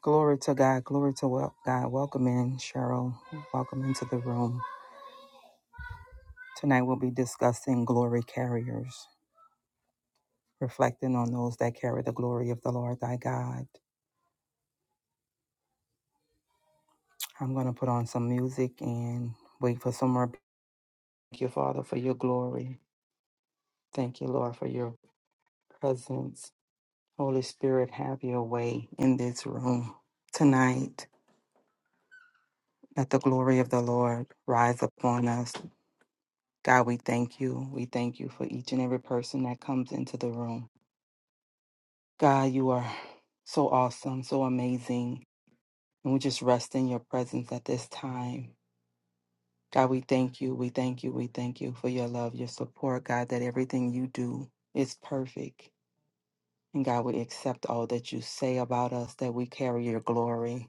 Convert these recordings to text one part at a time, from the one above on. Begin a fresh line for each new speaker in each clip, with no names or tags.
Glory to God. Glory to wel- God. Welcome in, Cheryl. Welcome into the room. Tonight we'll be discussing glory carriers, reflecting on those that carry the glory of the Lord thy God. I'm going to put on some music and wait for some more. Thank you, Father, for your glory. Thank you, Lord, for your presence. Holy Spirit, have your way in this room tonight. Let the glory of the Lord rise upon us. God, we thank you. We thank you for each and every person that comes into the room. God, you are so awesome, so amazing. And we just rest in your presence at this time. God, we thank you. We thank you. We thank you for your love, your support, God, that everything you do is perfect. And God, we accept all that you say about us, that we carry your glory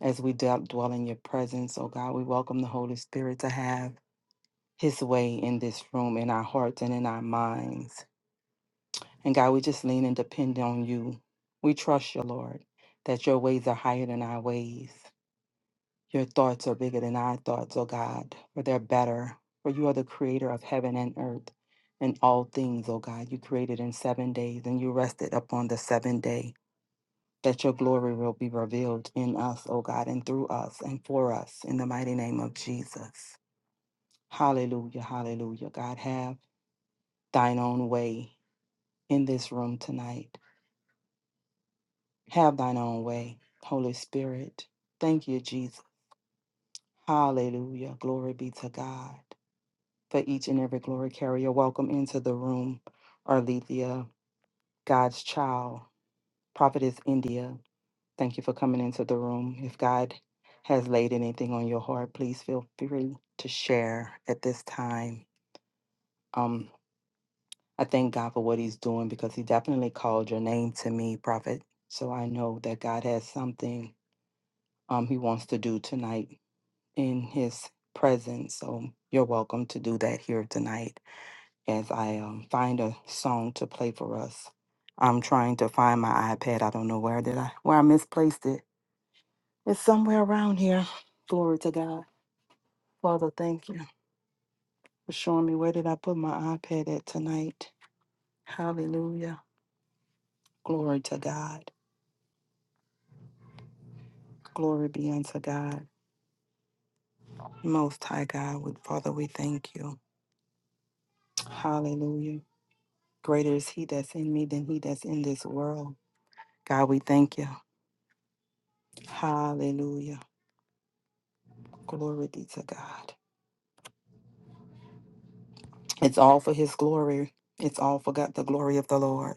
as we d- dwell in your presence. Oh, God, we welcome the Holy Spirit to have his way in this room, in our hearts, and in our minds. And God, we just lean and depend on you. We trust you, Lord, that your ways are higher than our ways. Your thoughts are bigger than our thoughts, oh God, for they're better. For you are the creator of heaven and earth and all things, oh God. You created in seven days and you rested upon the seventh day. That your glory will be revealed in us, oh God, and through us and for us in the mighty name of Jesus. Hallelujah, hallelujah. God, have thine own way in this room tonight. Have thine own way, Holy Spirit. Thank you, Jesus. Hallelujah. Glory be to God. For each and every glory carrier, welcome into the room, Arlethea, God's child, Prophetess India. Thank you for coming into the room. If God has laid anything on your heart, please feel free to share at this time. Um, I thank God for what He's doing because He definitely called your name to me, Prophet. So I know that God has something um, He wants to do tonight in his presence. So you're welcome to do that here tonight as I um, find a song to play for us. I'm trying to find my iPad. I don't know where did I where I misplaced it. It's somewhere around here. Glory to God. Father, thank you for showing me where did I put my iPad at tonight. Hallelujah. Glory to God. Glory be unto God. Most high God, we- Father, we thank you. Hallelujah. Greater is he that's in me than he that's in this world. God, we thank you. Hallelujah. Glory be to God. It's all for his glory. It's all for God, the glory of the Lord.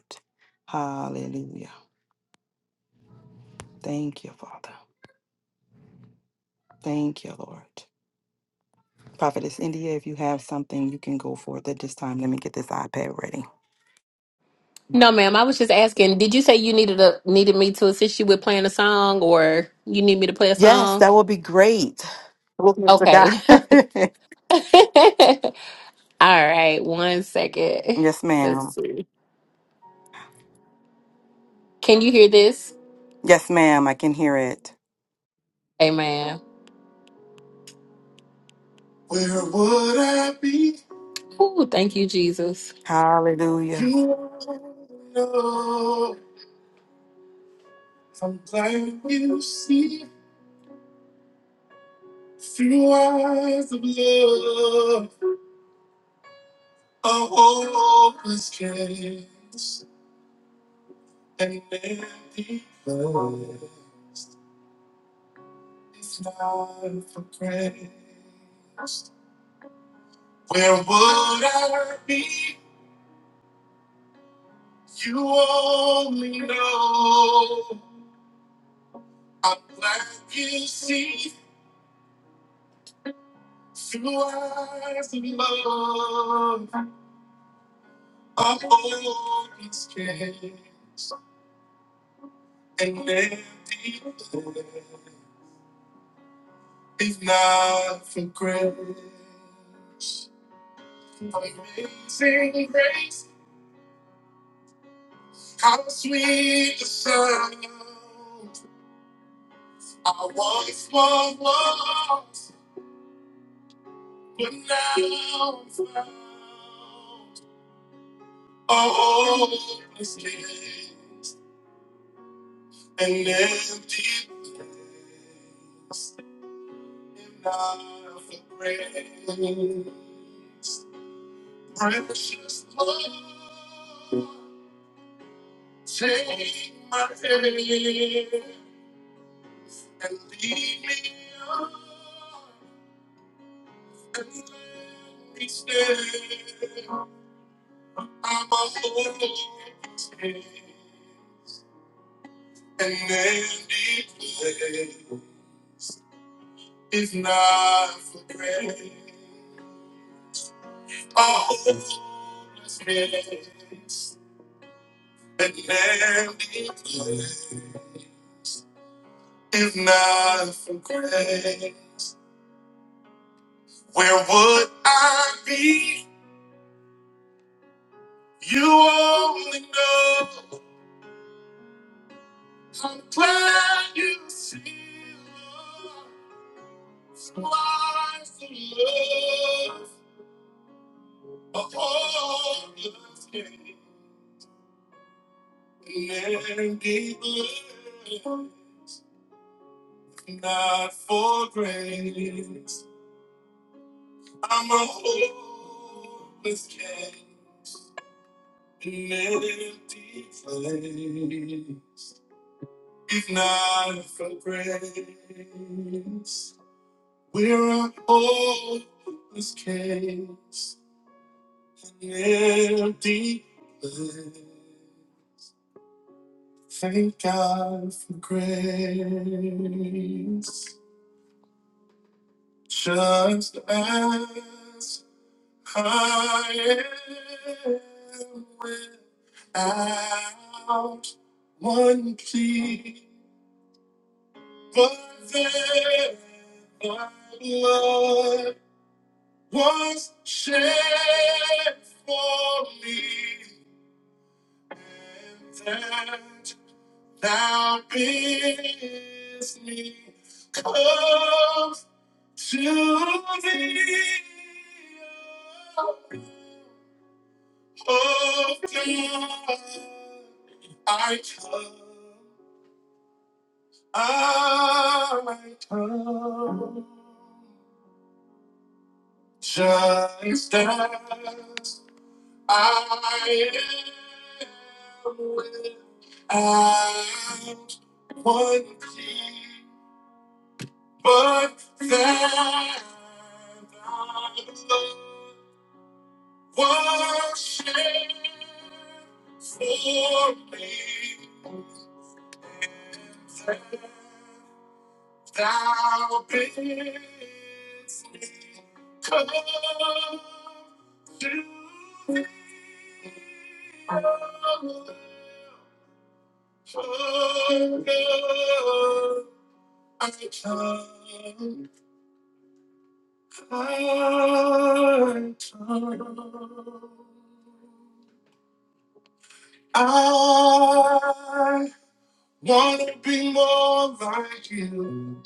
Hallelujah. Thank you, Father. Thank you, Lord. Prophetess India, if you have something, you can go forth at this time. Let me get this iPad ready.
No, ma'am. I was just asking. Did you say you needed a needed me to assist you with playing a song, or you need me to play a
Yes,
song?
that would be great. Glory to God.
Okay. All right. One second.
yes,
Let's
ma'am.
see. Can you hear this?
Yes, ma'am. I can hear it.
Amen. Ooh, thank you, Jesus.
Hallelujah.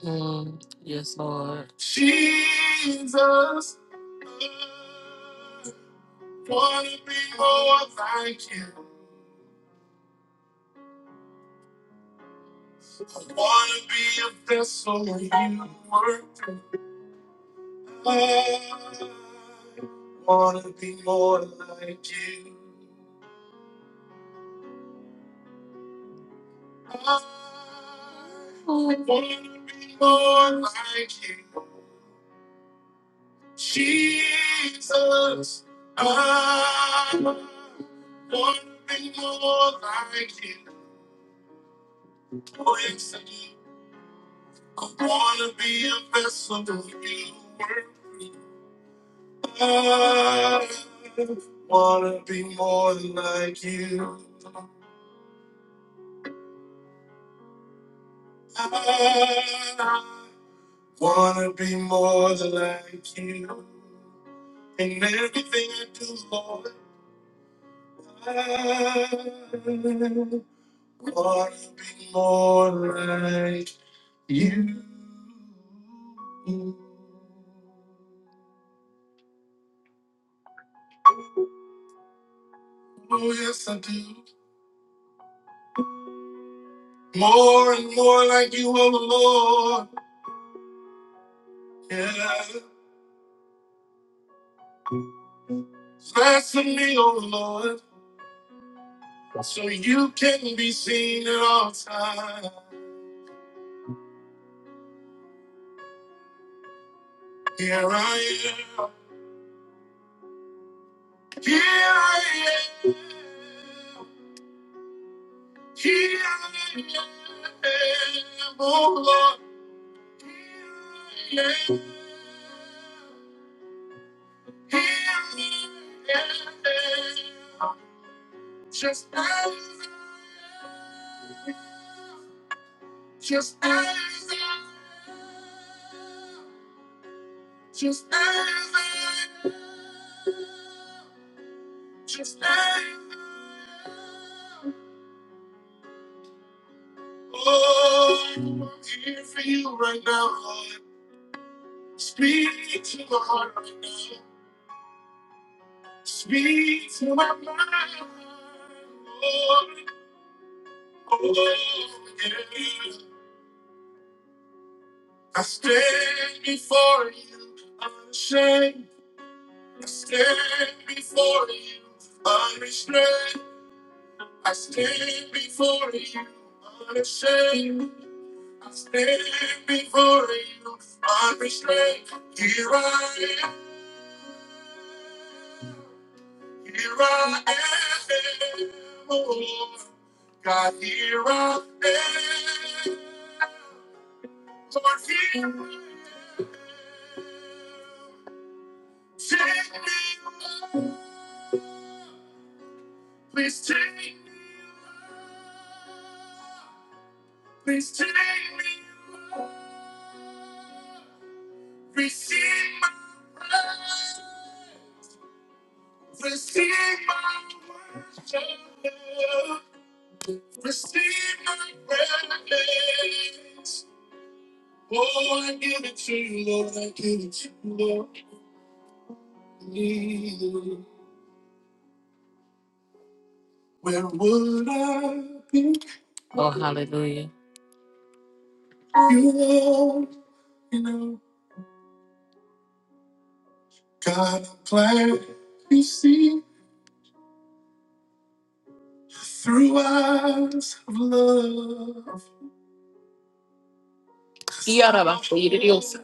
Mm, yes, Lord. Oh, hallelujah. Yarabakuyiridios.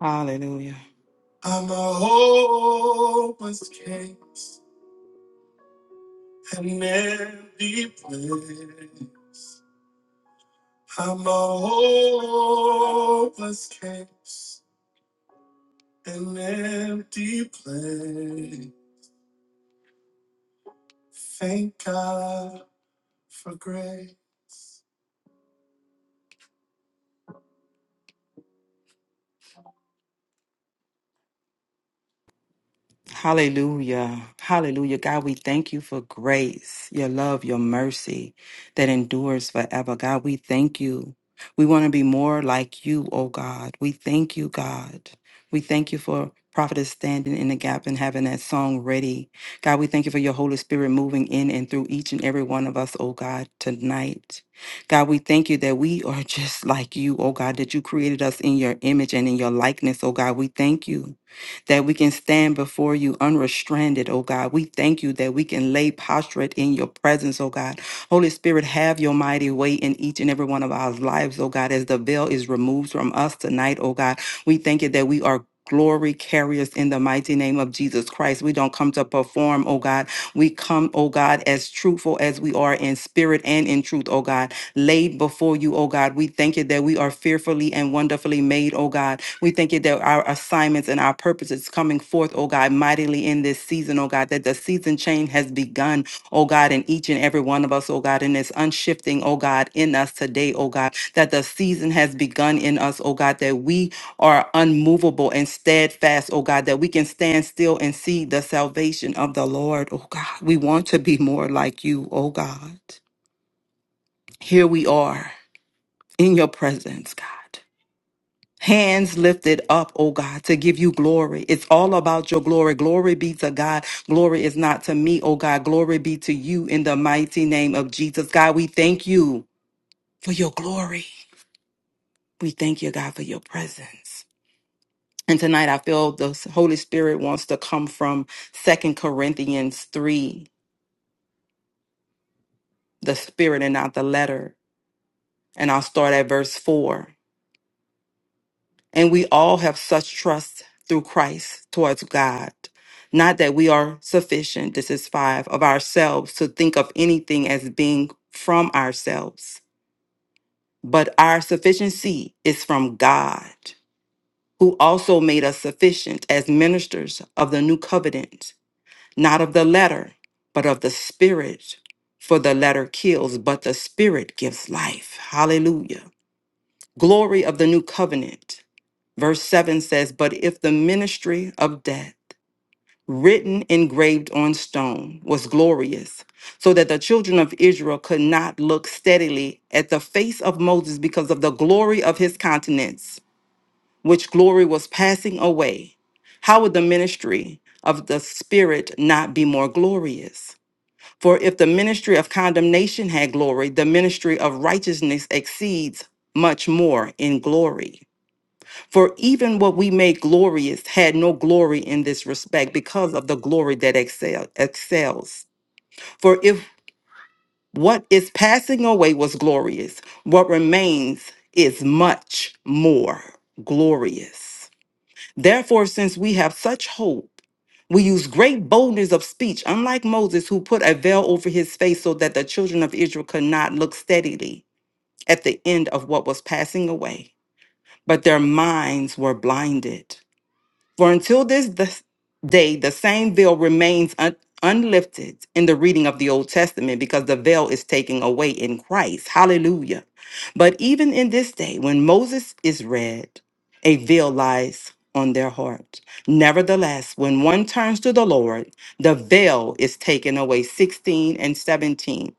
Hallelujah. Hallelujah. Hallelujah. God, we thank you for grace, your love, your mercy that endures forever. God, we thank you. We want to be more like you, oh God. We thank you, God. We thank you for prophetess standing in the gap and having that song ready. God, we thank you for your Holy Spirit moving in and through each and every one of us, oh God, tonight. God, we thank you that we are just like you, oh God, that you created us in your image and in your likeness, oh God. We thank you that we can stand before you unrestrained, oh God. We thank you that we can lay prostrate in your presence, oh God. Holy Spirit, have your mighty way in each and every one of our lives, oh God, as the veil is removed from us tonight, oh God. We thank you that we are glory carriers in the mighty name of Jesus Christ. We don't come to perform, oh God. We come, oh God, as truthful as we are in spirit and in truth, oh God, laid before you, oh God. We thank you that we are fearfully and wonderfully made, oh God. We thank you that our assignments and our purposes coming forth, oh God, mightily in this season, oh God that the season change has begun, oh God, in each and every one of us, oh God, and it's unshifting, oh God, in us today, oh God, that the season has begun in us, oh God, that we are unmovable and steadfast, oh God, that we can stand still and see the salvation of the Lord, oh God. We want to be more like you, oh God. Here we are in your presence, God. Hands lifted up, oh God, to give you glory. It's all about your glory. Glory be to God. Glory is not to me, oh God. Glory be to you in the mighty name of Jesus. God, we thank you for your glory. We thank you, God, for your presence. And tonight I feel the Holy Spirit wants to come from Second Corinthians 3, the spirit and not the letter. And I'll start at verse 4. And we all have such trust through Christ towards God. Not that we are sufficient, this is five, of ourselves to think of anything as being from ourselves, but our sufficiency is from God, who also made us sufficient as ministers of the new covenant, not of the letter, but of the spirit. For the letter kills, but the spirit gives life. Hallelujah. Glory of the new covenant. Verse 7 says, But if the ministry of death, written engraved on stone, was glorious, so that the children of Israel could not look steadily at the face of Moses because of the glory of his countenance, which glory was passing away, how would the ministry of the Spirit not be more glorious? For if the ministry of condemnation had glory, the ministry of righteousness exceeds much more in glory. For even what we make glorious had no glory in this respect because of the glory that excel, excels. For if what is passing away was glorious, what remains is much more glorious. Therefore, since we have such hope, we use great boldness of speech, unlike Moses, who put a veil over his face so that the children of Israel could not look steadily at the end of what was passing away, but their minds were blinded. For until this th- day, the same veil remains un- unlifted in the reading of the Old Testament because the veil is taken away in Christ. Hallelujah. But even in this day, when Moses is read, a veil lies on their heart. Nevertheless, when one turns to the Lord, the veil is taken away. 16 and 17.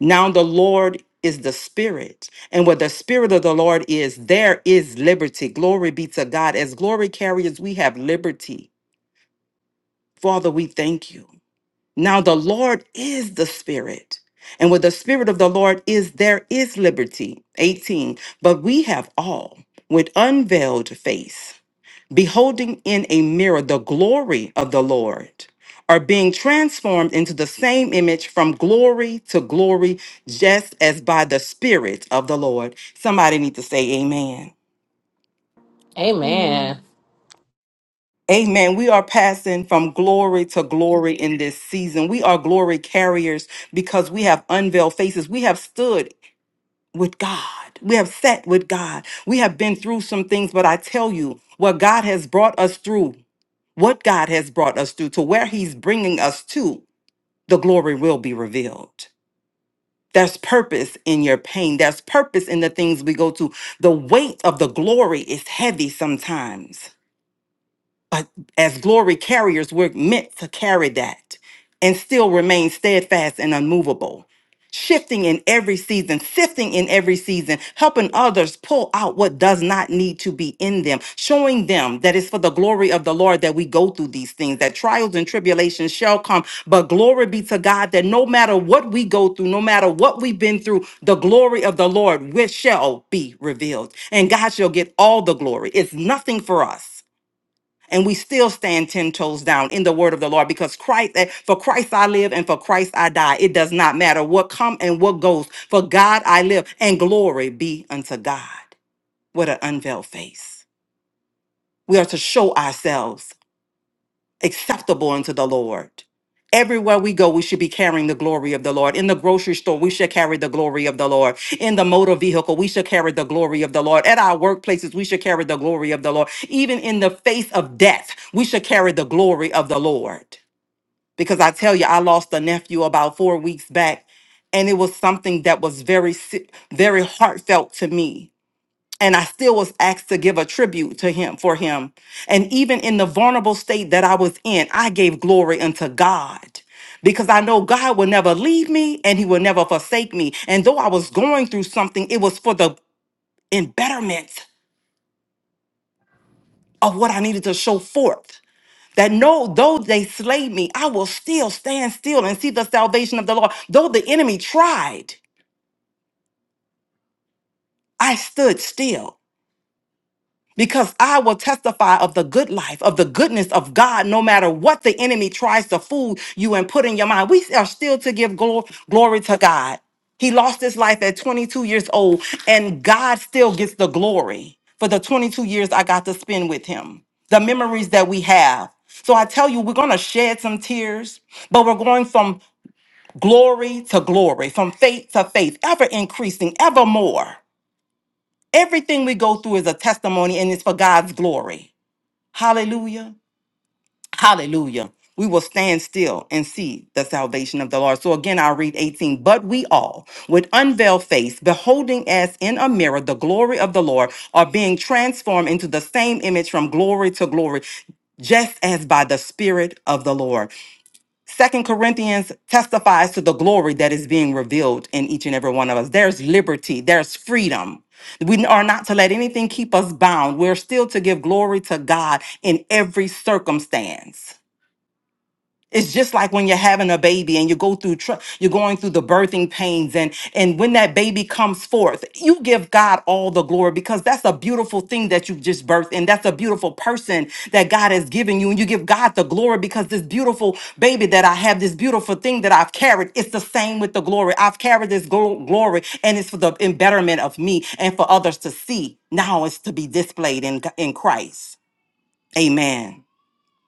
Now the Lord is the Spirit. And where the Spirit of the Lord is, there is liberty. Glory be to God. As glory carriers, we have liberty. Father, we thank you. Now the Lord is the Spirit. And where the Spirit of the Lord is, there is liberty. 18. But we have all with unveiled face beholding in a mirror the glory of the Lord, are being transformed into the same image from glory to glory, just as by the Spirit of the Lord. Somebody need to say amen.
Amen.
Amen.
Amen. We are passing from glory to glory in this season. We are glory carriers because we have unveiled faces. We have stood with God. We have sat with God. We have been through some things, but I tell you, what God has brought us through what God has brought us through to where He's bringing us to, the glory will be revealed. There's purpose in your pain. There's purpose in the things we go to. The weight of the glory is heavy sometimes. But as glory carriers, we're meant to carry that and still remain steadfast and unmovable, shifting in every season, sifting in every season, helping others pull out what does not need to be in them, showing them that it's for the glory of the Lord that we go through these things, that trials and tribulations shall come. But glory be to God that no matter what we go through, no matter what we've been through, the glory of the Lord which shall be revealed. And God shall get all the glory. It's nothing for us and we still stand ten toes down in the word of the Lord because Christ, eh, for Christ I live and for Christ I die. It does not matter what come and what goes. For God I live and glory be unto God. What an unveiled face. We are to show ourselves acceptable unto the Lord. Everywhere we go, we should be carrying the glory of the Lord. In the grocery store, we should carry the glory of the Lord. In the motor vehicle, we should carry the glory of the Lord. At our workplaces, we should carry the glory of the Lord. Even in the face of death, we should carry the glory of the Lord. Because I tell you, I lost a nephew about four weeks back, and it was something that was very, si- very heartfelt to me and I still was asked to give a tribute to him for him. And even in the vulnerable state that I was in, I gave glory unto God because I know God will never leave me and he will never forsake me. And though I was going through something, it was for the in betterment of what I needed to show forth. That no, though they slay me, I will still stand still and see the salvation of the Lord. Though the enemy tried, I stood still because I will testify of the good life, of the goodness of God, no matter what the enemy tries to fool you and put in your mind. We are still to give glo- glory to God. He lost his life at 22 years old, and God still gets the glory for the 22 years I got to spend with him, the memories that we have. So I tell you, we're going to shed some tears, but we're going from glory to glory, from faith to faith, ever increasing, ever more. Everything we go through is a testimony and it's for God's glory. Hallelujah. Hallelujah. We will stand still and see the salvation of the Lord. So again, I'll read 18. But we all, with unveiled face, beholding as in a mirror the glory of the Lord, are being transformed into the same image from glory to glory, just as by the Spirit of the Lord. Second Corinthians testifies to the glory that is being revealed in each and every one of us. There's liberty, there's freedom. We are not to let anything keep us bound. We're still to give glory to God in every circumstance. It's just like when you're having a baby and you go through tr- you're going through the birthing pains and and when that baby comes forth, you give God all the glory because that's a beautiful thing that you've just birthed and that's a beautiful person that God has given you and you give God the glory because this beautiful baby that I have, this beautiful thing that I've carried, it's the same with the glory. I've carried this glo- glory and it's for the in betterment of me and for others to see. Now it's to be displayed in in Christ. Amen.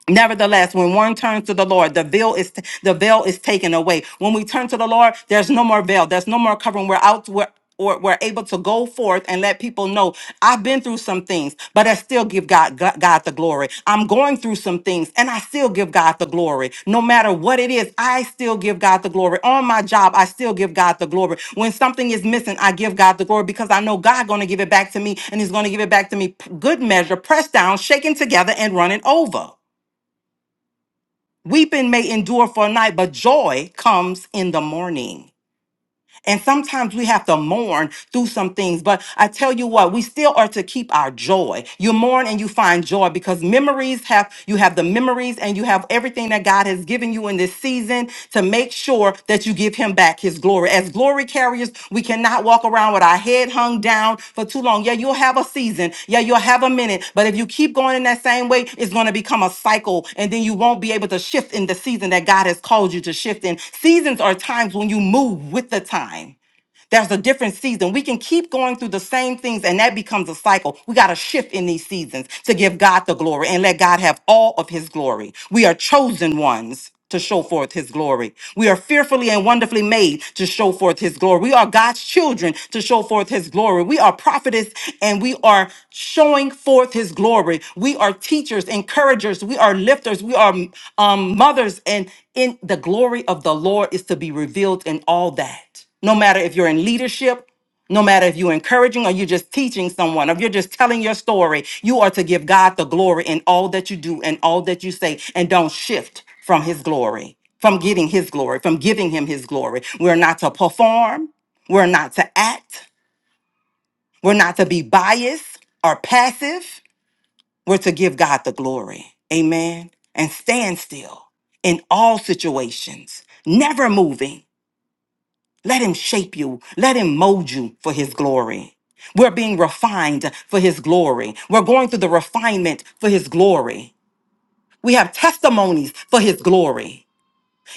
Nevertheless, when one turns to the Lord, the veil is the veil is taken away. When we turn to the Lord, there's no more veil. There's no more covering. We're out. We're or we're able to go forth and let people know I've been through some things, but I still give God, God God the glory. I'm going through some things and I still give God the glory. No matter what it is, I still give God the glory. On my job, I still give God the glory. When something is missing, I give God the glory because I know God going to give it back to me and he's going to give it back to me p- good measure, pressed down, shaken together and running over. Weeping may endure for a night, but joy comes in the morning. And sometimes we have to mourn through some things. But I tell you what, we still are to keep our joy. You mourn and you find joy because memories have, you have the memories and you have everything that God has given you in this season to make sure that you give Him back His glory. As glory carriers. We cannot walk around with our head hung down for too long. Yeah, you'll have a season. Yeah, you'll have a minute. But if you keep going in that same way, it's going to become a cycle. And then you won't be able to shift in the season that God has called you to shift in. Seasons are times when you move with the time. There's a different season. We can keep going through the same things, and that becomes a cycle. We got to shift in these seasons to give God the glory and let God have all of his glory. We are chosen ones to show forth his glory. We are fearfully and wonderfully made to show forth his glory. We are God's children to show forth his glory. We are prophetess and we are showing forth his glory. We are teachers, encouragers, we are lifters, we are um, mothers and in the glory of the Lord is to be revealed in all that no matter if you're in leadership, no matter if you're encouraging or you're just teaching someone, or if you're just telling your story, you are to give God the glory in all that you do and all that you say, and don't shift from His glory, from getting His glory, from giving Him His glory. We're not to perform, we're not to act, we're not to be biased or passive. We're to give God the glory. Amen. And stand still in all situations, never moving let him shape you. Let him mold you for his glory. We're being refined for his glory. We're going through the refinement for his glory. We have testimonies for his glory.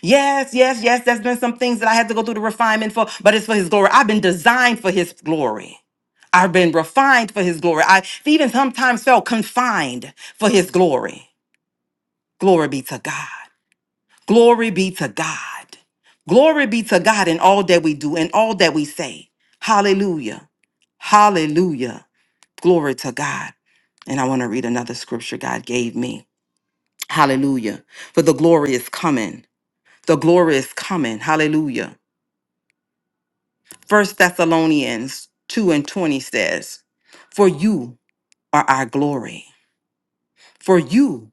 Yes, yes, yes, there's been some things that I had to go through the refinement for, but it's for his glory. I've been designed for his glory. I've been refined for his glory. I even sometimes felt confined for his glory. Glory be to God. Glory be to God. Glory be to God in all that we do and all that we say. Hallelujah. Hallelujah. Glory to God. And I want to read another scripture God gave me. Hallelujah. For the glory is coming. The glory is coming. Hallelujah. First Thessalonians 2 and 20 says, For you are our glory. For you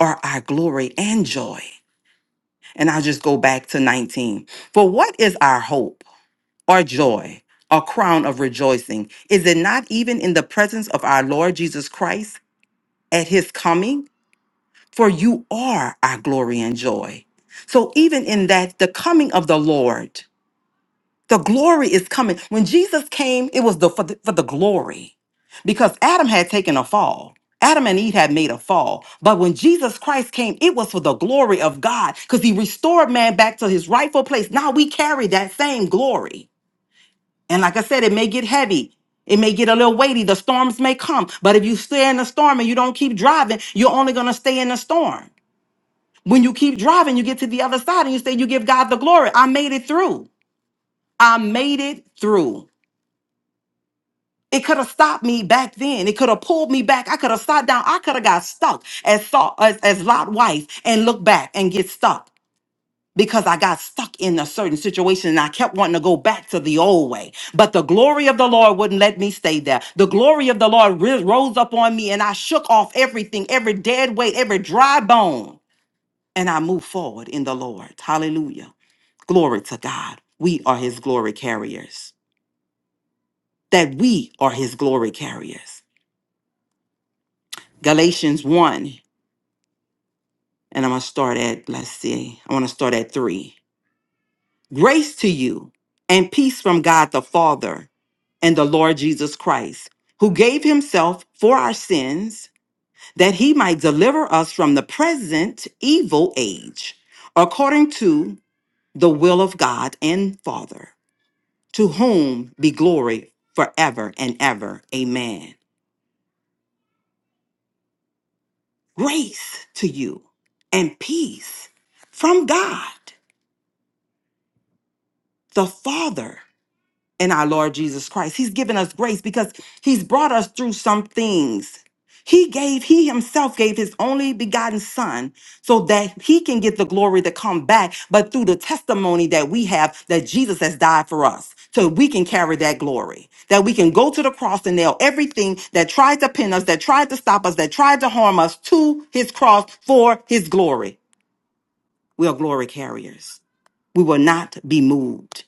are our glory and joy. And I'll just go back to 19. For what is our hope? or joy or crown of rejoicing? Is it not even in the presence of our Lord Jesus Christ at his coming? For you are our glory and joy. So, even in that, the coming of the Lord, the glory is coming. When Jesus came, it was the, for, the, for the glory because Adam had taken a fall. Adam and Eve had made a fall. But when Jesus Christ came, it was for the glory of God because he restored man back to his rightful place. Now we carry that same glory. And like I said, it may get heavy. It may get a little weighty. The storms may come. But if you stay in the storm and you don't keep driving, you're only going to stay in the storm. When you keep driving, you get to the other side and you say, You give God the glory. I made it through. I made it through. It could have stopped me back then. It could have pulled me back. I could have sat down. I could have got stuck as, Saul- as, as Lot wife and look back and get stuck. because I got stuck in a certain situation and I kept wanting to go back to the old way. But the glory of the Lord wouldn't let me stay there. The glory of the Lord ri- rose up on me and I shook off everything, every dead weight, every dry bone, and I moved forward in the Lord. Hallelujah. Glory to God. We are his glory carriers. That we are his glory carriers. Galatians 1, and I'm going to start at, let's see, I want to start at 3. Grace to you and peace from God the Father and the Lord Jesus Christ, who gave himself for our sins that he might deliver us from the present evil age, according to the will of God and Father, to whom be glory forever and ever. Amen. Grace to you and peace from God the Father in our Lord Jesus Christ. He's given us grace because he's brought us through some things. He gave, he himself gave his only begotten son so that he can get the glory to come back, but through the testimony that we have that Jesus has died for us. So we can carry that glory, that we can go to the cross and nail everything that tried to pin us, that tried to stop us, that tried to harm us to his cross for his glory. We are glory carriers. We will not be moved.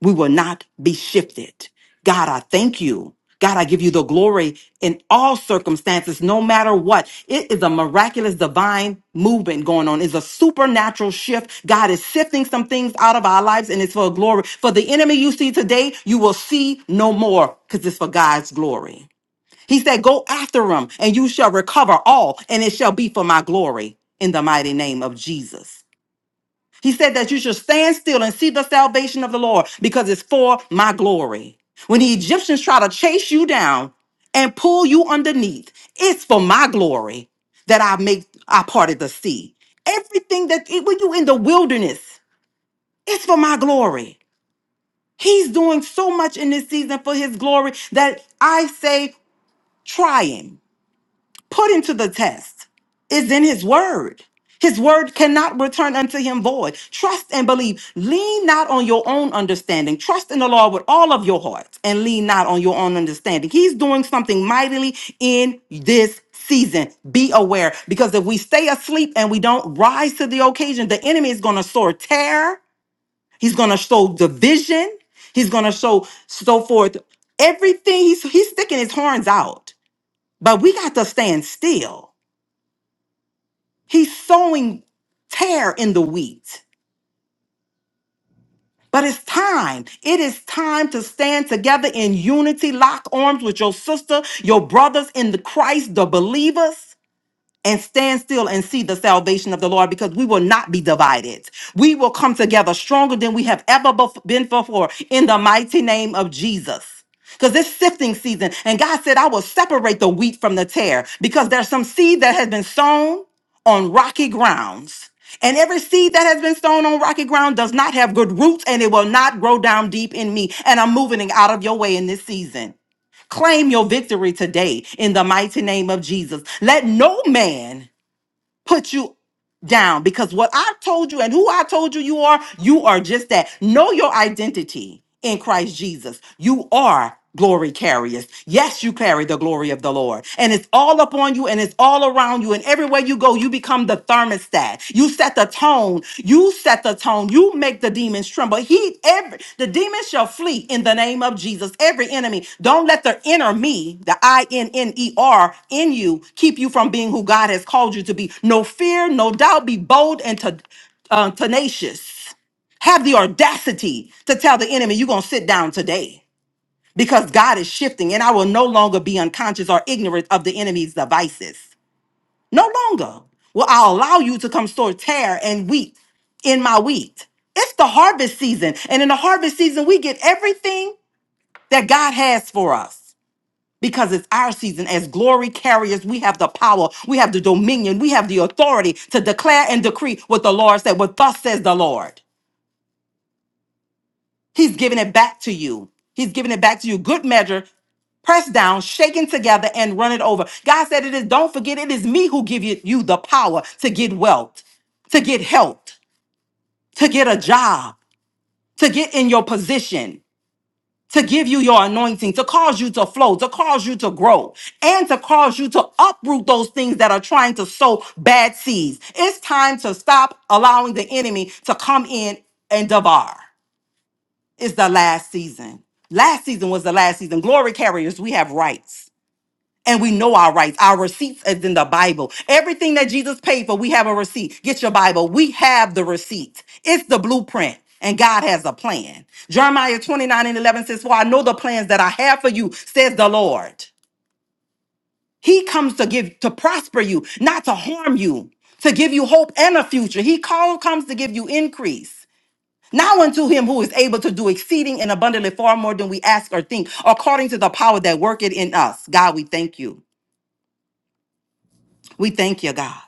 We will not be shifted. God, I thank you. God, I give you the glory in all circumstances, no matter what. It is a miraculous divine movement going on. It's a supernatural shift. God is sifting some things out of our lives and it's for glory. For the enemy you see today, you will see no more because it's for God's glory. He said, Go after him, and you shall recover all, and it shall be for my glory in the mighty name of Jesus. He said that you should stand still and see the salvation of the Lord because it's for my glory. When the Egyptians try to chase you down and pull you underneath, it's for my glory that I make I parted the sea. Everything that it- when you in the wilderness, it's for my glory. He's doing so much in this season for his glory that I say, try him. Put him to the test. It's in his word. His word cannot return unto him void. Trust and believe. Lean not on your own understanding. Trust in the Lord with all of your heart and lean not on your own understanding. He's doing something mightily in this season. Be aware because if we stay asleep and we don't rise to the occasion, the enemy is going to sow terror. He's going to sow division. He's going to sow so forth everything. He's, he's sticking his horns out, but we got to stand still He's sowing tear in the wheat. But it's time. It is time to stand together in unity, lock arms with your sister, your brothers in the Christ, the believers and stand still and see the salvation of the Lord because we will not be divided. We will come together stronger than we have ever bef- been before in the mighty name of Jesus. Because it's sifting season, and God said, I will separate the wheat from the tare because there's some seed that has been sown on rocky grounds. And every seed that has been sown on rocky ground does not have good roots and it will not grow down deep in me. And I'm moving it out of your way in this season. Claim your victory today in the mighty name of Jesus. Let no man put you down because what I told you and who I told you you are, you are just that. Know your identity in Christ Jesus. You are glory carriers. Yes, you carry the glory of the Lord. And it's all upon you and it's all around you. And everywhere you go, you become the thermostat. You set the tone you set the tone. You make the demons tremble. He every the demons shall flee in the name of Jesus. Every enemy. Don't let the inner me, the I N N E R in you, keep you from being who God has called you to be. No fear, no doubt. Be bold and to, uh, tenacious. Have the audacity to tell the enemy you're gonna sit down today because God is shifting, and I will no longer be unconscious or ignorant of the enemy's devices. No longer will I allow you to come store tear and wheat in my wheat. It's the harvest season. And in the harvest season, we get everything that God has for us because it's our season. As glory carriers, we have the power, we have the dominion, we have the authority to declare and decree what the Lord said, what thus says the Lord. He's giving it back to you. He's giving it back to you. Good measure, pressed down, shaken together, and run it over. God said it is, don't forget, it is me who give you you the power to get wealth, to get health, to get a job, to get in your position, to give you your anointing, to cause you to flow, to cause you to grow, and to cause you to uproot those things that are trying to sow bad seeds. It's time to stop allowing the enemy to come in and devour is the last season. Last season was the last season. Glory carriers, we have rights. And we know our rights. Our receipts is in the Bible. Everything that Jesus paid for, we have a receipt. Get your Bible. We have the receipt. It's the blueprint. And God has a plan. Jeremiah 29 and 11 says, For I know the plans that I have for you, says the Lord. He comes to give, to prosper you, not to harm you, to give you hope and a future. He call, comes to give you increase. Now unto him who is able to do exceeding and abundantly far more than we ask or think, according to the power that worketh in us. God, we thank you. We thank you, God.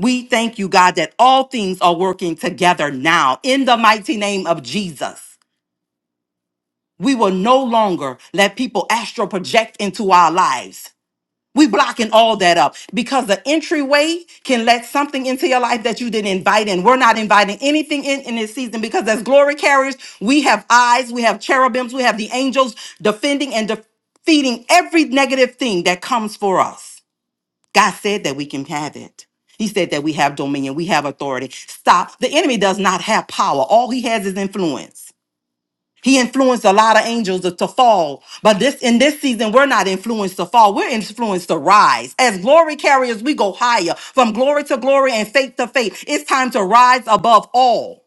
We thank you, God, that all things are working together now in the mighty name of Jesus. We will no longer let people astral project into our lives. We blocking all that up because the entryway can let something into your life that you didn't invite in. We're not inviting anything in in this season because as glory carriers, we have eyes, we have cherubims, we have the angels defending and defeating every negative thing that comes for us. God said that we can have it. He said that we have dominion, we have authority. Stop. The enemy does not have power. All he has is influence. He influenced a lot of angels to to fall. But this in this season, we're not influenced to fall. We're influenced to rise. As glory carriers, we go higher from glory to glory and faith to faith. It's time to rise above all.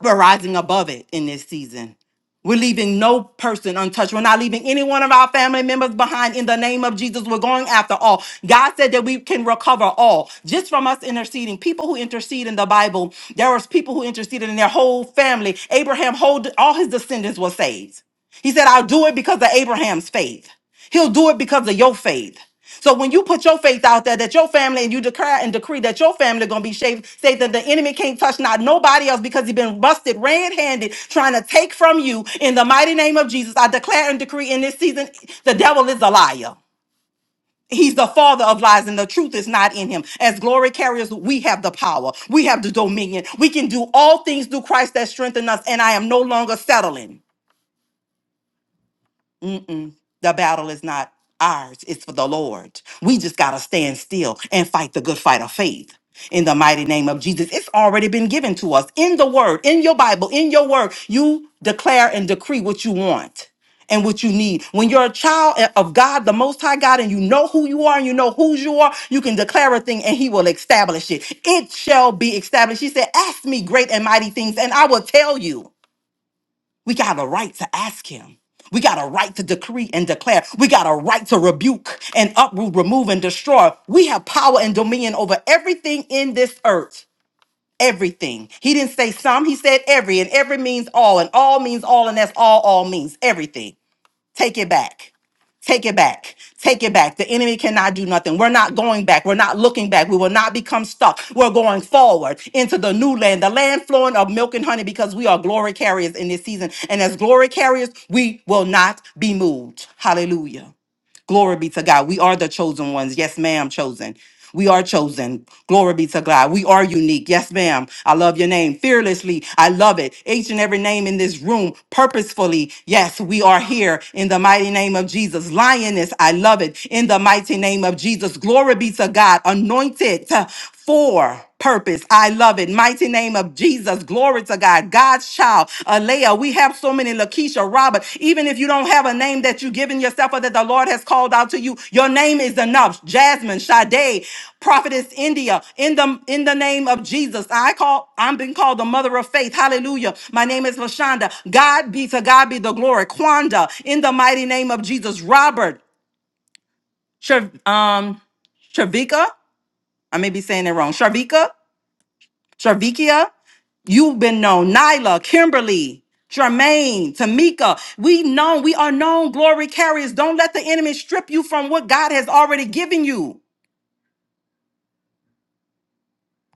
We're rising above it in this season. We're leaving no person untouched. We're not leaving any one of our family members behind in the name of Jesus. We're going after all. God said that we can recover all just from us interceding. People who intercede in the Bible, there was people who interceded in their whole family. Abraham, whole, all his descendants were saved. He said, I'll do it because of Abraham's faith. He'll do it because of your faith. So when you put your faith out there that your family and you declare and decree that your family gonna be saved, say that the enemy can't touch not nobody else because he's been busted red-handed trying to take from you in the mighty name of Jesus. I declare and decree in this season, the devil is a liar. He's the father of lies, and the truth is not in him. As glory carriers, we have the power. We have the dominion. We can do all things through Christ that strengthens us, and I am no longer settling. Mm-mm. The battle is not ours, it's for the Lord. We just got to stand still and fight the good fight of faith. In the mighty name of Jesus, it's already been given to us in the word, in your Bible, in your word. You declare and decree what you want and what you need. When you're a child of God, the Most High God, and you know who you are and you know whose you are, you can declare a thing and He will establish it. It shall be established. He said, Ask me great and mighty things, and I will tell you. We got a right to ask him. We got a right to decree and declare. We got a right to rebuke and uproot, remove, and destroy. We have power and dominion over everything in this earth. Everything. He didn't say some, he said every, and every means all, and all means all, and that's all all means everything. Take it back. Take it back. Take it back. The enemy cannot do nothing. We're not going back. We're not looking back. We will not become stuck. We're going forward into the new land, the land flowing of milk and honey, because we are glory carriers in this season. And as glory carriers, we will not be moved. Hallelujah. Glory be to God. We are the chosen ones. Yes, ma'am, chosen. We are chosen. Glory be to God. We are unique. Yes, ma'am. I love your name. Fearlessly. I love it. Each and every name in this room, purposefully. Yes, we are here in the mighty name of Jesus. Lioness, I love it. In the mighty name of Jesus. Glory be to God. Anointed for purpose. I love it. Mighty name of Jesus. Glory to God. God's child. Alea. We have so many Lakeisha Robert. Even if you don't have a name that you've given yourself or that the Lord has called out to you, your name is enough. Jasmine, Sade, Prophetess India. In the in the name of Jesus. I call, I'm being called the mother of faith. Hallelujah. My name is Lashonda. God be to God be the glory. Quanda. In the mighty name of Jesus. Robert. Trev- um Shavika. I may be saying it wrong. Sharvika. Jarvikia, you've been known. Nyla, Kimberly, Jermaine, Tamika, we known. We are known glory carriers. Don't let the enemy strip you from what God has already given you.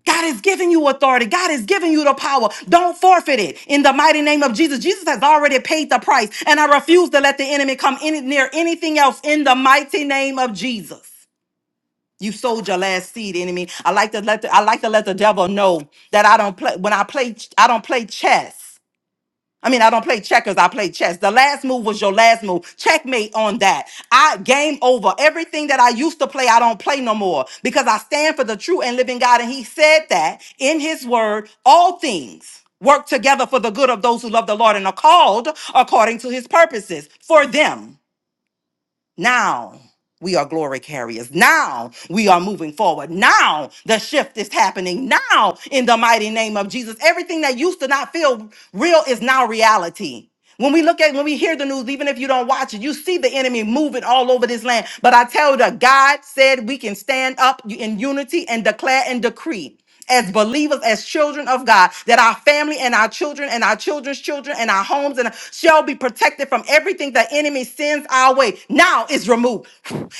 God has given you authority. God has given you the power. Don't forfeit it in the mighty name of Jesus. Jesus has already paid the price, and I refuse to let the enemy come any, near anything else in the mighty name of Jesus. You sold your last seed, enemy. I like to let the, I like to let the devil know that I don't play when I play I don't play chess. I mean, I don't play checkers, I play chess. The last move was your last move. Checkmate on that. I game over. Everything that I used to play, I don't play no more because I stand for the true and living God. And he said that in his word, all things work together for the good of those who love the Lord and are called according to his purposes for them. Now we are glory carriers. Now we are moving forward. Now the shift is happening. Now, in the mighty name of Jesus, everything that used to not feel real is now reality. When we look at, when we hear the news, even if you don't watch it, you see the enemy moving all over this land. But I tell you, that God said we can stand up in unity and declare and decree as believers, as children of God, that our family and our children and our children's children and our homes and shall be protected from everything the enemy sends our way. Now is removed.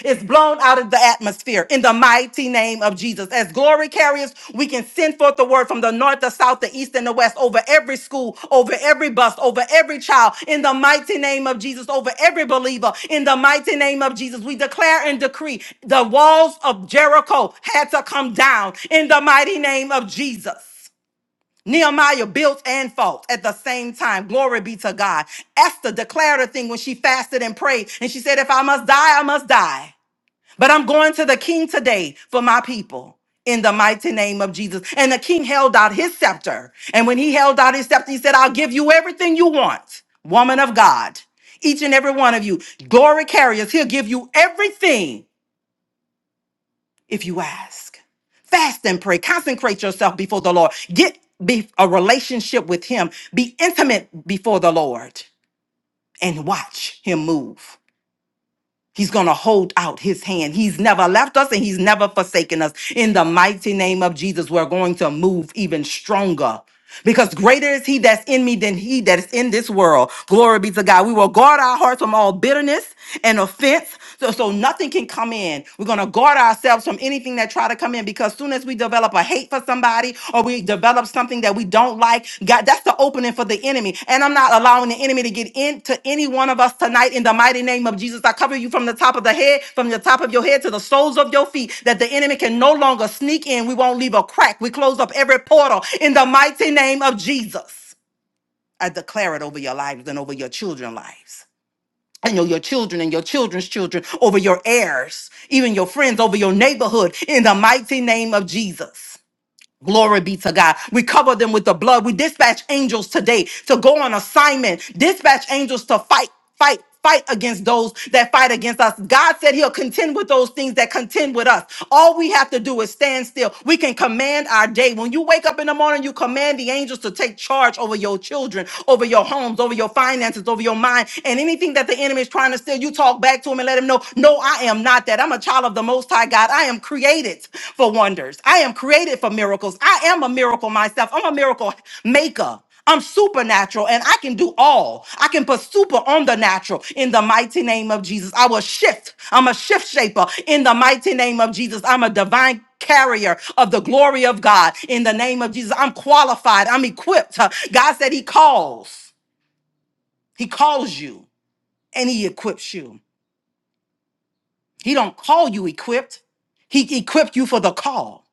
It's blown out of the atmosphere in the mighty name of Jesus. As glory carriers, we can send forth the word from the north, the south, the east, and the west over every school, over every bus, over every child, in the mighty name of Jesus, over every believer, in the mighty name of Jesus. We declare and decree the walls of Jericho had to come down in the mighty name of Jesus. Nehemiah built and fought at the same time. Glory be to God. Esther declared a thing when she fasted and prayed, and she said, If I must die, I must die. But I'm going to the king today for my people in the mighty name of Jesus. And the king held out his scepter. And when he held out his scepter, he said, I'll give you everything you want, woman of God. Each and every one of you, glory carriers, he'll give you everything if you ask. Fast and pray. Consecrate yourself before the Lord. Get be a relationship with him. Be intimate before the Lord and watch him move. He's going to hold out his hand. He's never left us and he's never forsaken us. In the mighty name of Jesus, we're going to move even stronger because greater is he that's in me than he that is in this world. Glory be to God. We will guard our hearts from all bitterness and offense so, so nothing can come in. We're going to guard ourselves from anything that try to come in because soon as we develop a hate for somebody or we develop something that we don't like, God, that's the opening for the enemy. And I'm not allowing the enemy to get into any one of us tonight in the mighty name of Jesus. I cover you from the top of the head, from the top of your head to the soles of your feet, that the enemy can no longer sneak in. We won't leave a crack. We close up every portal in the mighty name of Jesus. I declare it over your lives and over your children's lives. And your, your children and your children's children, over your heirs, even your friends, over your neighborhood, in the mighty name of Jesus. Glory be to God. We cover them with the blood. We dispatch angels today to go on assignment. Dispatch angels to fight, fight, fight against those that fight against us. God said he'll contend with those things that contend with us. All we have to do is stand still. We can command our day. When you wake up in the morning, you command the angels to take charge over your children, over your homes, over your finances, over your mind, and anything that the enemy is trying to steal. You talk back to him and let him know, no, I am not that. I'm a child of the Most High God. I am created for wonders. I am created for miracles. I am a miracle myself. I'm a miracle maker. I'm supernatural and I can do all. I can put super on the natural in the mighty name of Jesus. I will shift. I'm a shift shaper in the mighty name of Jesus. I'm a divine carrier of the glory of God in the name of Jesus. I'm qualified. I'm equipped. God said He calls. He calls you and He equips you. He don't call you equipped. He equipped you for the call.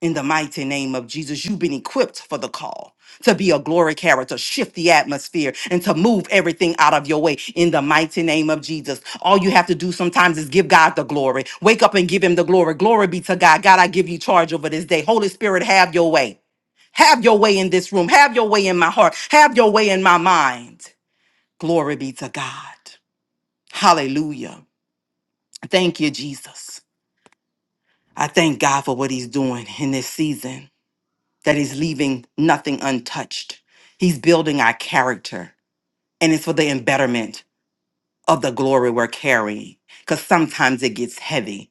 In the mighty name of Jesus, you've been equipped for the call to be a glory carrier, to shift the atmosphere, and to move everything out of your way. In the mighty name of Jesus, all you have to do sometimes is give God the glory. Wake up and give Him the glory. Glory be to God. God, I give you charge over this day. Holy Spirit, have your way. Have your way in this room. Have your way in my heart. Have your way in my mind. Glory be to God. Hallelujah. Thank you, Jesus. I thank God for what He's doing in this season, that He's leaving nothing untouched. He's building our character, and it's for the embetterment of the glory we're carrying, because sometimes it gets heavy.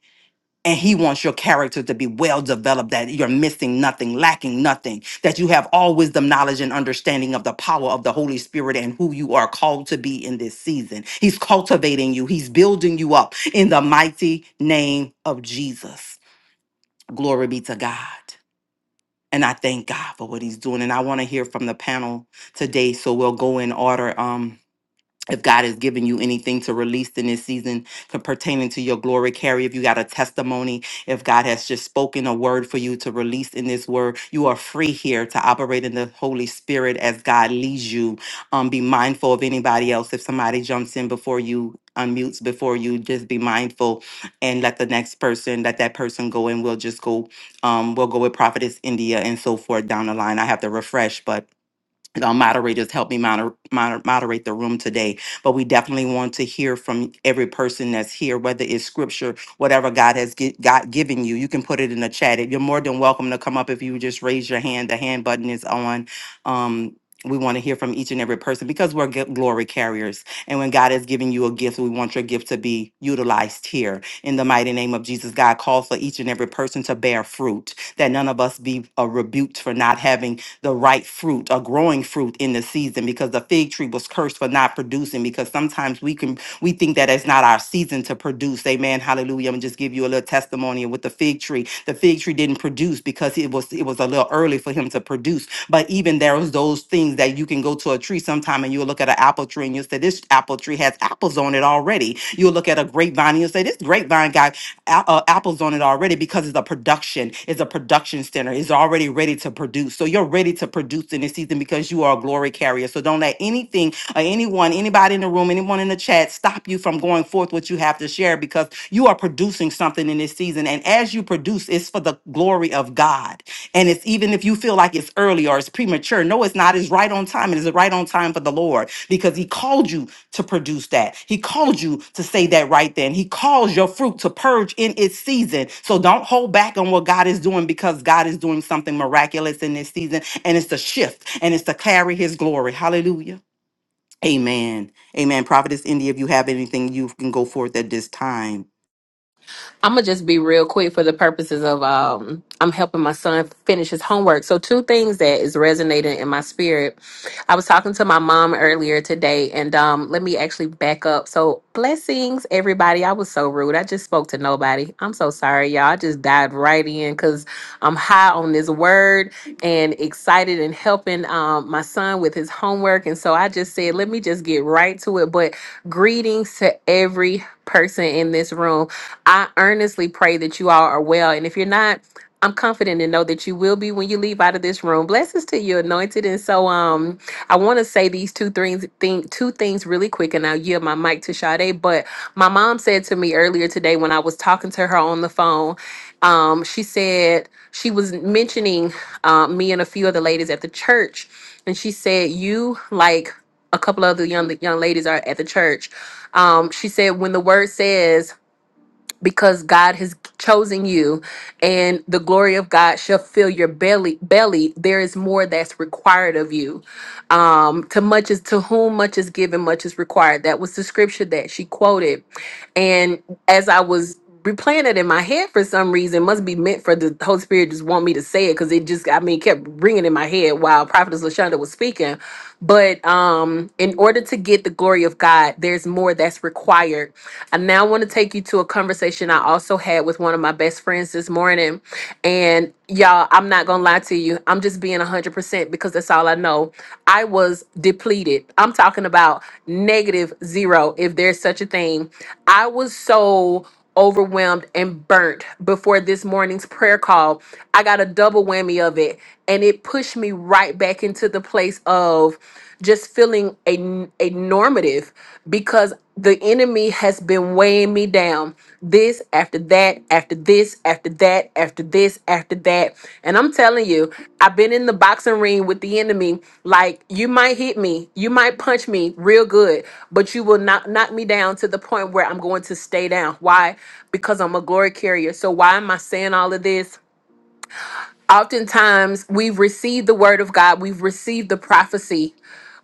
And he wants your character to be well developed, that you're missing nothing, lacking nothing, that you have all wisdom, knowledge, and understanding of the power of the Holy Spirit and who you are called to be in this season. He's cultivating you, he's building you up in the mighty name of Jesus. Glory be to God. and I thank God for what He's doing. And I want to hear from the panel today, so we'll go in order. Um, if God has given you anything to release in this season to pertaining to your glory, carry, if you got a testimony, if God has just spoken a word for you to release in this word, you are free here to operate in the Holy Spirit as God leads you. Um, be mindful of anybody else. If somebody jumps in before you, unmutes before you, just be mindful and let the next person, let that person go and we'll just go, um, we'll go with Prophetess India and so forth down the line. I have to refresh, but our moderators help me moder- moder- moderate the room today. But we definitely want to hear from every person that's here, whether it's scripture, whatever God has gi- God given you. You can put it in the chat. You're more than welcome to come up if you would just raise your hand. The hand button is on. Um, we want to hear from each and every person because we're g- glory carriers. And when God has given you a gift, we want your gift to be utilized here. In the mighty name of Jesus, God calls for each and every person to bear fruit, that none of us be uh, rebuked for not having the right fruit or growing fruit in the season because the fig tree was cursed for not producing because sometimes we can we think that it's not our season to produce amen hallelujah i'm gonna just give you a little testimony with the fig tree the fig tree didn't produce because it was it was a little early for him to produce but even there was those things that you can go to a tree sometime and you'll look at an apple tree and you'll say, This apple tree has apples on it already. You'll look at a grapevine and you'll say, This grapevine got a- uh, apples on it already because it's a production, it's a production center, it's already ready to produce. So you're ready to produce in this season because you are a glory carrier. So don't let anything or anyone, anybody in the room, anyone in the chat stop you from going forth what you have to share because you are producing producing something in this season. And as you produce, it's for the glory of God. And it's even if you feel like it's early or it's premature, no, it's not. It's right on time. It is right on time for the Lord because He called you to produce that. He called you to say that right then. He calls your fruit to purge in its season. So don't hold back on what God is doing because God is doing something miraculous in this season. And it's to shift and it's to carry His glory. Hallelujah. Amen. Amen. Prophetess India, if you have anything, you can go forth at this time.
I'm gonna just be real quick for the purposes of um I'm helping my son finish his homework. So two things that is resonating in my spirit. I was talking to my mom earlier today and um let me actually back up. So blessings everybody. I was so rude. I just spoke to nobody. I'm so sorry y'all. I just dived right in cuz I'm high on this word and excited and helping um my son with his homework and so I just said let me just get right to it but greetings to every person in this room. I earnestly pray that you all are well. And if you're not, I'm confident and know that you will be when you leave out of this room. Blessings to you, anointed. And so, um, I want to say these two things, thing, two things really quick, and I'll yield my mic to Sade. But my mom said to me earlier today when I was talking to her on the phone, um, she said she was mentioning uh, me and a few other ladies at the church, and she said you like a couple of the young young ladies are at the church. Um, she said when the word says because God has chosen you and the glory of God shall fill your belly belly there is more that's required of you um to much is to whom much is given much is required that was the scripture that she quoted and as I was replaying it in my head for some reason must be meant for the Holy Spirit just want me to say it because it just I mean kept ringing in my head while Prophetess Lashonda was speaking but um in order to get the glory of God there's more that's required I now want to take you to a conversation I also had with one of my best friends this morning. And y'all, I'm not going to lie to you. I'm just being 100% because that's all I know. I was depleted. I'm talking about negative zero, if there's such a thing. I was so overwhelmed and burnt before this morning's prayer call. I got a double whammy of it. And it pushed me right back into the place of just feeling a, a normative because the enemy has been weighing me down this after that after this after that after this after that and i'm telling you i've been in the boxing ring with the enemy like you might hit me you might punch me real good but you will not knock me down to the point where i'm going to stay down why because i'm a glory carrier so why am i saying all of this Oftentimes, we've received the word of God, we've received the prophecy,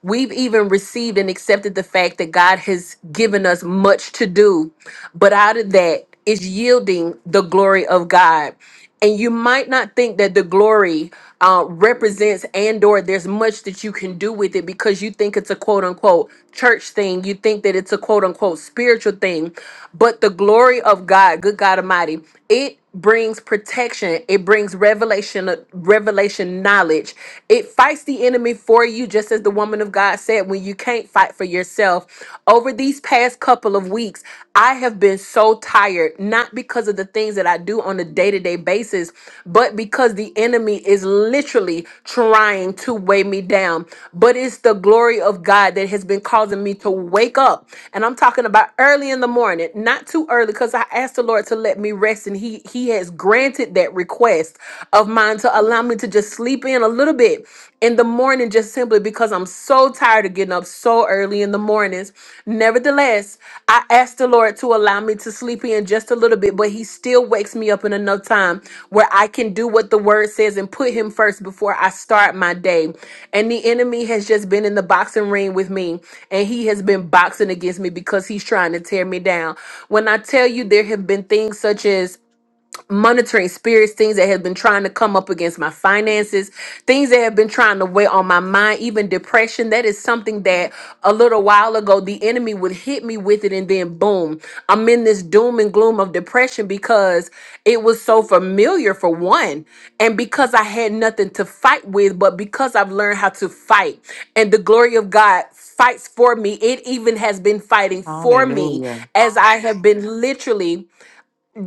we've even received and accepted the fact that God has given us much to do. But out of that is yielding the glory of God. And you might not think that the glory uh, represents and or there's much that you can do with it because you think it's a quote unquote church thing. You think that it's a quote unquote spiritual thing. But the glory of God, good God Almighty, it brings protection it brings revelation revelation knowledge it fights the enemy for you just as the woman of god said when you can't fight for yourself over these past couple of weeks i have been so tired not because of the things that i do on a day-to-day basis but because the enemy is literally trying to weigh me down but it's the glory of god that has been causing me to wake up and i'm talking about early in the morning not too early because i asked the lord to let me rest and he he he has granted that request of mine to allow me to just sleep in a little bit in the morning just simply because I'm so tired of getting up so early in the mornings. Nevertheless, I asked the Lord to allow me to sleep in just a little bit, but he still wakes me up in enough time where I can do what the word says and put him first before I start my day. And the enemy has just been in the boxing ring with me and he has been boxing against me because he's trying to tear me down. When I tell you there have been things such as monitoring spirits, things that have been trying to come up against my finances, things that have been trying to weigh on my mind, even depression. That is something that a little while ago the enemy would hit me with it, and then boom, I'm in this doom and gloom of depression because it was so familiar for one, and because I had nothing to fight with, but because I've learned how to fight, and the glory of God fights for me, it even has been fighting for me
Hallelujah.
as I have been literally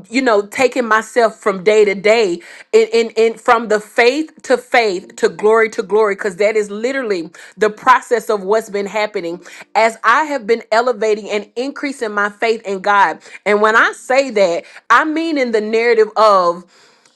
you know, taking myself from day to day in, in, in from the faith to faith to glory to glory, because that is literally the process of what's been happening as I have been elevating and increasing my faith in God. And when I say that, I mean in the narrative of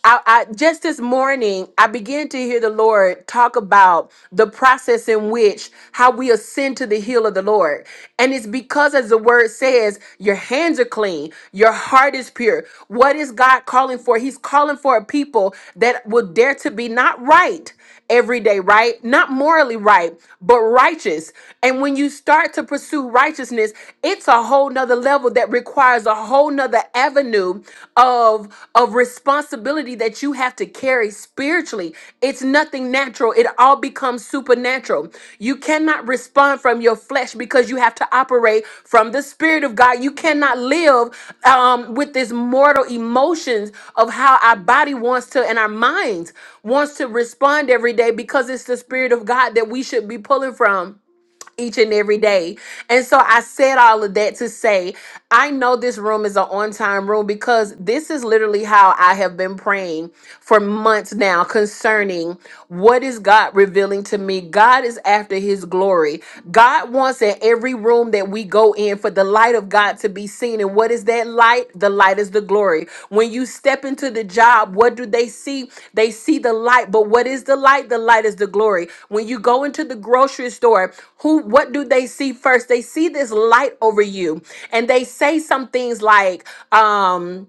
I, I just this morning I began to hear the Lord talk about the process in which how we ascend to the hill of the Lord. And it's because as the word says, your hands are clean, your heart is pure. What is God calling for? He's calling for a people that will dare to be not right every day, right? Not morally right, but righteous. And when you start to pursue righteousness, it's a whole nother level that requires a whole nother avenue of, of responsibility that you have to carry spiritually. It's nothing natural. It all becomes supernatural supernatural. You cannot respond from your flesh because you have to operate from the Spirit of God. You cannot live um, with this mortal emotions of how our body wants to and our minds wants to respond every day because it's the Spirit of God that we should be pulling from each and every day. And so I said all of that to say, I know this room is an on time room because this is literally how I have been praying for months now concerning what is God revealing to me. God is after his glory. God wants in every room that we go in for the light of God to be seen. And what is that light? The light is the glory. When you step into the job, what do they see? They see the light. But what is the light? The light is the glory. When you go into the grocery store, who what do they see first? They see this light over you and they say some things like, um,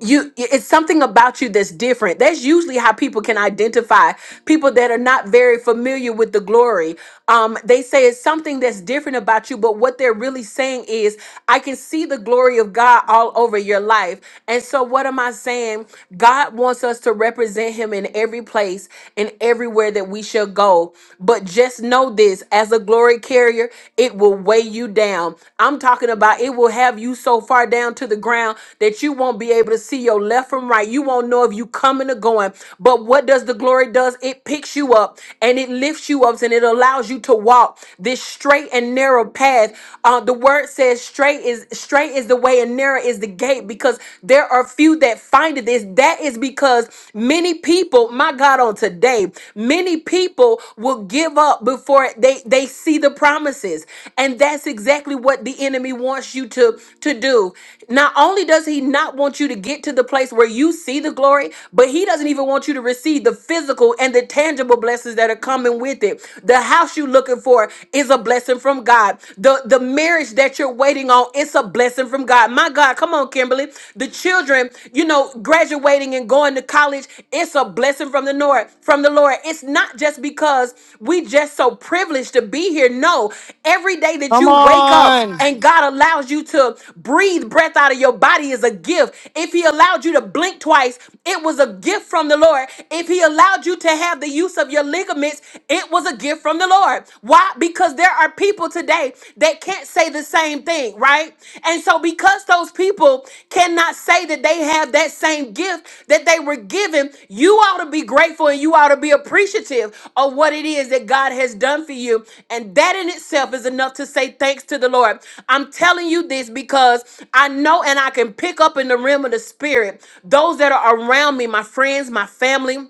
you it's something about you that's different that's usually how people can identify people that are not very familiar with the glory um they say it's something that's different about you but what they're really saying is i can see the glory of god all over your life and so what am i saying god wants us to represent him in every place and everywhere that we shall go but just know this as a glory carrier it will weigh weigh you down. I'm talking about it will have you so far down to the ground that you won't be able to see your left from right. You won't know if you coming or going. But what does the glory does? It picks you up and it lifts you up and it allows you to walk this straight and narrow path. Uh, the word says straight is straight is the way and narrow is the gate because there are few that find it. This that is because many people, my God, on today today. Many people will give up before they, they see the promises. And that's exactly what the enemy wants you to, to do. Not only does he not want you to get to the place where you see the glory, but he doesn't even want you to receive the physical and the tangible blessings that are coming with it. The house you're looking for is a blessing from God. The the marriage that you're waiting on, it's a blessing from God. My God, come on, Kimberly the children, you know, graduating and going to college, it's a blessing from the Lord, from the Lord. It's not just because we just so privileged to be here. No, every day that you wake up and God allows you to breathe breath out of your body is a gift. If he allowed you to blink twice, it was a gift from the Lord. If he allowed you to have the use of your ligaments, it was a gift from the Lord. Why? Because there are are people today that can't say the same thing, right? And so, because those people cannot say that they have that same gift that they were given, you ought to be grateful and you ought to be appreciative of what it is that God has done for you. And that in itself is enough to say thanks to the Lord. I'm telling you this because I know and I can pick up in the realm of the spirit those that are around me, my friends, my family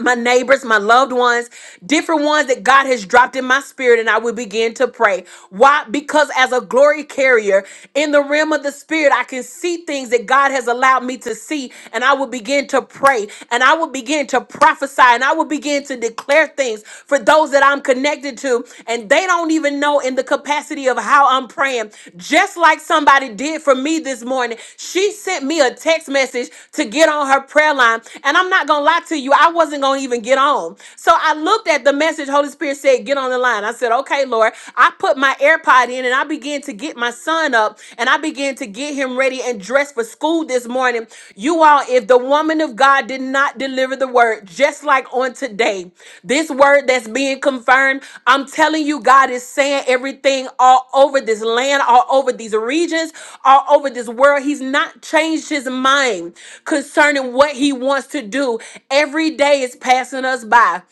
my neighbors, my loved ones, different ones that God has dropped in my spirit, and I will begin to pray. Why? Because as a glory carrier in the realm of the spirit, I can see things that God has allowed me to see, and I will begin to pray, and I will begin to prophesy, and I will begin to declare things for those that I'm connected to, and they don't even know in the capacity of how I'm praying. Just like somebody did for me this morning, she sent me a text message message to get on her prayer line. And I'm not going to lie to you, I wasn't going to even get on. So I looked at the message Holy Spirit said, Get on the line. I said, Okay, Lord. I put my AirPod in and I began to get my son up and I began to get him ready and dressed for school this morning. You all, if the woman of God did not deliver the word, just like on today, this word that's being confirmed, I'm telling you, God is saying everything all over this land, all over these these regions, all over this world. He's not changed his mind concerning what he wants to do. Every day is passing us by.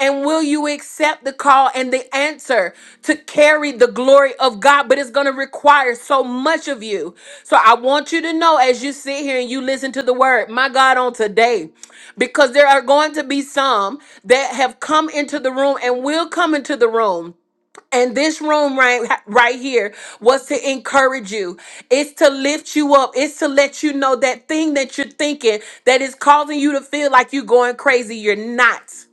And will you accept the call and the answer to carry the glory of God? But it's going to require so much of you. So I want you to know as you sit here and you listen to the word, my God, on today, because there are going to be some that have come into the room and will come into the room and this room right, right here was to encourage you. It's to lift you up. It's to let you know that thing that you're thinking that is causing you to feel like you're going crazy. You're not.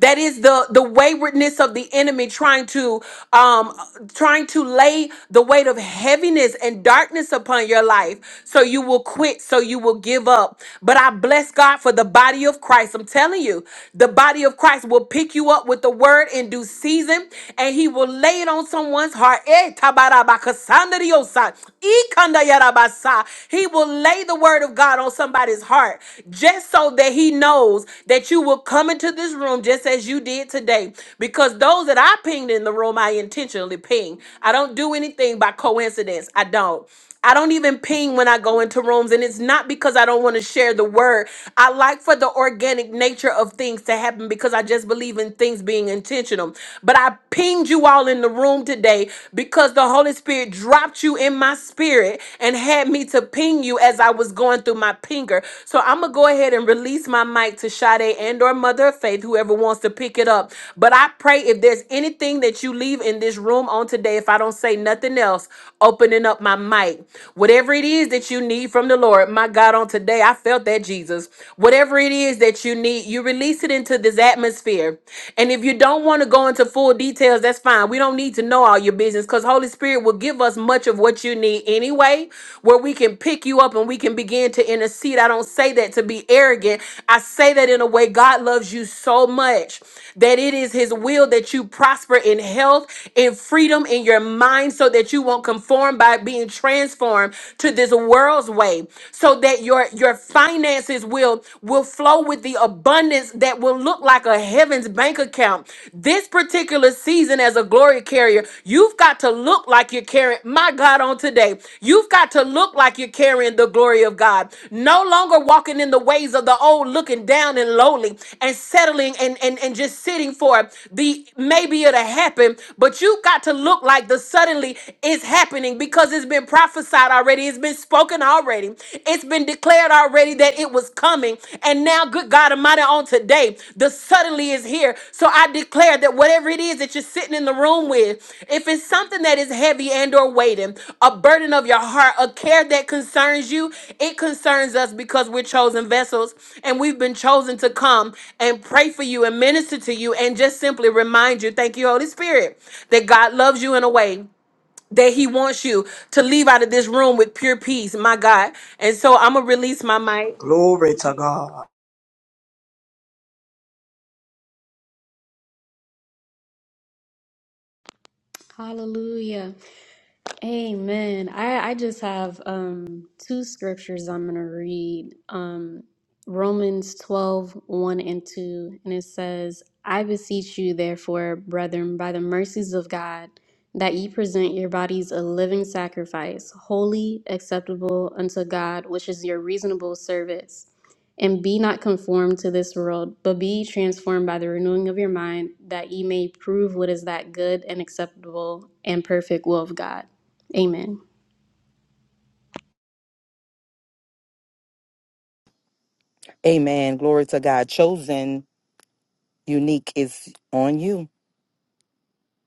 That is the the waywardness of the enemy trying to um trying to lay the weight of heaviness and darkness upon your life so you will quit, so you will give up. But I bless God for the body of Christ. I'm telling you, the body of Christ will pick you up with the word in due season and he will lay it on someone's heart. Eh, tabarabakasandriosa, ikandayarabasa. He will lay the word of God on somebody's heart heart, just so that he knows that you will come into this room just as you did today. Because those that I pinged in the room, I intentionally ping. I don't do anything by coincidence. I don't. I don't even ping when I go into rooms, and it's not because I don't want to share the word. I like for the organic nature of things to happen because I just believe in things being intentional. But I pinged you all in the room today because the Holy Spirit dropped you in my my spirit and had me to ping you as I was going through my pinger. So I'm gonna go ahead and release my mic to Sade and or Mother of Faith, whoever wants to pick it up. But I pray if there's anything that you leave in this room on today, if I don't say nothing else, opening up my mic. Whatever it is that you need from the Lord, my God, on today, I felt that Jesus. Whatever it is that you need, you release it into this atmosphere. And if you don't want to go into full detail, details, that's fine. We don't need to know all your business because Holy Spirit will give us much of what you need anyway, where we can pick you up and we can begin to intercede. I don't say that to be arrogant. I say that in a way God loves you so much that it is His will that you prosper in health, in freedom, in your mind, so that you won't conform by being transformed to this world's way, so that your your finances will will flow with the abundance abundance that will look like a heaven's bank account. This particular season as a glory carrier, you've got to look like you're carrying my God on today. You've got to look like you're carrying the glory of God. No longer walking in the ways of the old, looking down and lowly and settling and, and, and just sitting for the maybe it'll happen, but you've got to look like the suddenly is happening because it's been prophesied already, it's been spoken already already. It's been declared already that it was coming. And now, good God Almighty, on today, the suddenly is here. So I declare that whatever it is that you're sitting in the room with, if it's something that is heavy and or weighting, a burden of your heart, a care that concerns you, it concerns us because we're chosen vessels and we've been chosen to come and pray for you and minister to you and just simply remind you, thank you, Holy Spirit, that God loves you in a way that he wants you to leave out of this room with pure peace, my God. And so I'm gonna release my mic.
Glory to God.
Hallelujah. Amen. I, I just have um, two scriptures I'm going to read. Um, Romans 12, one and 2. And it says, I beseech you, therefore, brethren, by the mercies of God, that ye present your bodies a living sacrifice, holy, acceptable unto God, which is your reasonable service. And be not conformed to this world, but be ye transformed by the renewing of your mind, that ye may prove what is that good and acceptable and perfect will of God. Amen.
Amen. Glory to God. Chosen, unique is on you.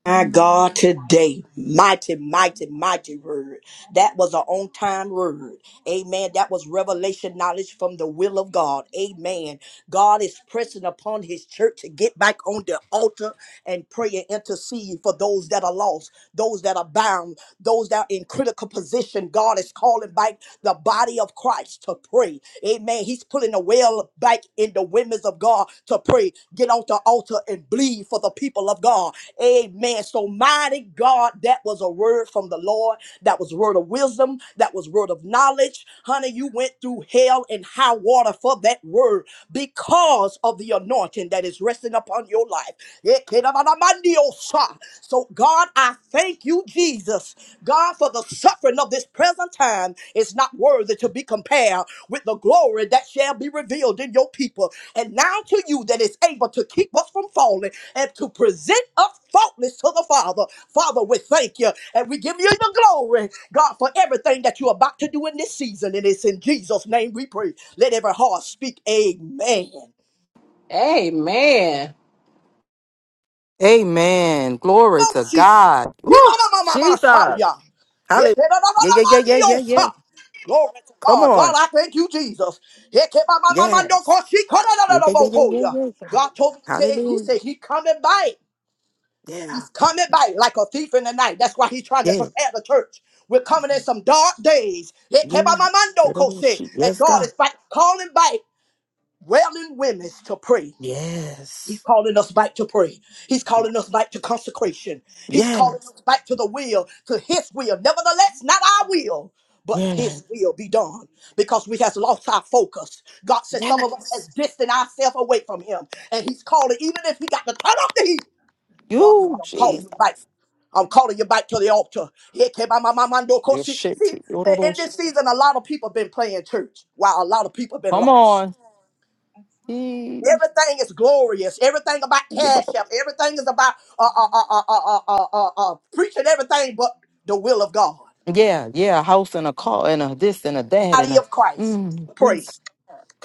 My God, today, mighty, mighty, mighty word. That was an on time word. Amen. That was revelation knowledge from the will of God. Amen. God is pressing upon his church to get back on the altar and pray and intercede for those that are lost, those that are bound, those that are in critical position. God is calling back the body of Christ to pray. Amen. He's pulling the well back in the women's of God to pray. pray, get on the altar and bleed for the people of God. Amen. So mighty God, that was a word from the Lord. That was word of wisdom. That was word of knowledge. Honey, you went through hell and high water for that word because of the anointing that is resting upon your life. Ekedabadamandiosa. So God, I thank you, Jesus. God, for the suffering of this present time is not worthy to be compared with the glory that shall be revealed in your people. And now to you that is able to keep us from falling and to present us faultless to the Father. Father, we thank you and we give you the glory, God, for everything that you're about to do in this season. And it's in Jesus' name we pray. Let every heart speak, Amen.
Amen.
Amen. Glory
Don't
to
see.
God. Woo! Jesus.
Yimamamamamashaya.
Hallelujah. Yeah, yeah, yeah, yeah, yeah,
Yekedadadadamandiosa.
yeah.
Glory to
Come
God. God,
on.
I thank you, Jesus.
Yes. Yeah, yeah, yeah, yeah, yeah,
Yekebamamamandokosikoradadadabohoya.
yeah. God.
God told me, to, He
Hallelujah.
said, He coming back.
Yeah.
He's coming by like a thief in the night. That's why he's trying to
Yeah.
prepare the church. We're coming in some dark days. It came by
Yeah.
my mando
Little sheep.
And
Yes,
God
God.
is back calling back wailing women to pray. He's
Yes.
calling us back to pray. He's calling us back to consecration. He's calling
Yes.
us back to the will, to his will. Nevertheless, not our will, but
Yes.
his will be done. Because we has lost our focus. God says some of us
Yes.
has distanced ourselves away from him. And he's calling, even if we got to turn off the heat God said,
You,
I'm calling
Jesus.
you back. I'm calling you back to the altar. Here came my mama, my no coach.
Your
See,
shit.
see, in in this season, a lot of people been playing church while a lot of people been
Come
lost.
on.
Everything is glorious. Everything about cash app. Everything is about uh, uh, uh, uh, uh, uh, uh, uh, uh, preaching everything but the will of God.
Yeah, yeah, a house and a car and a this and a that and
Body
a
of Christ
mm,
to pray,
yes.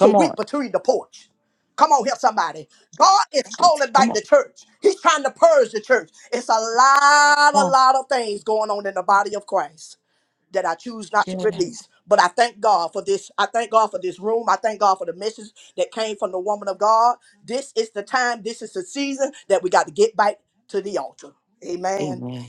to weep
on.
between the porch. Come on here, somebody. God is calling
Come
back
on.
the church. He's trying to purge the church. It's a lot,
Come
a
on.
lot of things going on in the body of Christ. that I choose not to
Yeah.
release. But I thank God for this. I thank God for this room. I thank God for the message that came from the woman of God. This is the time, this is the season that we got to get back to the altar. Amen.
Amen.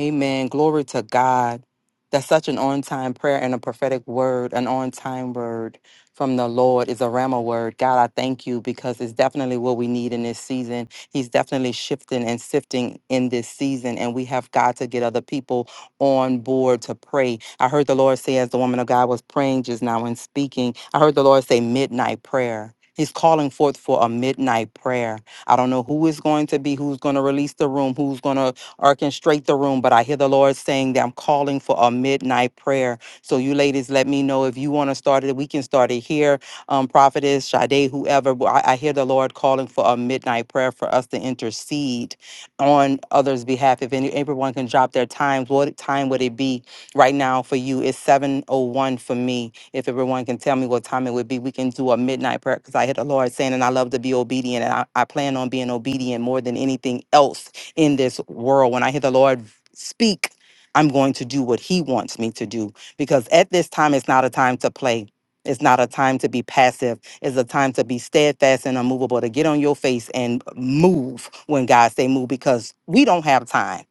Amen. Glory to God. That's such an on time prayer and a prophetic word, an on time word from the Lord is a Rama word. God, I thank you because it's definitely what we need in this season. He's definitely shifting and sifting in this season, and we have got to get other people on board to pray. I heard the Lord say, as the woman of God was praying just now and speaking, I heard the Lord say, midnight prayer. He's calling forth for a midnight prayer. I don't know who is going to be, who's going to release the room, who's going to or can straight the room. But I hear the Lord saying that I'm calling for a midnight prayer. So you ladies, let me know if you want to start it. We can start it here. Um, Prophetess, Sade, whoever. but I, I hear the Lord calling for a midnight prayer for us to intercede on others' behalf. If any, everyone can drop their times, what time would it be right now for you? It's 7.01 for me. If everyone can tell me what time it would be, we can do a midnight prayer because I hear the Lord saying, and I love to be obedient and I, I plan on being obedient more than anything else in this world. When I hear the Lord speak, I'm going to do what He wants me to do because at this time, it's not a time to play. It's not a time to be passive. It's a time to be steadfast and unmovable, to get on your face and move when God say move because we don't have time.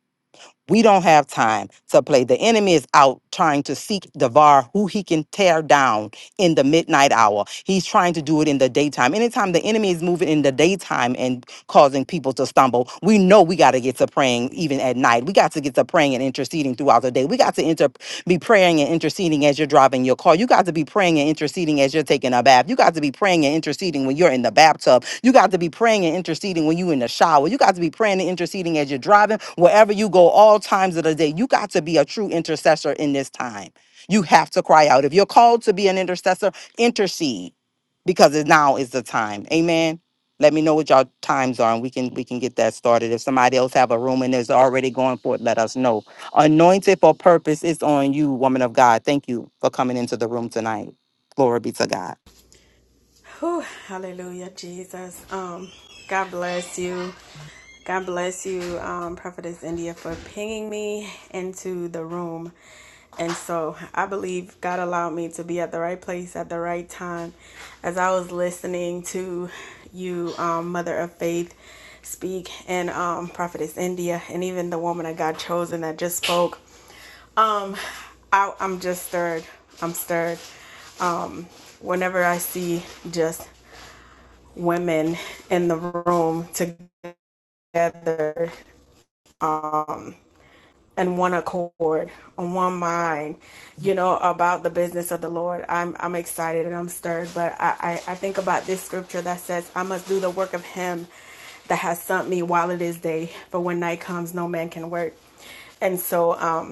We don't have time to play. The enemy is out trying to seek devour who he can tear down in the midnight hour. He's trying to do it in the daytime. Anytime the enemy is moving in the daytime and causing people to stumble, we know we got to get to praying even at night. We got to get to praying and interceding throughout the day. We got to inter- be praying and interceding as you're driving your car. You got to be praying and interceding as you're taking a bath. You got to be praying and interceding when you're in the bathtub you got to be praying and interceding when you in the shower. You got to be praying and interceding as you're driving, wherever you go, all times of the day. You got to be a true intercessor in this time. You have to cry out. If you're called to be an intercessor, intercede because it now is the time. Amen. Let me know what y'all times are, and we can we can get that started. If somebody else have a room and is already going for it, let us know. Anointed for purpose is on you, woman of God. Thank you for coming into the room tonight. Glory be to God.
Whew, hallelujah, Jesus. Um, God bless you. God bless you, um, Prophetess India, for pinging me into the room. And so I believe God allowed me to be at the right place at the right time as I was listening to you, um, Mother of Faith, speak, and um, Prophetess India, and even the woman I got chosen that just spoke. Um, I, I'm just stirred. I'm stirred whenever I see just women in the room together and one accord on one mind you know about the business of the lord i'm i'm excited and i'm stirred but i i, I think about this scripture that says i must do the work of him that has sent me while it is day for when night comes no man can work and so um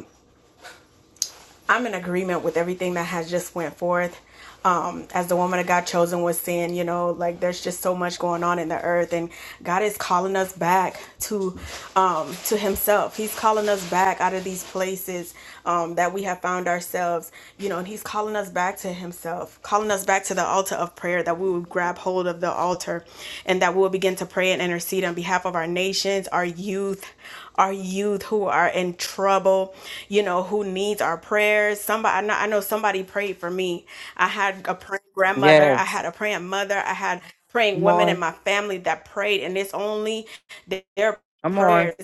I'm in agreement with everything that has just went forth. Um, as the woman of God chosen was saying, you know, like there's just so much going on in the earth, and God is calling us back to um, to Himself. He's calling us back out of these places um, that we have found ourselves, you know, and He's calling us back to Himself, calling us back to the altar of prayer of prayer, that we would grab hold of the altar and that we'll begin to pray and intercede on behalf of our nations, our youth, our youth who are in trouble, you know, who needs our prayers. Somebody, I know, I know somebody prayed for me. I had a praying grandmother, I
Yes.
had a praying mother, I had praying
Come
women in
on.
my family that prayed, and it's only their
Come on.
prayers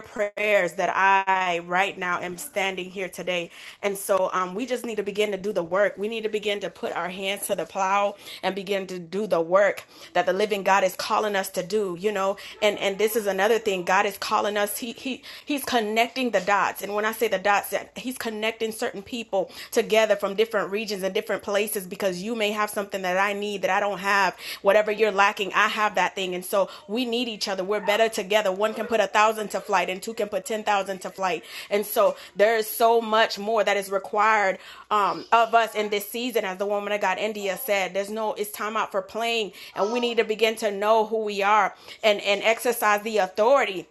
prayers that I right now am standing here today. And so um, we just need to begin to do the work. We need to begin to put our hands to the plow and begin to do the work that the living God is calling us to do, you know. And and this is another thing. God is calling us. He he he's connecting the dots. And when I say the dots, he's connecting certain people together from different regions and different places is because you may have something that I need that I don't have. Whatever you're lacking, I have that thing. And so we need each other. We're better together. One can put a thousand to flight and two can put 10,000 to flight. And so there is so much more that is required um, of us in this season. As the woman of God, India said, there's no, it's time out for playing. And we need to begin to know who we are and, and exercise the authority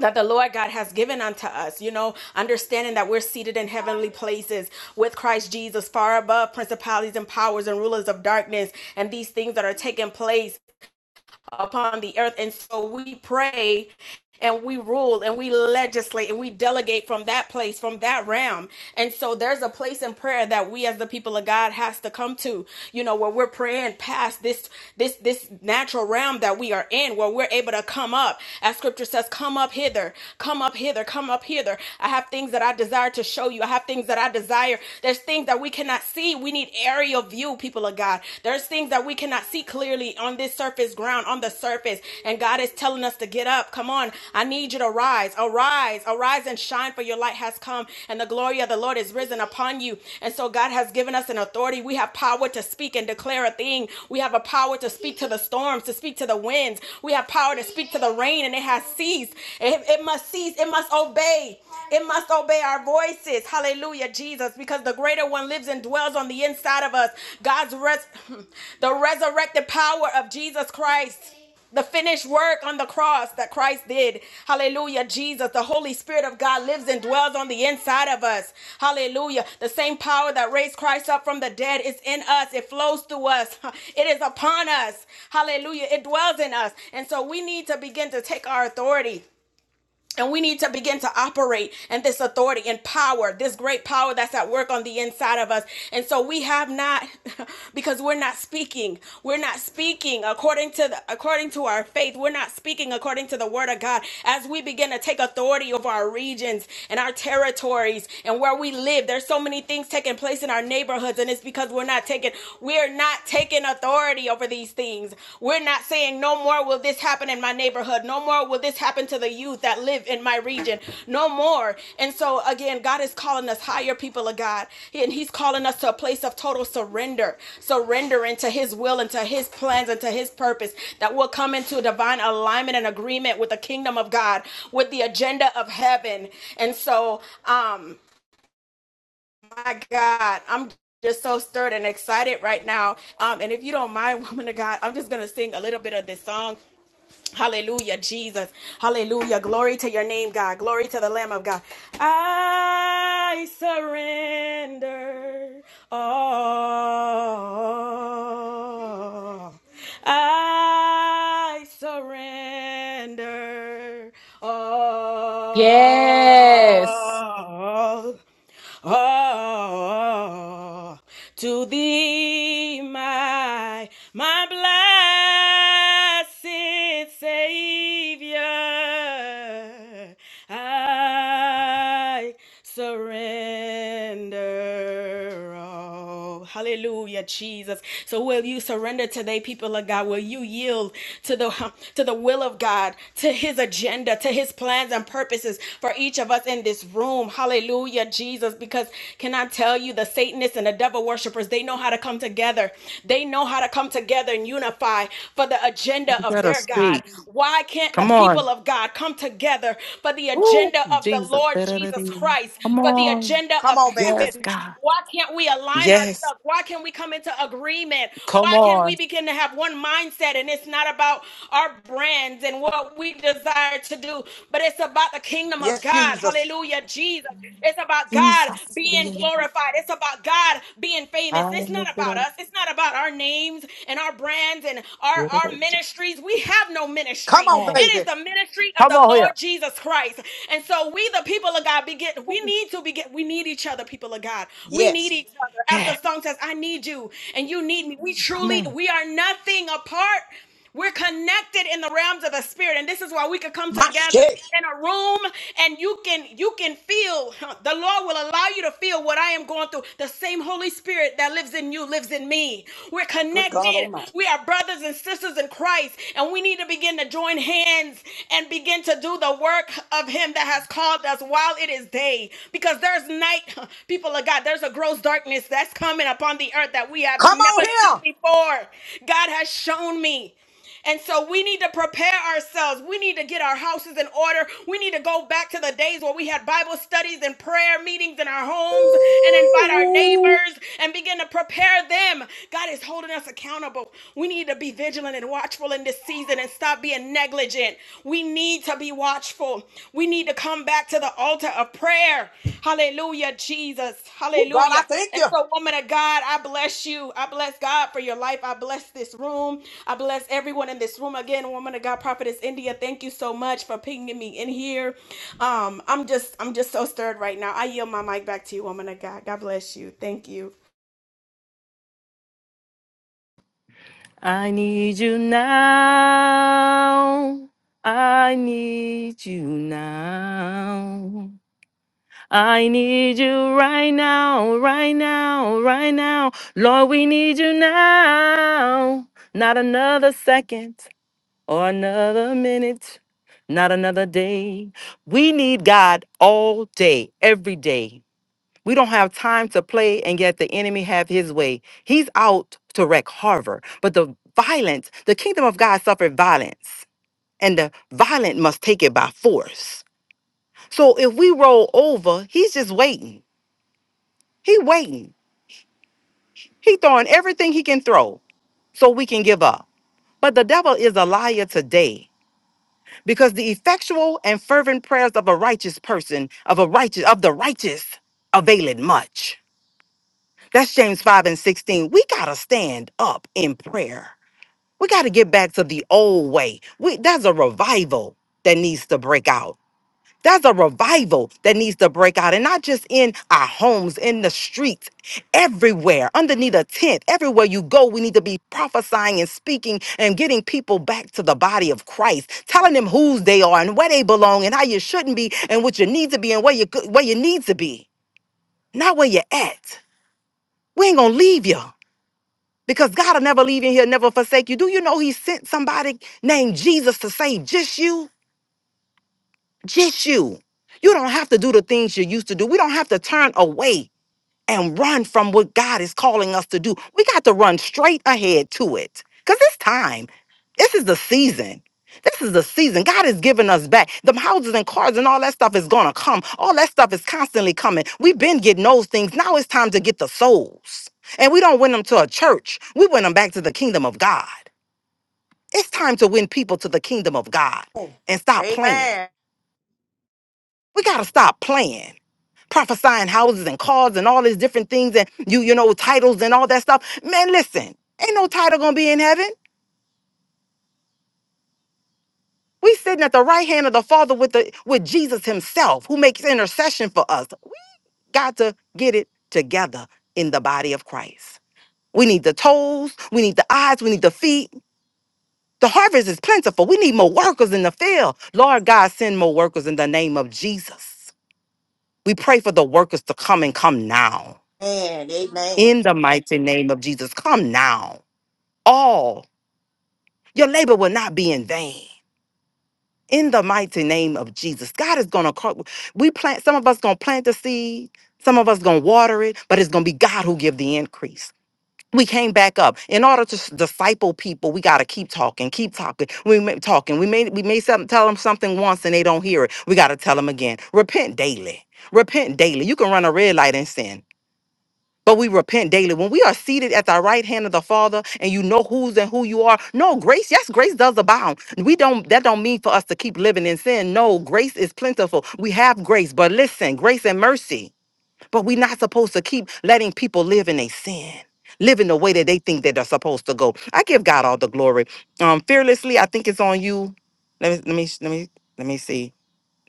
that the Lord God has given unto us, you know, understanding that we're seated in heavenly places with Christ Jesus, far above principalities and powers and rulers of darkness and these things that are taking place upon the earth. And so we pray and we rule and we legislate and we delegate from that place, from that realm. And so there's a place in prayer that we as the people of God has to come to, you know, where we're praying past this, this, this natural realm that we are in, where we're able to come up. As scripture says, come up hither, come up hither, come up hither. I have things that I desire to show you. I have things that I desire. There's things that we cannot see. We need aerial view you, people of God. There's things that we cannot see clearly on this surface ground, on the surface. And God is telling us to get up. Come on. I need you to rise. Arise. Arise and shine, for your light has come, and the glory of the Lord is risen upon you. And so God has given us an authority. We have power to speak and declare a thing. We have a power to speak to the storms, to speak to the winds. We have power to speak to the rain, and it has ceased. It, it must cease. It must obey. It must obey our voices is. Hallelujah, Jesus, because the greater one lives and dwells on the inside of us. God's res- the resurrected power of Jesus Christ. The finished work on the cross that Christ did. Hallelujah. Jesus, the Holy Spirit of God lives and dwells on the inside of us. Hallelujah. The same power that raised Christ up from the dead is in us. It flows through us. It is upon us. Hallelujah. It dwells in us. And so we need to begin to take our authority. And we need to begin to operate in this authority and power, this great power that's at work on the inside of us. And so we have not, because we're not speaking. We're not speaking according to the, according to our faith. We're not speaking according to the word of God. As we begin to take authority over our regions and our territories and where we live, there's so many things taking place in our neighborhoods, and it's because we're not taking we're not taking authority authority over these things. We're not saying, no more will this happen in my neighborhood. No more will this happen to the youth that live in my region. No more. And so, again, God is calling us higher people of God. And He's calling us to a place of total surrender, surrender into His will and to His plans and to His purpose that will come into divine alignment and agreement with the kingdom of God, with the agenda of heaven. And so, um, my God, I'm just so stirred and excited right now. Um, and if you don't mind, woman of God, I'm just gonna sing a little bit of this song. Hallelujah, Jesus. Hallelujah. Glory to your name, God. Glory to the Lamb of God. I surrender all. I surrender
Yes.
all. Oh, to thee, my, my blessed Savior, I surrender all. Hallelujah, Jesus. So will you surrender today, people of God? Will you yield to the to the will of God, to his agenda? agenda, to his plans and purposes for each of us in this room. Hallelujah, Jesus. Because can I tell you, the Satanists and the devil worshippers, they know how to come together. They know how to come together and unify for the agenda of
Let us
their God.
speak.
Why can't the
Come on.
people of God come together for the
Woo,
agenda of the
Jesus.
Lord Jesus
Da-da-da-dee.
Christ,
Come
for the
on.
agenda
Come
of
on, baby.
Yes,
heaven?
God.
Why can't we align
Yes.
ourselves? Why can't we come into agreement?
Come
Why can
on.
we begin to have one mindset? And it's not about our brands and what we desire to do, but it's about the kingdom of
Yes,
God.
Jesus.
Hallelujah, Jesus. It's about God
Jesus.
being
Yeah.
glorified. It's about God being famous.
I
It's
lift
not
it
about
up.
us. It's not about our names and our brands and our, our
Come
ministries. We have no
Come
ministry.
on,
on.
It
baby.
is the ministry of
Come
the
on
Lord
here.
Jesus Christ. And so we, we the people of God begin we need to begin we need each other people of God we need
Yes.
each other as
Yeah.
the song says I need you and you need me we
Come
truly
on.
we are nothing apart we're connected in the realms of the spirit and this is why we could come
My
together
shit.
in a room and you can you can feel huh, the Lord will allow you to feel what I am going through the same Holy Spirit that lives in you lives in me we're
Good God
connected
Almighty.
we are brothers and sisters in Christ and we need to begin to join hands hands and begin to do the work of Him that has called us while it is day. Because there's night, people of God, there's a gross darkness that's coming upon the earth that we have
Come on
never seen
here.
before. God has shown me. And so we need to prepare ourselves. We need to get our houses in order. We need to go back to the days where we had Bible studies and prayer meetings in our homes and invite our
Ooh,
neighbors and begin to prepare them. God is holding us accountable. We need to be vigilant and watchful in this season and stop being negligent. We need to be watchful. We need to come back to the altar of prayer. Hallelujah, Jesus.
Ooh, God, I
Hallelujah.
thank
And so, woman of God, I bless you. I bless God for your life. I bless this room. I bless everyone in this room. Again, woman of God, prophetess India, thank you so much for pinging me in here. Um, I'm just, I'm just so stirred right now. I yield my mic back to you, woman of God. God bless you. Thank you.
I need you now. I need you now. I need you right now, right now, right now. Lord, we need you now. Not another second or another minute, not another day. We need God all day, every day. We don't have time to play and yet the enemy have his way. He's out to wreck Harvard, but the violence, the kingdom of God suffered violence, and the violent must take it by force. So if we roll over, he's just waiting. He waiting. He throwing everything he can throw so we can give up. But the devil is a liar today because the effectual and fervent prayers of a righteous person, of a righteous, of the righteous, availeth much. That's James 5 and 16. We gotta stand up in prayer. We gotta get back to the old way. We that's a revival that needs to break out. There's a revival that needs to break out and not just in our homes, in the streets, everywhere, underneath a tent, everywhere you go. We need to be prophesying and speaking and getting people back to the body of Christ, telling them whose they are and where they belong and how you shouldn't be and what you need to be and where you go- where you need to be, not where you're at. We ain't gonna leave you because God will never leave you. and He'll never forsake you. Do you know He sent somebody named Jesus to save just you? Get you. You don't have to do the things you used to do. We don't have to turn away and run from what God is calling us to do. We got to run straight ahead to it because it's time. This is the season. This is the season. God is giving us back. The houses and cars and all that stuff is going to come. All that stuff is constantly coming. We've been getting those things. Now it's time to get the souls. And we don't win them to a church, we win them back to the kingdom of God. It's time to win people to the kingdom of God
you.
and stop playing.
Amen.
We got to stop playing. prophesying houses and cars and all these different things and you you know titles and all that stuff man listen ain't no title gonna be in heaven we sitting at the right hand of the father with the with jesus himself who makes intercession for us we got to get it together in the body of christ we need the toes we need the eyes we need the feet the harvest is plentiful we need more workers in the field lord god send more workers in the name of jesus we pray for the workers to come and come now
And amen. amen.
in the mighty name of jesus come now all your labor will not be in vain in the mighty name of jesus god is gonna call we plant some of us gonna plant the seed some of us gonna water it but it's gonna be god who give the increase we came back up in order to s- disciple people we got to keep talking keep talking we may talking we may we may some, tell them something once and they don't hear it we got to tell them again repent daily repent daily you can run a red light and sin but we repent daily. When we are seated at the right hand of the Father and you know who's and who you are, no, grace, yes, grace does abound. We don't, that don't mean for us to keep living in sin. No, grace is plentiful. We have grace, but listen, grace and mercy. But we're not supposed to keep letting people live in a sin. live in the way that they think that they're supposed to go. I give God all the glory. Um, fearlessly, I think it's on you. Let me let me let me let me see.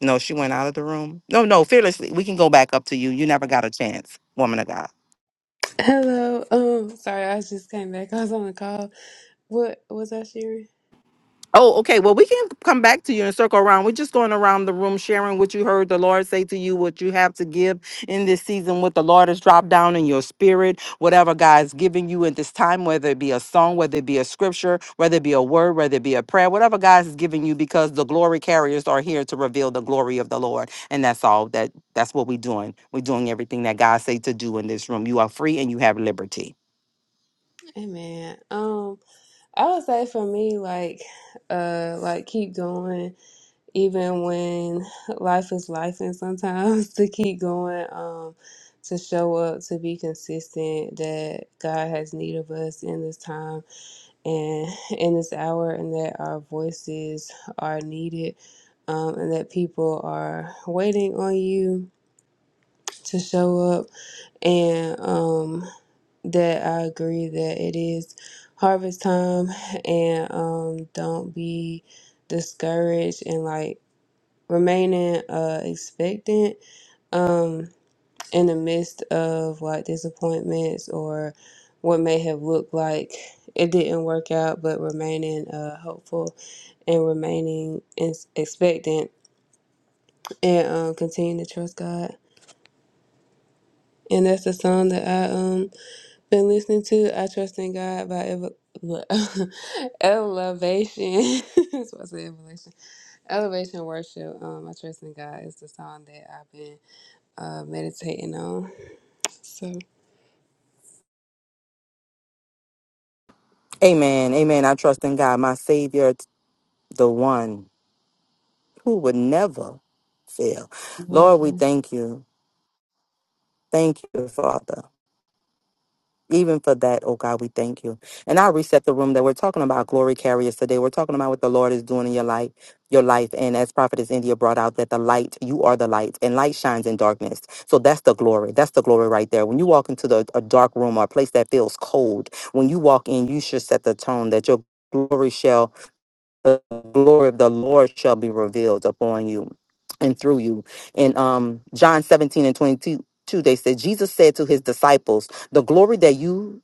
No, she went out of the room. No, no, fearlessly. We can go back up to you. You never got a chance, woman of God.
Hello. Um, sorry, I just came back. I was on the call. What was I sharing?
Oh, okay. Well, we can come back to you and circle around. We're just going around the room sharing what you heard the Lord say to you, what you have to give in this season, what the Lord has dropped down in your spirit, whatever God's giving you in this time, whether it be a song, whether it be a scripture, whether it be a word, whether it be a prayer, whatever God is giving you, because the glory carriers are here to reveal the glory of the Lord. And that's all that that's what we're doing. We're doing everything that God say to do in this room. You are free and you have liberty.
Hey man. Um, I would say for me, like, uh, like keep going even when life is life, and sometimes to keep going. Um, to show up, to be consistent. That God has need of us in this time and in this hour, and that our voices are needed. Um, and that people are waiting on you to show up and um that I agree that it is harvest time and um don't be discouraged and like remaining uh expectant um in the midst of like disappointments or what may have looked like it didn't work out but remaining uh hopeful and remaining in- expectant and um continue to trust God and that's the song that I um Been listening to I Trust in God by Eva- Elevation. That's what I said, Elevation. Elevation Worship. Um, I Trust in God is the song that I've been uh, meditating on. So,
Amen. Amen. I trust in God, my Savior, the one. who would never fail.
yeah.
Lord, we thank you. Thank you, Father. Even for that, oh God, we thank you. And I reset the room that we're talking about glory carriers today. We're talking about what the Lord is doing in your life, your life. And as Prophetess India brought out that the light, you are the light, and light shines in darkness. So that's the glory. That's the glory right there. When you walk into the a dark room or a place that feels cold, when you walk in, you should set the tone that your glory shall the glory of the Lord shall be revealed upon you and through you. In um, John 17 and 22, they said, Jesus said to his disciples, The glory that you,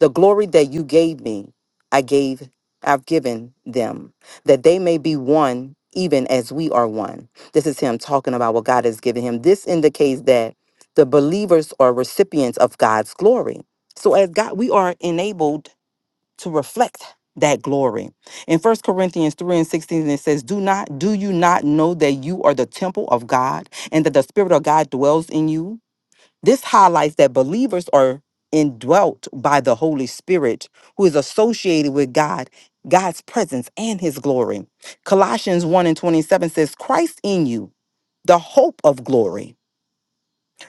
the glory that you gave me, I gave, I've given them, that they may be one, even as we are one. This is him talking about what God has given him. This indicates that the believers are recipients of God's glory. So as God, we are enabled to reflect that glory. In First Corinthians 3 and 16, it says, Do not, do you not know that you are the temple of God and that the Spirit of God dwells in you? This highlights that believers are indwelt by the Holy Spirit, who is associated with God, God's presence, and his glory. Colossians 1 and 27 says, Christ in you, the hope of glory.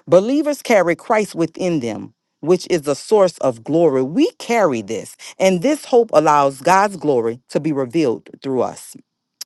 Believers carry Christ within them, which is the source of glory. We carry this, and this hope allows God's glory to be revealed through us.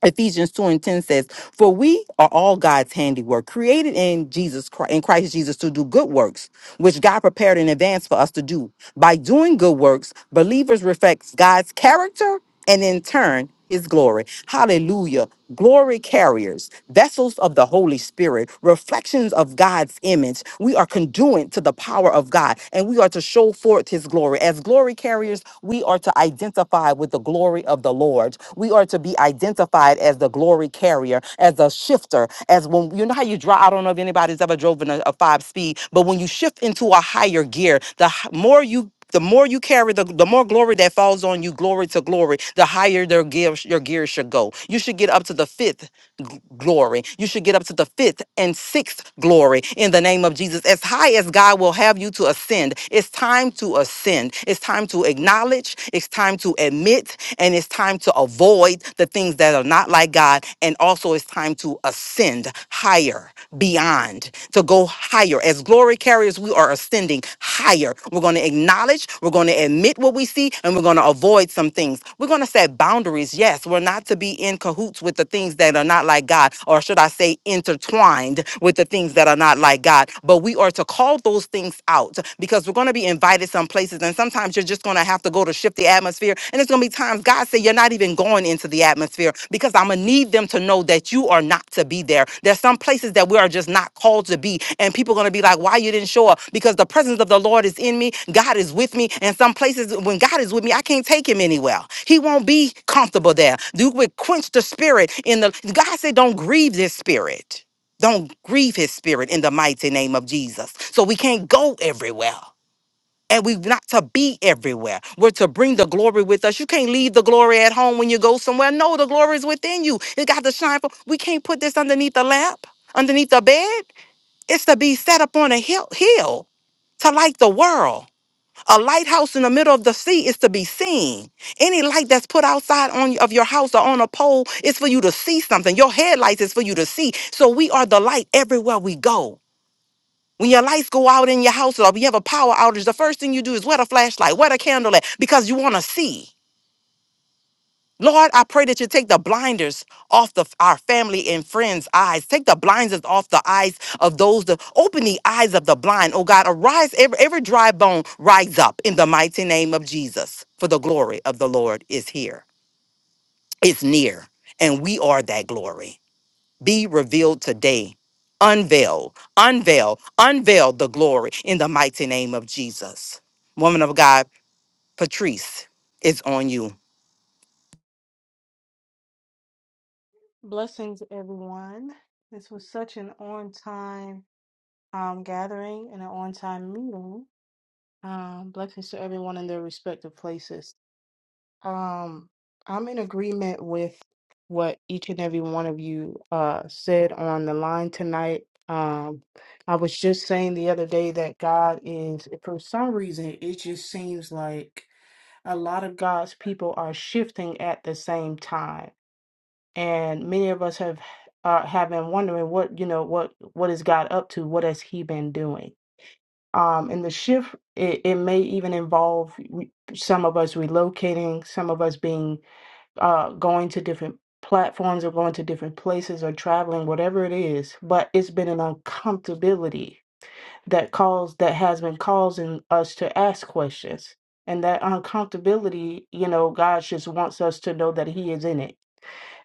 Ephesians 2 and 10 says, For we are all God's handiwork, created in Jesus Christ, in Christ Jesus to do good works, which God prepared in advance for us to do. By doing good works, believers reflect God's character and in turn his glory. Hallelujah. Glory carriers, vessels of the Holy Spirit, reflections of God's image. We are conduit to the power of God and we are we are to show forth his glory. As glory carriers, we are to identify with the glory of the Lord. We are to be identified as the glory carrier, as a shifter, as when you know how you drive. I don't know if anybody's ever driven a, a five speed, but when you shift into a higher gear, the h- more you the more you carry the, the more glory that falls on you glory to glory the higher their gear your gear should go you should get up to the fifth gl- glory. You should get up to the fifth and sixth glory in the name of Jesus. As high as God will have you to ascend, it's time to ascend. It's time to acknowledge. It's time to admit. And it's time to avoid the things that are not like God. And also, it's time to ascend higher, beyond, to go higher. As glory carriers, we are are ascending higher. We're going to acknowledge, we're going to admit what we see, and we're going to avoid some things. We're going to set boundaries. Yes, we're not to be in cahoots with the things that are not like God, or should I say, intertwined with the things that are not like God. But we are to call those things out because we're going to be invited some places, and sometimes you're just going to have to go to shift the atmosphere. And it's going to be times times God said, You're not even going into the atmosphere because I'm going to need them to know that you are not to be there. There's some places that we are just not called to be. And people are going to be like, Why you didn't show up? Because the presence of the Lord is in me. God is with me. And some places, when God is with me, I can't take him anywhere. He won't be comfortable there. You would quench the spirit in the. God said, Don't grieve this spirit. Don't grieve his spirit in the mighty name of Jesus. So we can't go everywhere and we are not to be everywhere. We're to bring the glory with us. You can't leave the glory at home when you go somewhere. No, the glory is within you. It got to shine. For we can't put this underneath the lamp, underneath the bed. It's to be set up on a hill, hill to light the world. A lighthouse in the middle of the sea is to be seen. Any light that's put outside on of your house or on a pole is for you to see something. Your headlights is for you to see. So we are the light everywhere we go. When your lights go out in your house or you have a power outage, the first thing you do is wet a flashlight, wet a candle at, because you want to see. Lord, I pray that you take the blinders off the, our family and friends' eyes. Take the blinders off the eyes of those that open the eyes of the blind. Oh God, arise, every, every dry bone rise up in the mighty name of Jesus. For the glory of the Lord is here, it's near, and we are that glory be revealed today. Unveil, unveil, unveil the glory in the mighty name of Jesus. Woman of God, Patrice, it's on you.
Blessings, everyone. This was such an on time um, gathering and an on time meeting. Um, blessings to everyone in their respective places. Um, I'm in agreement with what each and every one of you uh, said on the line tonight. Um, I was just saying the other day that God is, for some reason, it just seems like a lot of God's people are shifting at the same time and many of us have uh, have been wondering what you know what what is God up to? What has He been doing? Um, and the shift it, it may even involve re- some of us relocating, some of us being uh, going to different platforms or going to different places or traveling, whatever it is. But it's been an uncomfortability that calls that has been causing us to ask questions, and that uncomfortability, you know, God just wants us to know that He is in it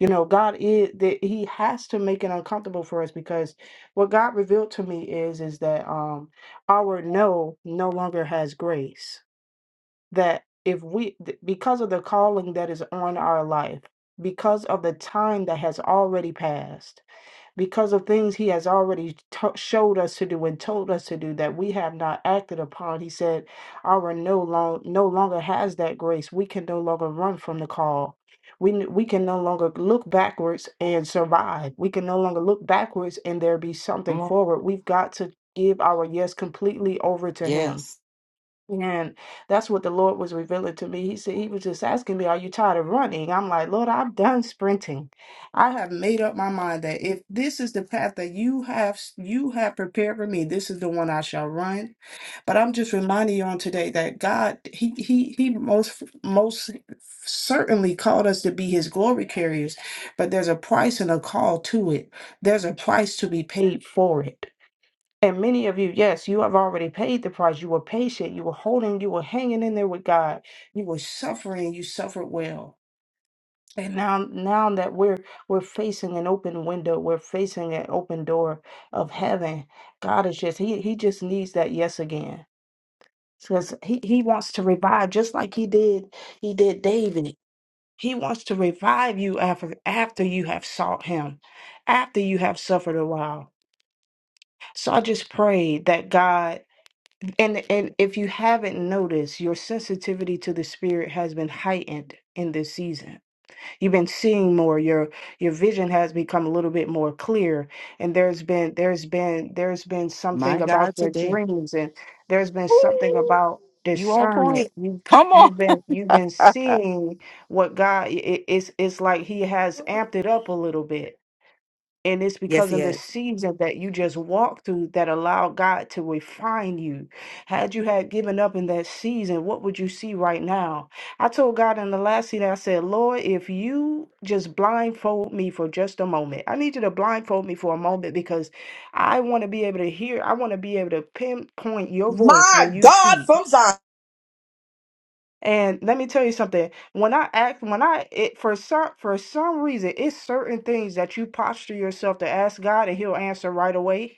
you know, God is that He has to make it uncomfortable for us because what God revealed to me is is that um our no no longer has grace. That if we th- because of the calling that is on our life, because of the time that has already passed because of things he has already to- showed us to do and told us to do that we have not acted upon. He said, "Our no long no longer has that grace. We can no longer run from the call. We n- we can no longer look backwards and survive. We can no longer look backwards and there be something
Come on.
forward. We've got to." Give our yes completely over to Him
Yes.
and that's what the Lord was revealing to me. He said, He was just asking me, Are you tired of running? I'm like, Lord, I've done sprinting. I have made up my mind that if this is the path that you have you have prepared for me, this is the one I shall run. But I'm just reminding you on today that God, He He He most most certainly called us to be his glory carriers, but there's a price and a call to it. There's a price to be paid for it. And many of you, yes, you have already paid the price. You were patient, you were holding, you were hanging in there with God. You were suffering, you suffered well. And now now that we're we're facing an open window, we're facing an open door of heaven. God is just he he just needs that yes again. Because he, he wants to revive just like he did he did David. He wants to revive you after after you have sought him, after you have suffered a while. So I just pray that God And and if you haven't noticed, your sensitivity to the spirit has been heightened in this season. You've been seeing more. Your your vision has become a little bit more clear. And there's been there's been there's been something
My
about
God
your
today.
dreams and there's been something
Ooh,
about
You on
discernment.
point.
You
Come on.
you've been you've been seeing what God it, it's it's like he has amped it up a little bit and it's
Yes,
because
he
of the
has.
season that you just walked through that allowed God to refine you. Had you had given up in that season, what would you see right now? I told God in the last season, I said, Lord, if you just blindfold me for just a moment, I need you to blindfold me for a moment because I want to be able to hear, I want to be able to pinpoint your voice when
My
you
God
speak.
from Zion.
And let me tell you something. When I act, when I it for some for some reason, it's certain things that you posture yourself to ask God, and He'll answer right away.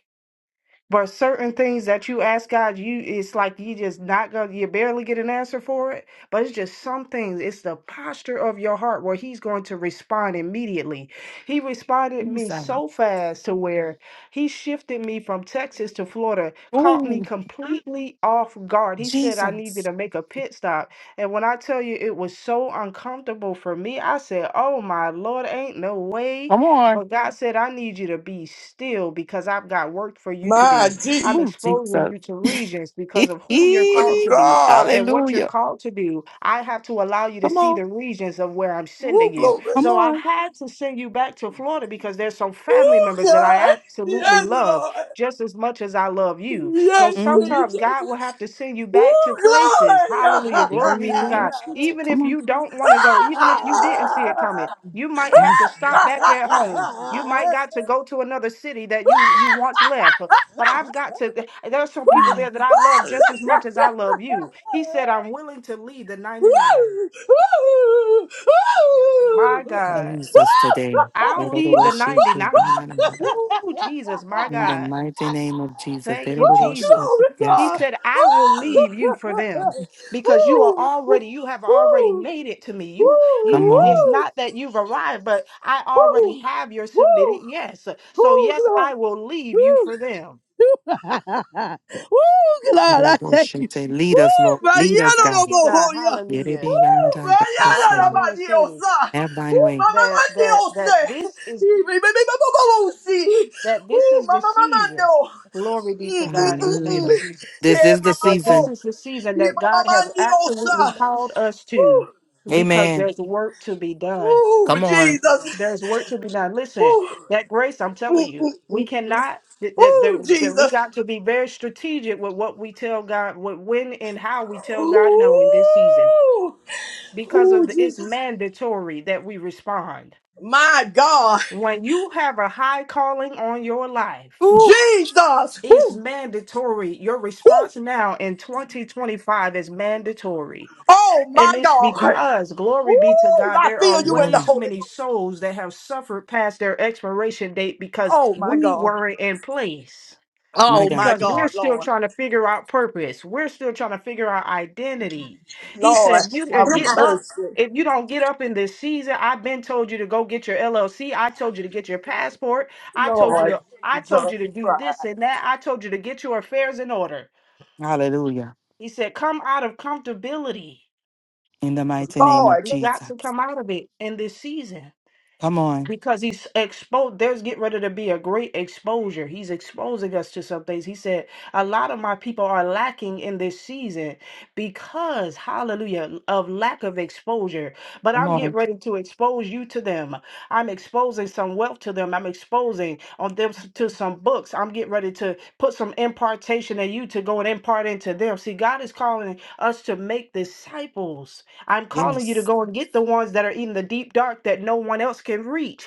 But certain things that you ask God, you it's like you just not gonna you barely get an answer for it. But it's just some things. It's the posture of your heart where He's going to respond immediately. He responded me
Jesus.
so fast to where He shifted me from Texas to Florida, caught me
Ooh,
completely off guard. He said I needed
Jesus.
to make a pit stop, and when I tell you it was so uncomfortable for me, I said, "Oh my Lord, ain't no way."
Come on.
But God said, I need you to be still because I've got work for you to
My
do. I'm
Jesus.
Ooh,
exposing
Jesus.
you to regions because of who you're called
Good
to be
God.
and what you're
Hallelujah.
called to do. I have to allow you to
Come
see
on.
the regions of where I'm
Ooh,
sending you.
glory.
Come
So I
on.
had to send you back to Florida because there's some family
Ooh,
members that I
God.
absolutely
Yes,
love
Lord.
just as much as I love you. So
Yes,
Mm.
Jesus.
sometimes God will have to send you
Ooh,
back to places.
glory.
Hallelujah. Glory be to God. Even if
Come on.
you don't want to go, even if you didn't see it coming. You might
Come
have
on.
to stop back at home. You might got to go to another city that you you once left. But, but I've got to. There are some
Come
people
on.
there that I love just as much as I love you. He said, "I'm willing to leave the 99." My God,
Jesus today. In
I'll leave the 99. Ooh, Jesus, my
the
God.
mighty name of Jesus.
Thank you,
Ooh,
Jesus.
glory,
He
Yes,
God.
God.
said, I will leave you for them because you are
Ooh,
already, you have already
ooh,
made it to me.
ooh,
You, you,
Come
it's
on.
ooh,
not that you've arrived, but I already
ooh,
have your submitted
ooh, ooh,
yes. So, yes,
ooh,
I will leave you
glory.
for them.
Woo, God, I thank you.
Lead us, Lord.
Woo, man,
Lead
yeah,
us,
no,
Thank
no,
God.
no,
you, God.
oh, yeah.
Hallelujah.
Woo,
Guide
man, yeah,
So I
no,
us,
just
no,
Lord.
want to
man, yeah,
say
oh,
Have thine way.
mama,
that
man, yeah,
that
oh,
that
sir.
this is
Ee, me, me, me, me, me, oh,
that this is the
mama, mama,
season.
no.
Glory be to
Mm, mm,
God in the
mm,
name
mm.
of
Hallelujah.
Jesus.
This
Yeah,
is the
mama,
that this
no.
season.
is the season
Yeah,
that
mama,
God has
man, yeah, oh,
absolutely called us to because
Amen.
there's work to be done.
Come on.
Jesus.
There's work to be done. Listen,
Woo,
that grace, I'm telling you, we cannot. That, that, that
woo,
that we
Jesus.
got to be very strategic with what we tell God, with when and how we tell God no in this season,
Woo,
because
woo,
of the, it's
Jesus.
mandatory that we respond.
My God.
When you have a high calling on your life,
Woo.
Jesus.
it's
Woo,
mandatory. Your
woo.
response now in 2025 is mandatory
Oh my
And it's
God.
because,
Woo,
glory be to God,
I
there
feel
are
you in
way
the
Glory.
too
Holy
many
Ghost.
souls that have suffered past their expiration date because
Oh my
we
God.
weren't in place.
My
Oh
God.
my
Because we're
God,
still
Lord.
trying to figure out purpose. We're still trying to figure out identity. He
Lord,
said, You
have
can get up.
mercy.
If you don't get up in this season, I've been told you to go get your LLC. I told you to get your passport. I told you
Lord
to I
Jesus
told you to do
Christ.
this and that. I told you to get your affairs in order.
Hallelujah.
He said, Come out of comfortability.
In the mighty name of
Lord
We've got
Jesus.
to come out of it in this season
Come on.
because he's exposed. There's get ready to be a great exposure. He's exposing us to some things. He said, A lot of my people are lacking in this season because, hallelujah, of lack of exposure. But
Come
I'm getting
on.
ready to expose you to them. I'm exposing some wealth to them. I'm exposing on them s- to some books. I'm getting ready to put some impartation in you to go and impart into them. See, God is calling us to make disciples I'm calling you to
Yes.
go and get the ones that are in the deep dark that no one else can reach.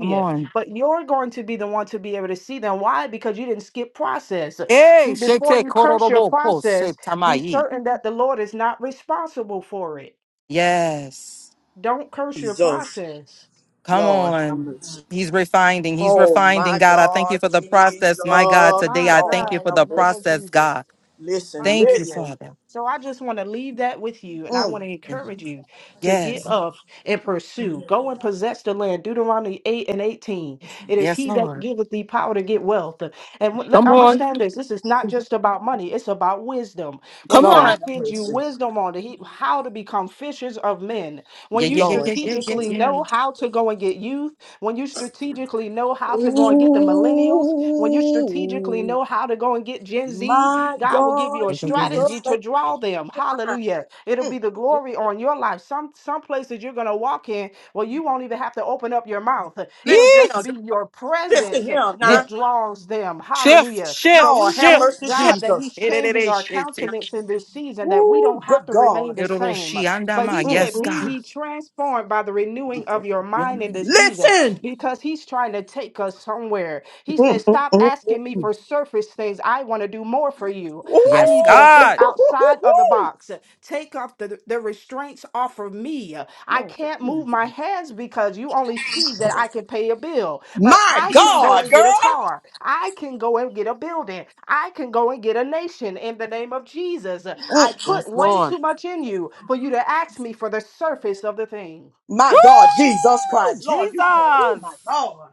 Come on.
But you're going to be the one to be able to see them. Why? Because you didn't skip process.
Hey,
See, before
shete
you curse your
kororoboko
process, be
setamai.
certain that the Lord is not responsible for it.
Yes.
Don't curse your
Jesus.
process.
Come
Lord, have
on.
mercy.
He's refining. He's
Oh
refining,
my
God. I thank you
God,
for the
Jesus.
process, my God. Today,
My
I thank
Lord,
you
God,
for
in
have
the
the
name of
mercy.
process,
Jesus.
God.
Listen,
Thank you,
Hallelujah.
listen.
Father.
So I just want to leave that with you, and I
Mm.
want to encourage you to get
Yes.
up and pursue. Go and possess the land. Deuteronomy 8 and 18. It is
Yes,
he that
Lord.
giveth thee power to get wealth. And w- let-
Come on.
understand this this is not just about money, it's about wisdom. When
Come on.
Lord,
God
have
gives you
mercy.
wisdom on the, he- how to become fishers of men, when
Yeah,
you
yeah, yeah,
Lord
yeah, yeah, yeah,
strategically
Jesus.
yeah.
know how to go and get youth, when you strategically know how to go and get the millennials, when you strategically
Ooh.
know how to go and get Gen Z,
My
God will give you
God,
a
Yeah, yeah, yeah, yes.
strategy
Jesus.
to
thank
draw them. Hallelujah. It'll
you.
be the glory on your life. Some some places you're gonna walk in well, you won't even have to open up your mouth.
Mm,
It'll
Listen to
just
him,
Yes.
be
girl.
your
Listen
presence
to him
Yeah.
that
now.
draws them.
Shift,
Hallelujah. So
shift,
Lord,
we
have
shift,
thank
mercy,
God
shift.
that
Jesus.
He's changing our
Yes,
countenance in this season, that we
Ooh,
don't have
good
to remain
God.
the same. But He
Mm,
said, Be
mm.
God.
ye transformed by the renewing of your mind in this season
Listen.
because he's trying to take us somewhere. He says, Stop asking me for surface things. I want to do more for you. I
Yes,
need you to
Ooh,
think
God.
outside of the box. Take off the, the restraints off of me. I can't move my hands because you only see that I can pay a bill, but
my
I can go
God,
and
Jesus.
get a
girl.
car. I can go and get a building. I can go and get a nation in the name of Jesus. I put
Yes,
way
Lord.
too much in you for you to ask me for the surface of the thing.
My God, Jesus
Woo!
Christ. Lord, you going, oh my
Jesus.
God.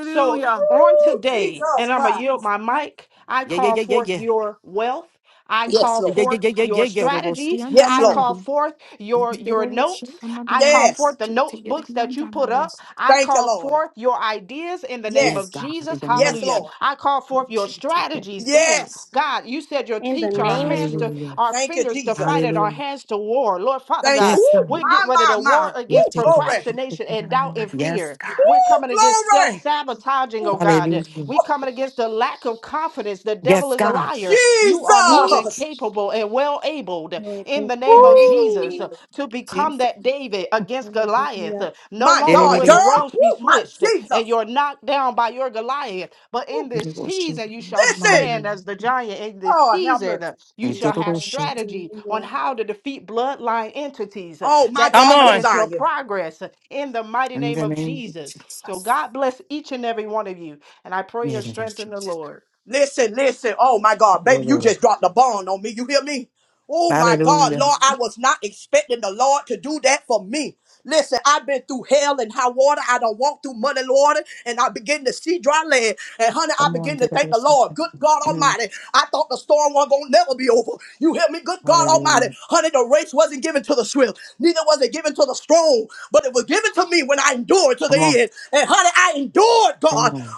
So on
Ooh,
today,
Jesus
and I'm going to yield
Christ.
my mic, I
Yeah, yeah,
call
yeah, yeah,
forth
yeah.
your wealth. I
Yes,
call
Yeah,
Lord.
yeah,
forth
yeah, yeah,
your
yeah, yeah. Robo
strategy.
sianda
Yes,
I
Lord.
call
nandi.
forth your your
Pero she-
notes.
amanda
I
na
call
na-
Yes.
forth the
she- te- ye-
notebooks
di
that you
anda na,
put up.
Yes,
I
Thank you,
call
Lord.
forth your ideas in the name of
Yes,
Yes.
God, in
Jesus.
the name
Yes,
of
Hallelujah.
Jesus.
Lord.
I call forth your
She- te- te-
strategies.
te-
Hey,
te-
Yes.
God, you said you'll
In the
teach our
name of
hands
Jesus.
to
Hallelujah.
our
Thank you,
fingers to
Jesus.
fight and our
Hallelujah.
hands to war. Lord Father
Thank you.
God,
Yes,
Ooh,
God.
we'll get
my,
ready
my,
to
my.
war
In
against
Ooh,
te- robo
glory.
sianda
procrastination and
na na
doubt
na.
and fear.
Yes, God.
We're
Ooh,
coming against self
glory.
sabotaging, oh
Ooh,
God.
Hallelujah.
We're
ooh.
coming against the lack of confidence. The devil
Yes,
is a
God.
liar. You are more than
Jesus.
capable and well able in
Thank
the
you,
name of
God.
Jesus to
Woo!
become that David against Goliath.
Hallelujah.
No
My
Come
longer
God,
will
girl.
the
on.
roles be
Ooh, my
switched and
Jesus.
you're knocked down by your Goliath. But in
Ooh,
this season, you shall
listen.
stand as the giant. In this
Lord, have
season,
mercy.
you shall have strategy on
Hallelujah.
how to defeat bloodline entities
Oh, my
that
Come
God
come
from
on.
against your
Zion.
progress in the mighty
In
name
the
of
name of
Jesus. So
Jesus.
God bless each and every one of you. And I
In
pray
the
your
name of
strength in the
Jesus.
Lord.
Listen, listen. Oh my God, baby, you
Hallelujah.
just dropped the bomb on me. You hear me? Oh my God,
Hallelujah.
Lord, I was not expecting the Lord to do that for me. Listen, I've been through hell and high water. I done walked through muddy water and I begin to see dry land. And honey, I
Come on.
begin to thank the Lord. Good God
Mm.
Almighty. I thought the storm was gonna never be over. You hear me? Good God Almighty.
Hallelujah.
Honey, the race wasn't given to the swift, neither was it given to the strong, but it was given to me when I endured to
Come
the
on.
end. And honey, I endured,
Come
God.
on.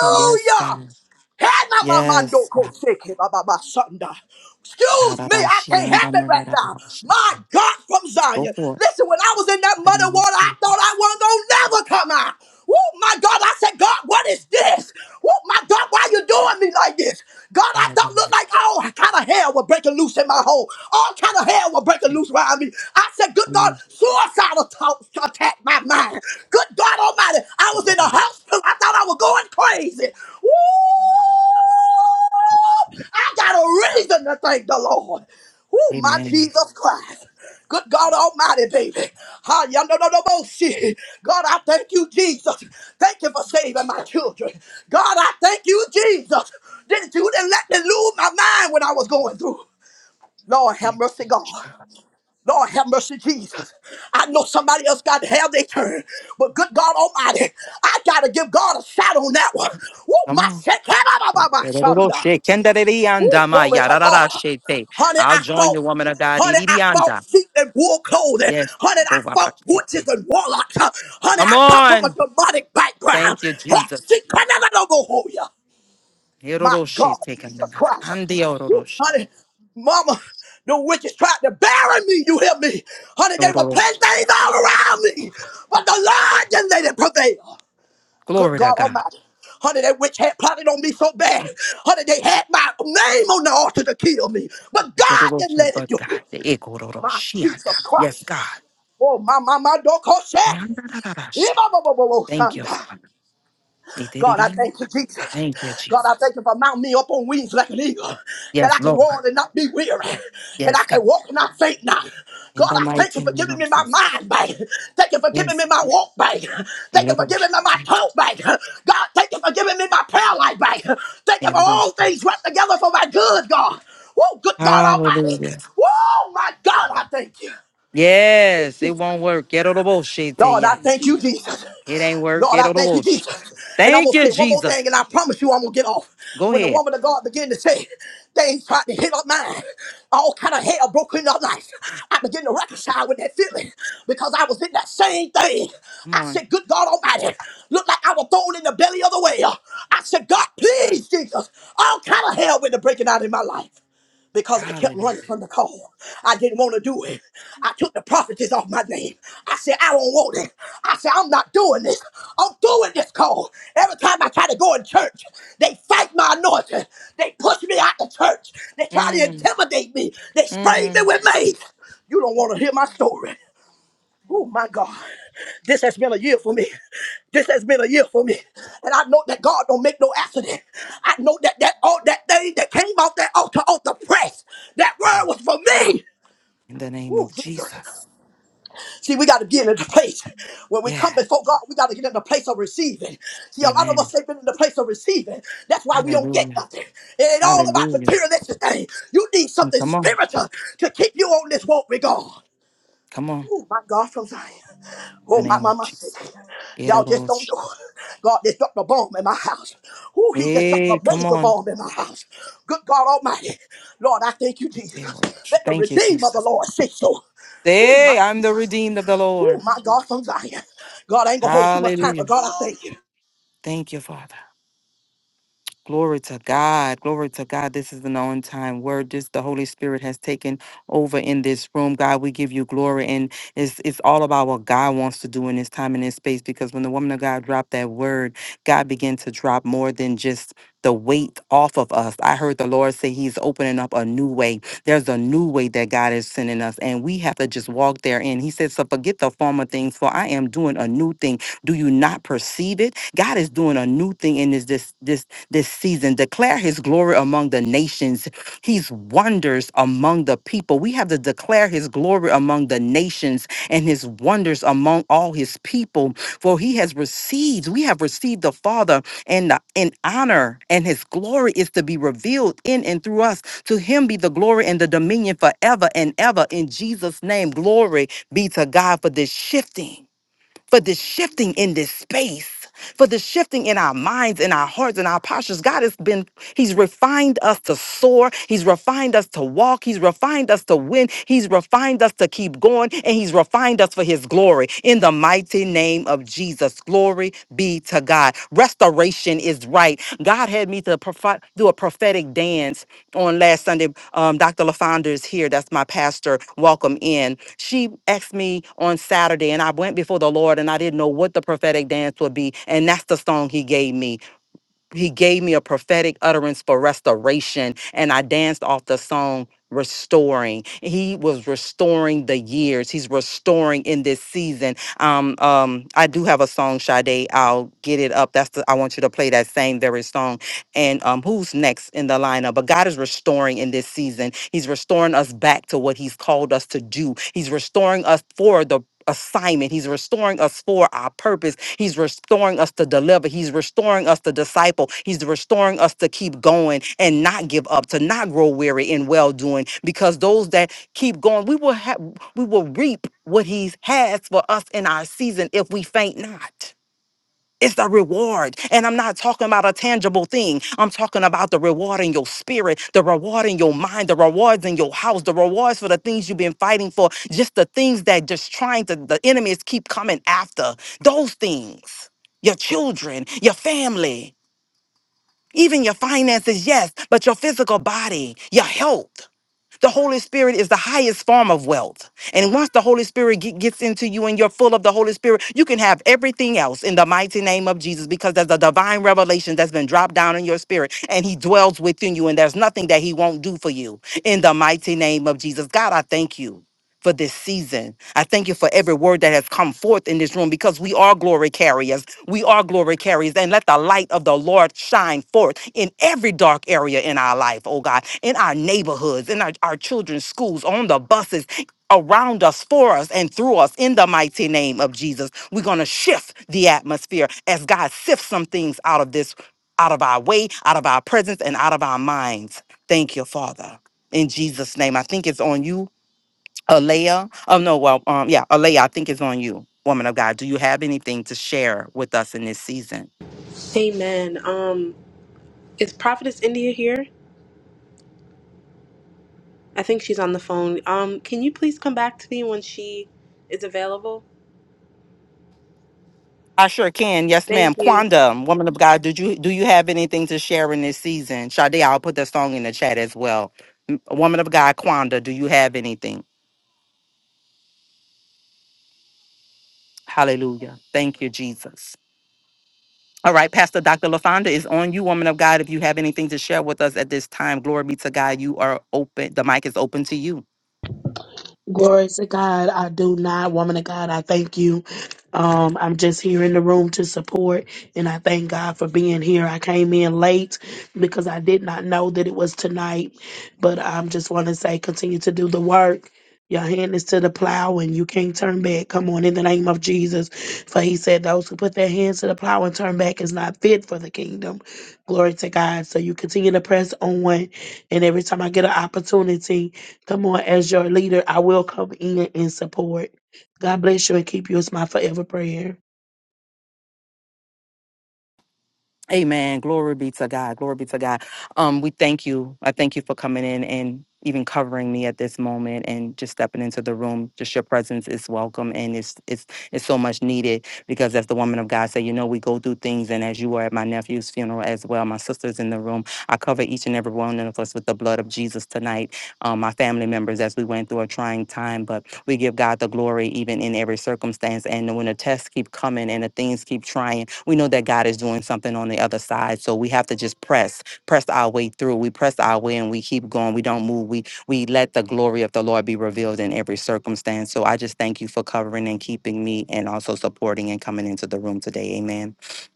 Yes, God. Yes. God.
Hanamandokosekebababasanda. Excuse me, I
Harabashi
can't
and
help it right now.
Danarabashi.
My God from
Go
Zion.
for it.
Listen, when I was in that
In the
muddy
name of
water, I thought I
Jesus.
wasn't gonna never come out. Oh my God, I said, God, what is this? Oh my God, why you doing me like this? God, I don't look
Hallelujah.
like all kind of hell was breaking loose in my home. All kind of hell was breaking loose around me. I said, good
Come
God,
on.
suicidal thoughts attacked my mind. Good God Almighty, I
The
was in a
Lord.
hospital. I thought I was going crazy. Woo! I got a reason to thank the Lord. Oh, my
Amen.
Jesus Christ. Good God Almighty, baby. Ah, yeah, no, no, no, no, shit. God, I thank you, Jesus. Thank you for saving my children. God, I thank you, Jesus. Didn't you didn't let me lose my mind when I was going through? Lord, have mercy, God. Lord have mercy, Jesus. I know somebody else got to have their turn, but good God Almighty, I gotta give God a shout on that one. Woo,
Come
my
on.
shit, can I- my my- my shunda. Woo, glory to God. Honey,
I'll
I
join
fought.
the woman of God.
Honey, I fought sheep and wool clothing.
Yes.
Honey, I fought witches and warlocks. Honey,
Come
I come from a
on.
demonic background.
Thank you,
Hey,
Jesus.
she can never know who ya. My God, Jesus Christ. Woo, honey, mama, the witches tried to bury me, you hear me? Honey, they were planting things all around me. But the Lord just let it prevail. Good
Glory to
God
God.
Almighty. Honey, that witch had plotted on me so bad. Honey, they had my name on the altar to kill me. But God didn't let it
But
do
God,
it. My Jesus
Yes,
Christ.
God.
Oh, my, my, my, don't call
Thank you, Father.
God, I thank you, Jesus.
Thank you,
God, I
Jesus.
thank you for mounting me up on wings like an eagle, that I
Yes,
can
Lord.
roar and not be weary, and I
Yes, God.
can walk and not faint now.
In
God,
the
I thank you
mighty
for
name
giving
of
me my
Jesus.
mind back. Thank you for giving me
Yes.
my walk back. Thank you for giving me my talk back. God, thank you for giving me my prayer life back. Thank you for all things work together for my good, God. Oh, good God Almighty.
Hallelujah.
Oh, my God, I thank you.
Yes, it won't work. Get on the bullshit, tell
Lord, I
ya.
thank you, Jesus.
It ain't work.
Lord,
Get
I
on the
thank you,
bullshit.
Jesus. And I'm
Thank
gonna
you,
say one more
Jesus.
thing, and I promise you I'm gonna get off.
Go
When the
ahead.
woman of God began to say things tried to hit up mine, all kind of hell broke in her life. I began to reconcile with that feeling because I was in that same thing.
Come
I
on.
said, Good God Almighty, looked like I was thrown in the belly of the whale. I said, God, please, Jesus, all kind of hell went to breaking out in my life because I kept running
Hallelujah.
from the call. I didn't want to do it. I took the prophetess off my name. I said, I don't want it. I said, I'm not doing this. I'm doing this call. Every time I try to go in church, they fight my anointing. They push me out the church. They try to
Mm,
intimidate me. They spray me
mm.
with mace. You don't want to hear my story. Oh my God, this has been a year for me. This has been a year for me, and I know that God don't make no accident. I know that that all that thing that came off that altar off the press, that
Come
word
on.
was for me.
In the name
Oh
of
Jesus!
Jesus.
See, we got to get in the place when we come
Yeah.
before God. We got to get in the place of receiving. See, a lot of
Amen.
us ain't been in the place of receiving. That's why we don't get
Hallelujah.
nothing. It ain't all about
Hallelujah.
materialistic thing. You need
Mm,
something
Come on.
spiritual to keep you on this walk with God.
Come on.
Oh my God from Zion.
In the
Oh my
name of
mama said,
Jesus. Get on the
y'all just don't
bullshit.
know. God just dropped a bomb in my house. Oh, he just dropped a
Hey, come
major
on.
bomb in my house. Good God Almighty. Lord, I thank you, Jesus. Let the
Thank you,
redeemer of the
Jesus.
Lord say so. Oh
Say,
my
I'm the
Jesus.
redeemed of the
Oh
Lord.
my God from Zion. God, I ain't gonna hold too much time, but
Hallelujah.
God, I thank you.
Thank you, Father. Glory to God. Glory to God. This is an on time word. This the Holy Spirit has taken over in this room. God, we give you glory. And it's it's all about what God wants to do in this time and this space. Because when the woman of God dropped that word, God began to drop more than just the weight off of us. I heard the Lord say He's opening up a new way. There's a new way that God is sending us, and we have to just walk therein. He said, So forget the former things, for I am doing a new thing. Do you not perceive it? God is doing a new thing in this this this this season. Declare his glory among the nations, his wonders among the people. We have to declare his glory among the nations and his wonders among all his people. For he has received, we have received the Father and the, in honor, and his glory is to be revealed in and through us. To him be the glory and the dominion forever and ever. In Jesus' name, glory be to God for this shifting for this shifting in this space, for the shifting in our minds, in our hearts, in our postures. God has been, He's refined us to soar. He's refined us to walk. He's refined us to win. He's refined us to keep going. And He's refined us for His glory. In the mighty name of Jesus, glory be to God. Restoration is right. God had me to profi- do a prophetic dance on last Sunday. Um, Dr. LaFonda is here. That's my pastor. Welcome in. She asked me on Saturday, and I went before the Lord, and I didn't know what the prophetic dance would be. And that's the song He gave me he gave me a prophetic utterance for restoration and i danced off the song restoring he was restoring the years he's restoring in this season um um i do have a song Sade. i'll get it up that's the i want you to play that same very song and um who's next in the lineup but god is restoring in this season he's restoring us back to what he's called us to do he's restoring us for the assignment. He's restoring us for our purpose. He's restoring us to deliver. He's restoring us to disciple. He's restoring us to keep going and not give up, to not grow weary in well doing. Because those that keep going, we will have we will reap what he has for us in our season if we faint not. It's the reward. And I'm not talking about a tangible thing. I'm talking about the reward in your spirit, the reward in your mind, the rewards in your house, the rewards for the things you've been fighting for, just the things that just trying to, the enemies keep coming after. Those things, your children, your family, even your finances, yes, but your physical body, your health. The Holy Spirit is the highest form of wealth. And once the Holy Spirit ge- gets into you and you're full of the Holy Spirit, you can have everything else in the mighty name of Jesus because there's a divine revelation that's been dropped down in your spirit and He dwells within you. And there's nothing that He won't do for you in the mighty name of Jesus. God, I thank you for this season. I thank you for every word that has come forth in this room because we are glory carriers. We are glory carriers. And let the light of the Lord shine forth in every dark area in our life, oh God, in our neighborhoods, in our, our children's schools, on the buses, around us, for us, and through us in the mighty name of Jesus. We're going to shift the atmosphere as God sifts some things out of this, out of our way, out of our presence, and out of our minds. Thank you, Father. In Jesus' name, I think it's on you, Alea, oh no, well, um, yeah, Alea, I think it's on you, woman of God. Do you have anything to share with us in this season?
Amen. Um, is Prophetess India here? I think she's on the phone. Um, can you please come back to me when she is available?
I sure can. Yes, ma'am.
Thank you.
Quanda, woman of God, did you do you have anything to share in this season? Sade, I'll put the song in the chat as well. M- Woman of God, Quanda, do you have anything? Hallelujah. Thank you, Jesus. All right, Pastor Dr. LaFonda is on you, woman of God. If you have anything to share with us at this time, glory be to God. You are open. The mic is open to you.
Glory to God. I do not, woman of God. I thank you. Um, I'm just here in the room to support, and I thank God for being here. I came in late because I did not know that it was tonight, but I am just want to say continue to do the work. Your hand is to the plow, and you can't turn back. Come on, in the name of Jesus. For he said, Those who put their hands to the plow and turn back is not fit for the kingdom. Glory to God. So you continue to press on. And every time I get an opportunity, Come on, as your leader, I will come in and support. God bless you and keep you is my forever prayer.
Amen. Glory be to God. Glory be to God. Um, we thank you. I thank you for coming in and even covering me at this moment and just stepping into the room. Just your presence is welcome and it's it's it's so much needed because as the woman of God said, you know, we go through things and as you were at my nephew's funeral as well, my sister's in the room. I cover each and every one of us with the blood of Jesus tonight um, my family members as we went through a trying time. But we give God the glory even in every circumstance. And when the tests keep coming and the things keep trying, we know that God is doing something on the other side. So we have to just press, press our way through. We press our way and we keep going. We don't move. We we let the glory of the Lord be revealed in every circumstance. So I just thank you for covering and keeping me and also supporting and coming into the room today. Amen.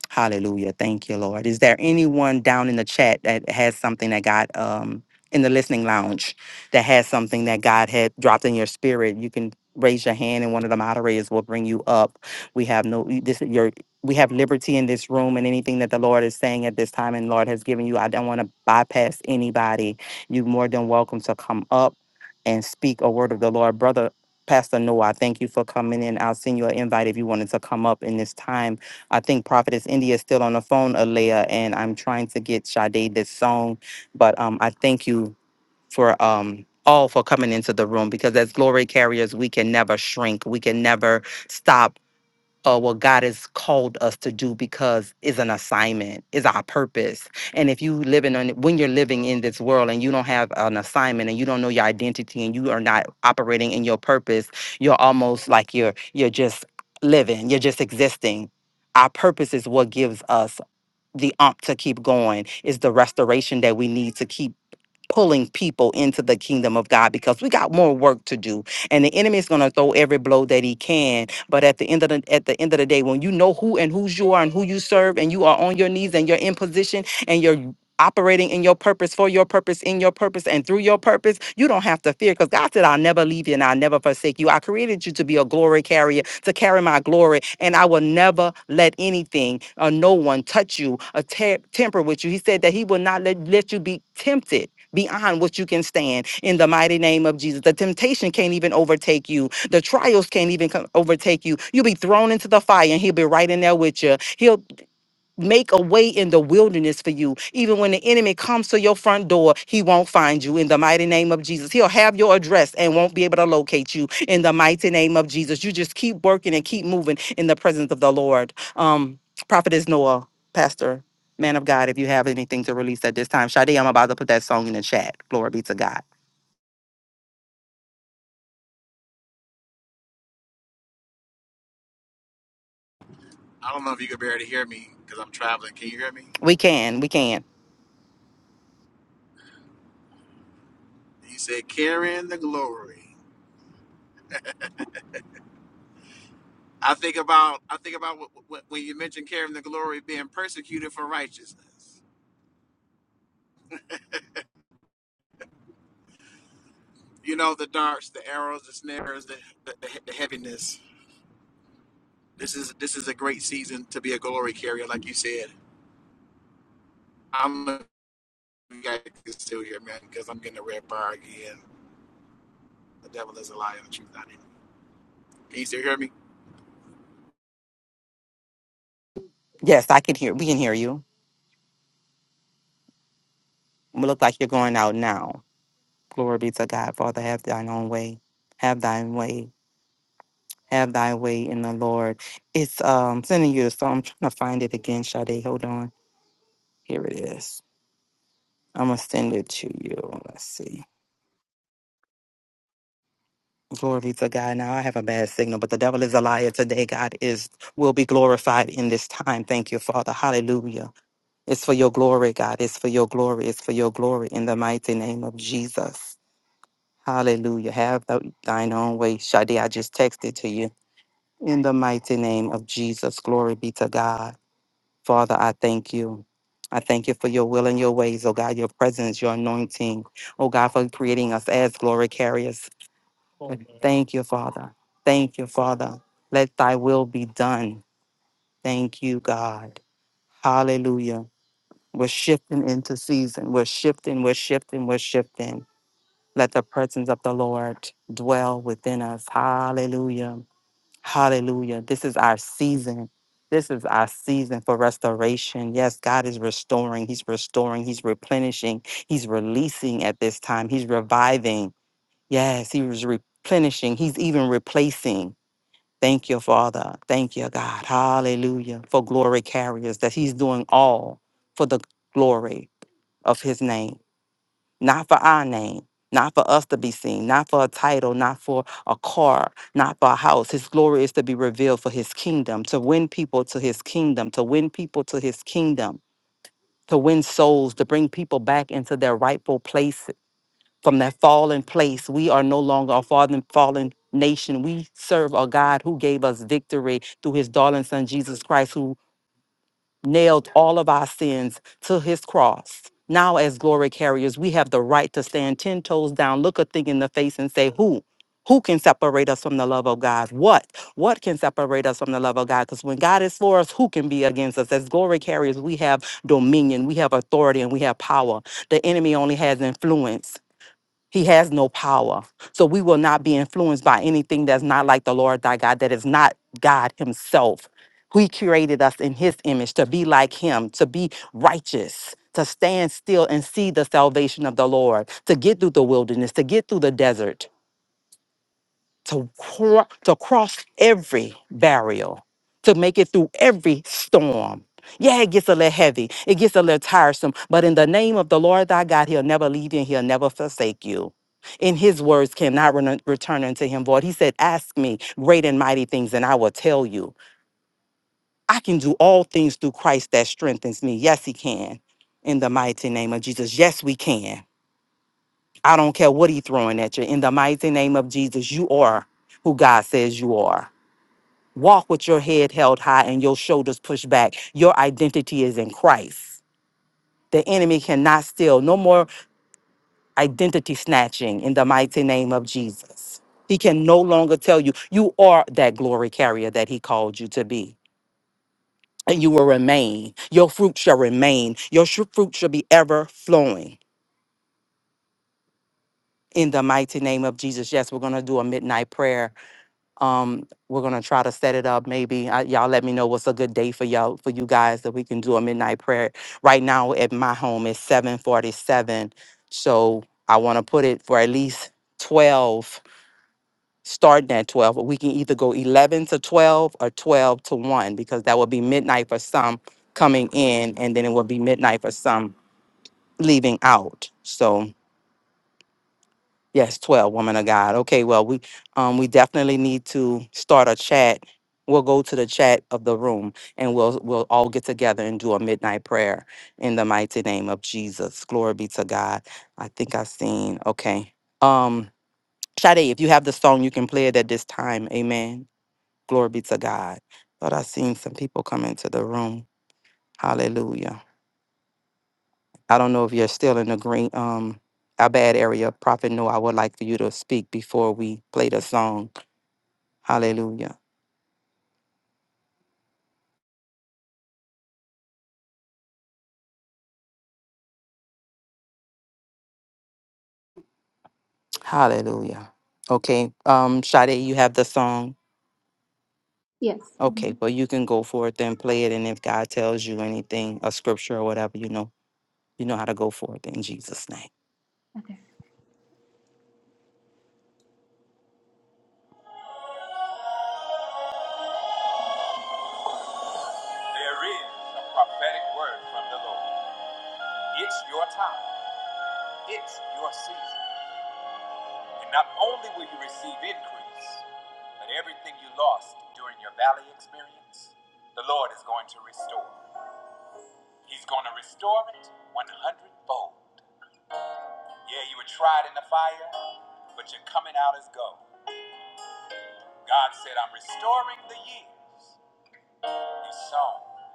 Hallelujah. Thank you, Lord. Is there anyone down in the chat that has something that got um in the listening lounge? that has something that God had dropped in your spirit, you can raise your hand and one of the moderators will bring you up. We have no y- this your we have liberty in this room and anything that the Lord is saying at this time and Lord has given you. I don't want to bypass anybody. You're more than welcome to come up and speak a word of the Lord. Brother Pastor Noah, I thank you for coming in. I'll send you an invite if you wanted to come up in this time. I think Prophetess India is still on the phone, Alea, and I'm trying to get Sade this song. But um, I thank you for um all for coming into the room because as glory carriers we can never shrink we can never stop uh, what god has called us to do because is an assignment is our purpose and if you living on when you're living in this world and you don't have an assignment and you don't know your identity and you are not operating in your purpose you're almost like you're you're just living you're just existing our purpose is what gives us the ump to keep going is the restoration that we need to keep pulling people into the kingdom of God because we got more work to do. And the enemy is going to throw every blow that he can. But at the end of the at the end of the day, when you know who and whose you are and who you serve, and you are on your knees and you're in position and you're operating in your purpose for your purpose in your purpose and through your purpose you don't have to fear because god said i'll never leave you and i'll never forsake you i created you to be a glory carrier to carry my glory and i will never let anything or no one touch you or te- temper with you he said that he will not let, let you be tempted beyond what you can stand in the mighty name of Jesus. The temptation can't even overtake you. The trials can't even come overtake you. You'll be thrown into the fire and he'll be right in there with you. He'll make a way in the wilderness for you. Even when the enemy comes to your front door, he won't find you in the mighty name of Jesus. He'll have your address and won't be able to locate you in the mighty name of Jesus. You just keep working and keep moving in the presence of the Lord. Um, Prophet is Noah, Pastor, man of God, if you have anything to release at this time. Sade, I'm about to put that song in the chat. Glory be to God.
I don't know if you can barely hear me because I'm traveling. Can you hear me?
We can, we can.
You said, "Carrying the glory." I think about I think about what, what, when you mentioned carrying the glory, being persecuted for righteousness. You know the darts, the arrows, the snares, the, the, the, heaviness. This is this is a great season to be a glory carrier, like you said. I'm if you guys can still hear me because I'm getting a red bar again. The devil is a liar, the truth not in him. Can you still hear me?
Yes, I can hear. We can hear you. We look like you're going out now. Glory be to God. Father, have thine own way. Have thine way Have thy way in the Lord. It's um sending you a song. I'm trying to find it again, Sade. Hold on. Here it is. I'm gonna send it to you. Let's see. Glory be to God. Now I have a bad signal, but the devil is a liar today. God is will be glorified in this time. Thank you, Father. Hallelujah. It's for your glory, God. It's for your glory. It's for your glory in the mighty name of Jesus. Hallelujah. Have thou- thine own way. Shadi, I just texted to you. In the mighty name of Jesus. Glory be to God. Father, I thank you. I thank you for your will and your ways, oh God, your presence, your anointing. Oh God, for creating us as glory carriers. Amen. Thank you, Father. Thank you, Father. Let thy will be done. Thank you, God. Hallelujah. We're shifting into season. We're shifting, we're shifting, we're shifting. Let the presence of the Lord dwell within us. Hallelujah. Hallelujah. This is our season. This is our season for restoration. Yes, God is restoring. He's restoring. He's replenishing. He's releasing at this time. He's reviving. Yes, He was replenishing. He's even replacing. Thank you, Father. Thank you, God. Hallelujah. For glory carriers, that He's doing all for the glory of His name not for our name, not for us to be seen, not for a title, not for a car, not for a house. His glory is to be revealed for his kingdom, to win people to his kingdom, to win people to his kingdom, to win souls, to bring people back into their rightful place from that fallen place. We are no longer a fallen, fallen nation. We serve a God who gave us victory through his darling son, Jesus Christ, who nailed all of our sins to his cross. Now, as glory carriers, we have the right to stand 10 toes down, look a thing in the face, and say, Who? Who can separate us from the love of God? What? What can separate us from the love of God? Because when God is for us, who can be against us? As glory carriers, we have dominion, we have authority, and we have power. The enemy only has influence. He has no power. So we will not be influenced by anything that's not like the Lord thy God, that is not God himself. He created us in his image to be like him, to be righteous, to stand still and see the salvation of the Lord, to get through the wilderness, to get through the desert to, cro- to cross every barrier, to make it through every storm. Yeah, it gets a little heavy. It gets a little tiresome. But in the name of the Lord thy God, he'll never leave you and he'll never forsake you. In his words cannot re- return unto him void. He said, Ask me great and mighty things, and I will tell you. I can do all things through Christ that strengthens me. Yes, he can. In the mighty name of Jesus. Yes, we can. I don't care what he's throwing at you. In the mighty name of Jesus, you are who God says you are. Walk with your head held high and your shoulders pushed back. Your identity is in Christ. The enemy cannot steal. No more identity snatching in the mighty name of Jesus. He can no longer tell you, you are that glory carrier that he called you to be. And you will remain. Your fruit shall remain. Your sh- fruit shall be ever flowing in the mighty name of Jesus. Yes, we're going to do a midnight prayer Um, we're gonna try to set it up. Maybe I, y'all let me know what's a good day for y'all for you guys that we can do a midnight prayer. Right now at my home it's seven forty seven, so I want to put it for at least twelve. Starting at twelve, but we can either go eleven to twelve or twelve to one because that would be midnight for some coming in, and then it would be midnight for some leaving out. So. Yes, 12, woman of God. Okay, well, we um we definitely need to start a chat. We'll go to the chat of the room and we'll we'll all get together and do a midnight prayer in the mighty name of Jesus. Glory be to God. I think I've seen. Okay. Um Sade, if you have the song, you can play it at this time. Amen. Glory be to God. But I've seen some people come into the room. Hallelujah. I don't know if you're still in the green, um, Abad area. Prophet No, I would like for you to speak before we play the song. Hallelujah. Hallelujah. Okay. Um, Sade, you have the song.
Yes.
Okay, well you can go forth and play it, and if God tells you anything, a scripture or whatever, you know, you know how to go forth in Jesus' name.
There is a prophetic word from the Lord. It's your time. It's your season. And not only will you receive increase, but everything you lost during your valley experience, the Lord is going to restore. He's going to restore it 100 fold. Yeah, you were tried in the fire, but you're coming out as gold. God said, I'm restoring the years you sown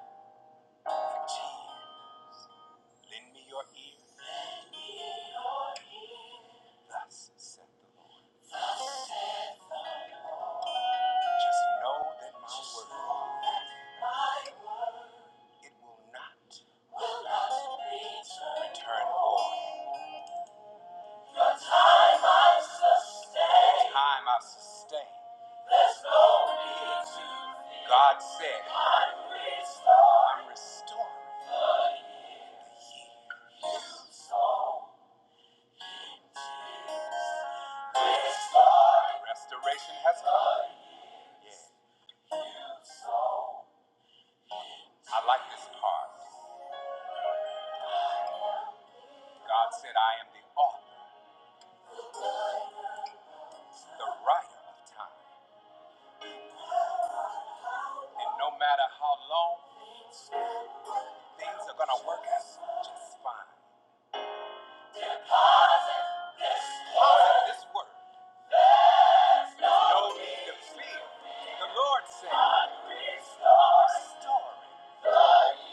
in tears. Lend me your ear. Thus said the Lord. Just know that my word, it will not return void. The time I sustain. God said, I'm restoring. I'm restoring. Restoration has come. Yeah. I like this part. God said, I am the author, the writer of time. And no matter how long, things are going to work out just fine. Deposit This word No need to fear. The Lord said, Restoring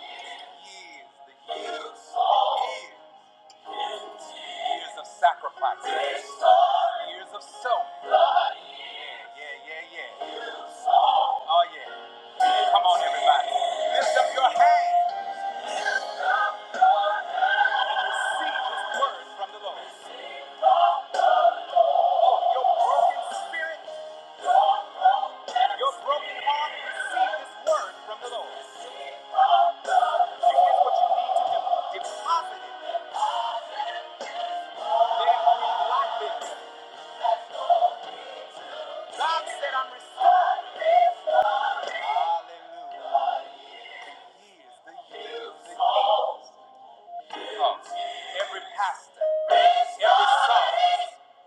years, the years, the years, years of sacrifice, years of sowing. Yeah, yeah, yeah. yeah. Oh, yeah. Come on, everybody. Lift up your hand and receive this word from the Lord. Oh, your broken spirit, your broken heart, receive this word from the Lord. And here's what you need to do. Deposit it. Let it breathe God said, I'm restored. Hallelujah. years, the years, the years. Because every pastor, every son,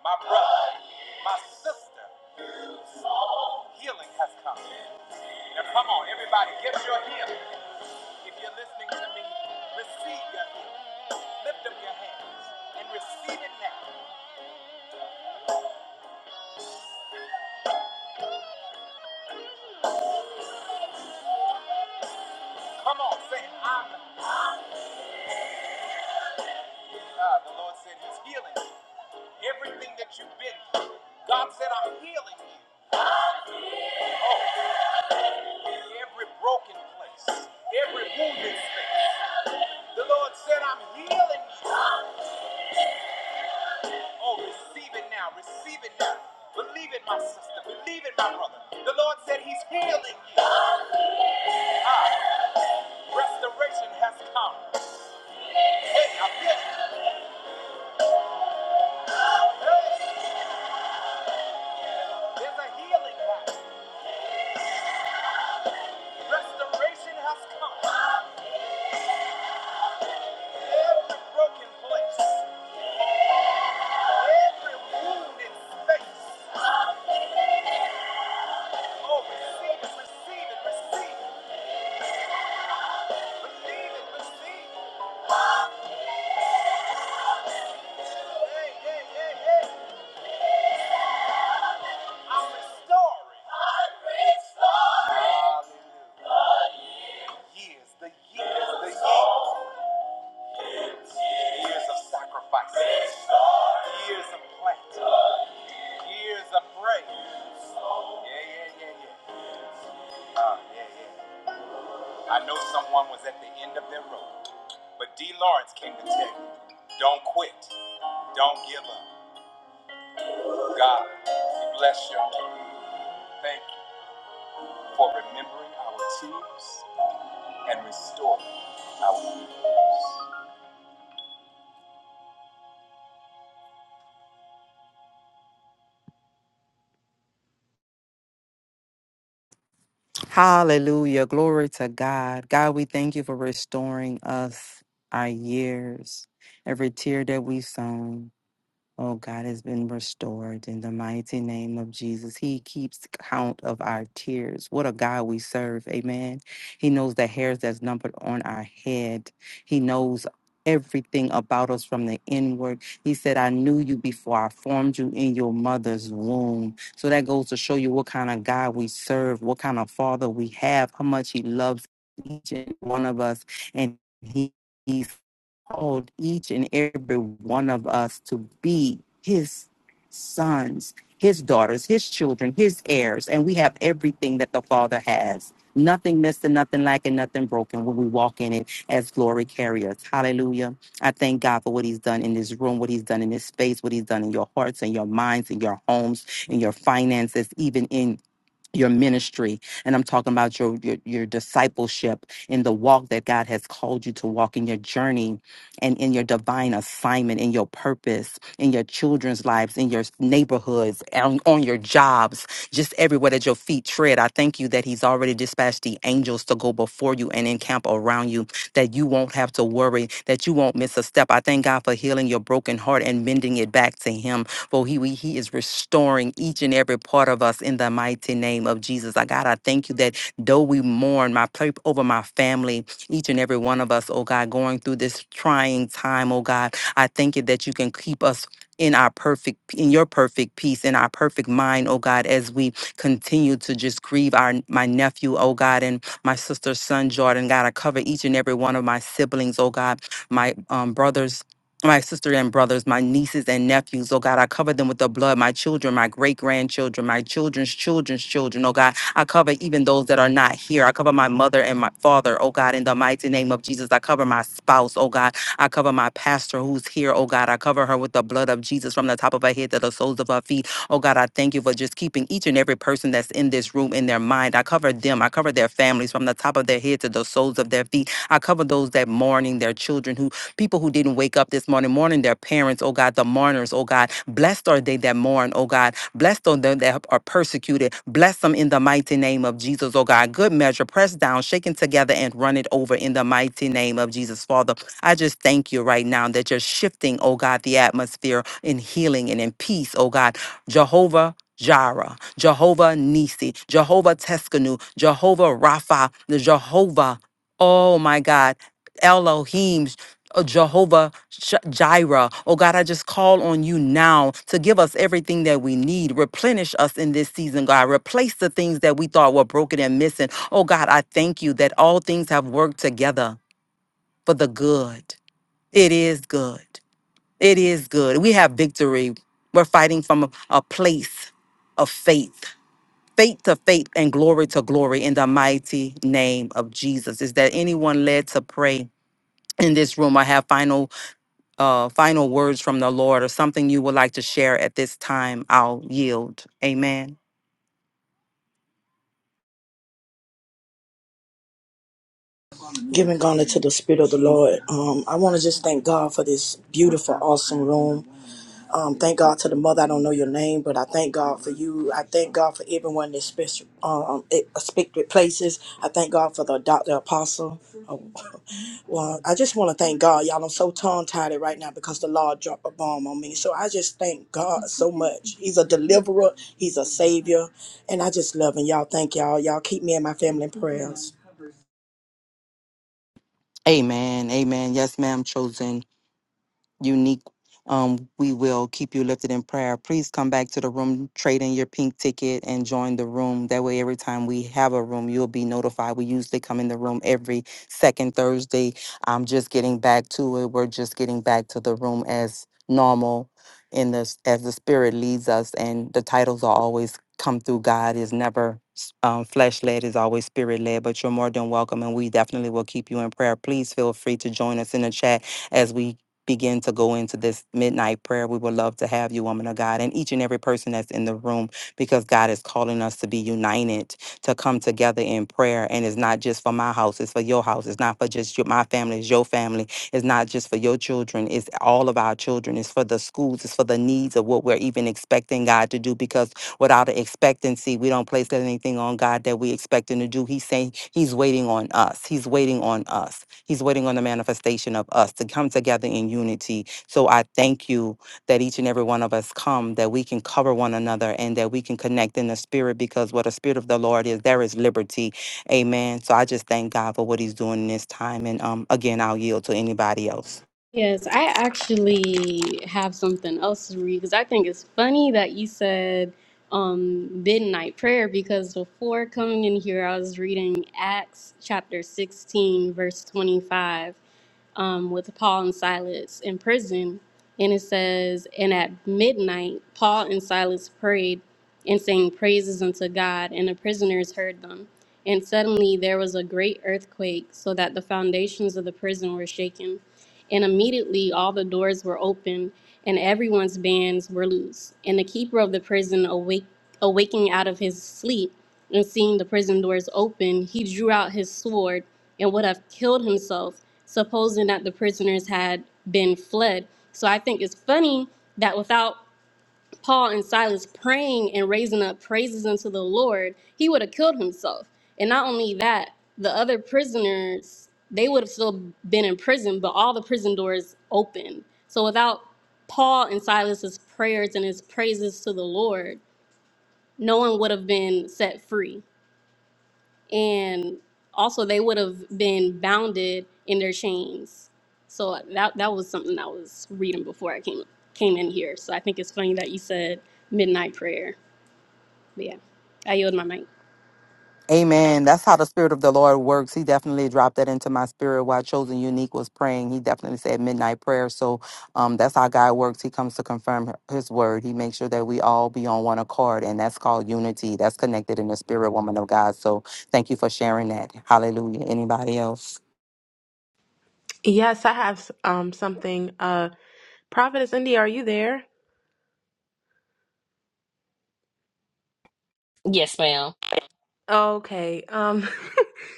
my brother, my sister, healing has come. Now come on, everybody, get your healing. If you're listening to me, receive your healing. Lift up your hands and receive it now. Come on, say, I'm uh, the Lord said he's healing you. Everything that you've been through, God said, I'm healing you. Every broken place, every wounded space. The Lord said, I'm healing you. Oh, receive it now, receive it now. Believe it, my sister. Believe it, my brother. The Lord said he's healing you. Ah, restoration has come. Hey, I feel it. Hey, there's a healing now. Restoration has come. Every broken place, every wounded space. Oh, receive it, receive it, receive it. Believe it, receive it. Hey, hey, hey, hey. I'm restoring. restoring. Hallelujah. Years, the years, the years. Years of sacrifice. Restoring. Years of plant. Years of praise. Yeah, yeah, yeah, yeah. Uh, yeah, yeah. I know someone was at the end of their rope. But D. Lawrence came to tell you, don't quit, don't give up. God, we bless your name. Thank you for remembering our tears and restoring our years.
Hallelujah. Glory to God. God, we thank you for restoring us, our years, every tear that we sown. Oh, God has been restored in the mighty name of Jesus. He keeps count of our tears. What a God we serve. Amen. He knows the hairs that's numbered on our head. He knows everything about us from the inward. He said, I knew you before I formed you in your mother's womb. So that goes to show you what kind of God we serve, what kind of father we have, how much he loves each and one of us. And he, He's called each and every one of us to be his sons, his daughters, his children, his heirs, and we have everything that the Father has. Nothing missing, nothing lacking, nothing broken when we walk in it as glory carriers. Hallelujah. I thank God for what He's done in this room, what He's done in this space, what He's done in your hearts and your minds and your homes and your finances, even in your ministry and i'm talking about your, your your discipleship in the walk that god has called you to walk in your journey and in your divine assignment in your purpose in your children's lives in your neighborhoods on, on your jobs just everywhere that your feet tread i thank you that he's already dispatched the angels to go before you and encamp around you that you won't have to worry that you won't miss a step i thank god for healing your broken heart and mending it back to him for he, we- he is restoring each and every part of us in the mighty name of Jesus. I God, I thank you that though we mourn, my pray over my family, each and every one of us, oh God, going through this trying time, oh God, I thank you that you can keep us in our perfect in your perfect peace in our perfect mind oh god as we continue to just grieve our my nephew oh god and my sister's son jordan god i cover each and every one of my siblings oh god my um, brothers my sister and brothers, my nieces and nephews, oh God, I cover them with the blood, my children, my great grandchildren, my children's children's children, oh God. I cover even those that are not here. I cover my mother and my father, oh God, in the mighty name of Jesus. I cover my spouse, oh God. I cover my pastor who's here, oh God. I cover her with the blood of Jesus from the top of her head to the soles of her feet. Oh God, I thank you for just keeping each and every person that's in this room in their mind. I cover them, I cover their families from the top of their head to the soles of their feet. I cover those that mourning their children who people who didn't wake up this morning, morning their parents, oh God, the mourners, oh God. Blessed are they that mourn, oh God. Blessed are them that are persecuted. Bless them in the mighty name of Jesus, oh God. Good measure, pressed down, shaken together, and run it over in the mighty name of Jesus, Father. I just thank you right now that you're shifting, oh God, the atmosphere in healing and in peace, oh God. Jehovah. Jireh, Jehovah Nisi, Jehovah Teskanu, Jehovah Rapha, the Jehovah, oh my God, Elohim, Oh, Jehovah Sh- Jireh. Oh God, I just call on you now to give us everything that we need. Replenish us in this season, God. Replace the things that we thought were broken and missing. Oh God, I thank you that all things have worked together for the good. It is good. It is good. We have victory. We're fighting from a a place of faith. Faith to faith and glory to glory in the mighty name of Jesus. Is there anyone led to pray in this room? I have final uh, final words from the Lord or something you would like to share at this time, I'll yield. Amen.
Giving honor to the Spirit of the Lord. Um, I want to just thank God for this beautiful, awesome room. Um, thank God to the mother. I don't know your name, but I thank God for you. I thank God for everyone that's special, um, expected places. I thank God for the doctor apostle. Oh, well, I just want to thank God, y'all. I'm so tongue tied right now because the Lord dropped a bomb on me. So I just thank God so much. He's a deliverer. He's a savior, and I just love him, y'all. Thank y'all. Y'all keep me and my family in prayers.
Amen. Amen. Yes, ma'am, chosen. unique. Um, we will keep you lifted in prayer. Please come back to the room, trade in your pink ticket, and join the room. That way, every time we have a room, you'll be notified. We usually come in the room every second Thursday. I'm just getting back to it. We're just getting back to the room as normal, in this as the Spirit leads us, and the titles are always come through. God is never s- um, flesh led; is always Spirit led. But you're more than welcome, and we definitely will keep you in prayer. Please feel free to join us in the chat as we begin to go into this midnight prayer. We would love to have you, woman of God, and each and every person that's in the room, because God is calling us to be united, to come together in prayer. And it's not just for my house, it's for your house. It's not for just your, my family, it's your family. It's not just for your children, it's all of our children. It's for the schools, it's for the needs of what we're even expecting God to do, because without an expectancy. We don't place anything on God that we expect him to do. He's saying he's waiting on us. He's waiting on us. He's waiting on the manifestation of us to come together in unity. So I thank you that each and every one of us come, that we can cover one another and that we can connect in the spirit because what the spirit of the Lord is, there is liberty. Amen. So I just thank God for what he's doing in this time. And um again, I'll yield to anybody else.
Yes, I actually have something else to read because I think it's funny that you said um, midnight prayer because before coming in here, I was reading Acts chapter 16, verse 25. um, with Paul and Silas in prison. And it says, And at midnight, Paul and Silas prayed and sang praises unto God, and the prisoners heard them. And suddenly there was a great earthquake, so that the foundations of the prison were shaken. And immediately all the doors were opened, and everyone's bands were loose. And the keeper of the prison awaked Awaking out of his sleep and seeing the prison doors open, he drew out his sword and would have killed himself, supposing that the prisoners had been fled. So I think it's funny that without Paul and Silas praying and raising up praises unto the Lord, he would have killed himself. And not only that, the other prisoners, they would have still been in prison, but all the prison doors opened. So without Paul and Silas's prayers and his praises to the Lord, no one would have been set free. And also they would have been bounded in their chains. So that that was something I was reading before I came came in here. So I think it's funny that you said midnight prayer. But yeah. I yield my mic.
Amen. That's how the Spirit of the Lord works. He definitely dropped that into my spirit while Chosen Unique was praying. He definitely said midnight prayer. So um, that's how God works. He comes to confirm His word. He makes sure that we all be on one accord, and that's called unity. That's connected in the spirit, woman of God. So thank you for sharing that. Hallelujah. Anybody else?
Yes, I have um something. Uh, Prophetess India, are you there?
Yes, ma'am.
Okay. Um,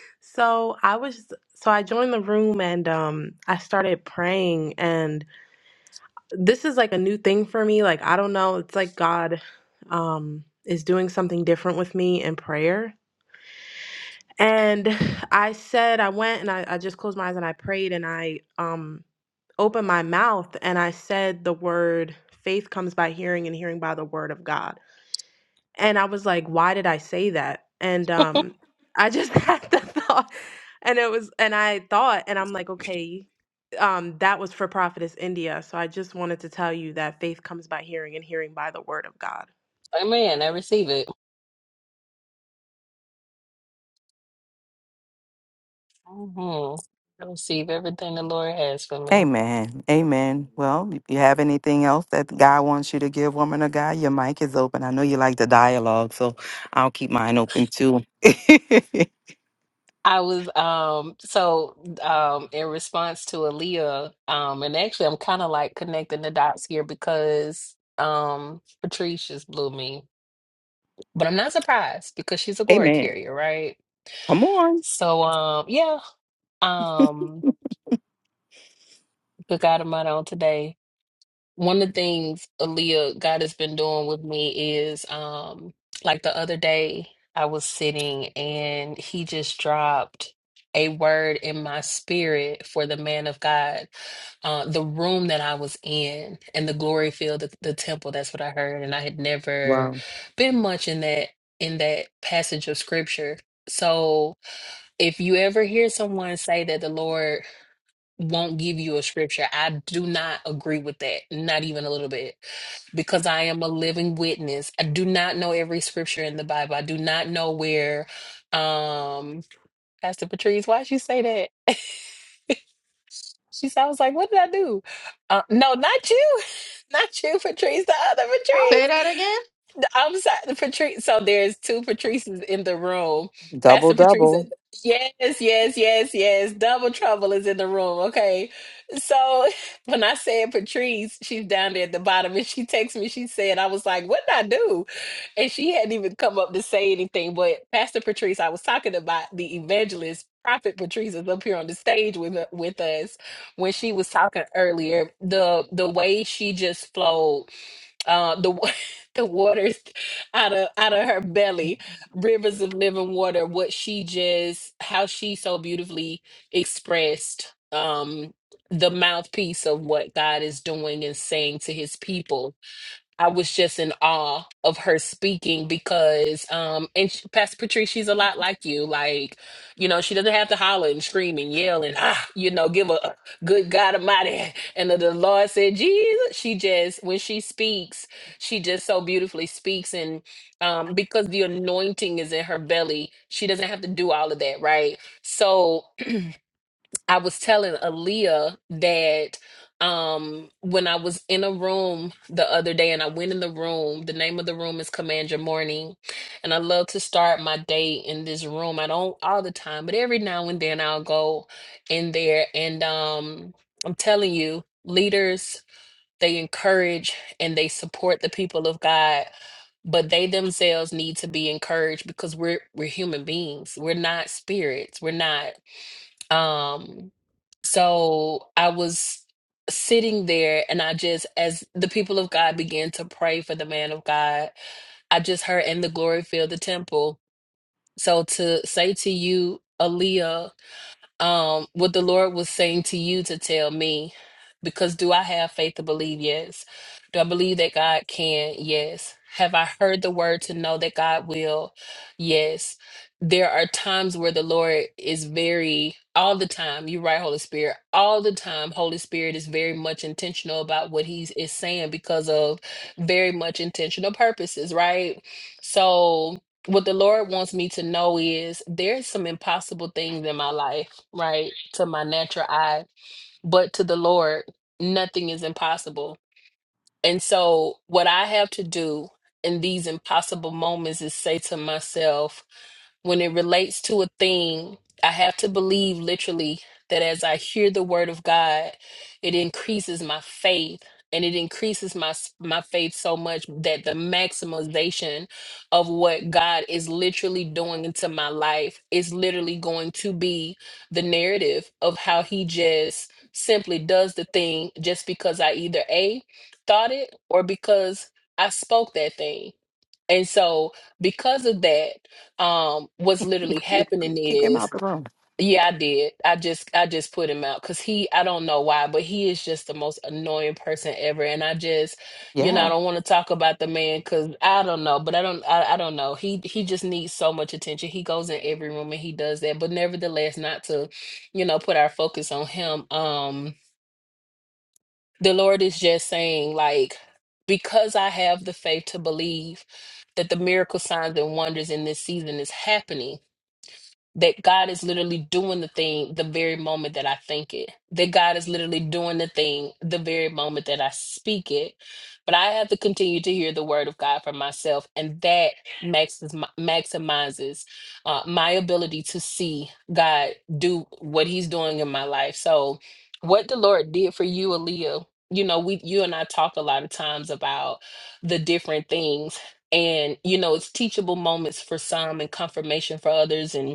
so I was so I joined the room and um I started praying and this is like a new thing for me. Like I don't know, it's like God um is doing something different with me in prayer And I said, I went and I, I just closed my eyes and I prayed and I um opened my mouth and I said the word faith comes by hearing and hearing by the word of God. And I was like, why did I say that? And um I just had the thought and it was and I thought and I'm like, okay, um that was for Prophetess India. So I just wanted to tell you that faith comes by hearing and hearing by the word of God.
Amen. I receive it. hmm I receive everything the Lord has for me.
Amen. Amen. Well, if you have anything else that God wants you to give, woman of God, your mic is open. I know you like the dialogue, so I'll keep mine open too.
I was um so um in response to Aaliyah, um, and actually I'm kind of like connecting the dots here because um Patrice just blew me. But I'm not surprised because she's a glory
Amen.
carrier, right?
Come on.
So um yeah, Um, but God Almighty on today. One of the things Aaliyah God has been doing with me is um like the other day I was sitting and he just dropped a word in my spirit for the man of God. Uh the room that I was in and the glory field, the, the temple, that's what I heard. And I had never
Wow.
been much in that in that passage of scripture. So if you ever hear someone say that the Lord won't give you a scripture. I do not agree with that, not even a little bit, because I am a living witness. I do not know every scripture in the Bible. I do not know where um Pastor Patrice, why'd you say that? she sounds like, what did I do? Uh, no, not you. Not you, Patrice, the other Patrice.
Say that again.
I'm sorry, Patrice. So there's two Patrices in the room.
Double,
Pastor Patrice.
double.
and- Yes, yes, yes, yes. Double trouble is in the room. Okay. So when I said Patrice, she's down there at the bottom and she texts me. She said, I was like, what did I do? And she hadn't even come up to say anything. But Pastor Patrice, I was talking about the evangelist. Prophet Patrice is up here on the stage with with us when she was talking earlier. The the way she just flowed uh, the wa- the waters out of out of her belly, rivers of living water. What she just, how she so beautifully expressed um, the mouthpiece of what God is doing and saying to His people I was just in awe of her speaking because, um, and she, Pastor Patrice, she's a lot like you. Like, you know, she doesn't have to holler and scream and yell and, ah, you know, give a a good God Almighty. And the, the Lord said, Jesus. She just, when she speaks, she just so beautifully speaks. And um, because the anointing is in her belly, she doesn't have to do all of that, right? So, I was telling Aaliyah that um when I was in a room the other day and I went in the room, the name of the room is Command Your Morning. And I love to start my day in this room. I don't all the time, but every now and then I'll go in there and um I'm telling you, leaders, they encourage and they support the people of God but they themselves need to be encouraged because we're we're human beings we're not spirits we're not um so I was sitting there and I just, as the people of God began to pray for the man of God, I just heard, and the glory fill the temple. So to say to you, Aaliyah, um, what the Lord was saying to you to tell me, because do I have faith to believe? Yes. Do I believe that God can? Yes. Have I heard the word to know that God will? Yes. There are times where the Lord is very, all the time, you're right, Holy Spirit, all the time, Holy Spirit is very much intentional about what He is saying because of very much intentional purposes, right? So, what the Lord wants me to know is there's some impossible things in my life, right? To my natural eye, but to the Lord, nothing is impossible. And so, what I have to do in these impossible moments is say to myself, when it relates to a thing, I have to believe literally that as I hear the word of God, it increases my faith. And it increases my s- my faith so much that the maximization of what God is literally doing into my life is literally going to be the narrative of how He just simply does the thing just because I either a thought it or because I spoke that thing. And so because of that, um, what's literally happening
Kick him
is,
out the room.
yeah, I did. I just I just put him out because he I don't know why, but he is just the most annoying person ever. And I just, you know, I
Yeah.
don't want to talk about the man because I don't know, but I don't I, I don't know. He he just needs so much attention. He goes in every room and he does that. But nevertheless, not to, you know, put our focus on him. Um the Lord is just saying, like, because I have the faith to believe that the miracle signs and wonders in this season is happening, that God is literally doing the thing the very moment that I think it, that God is literally doing the thing the very moment that I speak it. But I have to continue to hear the word of God for myself, and that maxes, maximizes uh, my ability to see God do what He's doing in my life. So, what the Lord did for you, Aaliyah, you know, we you and I talk a lot of times about the different things. And you know, it's teachable moments for some and confirmation for others. And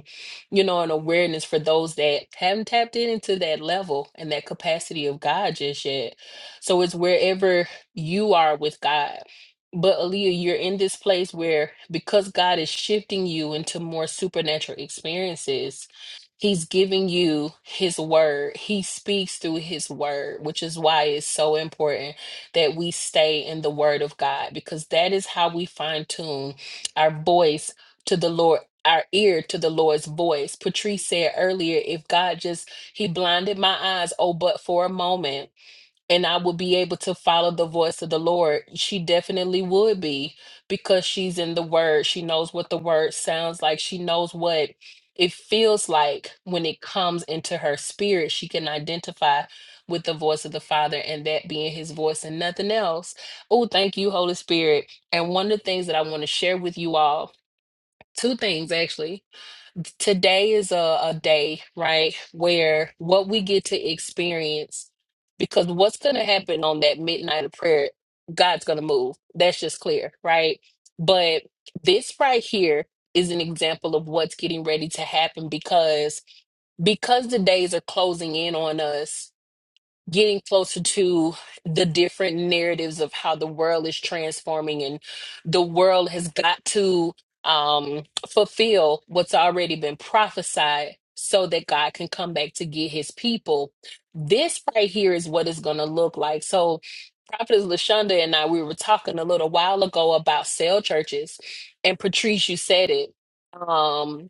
you know, an awareness for those that haven't tapped into that level and that capacity of God just yet. So it's wherever you are with God. But Aaliyah, you're in this place where because God is shifting you into more supernatural experiences, He's giving you His word. He speaks through His word, which is why it's so important that we stay in the word of God because that is how we fine tune our voice to the Lord, our ear to the Lord's voice. Patrice said earlier, if God just, he blinded my eyes, oh, but for a moment, and I would be able to follow the voice of the Lord. She definitely would be because she's in the word. She knows what the word sounds like. She knows what it feels like when it comes into her spirit. She can identify with the voice of the Father and that being his voice and nothing else. Oh, thank you, Holy Spirit. And one of the things that I want to share with you all two things actually. Today is a, a day, right, where what we get to experience, because what's going to happen on that midnight of prayer, God's going to move. That's just clear, right? But this right here is an example of what's getting ready to happen because because the days are closing in on us getting closer to the different narratives of how the world is transforming and the world has got to um, fulfill what's already been prophesied so that God can come back to get his people. This right here is what it's going to look like. So, Prophetess Lashonda and I, we were talking a little while ago about cell churches, and Patrice, you said it. Um,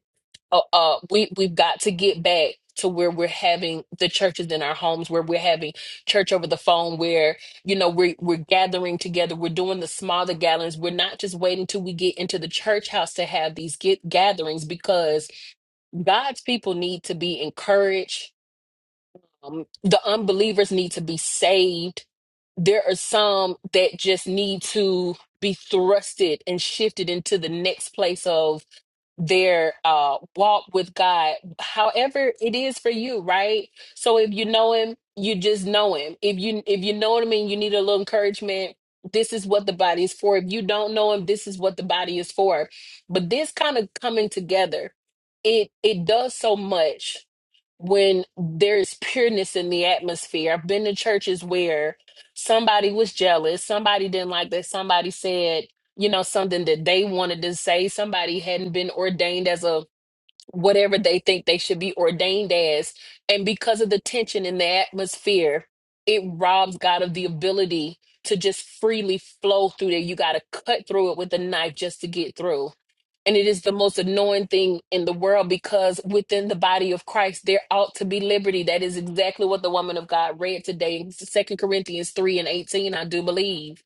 uh, uh, we we've got to get back to where we're having the churches in our homes, where we're having church over the phone, where you know we're we're gathering together, we're doing the smaller gatherings. We're not just waiting till we get into the church house to have these get gatherings because God's people need to be encouraged. Um, the unbelievers need to be saved. There are some that just need to be thrusted and shifted into the next place of their uh walk with God. However it is for you, right? So if you know him, you just know him. If you if you know him and you need a little encouragement, this is what the body is for. If you don't know him, this is what the body is for. But this kind of coming together, it it does so much when there's pureness in the atmosphere. I've been to churches where somebody was jealous, somebody didn't like that, somebody said, you know, something that they wanted to say, somebody hadn't been ordained as a whatever they think they should be ordained as. And because of the tension in the atmosphere, it robs God of the ability to just freely flow through there. You got to cut through it with a knife just to get through. And it is the most annoying thing in the world because within the body of Christ, there ought to be liberty. That is exactly what the woman of God read today in 2 Corinthians 3 and 18, I do believe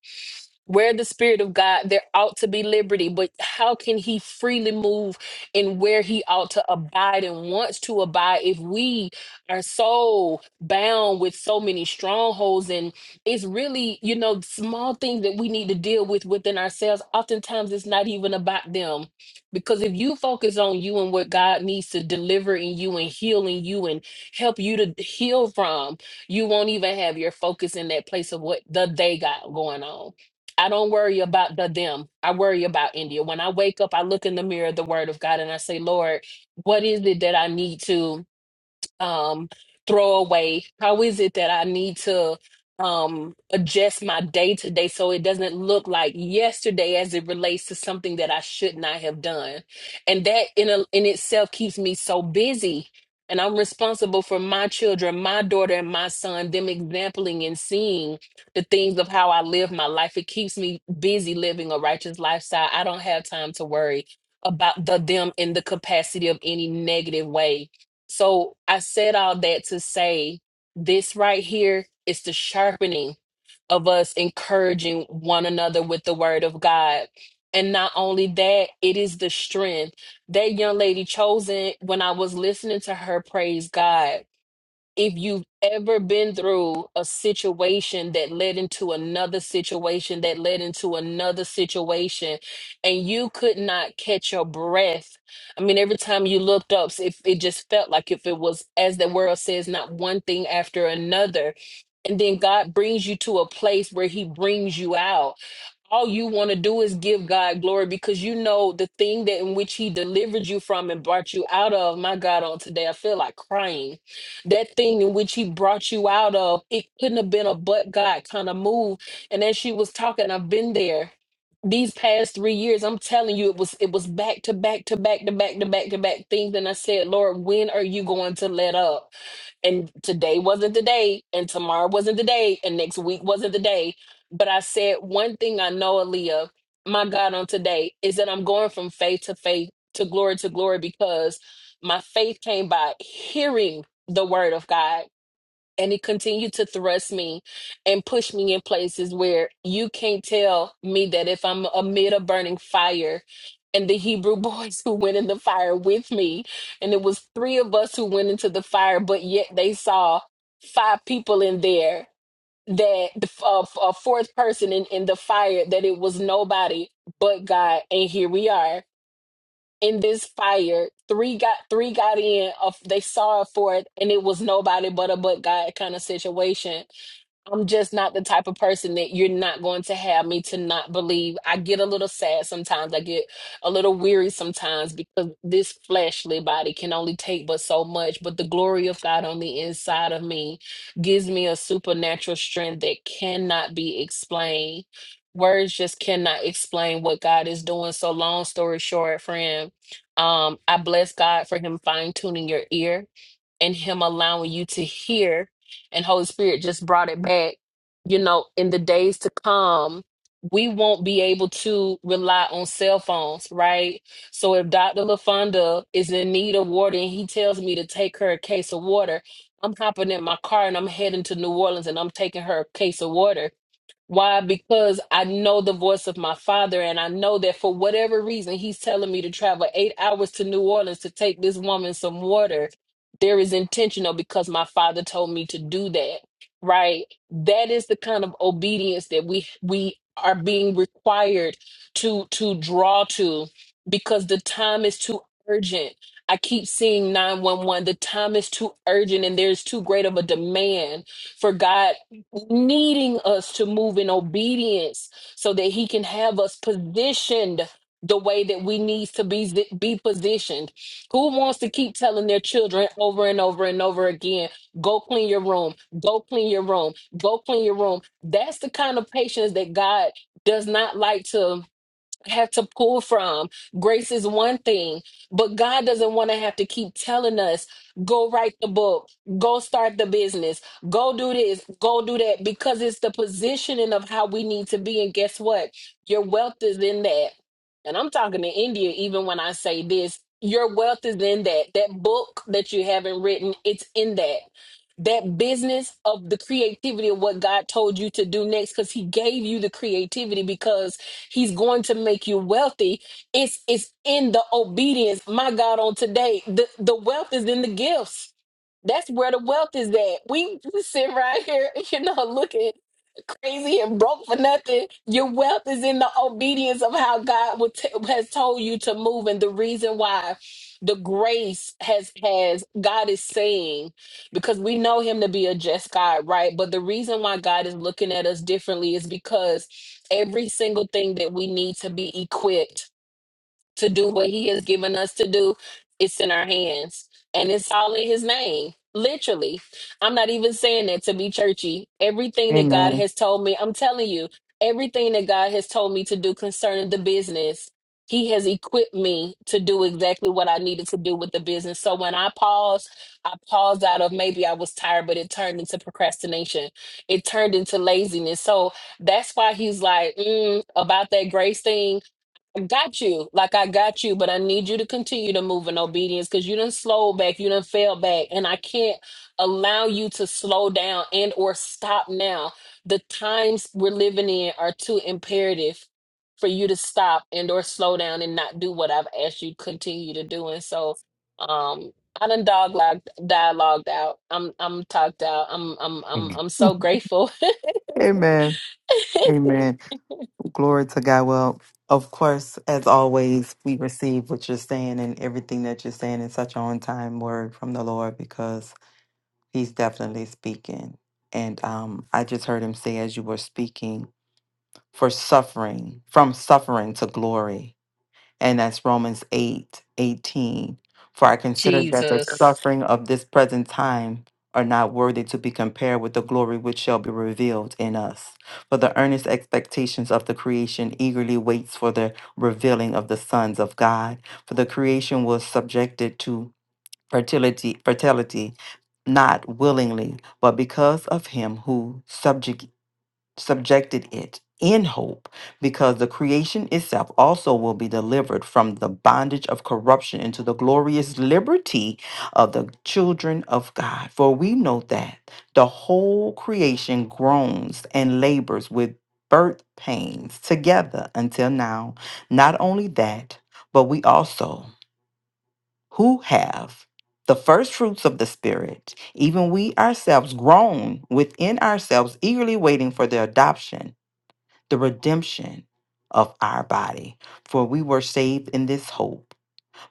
where the spirit of god there ought to be liberty but how can he freely move and where he ought to abide and wants to abide if we are so bound with so many strongholds and it's really you know small things that we need to deal with within ourselves oftentimes it's not even about them because if you focus on you and what god needs to deliver in you and heal in you and help you to heal from you won't even have your focus in that place of what the they got going on I don't worry about the them. I worry about India. When I wake up, I look in the mirror, the word of God, and I say, Lord, what is it that I need to? um throw away? How is it that I need to um adjust my day to day so it doesn't look like yesterday as it relates to something that I should not have done? And that in a, in itself keeps me so busy. And I'm responsible for my children, my daughter and my son, them exempling and seeing the things of how I live my life. It keeps me busy living a righteous lifestyle. I don't have time to worry about the them in the capacity of any negative way so I said all that to say this right here is the sharpening of us encouraging one another with the word of God. And not only that, it is the strength. That young lady chosen, when I was listening to her praise God, if you've ever been through a situation that led into another situation that led into another situation and you could not catch your breath i mean every time you looked up if it just felt like if it was as the world says not one thing after another and then god brings you to a place where he brings you out all you want to do is give God glory because you know the thing that in which He delivered you from and brought you out of. My God, on today, I feel like crying. That thing in which He brought you out of, it couldn't have been a but God kind of move. And as she was talking, I've been there these past three years. I'm telling you, it was it was back to back to back to back to back to back things. And I said, Lord, when are you going to let up? and today wasn't the day, and tomorrow wasn't the day, and next week wasn't the day. But I said, one thing I know, Aaliyah, my God, on today is that I'm going from faith to faith to glory to glory because my faith came by hearing the word of God. And it continued to thrust me and push me in places where you can't tell me that if I'm amid a burning fire and the Hebrew boys who went in the fire with me, and it was three of us who went into the fire, but yet they saw five people in there that the f- uh, f- a fourth person in, in the fire that it was nobody but God and here we are in this fire three got three got in of they saw a fourth, and it was nobody but a but God kind of situation I'm just not the type of person that you're not going to have me to not believe. I get a little sad sometimes. I get a little weary sometimes because this fleshly body can only take but so much. But the glory of God on the inside of me gives me a supernatural strength that cannot be explained. Words just cannot explain what God is doing. So, long story short, friend, um, I bless God for Him fine tuning your ear and Him allowing you to hear and Holy Spirit just brought it back. You know, in the days to come, we won't be able to rely on cell phones, right? So if Dr. LaFonda is in need of water and he tells me to take her a case of water, I'm hopping in my car and I'm heading to New Orleans and I'm taking her a case of water why? Because I know the voice of my father, and I know that for whatever reason, he's telling me to travel eight hours to New Orleans to take this woman some water. There is intentional because my father told me to do that, right? That is the kind of obedience that we we are being required to to draw to because the time is too urgent. I keep seeing 911. The time is too urgent and there's too great of a demand for God needing us to move in obedience so that he can have us positioned the way that we need to be be positioned who wants to keep telling their children over and over and over again go clean your room go clean your room go clean your room that's the kind of patience that god does not like to I have to pull from. Grace is one thing, but God doesn't want to have to keep telling us, go write the book, go start the business, go do this, go do that, because it's the positioning of how we need to be. And guess what? Your wealth is in that. And I'm talking to India, even when I say this, your wealth is in that. That book that you haven't written, it's in that. That business of the creativity of what God told you to do next, because He gave you the creativity because He's going to make you wealthy. It's it's in the obedience. My God, on today, the, the wealth is in the gifts. That's where the wealth is at. We sit right here, you know, looking crazy and broke for nothing. Your wealth is in the obedience of how God would t- has told you to move, and the reason why the grace has has God is saying because we know him to be a just God, right? But the reason why God is looking at us differently is because every single thing that we need to be equipped to do what he has given us to do it's in our hands and it's all in his name literally i'm not even saying that to be churchy everything that god
Amen.
has told me i'm telling you everything that god has told me to do concerning the business he has equipped me to do exactly what i needed to do with the business so when i paused i paused out of maybe i was tired but it turned into procrastination it turned into laziness so that's why he's like mm, about that grace thing I got you, like I got you, but I need you to continue to move in obedience because you didn't slow back, you didn't fail back, and I can't allow you to slow down and or stop now. The times we're living in are too imperative for you to stop and or slow down and not do what I've asked you to continue to do. And so, um, I done dog dialogued out. I'm I'm talked out. I'm I'm I'm I'm so grateful.
Amen. Amen. Glory to God. Well, of course, as always, we receive what you're saying and everything that you're saying is such an on time word from the Lord because He's definitely speaking. And um, I just heard Him say, as you were speaking, for suffering, from suffering to glory. and that's Romans 8 18. For I consider that the
Jesus.
suffering of this present time are not worthy to be compared with the glory which shall be revealed in us. For the earnest expectations of the creation eagerly waits for the revealing of the sons of God. For the creation was subjected to fertility, fertility, not willingly, but because of him who subject subjected it in hope, because the creation itself also will be delivered from the bondage of corruption into the glorious liberty of the children of God. For we know that the whole creation groans and labors with birth pains together until now. Not only that, but we also who have the first fruits of the Spirit, even we ourselves groan within ourselves, eagerly waiting for the adoption the redemption of our body. For we were saved in this hope,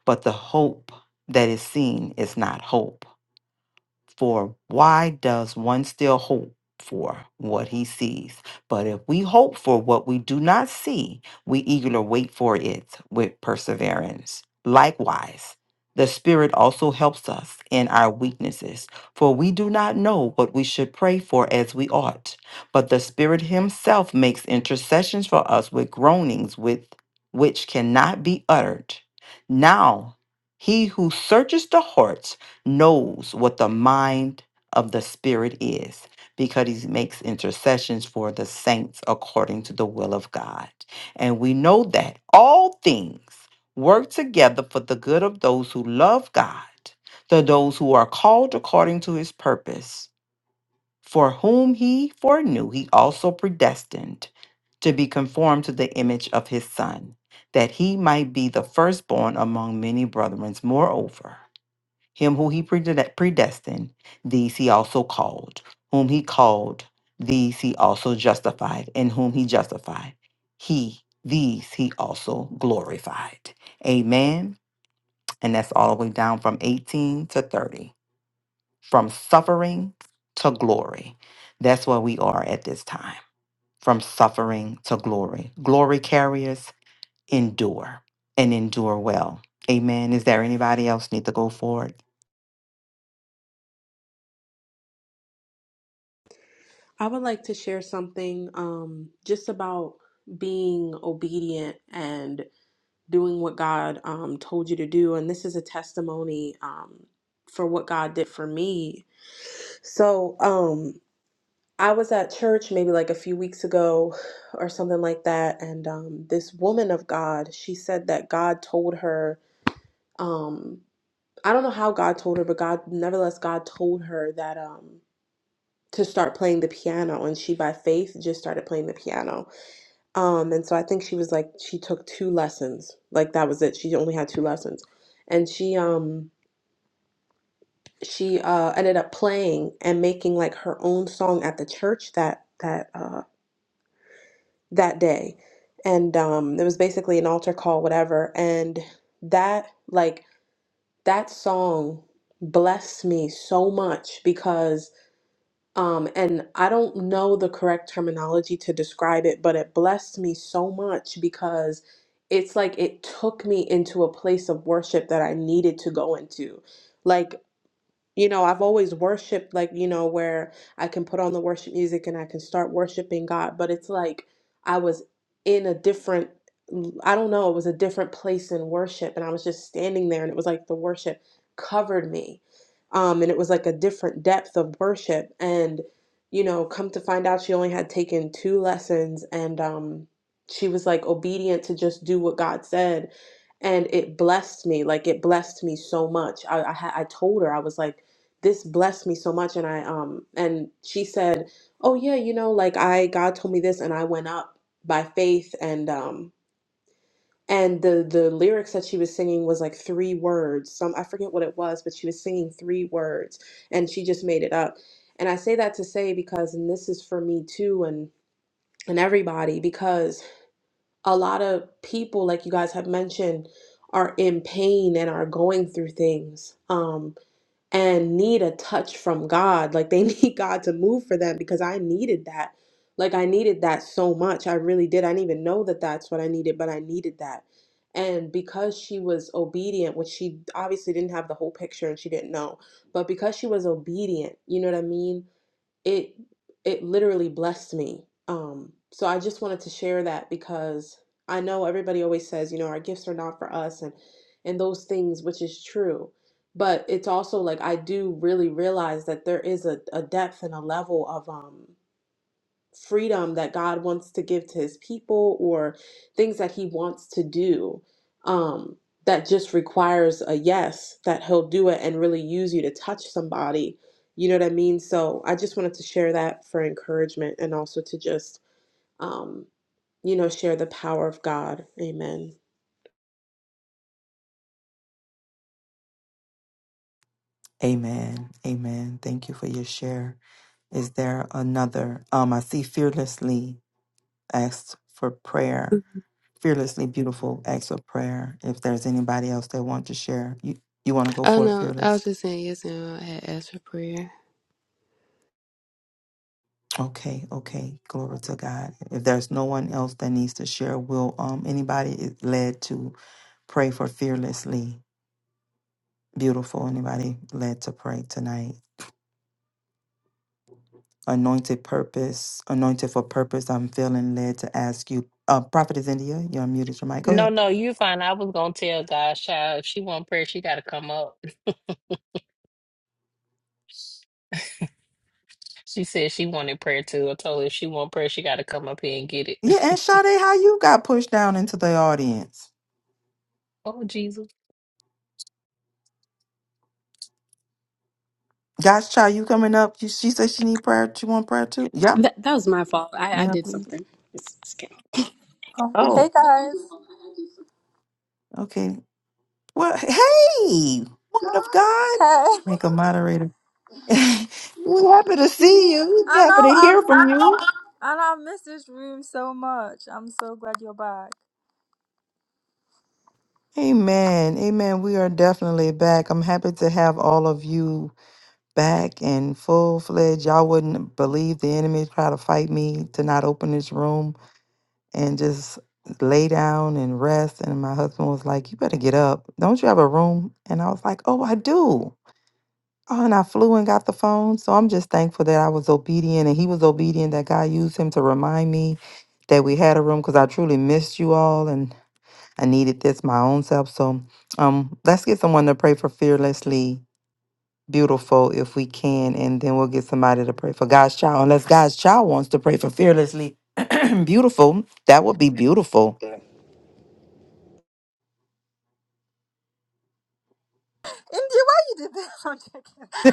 but the hope that is seen is not hope. For why does one still hope for what he sees? But if we hope for what we do not see, we eagerly wait for it with perseverance. Likewise, the Spirit also helps us in our weaknesses, for we do not know what we should pray for as we ought. But the Spirit Himself makes intercessions for us with groanings with which cannot be uttered. Now, He who searches the hearts knows what the mind of the Spirit is because he makes intercessions for the saints according to the will of God. And we know that all things work together for the good of those who love God, to those who are called according to his purpose, for whom he foreknew, he also predestined to be conformed to the image of his Son, that he might be the firstborn among many brethren. Moreover, him who he prede- predestined, these he also called. Whom he called, these he also justified. And whom he justified, he, these he also glorified. Amen. And that's all the way down from 18 to 30, from suffering to glory. That's where we are at this time, from suffering to glory. Glory carriers endure and endure well. Amen. Is there anybody else need to go forward?
I would like to share something um, just about being obedient and doing what God um, told you to do. And this is a testimony um, for what God did for me. So um, I was at church maybe like a few weeks ago or something like that. And um, this woman of God, she said that God told her, um, I don't know how God told her, but God, nevertheless, God told her that. Um, to start playing the piano and she by faith just started playing the piano Um, and so I think she was like she took two lessons. Like that was it. She only had two lessons. And she um she uh ended up playing and making like her own song at the church that that uh that day. And um it was basically an altar call whatever and that like that song blessed me so much because. Um, and I don't know the correct terminology to describe it, but it blessed me so much because it's like it took me into a place of worship that I needed to go into. Like you know, I've always worshiped, like, you know, where I can put on the worship music and I can start worshiping God, but it's like I was in a different, I don't know, it was a different place in worship. And I was just standing there and it was like the worship covered me. Um, and it was like a different depth of worship. And, you know, come to find out she only had taken two lessons and um, she was like obedient to just do what God said and it blessed me like it blessed me so much i i, ha- I told her i was like this blessed me so much and i um and she said oh yeah you know like i god told me this and i went up by faith and um and the the lyrics that she was singing was like three words some i forget what it was but she was singing three words and she just made it up and i say that to say because and this is for me too and and everybody because a lot of people like you guys have mentioned are in pain and are going through things Um and need a touch from God. Like they need God to move for them because I needed that. Like I needed that so much. I really did. I didn't even know that that's what I needed, but I needed that. And because she was obedient, which she obviously didn't have the whole picture and she didn't know, but because she was obedient, you know what I mean? it it literally blessed me. Um, so I just wanted to share that because I know everybody always says, you know, our gifts are not for us and and those things, which is true. But it's also like I do really realize that there is a, a depth and a level of um freedom that God wants to give to his people or things that he wants to do um, that just requires a yes, that he'll do it and really use you to touch somebody. You know what I mean? So I just wanted to share that for encouragement and also to just, um, you know, share the power of God. Amen.
Amen. Amen. Thank you for your share. Is there another? Um, I see fearlessly asked for prayer. Fearlessly beautiful acts for prayer. If there's anybody else that want to share, you you want to go
oh
for it,
no, I
fearless.
was just saying, yes, and I had asked for prayer.
Okay, okay. Glory to God. If there's no one else that needs to share, will um anybody is led to pray for fearlessly beautiful? Anybody led to pray tonight? anointed purpose, anointed for purpose. I'm feeling led to ask you, uh, Prophet India. You're unmuted. Your mic. Go
No,
ahead.
no, you fine. I was gonna tell God, child, if she want prayer, she gotta come up. She said she wanted prayer too. I told her if she want prayer, she gotta come up here and get
Yeah,
it.
and Sade, how you got pushed down into the audience?
Oh Jesus.
God's child, you coming up? You, she said she need prayer. She want prayer too. Yep.
That that was my fault. I, I
Yeah,
did
please.
something. It's, it's okay.
Oh, hey
Oh,
guys.
okay. Well, hey, woman of God,
Hey.
make a moderator. we are happy to see you. We
I
happy
know
to
I'm
hear from you.
I know I miss this room so much. I'm so glad you're back.
Amen. Amen. We are definitely back. I'm happy to have all of you back and full fledged. Y'all wouldn't believe the enemy try to fight me to not open this room and just lay down and rest. And my husband was like, You better get up. Don't you have a room? And I was like, Oh, I do. Oh, and I flew and got the phone. So I'm just thankful that I was obedient and he was obedient that God used him to remind me that we had a room because I truly missed you all and I needed this my own self. So um let's get someone to pray for fearlessly beautiful if we can, and then we'll get somebody to pray for God's child. Unless God's child wants to pray for fearlessly beautiful, that would be beautiful.
India, why you did this? I'm joking. I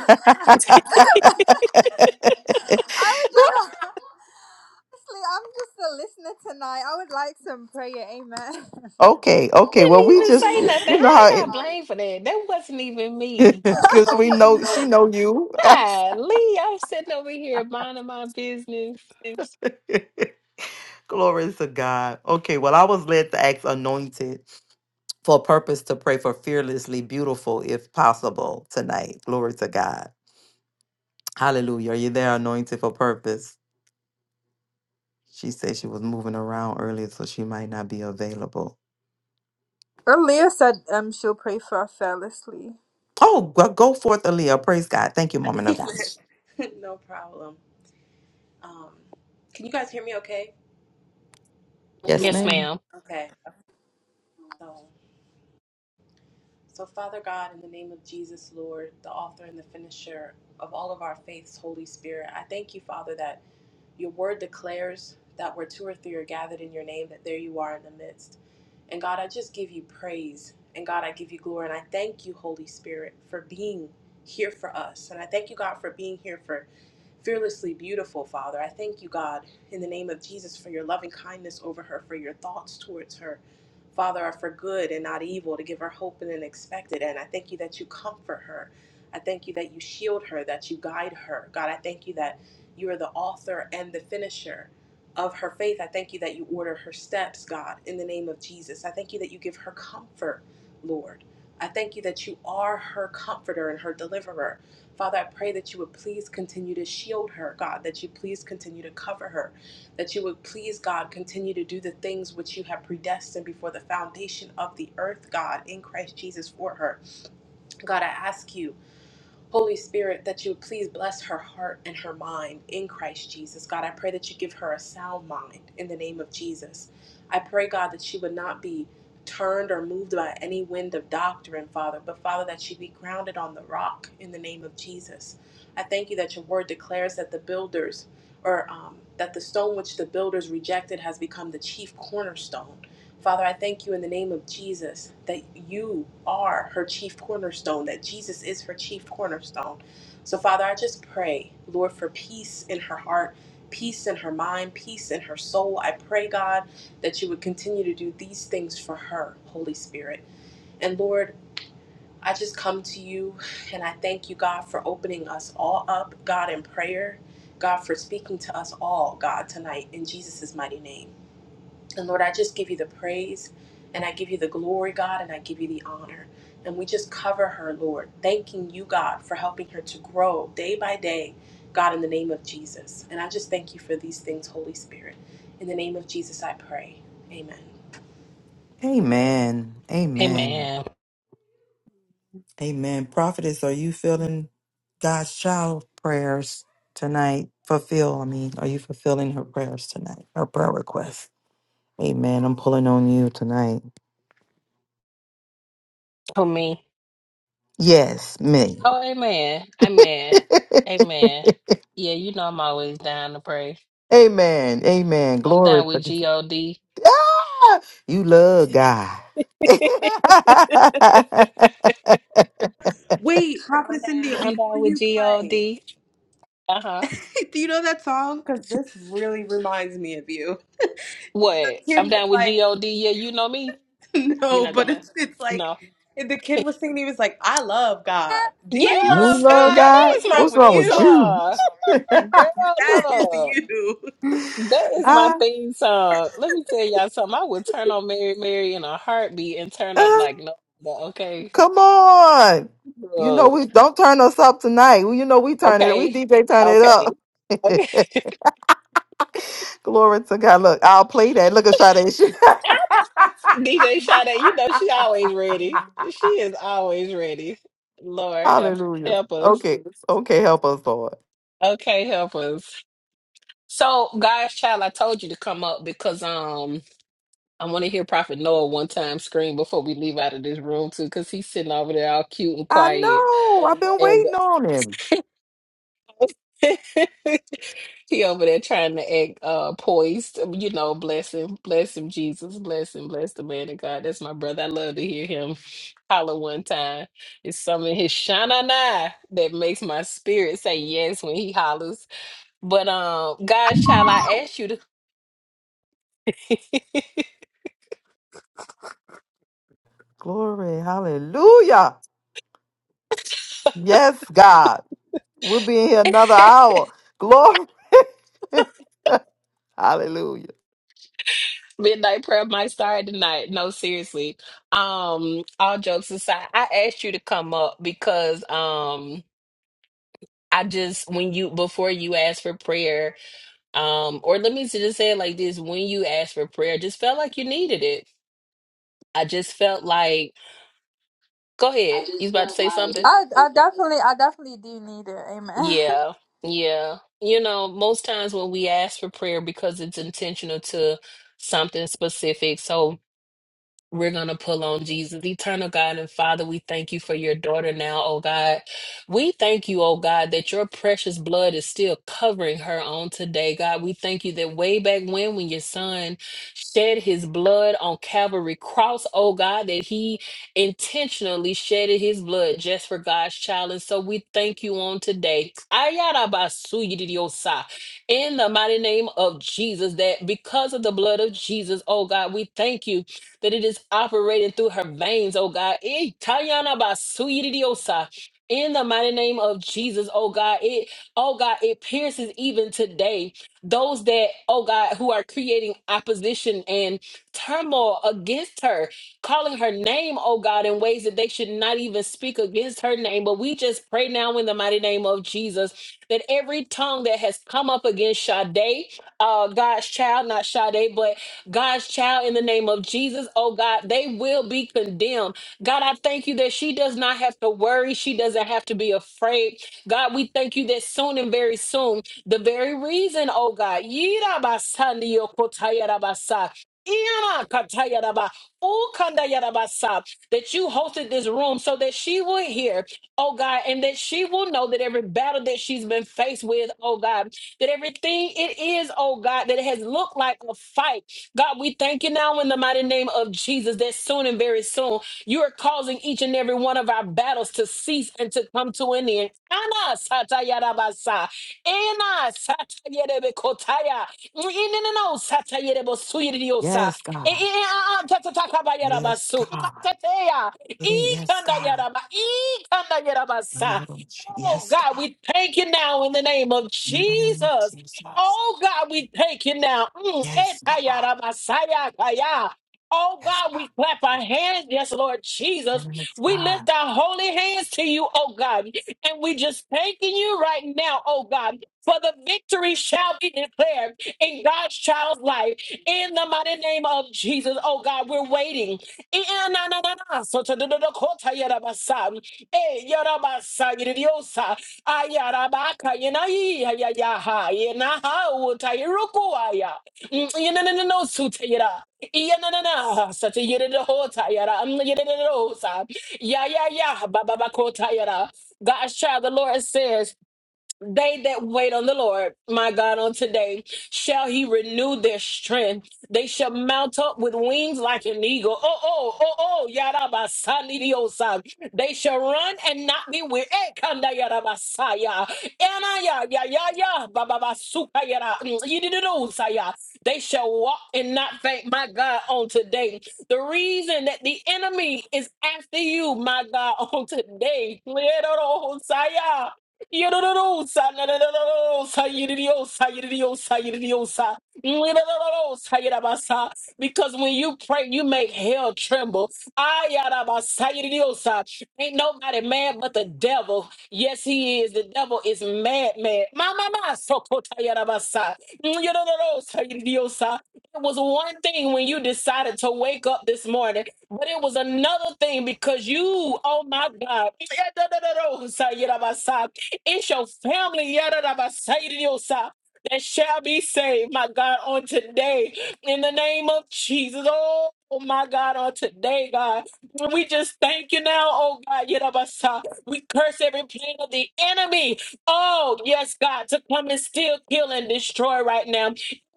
would just honestly, I'm just a listener tonight. I would like some prayer, amen.
okay,
I
okay. Well,
didn't
we
even
just
say
you
nothing. How
know
I
how
got blamed for that? That wasn't even me.
it because we know she know you.
Hi, Lee. I'm sitting over here minding my business.
Glory to God. Okay, well, I was led to ask anointed for a purpose to pray for fearlessly beautiful, if possible, tonight. Glory to God. Hallelujah. Are you there, anointed for purpose? She said she was moving around earlier, so she might not be available.
Well, Leah said um she'll pray for us fearlessly.
Oh, go, go forth, Aaliyah. Praise God. Thank you, woman of God.
no problem. Um, can you guys hear me okay?
Yes,
Yes,
ma'am.
ma'am.
Okay. So. So, Father God, in the name of Jesus, Lord, the author and the finisher of all of our faiths, Holy Spirit, I thank you, Father, that your word declares that where two or three are gathered in your name, that there you are in the midst. And God, I just give you praise. And God, I give you glory. And I thank you, Holy Spirit, for being here for us. And I thank you, God, for being here for fearlessly beautiful, Father. I thank you, God, in the name of Jesus, for your loving kindness over her, for your thoughts towards her. Father, are for good and not evil, to give her hope and an expected end. I thank you that you comfort her. I thank you that you shield her, that you guide her. God, I thank you that you are the author and the finisher of her faith. I thank you that you order her steps, God, in the name of Jesus. I thank you that you give her comfort, Lord. I thank you that you are her comforter and her deliverer. Father, I pray that you would please continue to shield her, God, that you please continue to cover her, that you would please God continue to do the things which you have predestined before the foundation of the earth, God, in Christ Jesus for her. God, I ask you Holy Spirit, that you would please bless her heart and her mind in Christ Jesus. God, I pray that you give her a sound mind in the name of Jesus. I pray, God, that she would not be turned or moved by any wind of doctrine, Father, but Father, that she be grounded on the rock in the name of Jesus. I thank you that your word declares that the builders, or um, that the stone which the builders rejected has become the chief cornerstone. Father, I thank you in the name of Jesus that you are her chief cornerstone, that Jesus is her chief cornerstone. So, Father, I just pray, Lord, for peace in her heart, peace in her mind, peace in her soul. I pray, God, that you would continue to do these things for her, Holy Spirit. And, Lord, I just come to you and I thank you, God, for opening us all up, God, in prayer. God, for speaking to us all, God, tonight in Jesus' mighty name. And Lord, I just give you the praise and I give you the glory, God, and I give you the honor. And we just cover her, Lord, thanking you, God, for helping her to grow day by day, God, in the name of Jesus. And I just thank you for these things, Holy Spirit. In the name of Jesus, I pray. Amen. Amen.
Amen. Amen.
Amen.
Amen. Prophetess, are you feeling God's child prayers tonight? Fulfill, I mean, are you fulfilling her prayers tonight? Her prayer requests. Amen. I'm pulling on you tonight.
For me.
Yes, me.
Oh, amen. Amen. Amen. Yeah, you know I'm always down to pray.
Amen. Amen.
I'm down
Glory.
with G-O-D.
Ah, you love God.
Wait, Prophetess India,
I'm
before
down with
you play,
G-O-D. Uh-huh.
do you know that song? Because this really reminds me of you. The
What?
kid
I'm
was
down with
like,
G-O-D. Yeah, you know me. You're
No,
not
but
talking about...
it's it's like
No.
and the kid was singing. He was like, "I love God. Do you
What's wrong with
you
yes!
love
Girl,
love
you?
God?
God?
that is
What's
my
wrong
What's
with
wrong
theme
with
you?
you?
song. Girl,
That is
look.
you."
That is my
Ah,
theme song. Let me tell y'all something. I would turn on Mary Mary in a heartbeat and turn up
ah,
like no. no, Okay,
come on. You know
look,
we don't turn us up tonight. You know we turn it. We
okay,
DJ turn it
okay, okay.
up. Glory to God. Look, I'll play that. Look at Sade.
DJ Sade, you know she always ready. She is always ready. Lord help
Hallelujah.
help us.
Okay. Okay. Help us, Lord.
Okay, help us. So, guys, child, I told you to come up because um I want to hear Prophet Noah one time scream before we leave out of this room too, because he's sitting over there all cute and
I
quiet.
know. I've been waiting on him.
he over there trying to act uh poised. um, You know, bless him, bless him, Jesus, bless him, bless the man of God. That's my brother. I love to hear him holler one time. It's something in his shanana that makes my spirit say yes when he hollers. But um, God's child, I ask you to
Glory. Hallelujah. Yes, God. We're being here another hour. Glory. Hallelujah.
Midnight prayer might start tonight. No, seriously. Um, all jokes aside, I asked you to come up because um I just when you before you ask for prayer, um, or let me just say it like this: when you ask for prayer, I just felt like you needed it. I just felt like, go
I
ahead, you was
just
about to
felt
say
like
something.
I, I definitely I definitely do need it. Amen.
Yeah, yeah. You know, most times when we ask for prayer because it's intentional to something specific. So We're going to pull on Jesus. Eternal God and Father, we thank you for your daughter now, oh God. We thank you, oh God, that your precious blood is still covering her on today, God. We thank you that way back when, when your son shed his blood on Calvary Cross, oh God, that he intentionally shedded his blood just for God's child. And so we thank you on today. Ayarabasuyididiosa. In the mighty name of Jesus, that because of the blood of Jesus, oh God, we thank you that it is operating through her veins, oh God. Eh, Tayana Basuyidiosa. In the mighty name of Jesus, oh God, it, oh God, it pierces even today those that, oh God, who are creating opposition and turmoil against her, calling her name, oh God, in ways that they should not even speak against her name. But we just pray now in the mighty name of Jesus that every tongue that has come up against Sade, uh, God's child, not Sade, but God's child in the name of Jesus. Oh God, they will be condemned. God, I thank you that she does not have to worry. She doesn't have to be afraid. God, we thank you that soon and very soon, the very reason, oh God, yirabasandiyokotayarabasa, iyanakatayaraba, ukandayarabasa, that you hosted this room so that she would hear, oh God, and that she will know that every battle that she's been faced with, oh God, that everything it is, oh God, that it has looked like a fight. God, we thank you now in the mighty name of Jesus that soon and very soon you are causing each and every one of our battles to cease and to come to an end. Ana satayarabasa. Ena satayerebekotaya. Ineneno satayerebosuyiriyosa.
Yes,
E-
God.
e- e- a- a- ta- ta- ta-
Yes,
kabayarabasu.
God.
Matateya.
It is. Yes, God.
Ikandayaraba.
In
Ikandayarabasa.
your own sh-
Oh
Yes,
God,
God.
we thank you now in the name of
In the name of
Jesus
Jesus.
Oh God, we thank you now. Mm,
Yes, God.
etayarabasayakaya. Oh
Yes,
God, we clap our
God.
hands. Yes, Lord Jesus.
Yes,
We
God.
lift our holy hands to you, oh God. And we just thanking you right now, oh God, for the victory shall be declared in God's child's life. In the mighty name of Jesus, oh God, we're waiting. Eh, eh, na, na, na, na. So, to, do, do, do, kota, yarabasa. Eh, yarabasa, yididiosa ayarabaka yenayiyayayaha yenaha utayirukua yeneneneno sutayira iyenenena satayiridohotayara yeridosa yayaya bababakotayara Gosh, child, the Lord says they that wait on the Lord, my God, on today, shall he renew their strength. They shall mount up with wings like an eagle. Oh, oh, oh, oh, yarabasanidiosam. They shall run and not be weary. Eh, kanda yarabasaya. Ena ya, ya, ya, ya, bababasuka yara, mm, yidididosaya. They shall walk and not faint, my God, on today. The reason that the enemy is after you, my God, on today. Yorororosa, narororosa, yiririosa, yiririosa, yiririosa, mwirororosa, yirabasa. Because when you pray, you make hell tremble. Ayarabasa, yiririosa. Ain't nobody mad but the devil. Yes, he is. The devil is mad, mad. Ma, ma, ma, sokota, yarabasa. Yorororosa, yiririosa. It was one thing when you decided to wake up this morning, but it was another thing because you, oh my God, It's your family, Yadadabasaidiosa, that shall be saved, my God, on today. In the name of Jesus. Oh, my God, on today, God. We just thank you now, oh God, Yadabasa. We curse every plan of the enemy. Oh, yes, God, to come and steal, kill, and destroy right now.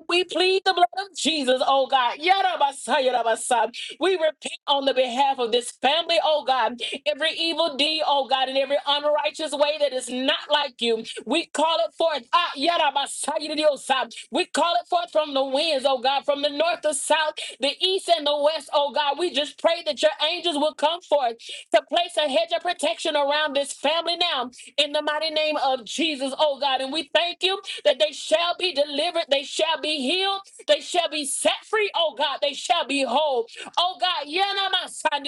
We plead the blood of Jesus, oh God. Yadabasa, Yadabasa. We repent on the behalf of this family, oh God every evil deed, oh God, and every unrighteous way that is not like you. We call it forth. Ah, yada, basaya, diosa. We call it forth from the winds, oh God, from the north, the south, the east, and the west, oh God. We just pray that your angels will come forth to place a hedge of protection around this family now in the mighty name of Jesus, oh God. And we thank you that they shall be delivered, they shall be healed, they shall be set free, oh God, they shall be whole. Oh God, yana, masaya,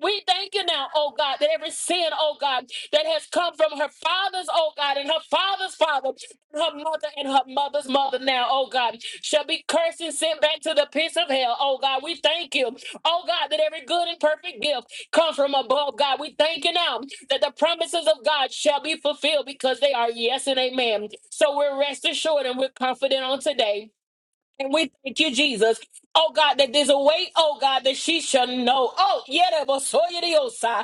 we thank you now, oh God, that every sin, oh God, that has come from her father's, oh God, and her father's father, and her mother and her mother's mother now, oh God, shall be cursed and sent back to the pits of hell, oh God. We thank you, oh God, that every good and perfect gift comes from above, God. We thank you now that the promises of God shall be fulfilled because they are yes and amen. So we're rest assured and we're confident on today and we thank you, Jesus. Oh God, that there's a way, oh God, that she shall know. Oh, yeah, but so it is, uh,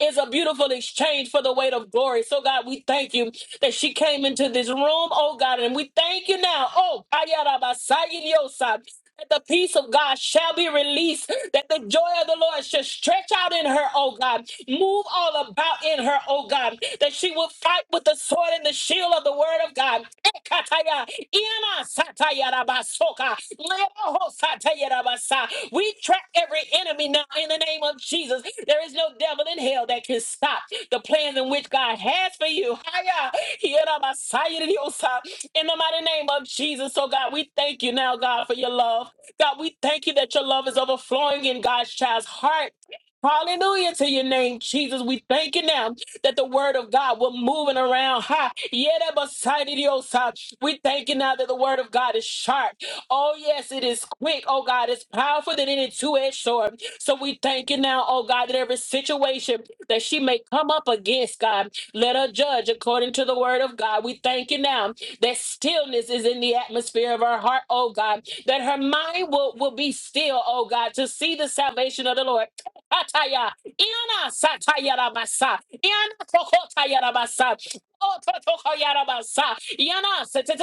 is a beautiful exchange for the weight of glory. So God, we thank you that she came into this room, oh God, and we thank you now. Oh, Ayara Basayi Diosa, that the peace of God shall be released, that the joy of the Lord shall stretch out in her, oh God, move all about in her, oh God, that she will fight with the sword and the shield of the word of God. Iana satayarabasoka. Leroho satayarabasa. We track every enemy now in the name of Jesus. There is no devil in hell that can stop the plans in which God has for you. Haya, hierabasayariosa. In the mighty name of Jesus, so God, we thank you now, God, for your love. God, we thank you that your love is overflowing in God's child's heart. Hallelujah to your name, Jesus. We thank you now that the word of God will move and around. Ha. Yedabasaididios. We thank you now that the word of God is sharp. Oh, yes, it is quick. Oh, God, it's powerful than any two edged sword. So we thank you now, oh, God, that every situation that she may come up against, God, let her judge according to the word of God. We thank you now that stillness is in the atmosphere of her heart, oh, God, that her mind will, will be still, oh, God, to see the salvation of the Lord. Ataya, Iana Sataya Rabasa, Iana Kokotaya Rabasa. Oh, Totoka Yarabasa. Yana, Setetota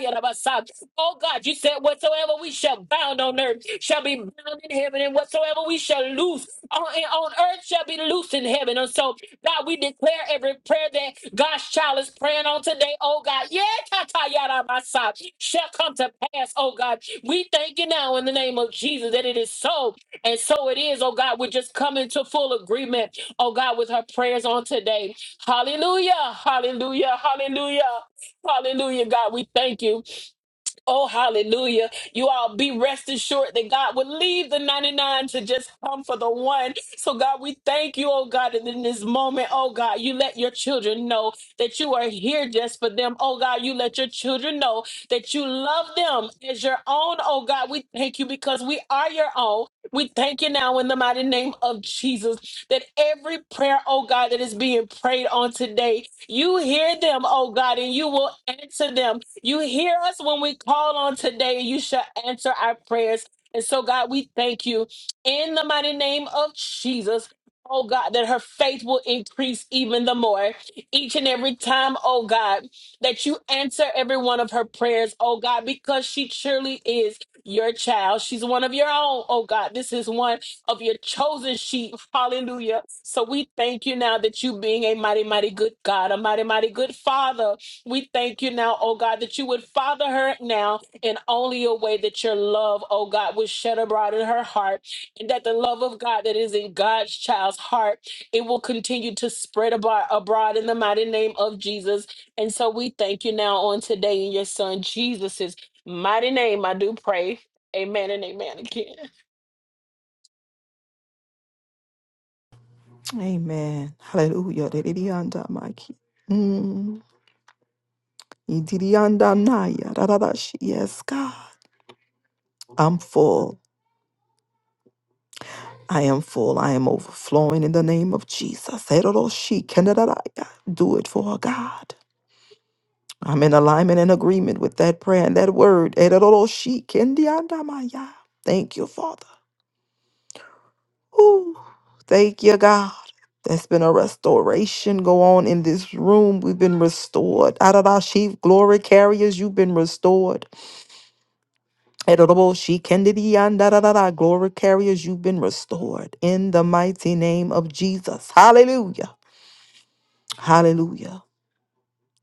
Yarabasa. Oh God, you said whatsoever we shall bound on earth shall be bound in heaven, and whatsoever we shall loose on, on earth shall be loose in heaven. And so, God, we declare every prayer that God's child is praying on today, oh God, yeah, Tata Yarabasa, shall come to pass, oh God. We thank you now in the name of Jesus that it is so, and so it is, oh God. We're just coming to full agreement, oh God, with her prayers on today. Hallelujah. Hallelujah. Hallelujah. Hallelujah, God. We thank you. Oh, hallelujah. You all be rest assured that God would leave the 99 to just come for the one. So, God, we thank you, oh God, and in this moment, oh God, you let your children know that you are here just for them. Oh God, you let your children know that you love them as your own. Oh God, we thank you because we are your own. We thank you now in the mighty name of Jesus that every prayer, oh God, that is being prayed on today, you hear them, oh God, and you will answer them you hear us when we call on today. You shall answer our prayers. And so, God, we thank you in the mighty name of Jesus. Oh God, that her faith will increase even the more each and every time, oh God, that you answer every one of her prayers, oh God, because she surely is your child. She's one of your own, oh God. This is one of your chosen sheep. Hallelujah. So we thank you now that you being a mighty, mighty good God, a mighty, mighty good Father. We thank you now, oh God, that you would father her now in only a way that your love, oh God, would shed abroad in her heart, and that the love of God that is in God's child's heart, it will continue to spread abroad, abroad in the mighty name of Jesus. And so we thank you now on today in your son Jesus' mighty name. I do pray. Amen and amen again.
Amen. Hallelujah. Dedidiyanda maki. Mm. Ididiyanda naya. Dadadashi. Yes, God. I'm full. I am full. I am overflowing in the name of Jesus. Eroroshi kenderaraya. Do it for God. I'm in alignment and agreement with that prayer and that word. Eroroshi kendiandamaya. Thank you, Father. Ooh, thank you, God. There's been a restoration go on in this room. We've been restored. Adadashi, glory carriers, you've been restored. Eroroshi kendidiandararara. Glory carriers, you've been restored. In the mighty name of Jesus. Hallelujah. Hallelujah.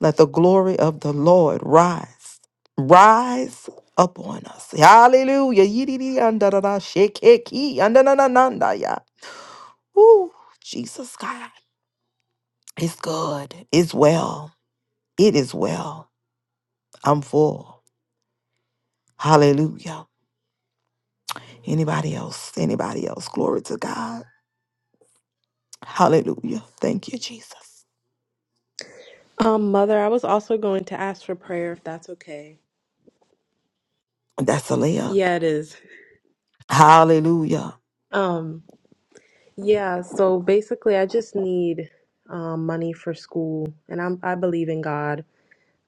Let the glory of the Lord rise, rise upon us. Hallelujah. Yididi andadada shekeki andananandaya. Ooh, Jesus God. It's good. It's well. It is well. I'm full. Hallelujah. Anybody else? Anybody else? Glory to God. Hallelujah. Thank you, Jesus.
Um, Mother, I was also going to ask for prayer if that's okay.
That's a layup.
Yeah, it is.
Hallelujah.
Um, yeah, so basically I just need um money for school and I'm I believe in God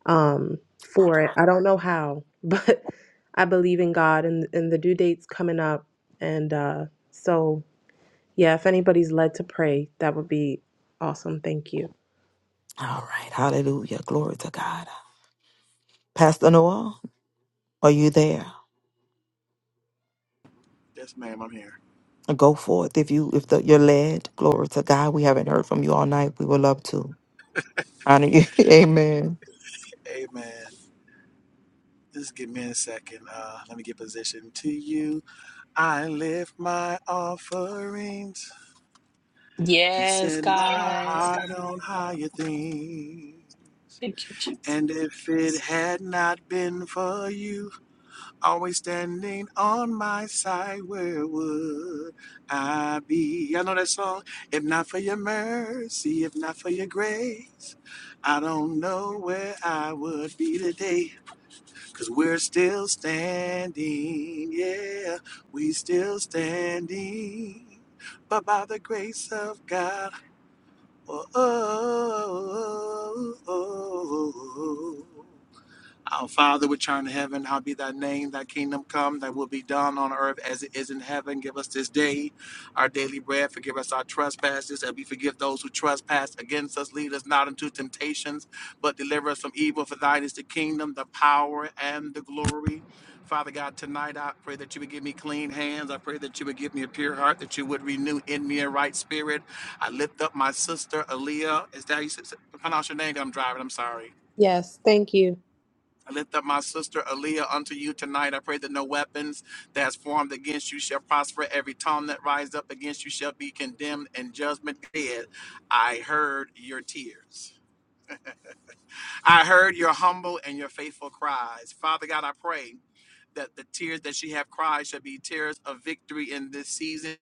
um for it. I don't know how, but I believe in God and and the due date's coming up and uh so Yeah, if anybody's led to pray, that would be awesome. Thank you.
All right. Hallelujah. Glory to God. Pastor Noah, are you there?
Yes, ma'am. I'm here.
Go forth if you if the, you're led. Glory to God. We haven't heard from you all night. We would love to honor you. Amen.
Amen. Just give me a second. Uh, let me get positioned to you. I lift my offerings and
Yes,
set my
God.
heart on higher things.
Thank you, Jesus.
And if it had not been for you, always standing on my side, where would I be? I know that song? If not for your mercy, if not for your grace, I don't know where I would be today. Cause we're still standing, yeah, we still standing. But by the grace of God, oh, oh, oh, oh, oh. oh, oh, oh. Our Father which art in heaven, hallowed be thy name, thy kingdom come, thy will be done on earth as it is in heaven. Give us this day our daily bread, forgive us our trespasses, and we forgive those who trespass against us. Lead us not into temptations, but deliver us from evil. For thine is the kingdom, the power, and the glory. Father God, tonight I pray that you would give me clean hands. I pray that you would give me a pure heart, that you would renew in me a right spirit. I lift up my sister, Aaliyah. Is that how you s- s- pronounce your name? I'm driving. I'm sorry.
Yes, thank you.
I lift up my sister Aaliyah unto you tonight. I pray that no weapons that is formed against you shall prosper. Every tongue that rises up against you shall be condemned in judgment dead. I heard your tears. I heard your humble and your faithful cries. Father God, I pray that the tears that she have cried shall be tears of victory in this season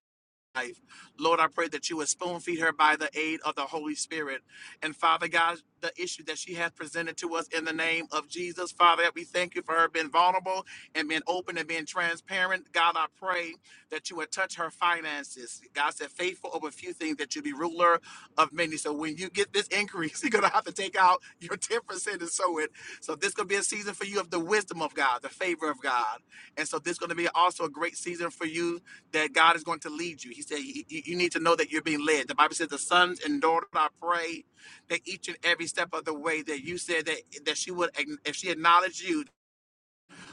life. Lord, I pray that you would spoon feed her by the aid of the Holy Spirit. And Father God, the issue that she has presented to us in the name of Jesus, Father, we thank you for her being vulnerable and being open and being transparent. God, I pray that you would touch her finances. God said, faithful over few things that you be ruler of many. So when you get this increase, you're going to have to take out your 10% and sow it. So this going to be a season for you of the wisdom of God, the favor of God. And so this is going to be also a great season for you that God is going to lead you. He said, "You you- you need to know that you're being led." The Bible says, "The sons and daughters, I pray that each and every step of the way that you said that that she would, ac- if she acknowledged you,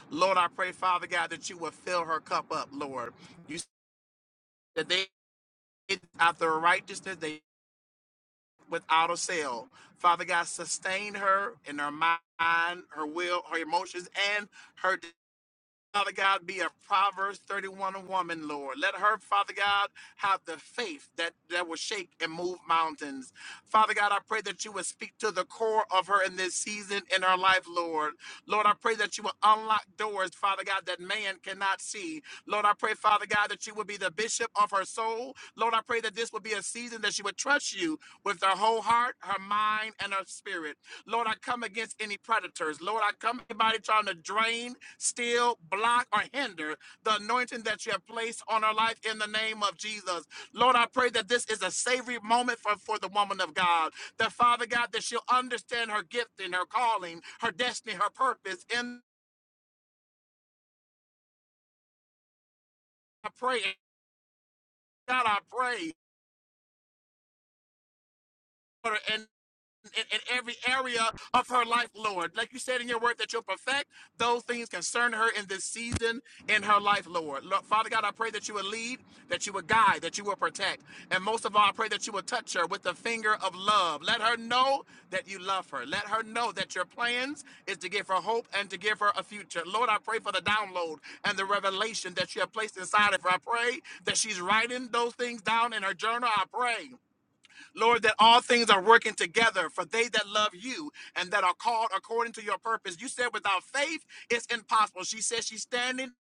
Lord, I pray, Father God, that you would fill her cup up, Lord. You said that they after righteousness they without a sale. Father God, sustain her in her mind, her will, her emotions, and her." Father God, be a Proverbs 31 woman, Lord. Let her, Father God, have the faith that, that will shake and move mountains. Father God, I pray that you would speak to the core of her in this season in her life, Lord. Lord, I pray that you will unlock doors, Father God, that man cannot see. Lord, I pray, Father God, that you would be the bishop of her soul. Lord, I pray that this would be a season that she would trust you with her whole heart, her mind, and her spirit. Lord, I come against any predators. Lord, I come anybody trying to drain still block or hinder the anointing that you have placed on our life in the name of Jesus. Lord, I pray that this is a savory moment for, for the woman of God. That Father God, that she'll understand her gift and her calling, her destiny, her purpose. And I pray, God, I pray. and in, in every area of her life, Lord. Like you said in your word, that you'll perfect those things concern her in this season in her life, Lord. Lord. Father God, I pray that you will lead, that you will guide, that you will protect. And most of all, I pray that you will touch her with the finger of love. Let her know that you love her. Let her know that your plans is to give her hope and to give her a future. Lord, I pray for the download and the revelation that you have placed inside of her. I pray that she's writing those things down in her journal. I pray. Lord, that all things are working together for they that love you and that are called according to your purpose. You said without faith, it's impossible. She says she's standing,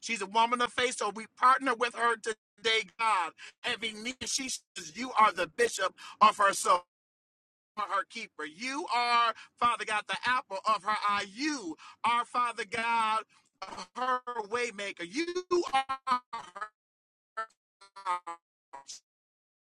she's a woman of faith, so we partner with her today, God. Every knee, she says, You are the bishop of her soul. Her keeper. You are, Father God, the apple of her eye. You are, Father God, her waymaker. You are her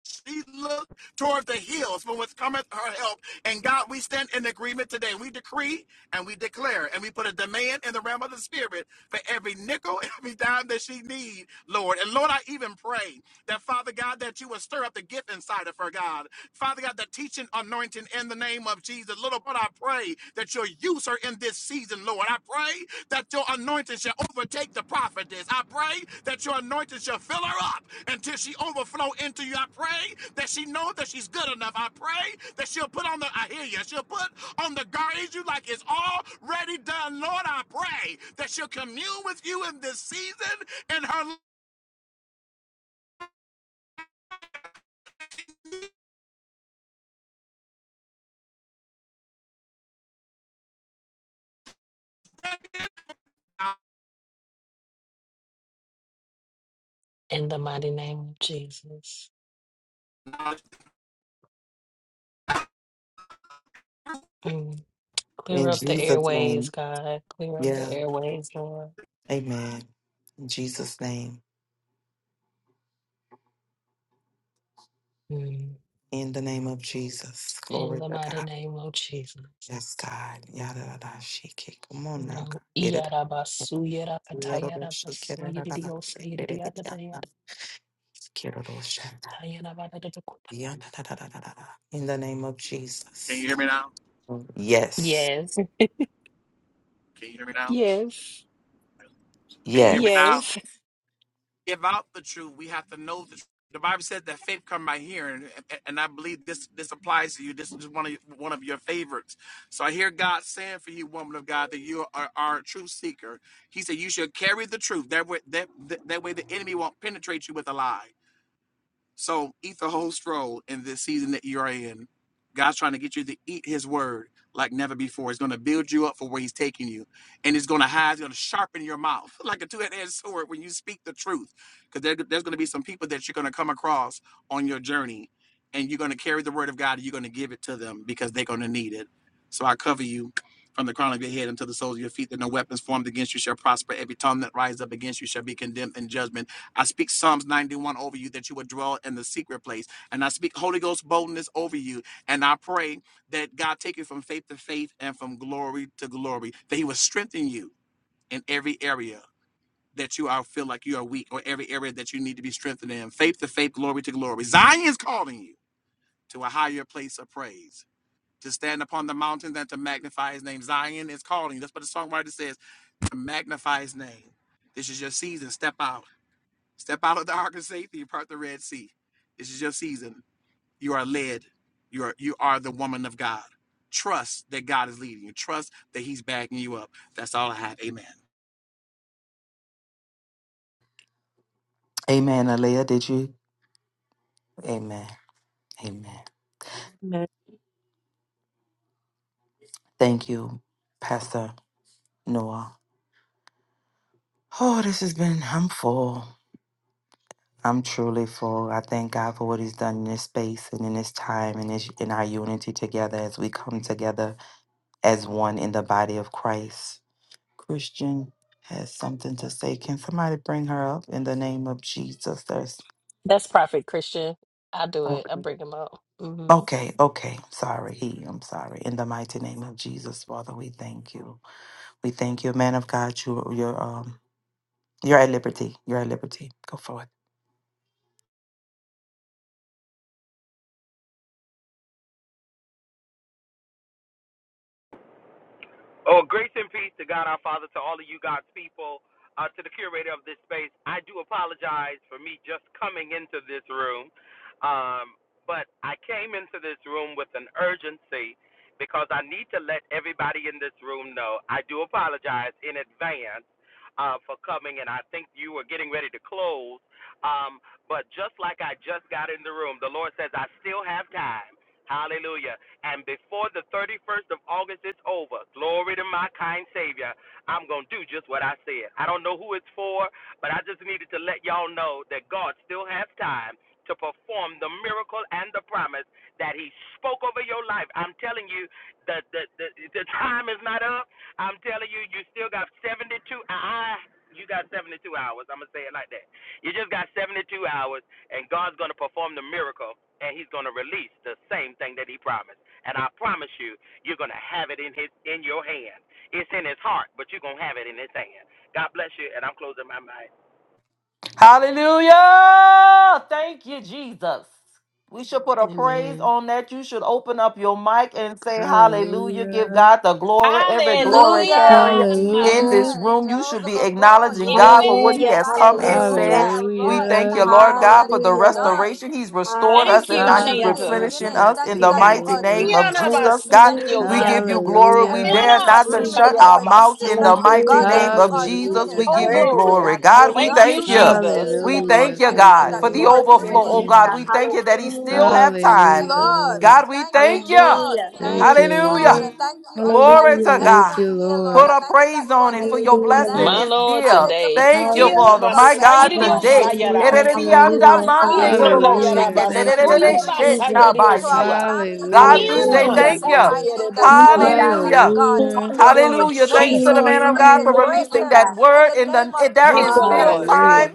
She looked towards the hills from which cometh her help. And God, we stand in agreement today. We decree and we declare and we put a demand in the realm of the spirit for every nickel, every dime that she need, Lord. And Lord, I even pray that Father God, that you would stir up the gift inside of her, God. Father God, the teaching anointing in the name of Jesus. Lord, but I pray that you'll use her in this season, Lord. I pray that your anointing shall overtake the prophetess. I pray that your anointing shall fill her up until she overflow into you. I pray that she know that she's good enough. I pray that she'll put on the, I hear you, she'll put on the garment you like it's already done. Lord, I pray that she'll commune with you in this season in her
In the mighty name of Jesus.
life.
Mm. Clear
In
up the
Jesus'
airways,
name.
God. Clear up the
Yeah.
airways, Lord.
Amen. In Jesus' name.
Mm.
In the name of Jesus.
In
Glory
the
to
mighty
God.
name of Jesus.
Yes, God. Yada da da shiki. Come on now,
Mm.
God. Yada,
Yes.
da, da, yada, Yadadadadadada. In the name of
Can
Jesus.
you hear me now?
Yes.
Can you hear me now?
Yes.
Can you hear me
Yes.
now?
Yes.
give out the truth, we have to know the truth. The Bible says that faith comes by hearing, and and I believe this this applies to you. This is one of one of your favorites. So I hear God saying for you, woman of God, that you are, are a truth seeker. He said you should carry the truth. That way, that that way the enemy won't penetrate you with a lie. So eat the whole stroll in this season that you are in. God's trying to get you to eat his word like never before. It's going to build you up for where he's taking you. And it's going to hide, it's going to sharpen your mouth like a two-edged sword when you speak the truth. Because there, there's going to be some people that you're going to come across on your journey. And you're going to carry the word of God and you're going to give it to them because they're going to need it. So I cover you from the crown of your head until the soles of your feet, that no weapons formed against you shall prosper. Every tongue that rises up against you shall be condemned in judgment. I speak Psalms 91 over you that you would dwell in the secret place. And I speak Holy Ghost boldness over you. And I pray that God take you from faith to faith and from glory to glory, that He will strengthen you in every area that you are feel like you are weak or every area that you need to be strengthened in. Faith to faith, glory to glory. Zion is calling you to a higher place of praise. To stand upon the mountains and to magnify his name. Zion is calling. you. That's what the songwriter says to magnify his name. This is your season. Step out. Step out of the ark of safety and part the Red Sea. This is your season. You are led. You are you are the woman of God. Trust that God is leading you. Trust that He's backing you up. That's all I have. Amen.
Amen. Alea, did you? Amen. Amen.
Amen.
Thank you, Pastor Noah. Oh, this has been, I'm full. I'm truly full. I thank God for what He's done in this space and in this time and this, in our unity together as we come together as one in the body of Christ. Christian has something to say. Can somebody bring her up in the name of Jesus? There's,
That's prophet Christian. I do it. I bring him up. hmm
Okay, okay. Sorry, he. I'm sorry. In the mighty name of Jesus, Father, we thank you. We thank you, man of God. You, you're, um, you're at liberty. You're at liberty. Go forth.
Oh, grace and peace to God our Father, to all of you God's people, uh, to the curator of this space. I do apologize for me just coming into this room, um, but I came into this room with an urgency because I need to let everybody in this room know. I do apologize in advance uh, for coming, and I think you were getting ready to close. Um, but just like I just got in the room, the Lord says, I still have time. Hallelujah. And before the 31st of August is over, glory to my kind Savior, I'm going to do just what I said. I don't know who it's for, but I just needed to let y'all know that God still has time to perform the miracle and the promise that He spoke over your life. I'm telling you, the, the, the, the time is not up. I'm telling you, you still got 72 hours. You got 72 hours. I'm going to say it like that. You just got 72 hours, and God's going to perform the miracle, and He's going to release the same thing that He promised. And I promise you, you're going to have it in his in your hand. It's in his heart, but you're going to have it in his hand. God bless you, and I'm closing my mind.
Hallelujah. Thank you, Jesus. We should put a praise
Amen.
on that. You should open up your mic and say hallelujah. Give
Hallelujah.
God the glory, every glory
Hallelujah.
Hallelujah.
carrier in this
Hallelujah.
Amen.
room. You should
Jehovah
be
Gabor,
acknowledging
you're
God for what
mighty
He
in
Hallelujah,
has come
battle.
and
Yes.
Jehovah
said.
hallelujah,
El
We
Roy. I
thank you,
Hallelujah.
thank you,
Lord
Lord,
God,
that
for
it
the
is
hallelujah, Lord.
done.
restoration. He's restored us
Thank
Thank
and
you,
you,
now
Lord,
He's
that it
Hallelujah.
is
Jesus.
replenishing
finished.
Hallelujah.
us
Thank
Thank
in
you
you,
the
Thank
that
you,
you
God.
mighty
are
name
Lord.
doing
of
it, Lord.
Jesus. God,
Thank you,
we
Lord,
Hallelujah.
that
give you
you're doing it
glory.
for
We
Hallelujah.
everyone in
Thank
dare
you,
this
Anna,
not to
room in the
Jesus.
shut
name
our
of
Sutayarabas.
mouths
Jesus.
in the
Thank you,
mighty
God, that
Hallelujah.
name
you
of
are doing
Jesus.
it,
Hallelujah.
We
You're
that
Oh,
give
your
Thank
you
you,
worthy,
Lord.
glory.
glory.
God.
protection it is
God, we
Hallelujah.
Thank
done.
you,
thank
Loose
you.
your
Jesus.
We
angels,
Hallelujah.
Lord.
thank
Hallelujah.
you,
Thank you,
Thank
Lord,
God,
you,
that
for
you
the
Glory
Lord.
are
to
doing
your
overflow.
Thank
Oh,
you,
it.
name, oh
God,
God.
we
Lord.
thank you that he still
Hallelujah.
have
Thank you,
time.
Hallelujah,
Thank you,
Lord.
God.
Lord.
God, we
Thank you,
thank you.
Lord.
Hallelujah.
Thank
Mm,
Thank you,
you, Lord.
Hallelujah.
Lord.
And thank you on behalf
Glory
of
to
Hallelujah.
God.
Thank
everyone
you,
here, Lord.
Put
Lord.
I
a
thank you that
praise
you
on
are
it for
doing
your
it for
Hallelujah,
blessing
My
them.
Lord.
is
I
dear.
lift up a
today.
Thank you, Father.
celebration, God,
My
Hallelujah.
for
God,
everyone
God.
in
today.
this
Yarabasayiridiosayara.
God,
room,
Hallelujah.
including
Whew.
Hallelujah.
myself.
Hallelujah.
And let
Hallelujah.
this
Thank you,
Jesus,
Lord.
celebration be
Jesus,
extended to our
Ikandayarabasuyarabasayiridiosaya.
Jesus.
families, our
Hallelujah.
we
friends, in
say
Anna,
Hallelujah.
thank
Jesus'
you.
Hallelujah.
mighty name, that
Thank
you
you,
are
Satayarebosoya.
God.
Hallelujah.
doing it,
Hallelujah.
God.
Hallelujah. Thank
You have
Hallelujah,
already
you,
Hallelujah.
Lord.
done
Thanks
it,
to the
Lord,
man
Jesus.
for
of
it
God
is
for
Hallelujah.
Hallelujah,
releasing
written
that
God.
in
word.
the
And
name
then eh,
of
there
Thank
is
you,
still
Lord.
Jesus.
Hallelujah, Lord.
time.
Hallelujah.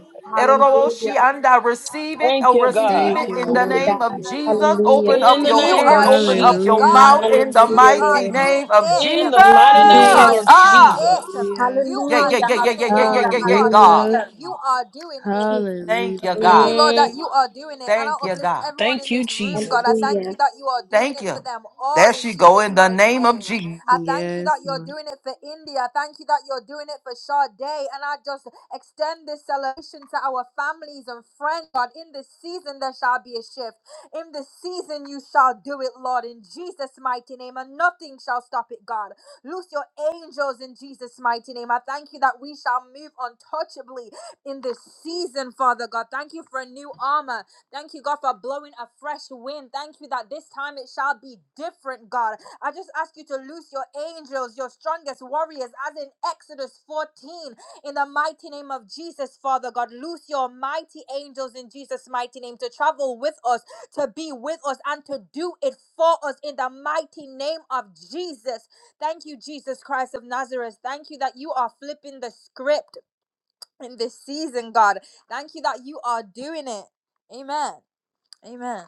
Hallelujah.
Eroroshi anda. Receive it
Thank
or
you,
receive
You
Thank
God.
it
you,
in
Thank
the
you,
Lord.
name of
God.
Jesus.
Hallelujah.
Open
In
up
the
your
name
hand,
are
of
open
doing it,
up your
Jesus.
God.
mouth
Hallelujah.
in the
You
Hallelujah,
are
mighty
Lord.
doing
name of
it.
In
Jesus.
the
Thank
mighty
You
name
you, Lord.
are
Hallelujah.
of
doing
Ah,
it.
Jesus.
Hallelujah.
You
yeah,
are
yeah,
Hallelujah.
yeah, yeah, yeah,
doing it,
yeah, yeah,
Lord.
Hallelujah.
yeah,
You
yeah,
are doing
God.
Hallelujah.
Hallelujah.
it. You are doing it.
Jesus.
Hallelujah.
Thank you,
Thank you,
God.
Hallelujah.
Lord, that you are doing it. And I
Thank you,
uplift
God.
everyone in
Thank you,
this room,
Jesus.
God. I thank
Hallelujah.
you that you are doing
Thank
it for
you.
them
There
all in
she go
Jesus'
in the
mighty
name of
name.
Jesus.
I thank you
Yes,
that you're
Lord.
doing it for India. I Thank you that you're doing it for Sade. And I just extend this celebration to our families and friends, God. In this season, there shall be a shift. In this season, you shall do it, Lord, in Jesus' mighty name. And nothing shall stop it, God. Loose your angels in Jesus' mighty name. I thank you that we shall move untouchably in this season, Father God. Thank you for a new armor. Thank you, God, for blowing a fresh wind. Thank you that this time it shall be different, God. I just ask you to loose your angels, your strongest warriors, as in Exodus 14, in the mighty name of Jesus, Father God. Loose your mighty angels in Jesus' mighty name to travel with us, to be with us, and to do it for us in the mighty name of Jesus. Thank you, Jesus Christ of Nazareth. Thank you that you are flipping the script in this season, God. Thank you that you are doing it. Amen. Amen.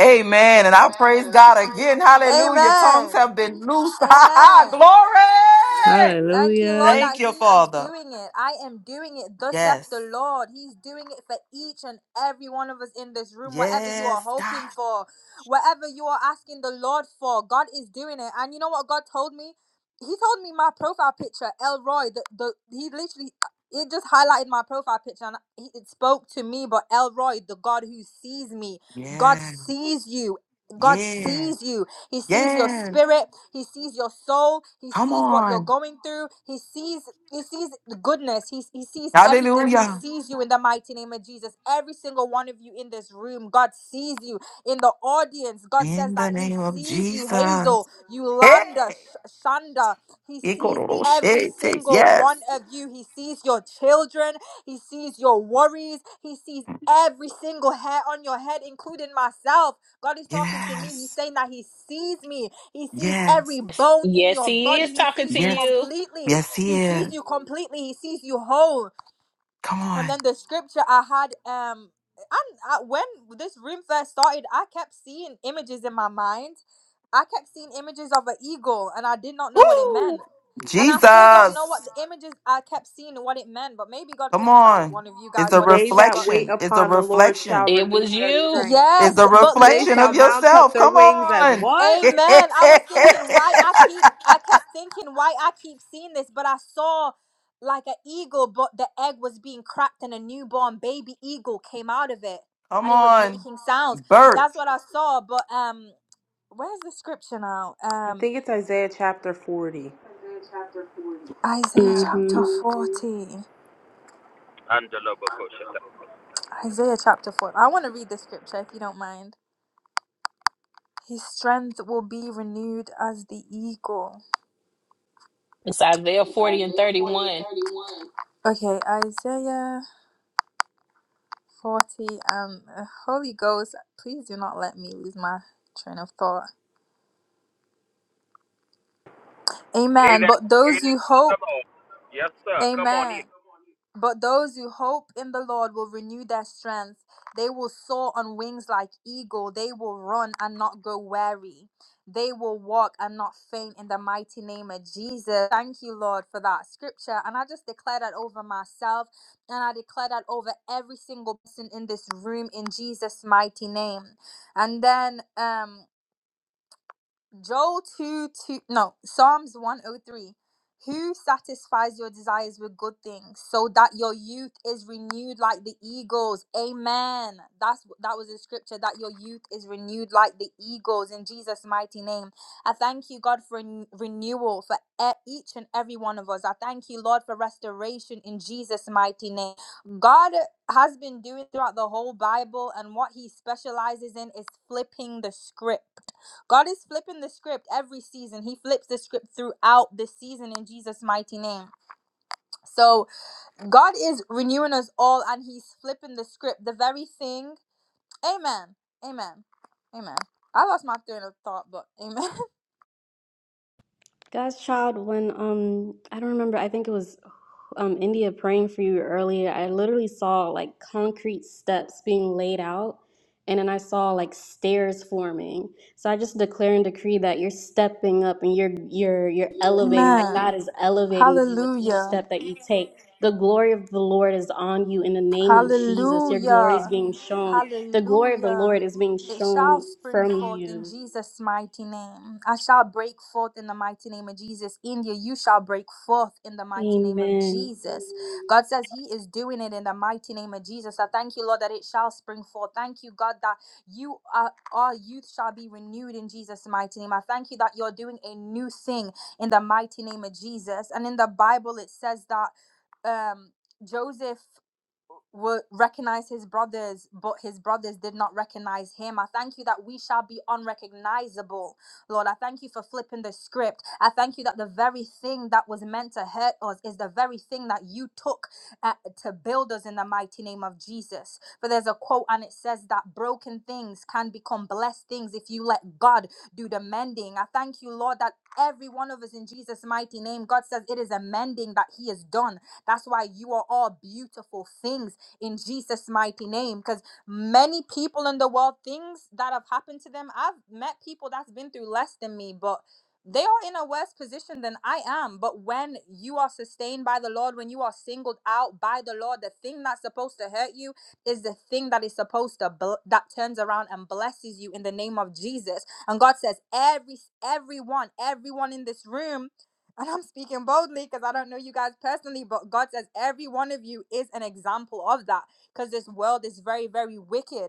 Amen. And I
Amen.
praise
And I
God
praise
again.
you.
Hallelujah. Tongues
Amen.
have been loosed. Ha ha.
Amen.
Glory.
Thank you, Lord,
Hallelujah.
that
Thank
He
you,
is
Father.
doing it. I am doing it. Thus saith the
Yes.
Lord. He's doing it for each and every one of us in this room. Whatever you are
Yes,
hoping
God.
for, whatever you are asking the Lord for, God is doing it. And you know what God told me? He told me my profile picture, Elroy. The, the he literally it just highlighted my profile picture and he, it spoke to me. But Elroy, the God who sees me, God
Yeah.
sees you. God
Yeah.
sees you. He sees your
Yeah.
spirit. He sees your soul. He
Come
sees what you're
on.
going through. He sees he sees the goodness. He, he sees everything. He
Hallelujah.
sees you in the mighty name of Jesus. Every single one of you in this room, God sees you in the audience. God says
In
that
the
He
name of
sees you,
Jesus.
Hazel, Yolanda,
Hey.
Sh- Shanda. He sees every
Ikororoshete.
single one
Yes.
of you. He sees your children. He sees your worries. He sees every single hair on your head, including myself. God is talking to me. He's
Yes.
saying that He sees me. He sees
Yes.
every bone in
Yes,
your
he
body.
is
He
talking
sees
to
you
Yes.
you.
completely.
Yes,
He
he
sees
is.
you completely. He sees you whole.
Come
And
on.
then the scripture I had, um, and uh, when this room first started, I kept seeing images in my mind. I kept seeing images of an eagle, and I did not know what it meant.
Woo.
And I still don't know
Jesus.
what the images I kept seeing and what it meant, but maybe God
Come
can tell
on.
one of you guys
It's a
what it
They
means.
that
But
wait
reflection. It's a
upon the Lord shall
reflection.
It
renew
was
their
you.
strength.
It's
yes,
a
but
They
reflection
shall
of
listen,
mount up
yourself.
their
Come
wings as
on.
what?
Amen. I was thinking why I keep I kept thinking why I keep seeing this, but I saw like an eagle, but the egg was being cracked and a newborn baby eagle came out of it
Come
and it was
on.
making sounds. That's
Birth.
what I saw. But um where's the scripture now?
I
Um.
think it's Isaiah chapter
I think
40.
it's Isaiah chapter 40. Isaiah Yeah.
hmm
chapter 40.
Under
Isaiah chapter 40. I want to read the scripture if you don't mind. His strength will be renewed as the eagle.
It's Isaiah
It's
40 and
Isaiah 40 and
31.
31. Okay, Isaiah 40. Um, uh, Holy Ghost, please do not let me lose my train of thought.
Say
Amen.
that
But those who hope,
Yes, sir. Come on
amen.
here.
But those who hope in the Lord will renew their strength. They will soar on wings like eagle. They will run and not go weary. They will walk and not faint in the mighty name of Jesus. Thank you, Lord, for that scripture. And I just declare that over myself and I declare that over every single person in this room in Jesus' mighty name. And then um Joel 2 2 no Psalms 103 Who satisfies your desires with good things so that your youth is renewed like the eagles amen that's that was the scripture that your youth is renewed like the eagles in Jesus mighty name I thank you God for ren- renewal for e- each and every one of us I thank you Lord for restoration in Jesus mighty name God has been doing throughout the whole Bible and what he specializes in is flipping the script God is flipping the script every season. He flips the script throughout the season in Jesus' mighty name. So God is renewing us all and He's flipping the script. The very thing. Amen. Amen. Amen. I lost my train of thought, but amen.
God's child, when um I don't remember, I think it was um India praying for you earlier, I literally saw like concrete steps being laid out and then I saw like stairs forming. So I just declare and decree that you're stepping up and you're you're you're elevating, like God
Amen.
is elevating you with each
Hallelujah.
step that you take. The glory of the Lord is on you in the name of Jesus. Your glory is
Hallelujah.
being shown. The glory of the
Hallelujah.
Lord is being
It shall
shown
spring
from
forth in
you.
Jesus' mighty name. I shall break forth in the mighty name of Jesus. India, you shall break forth in the mighty name of
Amen.
Jesus. God says He is doing it in the mighty name of Jesus. I thank you, Lord, that it shall spring forth. Thank you, God, that you are our youth shall be renewed in Jesus' mighty name. I thank you that you're doing a new thing in the mighty name of Jesus. And in the Bible, it says that um Joseph were recognize his brothers, but his brothers did not recognize him. I thank you that we shall be unrecognizable, Lord. I thank you for flipping the script. I thank you that the very thing that was meant to hurt us is the very thing that you took uh, to build us in the mighty name of Jesus. For there's a quote and it says that broken things can become blessed things if you let God do the mending. I thank you, Lord, that every one of us in Jesus' mighty name, God says it is a mending that He has done that's why you are all beautiful things in Jesus' mighty name. Because many people in the world, things that have happened to them, I've met people that's been through less than me, but they are in a worse position than I am. But when you are sustained by the Lord, when you are singled out by the Lord, the thing that's supposed to hurt you is the thing that is supposed to bl- that turns around and blesses you in the name of Jesus. And God says, every everyone, everyone in this room and I'm speaking boldly because I don't know you guys personally, but God says every one of you is an example of that because this world is very, very wicked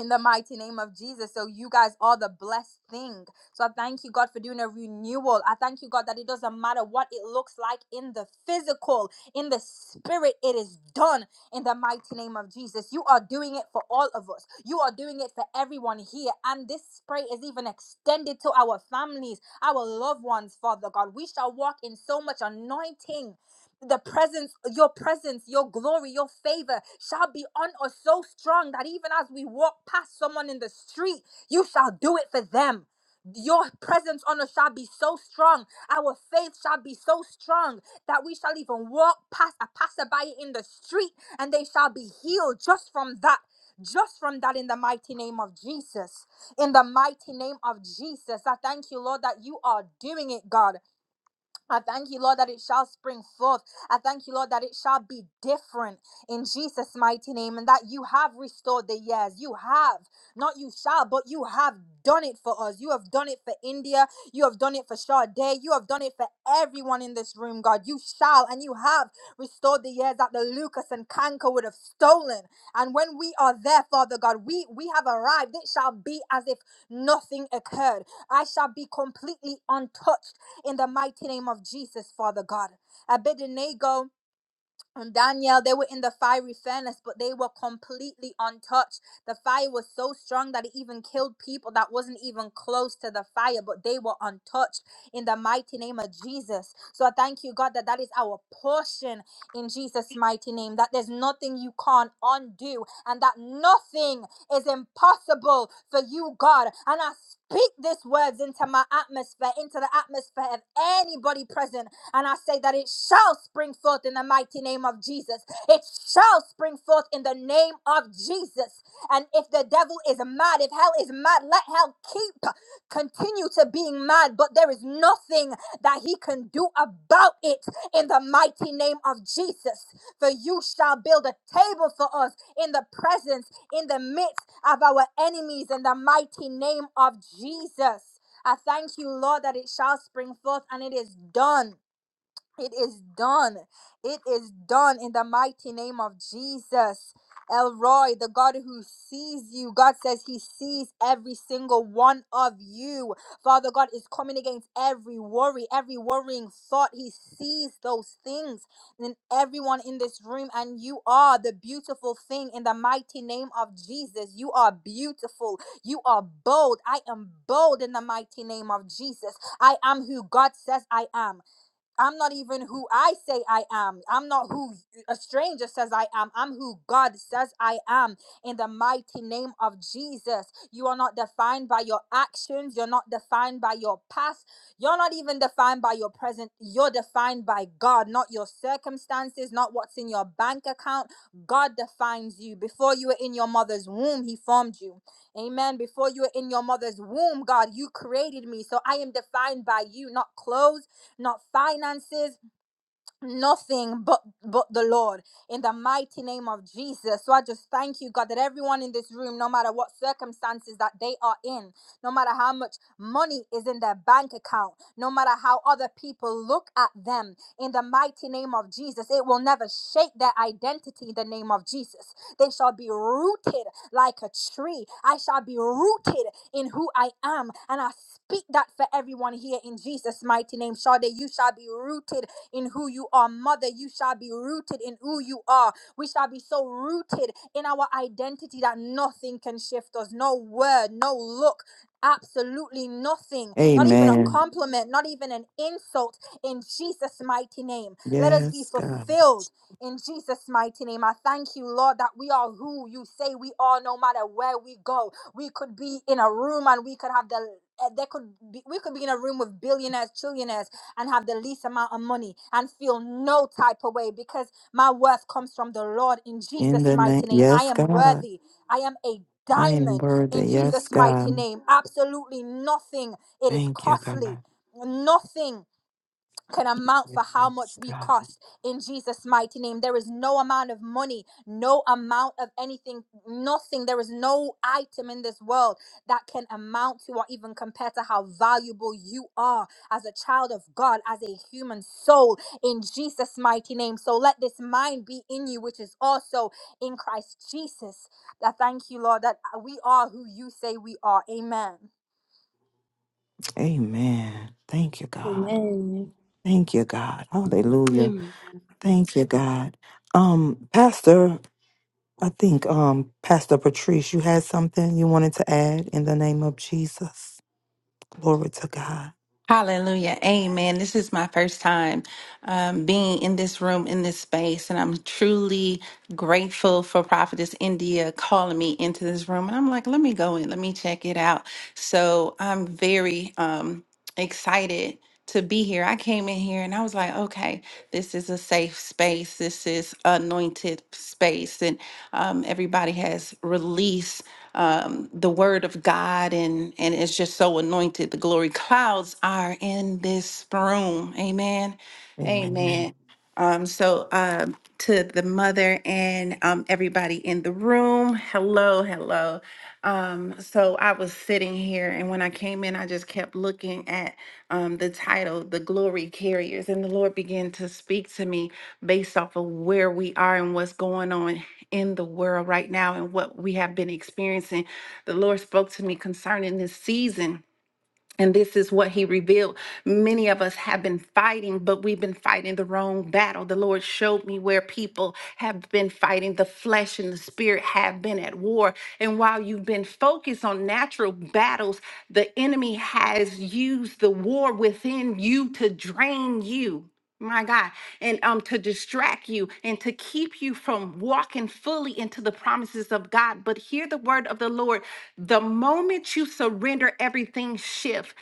in the mighty name of Jesus. So you guys are the blessed thing. So I thank you, God, for doing a renewal. I thank you, God, that it doesn't matter what it looks like in the physical, in the spirit, it is done in the mighty name of Jesus. You are doing it for all of us. You are doing it for everyone here. And this spray is even extended to our families, our loved ones, Father God. We shall walk in so much anointing the presence, your presence, your glory, your favor shall be on us so strong that even as we walk past someone in the street, you shall do it for them. Your presence on us shall be so strong, our faith shall be so strong that we shall even walk past a passerby in the street and they shall be healed just from that. Just from that, in the mighty name of Jesus. In the mighty name of Jesus, I thank you, Lord, that you are doing it, God. I thank you, Lord, that it shall spring forth. I thank you, Lord, that it shall be different in Jesus' mighty name and that you have restored the years. You have, not you shall, but you have done it for us. You have done it for India. You have done it for Sade. You have done it for everyone in this room, God. You shall and you have restored the years that the Lucas and Kanker would have stolen. And when we are there, Father God, we, we have arrived. It shall be as if nothing occurred. I shall be completely untouched in the mighty name of Jesus, Father God. Abednego and Daniel, they were in the fiery furnace, but they were completely untouched. The fire was so strong that it even killed people that wasn't even close to the fire, but they were untouched in the mighty name of Jesus. So I thank you, God, that that is our portion in Jesus' mighty name, that there's nothing you can't undo, and that nothing is impossible for you, God. And I speak these words into my atmosphere, into the atmosphere of anybody present and I say that it shall spring forth in the mighty name of Jesus. It shall spring forth in the name of Jesus. And if the devil is mad, if hell is mad, let hell keep continue to being mad, but there is nothing that he can do about it in the mighty name of Jesus. For you shall build a table for us in the presence, in the midst of our enemies, in the mighty name of Jesus. I thank you, Lord, that it shall spring forth and it is done it is done. It is done in the mighty name of Jesus. Elroy, the God who sees you, God says He sees every single one of you. Father God is coming against every worry, every worrying thought. He sees those things in everyone in this room, and you are the beautiful thing in the mighty name of Jesus. You are beautiful. You are bold. I am bold in the mighty name of Jesus. I am who God says I am. I'm not even who I say I am. I'm not who a stranger says I am. I'm who God says I am in the mighty name of Jesus. You are not defined by your actions. You're not defined by your past. You're not even defined by your present. You're defined by God, not your circumstances, not what's in your bank account. God defines you. Before you were in your mother's womb, He formed you. Amen. Before you were in your mother's womb, God, you created me. So I am defined by you, not clothes not finances nothing but but the lord in the mighty name of jesus so i just thank you god that everyone in this room no matter what circumstances that they are in no matter how much money is in their bank account no matter how other people look at them in the mighty name of jesus it will never shake their identity in the name of jesus they shall be rooted like a tree i shall be rooted in who i am and i speak that for everyone here in jesus mighty name shall they you shall be rooted in who you are. Mother, you shall be rooted in who you are. We shall be so rooted in our identity that nothing can shift us. No word, no look. Absolutely nothing, not even a
Amen.
compliment, not even an insult in Jesus' mighty name. Let us be
Yes, God.
fulfilled in Jesus' mighty name. I thank you, Lord, that we are who you say we are no matter where we go. We could be in a room and we could have the uh, there could be we could be in a room with billionaires, trillionaires, and have the least amount of money and feel no type of way because my worth comes from the Lord in
In
Jesus'
the name.
mighty name. I
Yes,
am
God.
worthy. I am a
I am
diamond in
worthy. Yes,
Jesus' mighty
God.
name. Absolutely nothing. It is
Thank you,
costly.
God.
Nothing can amount for how much
Yes,
we
God.
cost in Jesus' mighty name. There is no amount of money, no amount of anything, nothing. There is no item in this world that can amount to or even compare to how valuable you are as a child of God, as a human soul in Jesus' mighty name. So let this mind be in you, which is also in Christ Jesus. I thank you, Lord, that we are who you say we are. Amen.
Amen. Thank you, God.
Amen.
Thank you, God. Hallelujah.
Amen.
Thank you, God. Um, Pastor. I think, um, Pastor Patrice, you had something you wanted to add in the name of Jesus. Glory to God.
Hallelujah. Amen. This is my first time um, being in this room, in this space, and I'm truly grateful for Prophetess India calling me into this room. And I'm like, let me go in, let me check it out. So I'm very um, excited to be here. I came in here and I was like, okay, this is a safe space. This is anointed space. And um, everybody has released um, the word of God and, and it's just so anointed. The glory clouds are in this room. Amen.
Amen.
Amen. Um, so um, to the mother and um, everybody in the room, hello, hello. Um, so I was sitting here, and when I came in, I just kept looking at um, the title, The Glory Carriers, and the Lord began to speak to me based off of where we are and what's going on in the world right now and what we have been experiencing. The Lord spoke to me concerning this season and this is what he revealed. Many of us have been fighting, but we've been fighting the wrong battle. The Lord showed me where people have been fighting. The flesh and the spirit have been at war. And while you've been focused on natural battles, the enemy has used the war within you to drain you my God, and um to distract you and to keep you from walking fully into the promises of God. But hear the word of the Lord. The moment you surrender, everything shifts.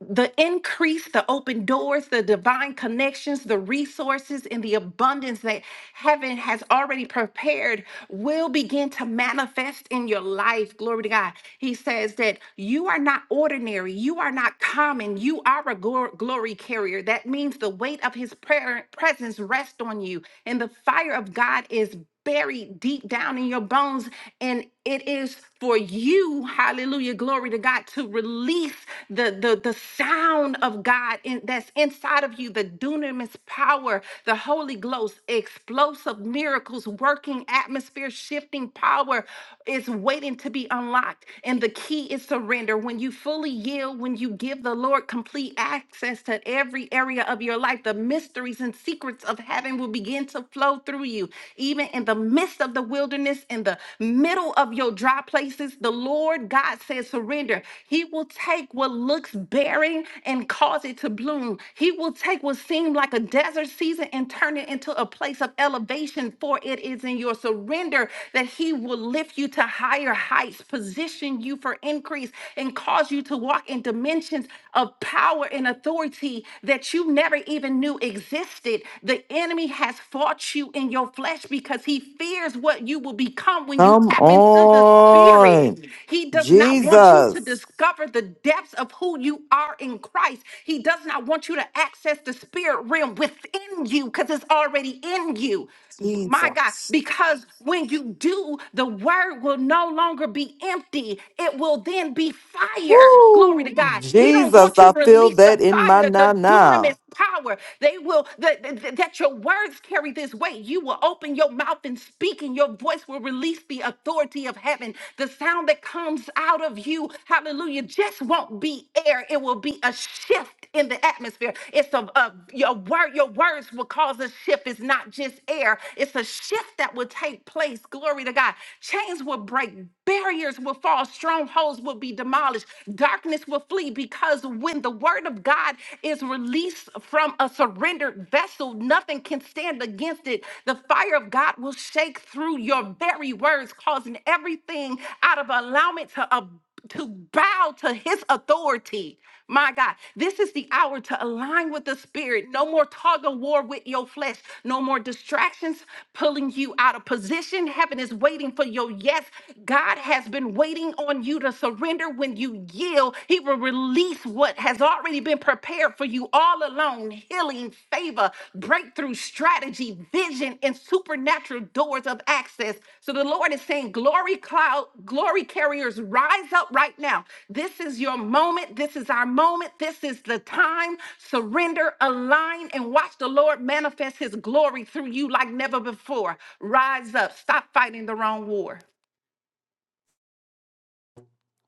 The increase, the open doors, the divine connections, the resources, and the abundance that heaven has already prepared will begin to manifest in your life. Glory to God. He says that you are not ordinary, you are not common, you are a glor- glory carrier fire. That means the weight of his prayer presence rests on you. And the fire of God is buried deep down in your bones. And it is for you, hallelujah, glory to God, to release the, the, the sound of God in, that's inside of you, the dunamis power, the Holy Ghost, explosive miracles, working atmosphere shifting power is waiting to be unlocked. And the key is surrender. When you fully yield, when you give the Lord complete access to every area of your life. The mysteries and secrets of heaven will begin to flow through you. Even in the midst of the wilderness, in the middle of your dry places, the Lord God says, surrender. He will take what looks barren and cause it to bloom. He will take what seemed like a desert season and turn it into a place of elevation, for it is in your surrender that He will lift you to higher heights, position you for increase, and cause you to walk in dimensions positions of power and authority that you never even knew existed. The enemy has fought you in your flesh because he fears what you will become when you
Come
tap into the
on.
spirit. He does not want you to
Jesus.
discover the depths of who you are in Christ. He does not want you to access the spirit realm within you because it's already in you. B- My God,
Jesus.
because when you do, the word will no longer be empty. It will then be fire. Glory to
Woo.
God. He don't
Jesus,
want you
I
to
feel
release the
that in my
fire,
now
the
now.
dunamis power. They will that that that your words carry this weight. You will open your mouth and speak, and your voice will release the authority of heaven. The sound that comes out of you, hallelujah, just won't be air prayer, it will be a shift in the atmosphere. It's a, a your word, your words will cause a shift. It's not just air, it's a shift that will take place. Glory to God. Chains will break, barriers will fall, strongholds will be demolished, darkness will flee because when the word of God is released from a surrendered vessel, nothing can stand against it. The fire of God will shake through your very words, causing everything out of alignment to abundance to bow to his authority. My God, this is the hour to align with the spirit. No more tug of war with your flesh. No more distractions pulling you out of position. Heaven is waiting for your yes. God has been waiting on you to surrender. When you yield, he will release what has already been prepared for you all along. Healing, blessing, favor, breakthrough, strategy, vision, and supernatural doors of access. So the Lord is saying, Glory cloud, glory carriers, rise up right now. This is your moment. This is our moment. This is the time. Surrender, align, and watch the Lord manifest his glory through you like never before. Rise up. Stop fighting the wrong war.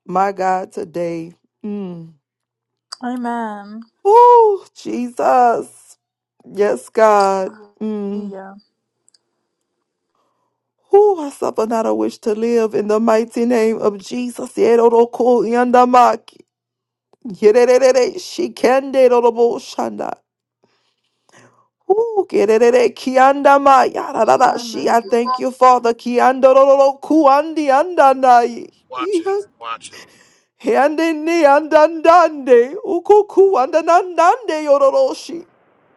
My God, today. Mm.
Amen.
Woo. Jesus. Yes, God. Mm.
Yeah.
Who I suffer not a wish to live in the mighty name of Jesus. Yedoroko yandamaki. Yerere shikende robo shanda. Ooh, gerere kianda ma yarara shi. I
Amen.
thank you, Father. Kianda roro kuandi andandai.
Watch it. Watch it.
Hande ni andandande. Uku kuandandande yororo shi.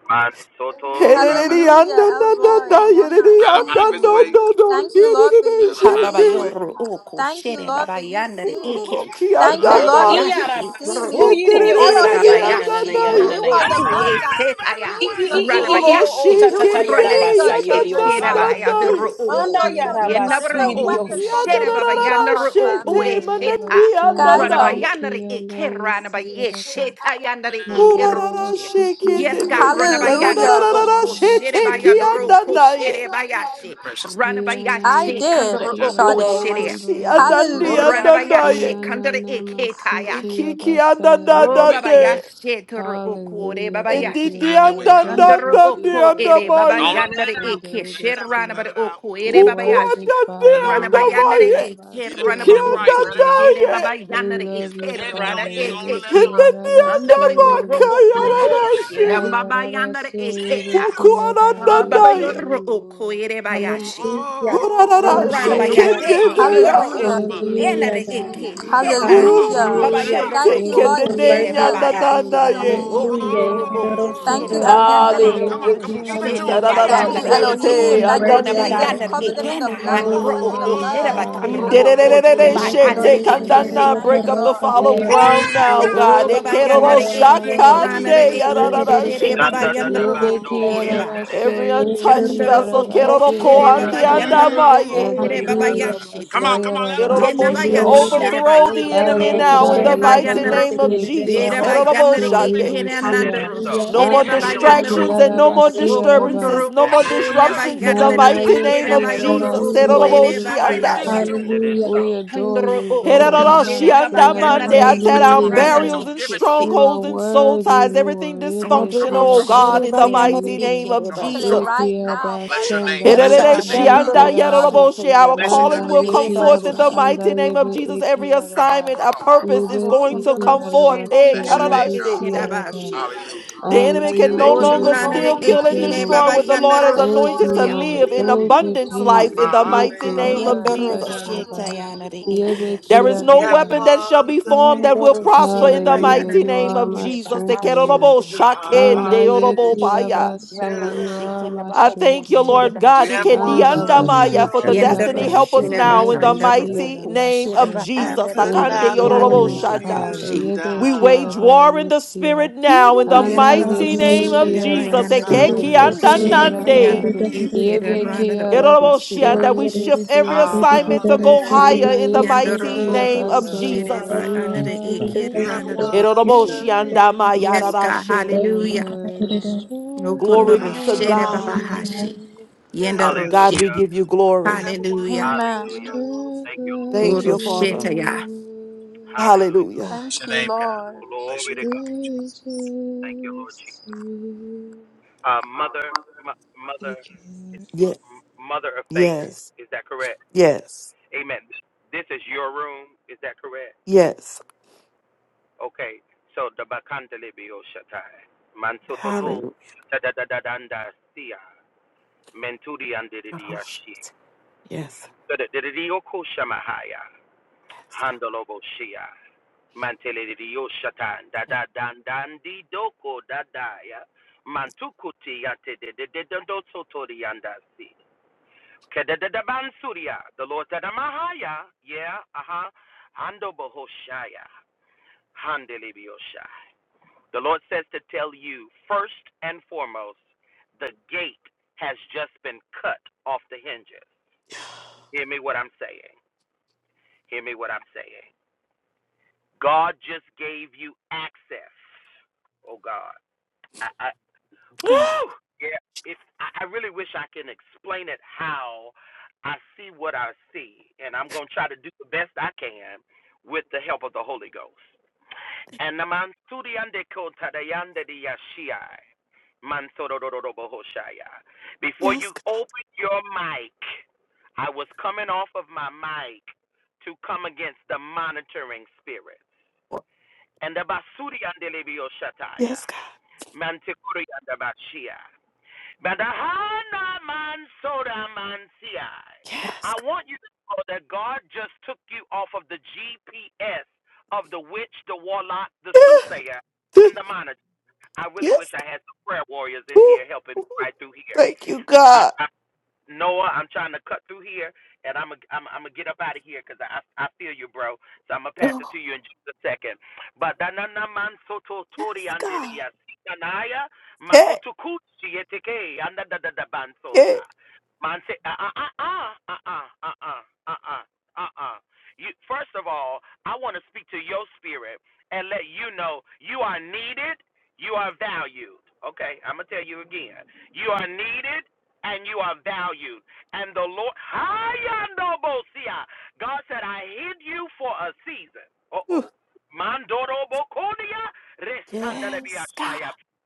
Man Soto
Herere
Rabbi.
Hallelujah, Elroy,
andandanda
Well,
the one
yerere
that
let him
sees
have his
me.
andando
way.
do do.
Thank you, Lord, for
Yerere
you
Let him
Ha
have
baba
see
his
me.
way.
shende.
yoro oko
Thank you,
shere
Lord, for
baba
you
yandere
see me.
Uroro
eke
Let
Thank
him
kianda
you,
have
Ooh,
Lord,
his
ma
for
way.
you
ki.
iyara
rabayashi
see
doro
basu
me.
oko
yiriyo
ere
sa
Yederere
Elohim,
yada
you
na na na na
babayashi
see
ya
me.
na
andandai.
doro
na
You
na
Hey,
are
ya
let
the
oku
sa.
God
e
that
him have his
setaya
I
sees
i
way.
your
i i i i
children.
o o
ranabayashi
ta ta
You
ta yada
see
ranare
your
basa
Ororoshikindiya na
eke
yiriyo
na
children,
sa
shere
God.
na
ya.
baya
na.
You
doro
see
oko
Anda
your
yada
children, God, and
basu
yenabro
no
yiriyo
oku
weapon
sa
Ukiya
ya.
formed
na
shere
na
against
na
baba
me
na
Yalabasikiyabasoyebesiyaba.
na.
shall
yandere
prosper.
oku
Shete
e seta
mananiya na
Guys,
na
oh,
ya.
ranabayandere eke ranabaye
Yalabasoyebekiyalaisiyaraba.
seta yandere eke
Jesus,
roshi Yes, God,
Urararashikindiya. Ya na na na
ranabayandere
na na
hallelujah.
na.
oku shere
Shete
baya
kiya
Handalabasikiyabasoyebesiyarabasoyebe.
doro
na
oko
na ye.
shere
In
bayashi
the precious name of Jesus.
I
Ranabayashi
did,
Hey,
Kandara
have your way.
Sade, one
Okushiri.
second.
Urororoshi
Hiyanayesikiyabasondorebekiya.
ananiya na
Hallelujah.
Have your
na
way.
ye.
Ranabayashi Kandara
Iyananamasiki
Iki
Eketayashi.
kiya na na
Have your
Oh
na
way,
de.
Jesus.
Babayashi Turu Okure
Hallelujah. Thank you,
Babayashi.
Have
Edidiya
your way,
na
Lord.
God.
na
Thank
Under
you,
na de
Oko
Jesus.
Ere
andamaye.
Don't let it
Babayanare
out.
Ayabasundo
Eke
Let it out. Let
Ibesia.
Shiranaba
it out.
Oko Ere
You're
Hukuya
worthy,
Babayashi.
na de
Let it
Father.
out.
Ranabayanare
andamaye.
Eke
You
Ibekiabasu
done paid
Ranaba
the
Ikiya
price.
na
oku
Let it
na
Ibesia.
out.
Shire
ye.
We
Babayanare
It's
love
been
you,
Eke
heavy
Rana
Father.
on you. Go on and
Eke
let it
Shi.
out.
Andaba
Ibekiarabasu
Yoro
Let
Oko
Ibesia.
it
O
Ndandiyandabakayararashi.
out.
Babayanare
Ayarabasu
Eketa.
Jesus.
Ibekiaba.
Ah,
We
Baba
adore
Ukuanandandai.
Yoro
you,
Oko
Lord.
Ere Bayashi.
Hallelujah.
Oh, come
Rana
on,
Urararashe
come on,
Hallelujah.
let it
bayate
out, let it out,
kendeneya.
let
kendoro
it
Hallelujah.
out,
oku
mother.
Hallelujah,
enare
God.
Anayesiarabasikiabasu.
eke
We
Come
honor
on,
sheta
come
you,
on,
God.
come
Hallelujah.
on,
baba
let it
Hallelujah.
Ururororoshe
out.
Thank
yandoro
you, Lord
You're
oku
Yebekiya
ere
worthy, oh
Jesus.
baba
God.
Thank you,
yashi
Rabasunda,
tekendeneyandadadaye.
Elohim.
Oh,
Yebekiya
Hallelujah.
okundoro oku
Hallelujah,
Thank
shere
you,
Rabaseya,
come
bayandoro
on,
Elohim.
come on,
Hallelujah,
oku
come on,
o
Yebekiya
give it to
Jesus.
sheta
him, give it to
Thank
Nayesiya
you,
him,
bayandare
God.
Arararashe
give it to
eke
Rabaso,
him.
Elohim.
te
You're
Thank you,
rona
worthy, oh
Yebesiya
God.
andandi.
Jesus.
bayandare
Ba.
Cover them in
eke
the
na
blood. Cover
handoro
Holy
us in
are
the
oku
you,
shere
blood.
Father,
bayandoro
I cover
oku
Oh,
this
shere
room
Yebekiya
in the
Iderererererashe
Lord
bayandare
oh,
te
Hallelujah,
Basaya
eke
Jesus.
kandana.
she
Rabba.
Thank
Break
you,
up the
Lord.
fallow ground
hey,
now,
Yebesiya
Oh,
God.
God,
Baba
touch
Nayesiya
right
Yandere
now in the
Eke,
name
Rabaso,
of
Ranere
Ekeroroshakande
Jesus.
Eke,
Yebesiya
Shere
Rabba.
yarararashe.
Baba Yandere
Oh.
Oko,
Yebekiya
Ere
Rabaso,
Bahashi.
Every untouched
Yebesiya
Handere
vessel,
Oko, Shere
Rabasekiya
Baba
Ba.
God.
Yandere
mm-hmm.
Oko,
kerorokoandiandamaye.
Ere Baba
Adonai
Hallelujah.
Yashi
Come on,
Turu.
Basaya
come on, let them touch you.
Eroroboshe,
Yenabaya
Let them
Rabasekiya
Hallelujah.
Shere
Overthrow
refill your
the
Bayoro
cup.
enemy
Oko,
now in
Yekerere,
the
Shere
Adonai
mighty
sekere,
Bayanere.
name of
sekere,
Yabasi
re, re, re,
Jesus.
Ere
Come
re.
on, come on. I
Kiarabasu
Bayanere
know it's been
Eroroboshande.
Eke,
heavy.
And it
Yibisia
is
Nandero,
so.
Hallelujah.
No
It's been
more
Shere
And
Baba
heavy
it
on
is
you.
Anayeki
so.
Come
Yanere.
distractions
on.
and no
Hallelujah.
more
Arabasi
O
Araba
disturbances,
Kondoro
no
And
more
it
Oko,
is so.
Neba
Hey,
disruptions in the
it's
Yandere
been
Eke,
mighty
heavy
name
And
Ere
of
it
on
Hallelujah.
is
you.
so.
Bayoro
Jesus.
Oko,
Hallelujah.
Ere
Come
Baba
on and give
Hanayesiarabasoyebekeaba.
it
Eroroboshiandaya.
Yashi.
to
And
him.
it is
Hallelujah.
We
God.
so.
adore
Handro
you,
Thank
Lord.
oko,
you.
Give him
Lord.
his
shere
praise.
baba
Give it to
yanare
Eroroboshiandamande. I
him. Give
tear
it to
eke,
down
him.
Hallelujah.
Give it
ranare
to
barriers
him.
Abasiarabasikiaba.
and
Give it to
eke
him.
You are
strongholds and soul
worthy,
ties, everything
Lord.
Yes,
Come on,
Yebe
dysfunctional,
come on,
oh
come on.
God, in the mighty
yebe.
name of
Come on,
Till it
come
Jesus.
on,
right
Eki
come
now,
on. Bless
Father
your
God.
name.
Abasanda
Bless your
Dismantle
Yebe
good
God.
name,
anything that
God.
Ererereshanda
Esi
Dandoro
is not of
araba.
shete
you.
yaroroboshe. Our
Bless
yandere
your good
callings
Anda
In
will
name,
come
Jesus'
Yeki
ireba
Jesus.
forth in
mighty
the
Abba
yoshi.
Anda
mighty
name.
name of
Ebekeabasoyebe.
Jesus. Every
Come on,
Ekeabasanda
assignment,
come
a
on, come
purpose
on,
is
ebe
come
O
esiaraba.
on.
going to
kondoro
come forth.
shete
Eh,
Bless
Anayekiaba
your
yandere
andayebe
name,
yebe
God.
si
kararashete.
araba.
ekedabashi.
Hallelujah.
The
Glory
enemy
to your
can no
name,
O
Mary
longer
Jesus.
can no
Anayakiyaba.
nanere
steal,
longer
kill,
Thank
and
you,
steal,
ekere
kill,
destroy
baba
Lord.
what
and
the
destroy.
Lord has
yandero
with The
Thank
Lord
anointed
has
shete
to
you,
ya.
Lord.
live
anointed
in
her
Thank
live
you,
in
abundance life in
abundance
the
Jesus.
life
mighty
in the
name of
Yikiyaba
mighty
Yandoro
name of
Jesus.
shete
sayaraba.
yandere
There
ekedashi.
is
Jesus.
no weapon
Yebekiyaraba.
that shall be formed that will
Ndoro
prosper
shete
in
ba
the
Hallelujah.
mighty
yandere
You
name
are
of
my
ekere
Jesus.
ba
Te
strength,
ashi
Lord.
kerorobo
kudushi ba
shakende
bangu kudushi.
yorobobaya.
Anayakiyaba. So
You
Yandoro
you are
shete na
my
ba
I
opo
strength,
thank you,
shete
Lord.
Lord
ba
God.
shete. yoshi.
Vicky
Ikediandamaya For the
Mahashasata,
Yendero
destiny,
Andabasikiaba.
help us
So
shiraba
now in the
andero
Yeshasatiashasa,
mighty
oku
yebesiyaraba.
name of
shiraba
So
Jesus.
ander
in the
Akande
Vicky
ikiriarre
fullness,
yororoboshanda.
Mahashasata.
Father.
okushi.
down,
We wage
Yebekiyaba.
war in the
Yesia.
spirit now in the
Kirima
you
Ana
are
mighty
yandero
name
the
Hallelujah.
of
yesikia
shiraba
Jesus.
yandero
baso
release.
Thank you,
Sekere, re,
Lord.
oku
re, re,
yebesia
Hallelujah.
shiraba
sekere,
raba.
Ekekiandanande.
re, re, re, re, re. Sekere, re, re, re, re, re, re. Sekere, re, re, re, re, re, re. Sekere, re, re,
yandere
re, re, re. Sekere, re, re, re, re,
ikiriarre
Yebekia
oku
raba so
shiraba.
Yororoboshianda. We shift every
yebesia raba.
assignment to go higher
Ana
in the
Yandero
mighty
yesikia
name
oku
of
baso yebe.
Jesus.
shiraba
You
Thank
andere
you,
are
Father.
You have a
my
ikiriarre oku
wonderful
shi.
strength.
Yes,
Lord.
God,
Thank
Yororoboshiandamayararashe.
you,
hallelujah.
Lord. Strength like
Glory
Okundoro
be to
no
shiraba
Hallelujah.
God.
Hallelujah.
bahashi.
other.
Yendero
God,
shi.
we
Hallelujah.
give you
You
glory.
have a wonderful
Hallelujah.
Lord.
Amen.
Hallelujah.
Strength
Thank
like
you, Lord.
no
Thank
Oro
you,
Bless
Father.
other.
Hallelujah.
Hallelujah.
your name, God. Bless
Glory
your
to
good
God.
name, Jesus.
Thank you, Lord
Reaches to
Jesus.
me.
Uh, mother, m- mother,
Thank you,
it's
Ye-
m- mother of faith.
yes,
Is that correct?
yes,
Amen. This is your room. Is that correct?
yes.
Okay. So the bakandelebio shatai mansototo
Hallelujah.
da da da da da sia mentudi andedidia shi
Yes,
da da da da shama haya
yes, God.
handalobo shia Mantele di Yoshatan, da da dan dan di doko da da ya. Mantukuti yante de de de dondo sotori yandasi. Kede de de bansuria, the Lord da da mahaya, yeah, aha, hando bohoshaya, handele di The Lord says to tell you, first and foremost, the gate has just been cut off the hinges. Hear me what I'm saying. Hear me what I'm saying. God just gave you access, oh God. I, I
Ah,
whew, yeah. If I, really wish I can explain it how I see what I see, and I'm gonna try to do the best I can with the help of the Holy Ghost. And the man studiande kotadayande diashiai, man Before
Yes,
you
God.
open your mic, I was coming off of my mic to come against the monitoring spirit. And the basuri and shataya.
Yes, God.
Mantikuri and Badahana man soda man see I
Yes,
I want you to know that God just took you off of the GPS of the witch, the warlock, the soothsayer,
God.
and the monitor. I really wish
Yes,
I had some prayer warriors in
God.
here
Ooh,
helping
ooh.
right through here.
Thank you,
I,
God.
I Noah, I'm trying to cut through here, and I'm i I'm I'm gonna get up out of here because I I feel you, bro. So I'm gonna pass it
Oh,
to you in just a second. But danana man soto
yes,
tori
God.
andelia sikanaya
Yeah,
makutukut sieteke anda da da da
yeah.
bansoria. Man say ah ah ah ah ah ah ah ah ah ah ah. You first of all, I want to speak to your spirit and let you know you are needed, you are valued. Okay, I'm gonna tell you again. You are needed and you are valued. And the Lord, God said, I hid you for a season. Uh
Ooh.
oh.
Yes, God.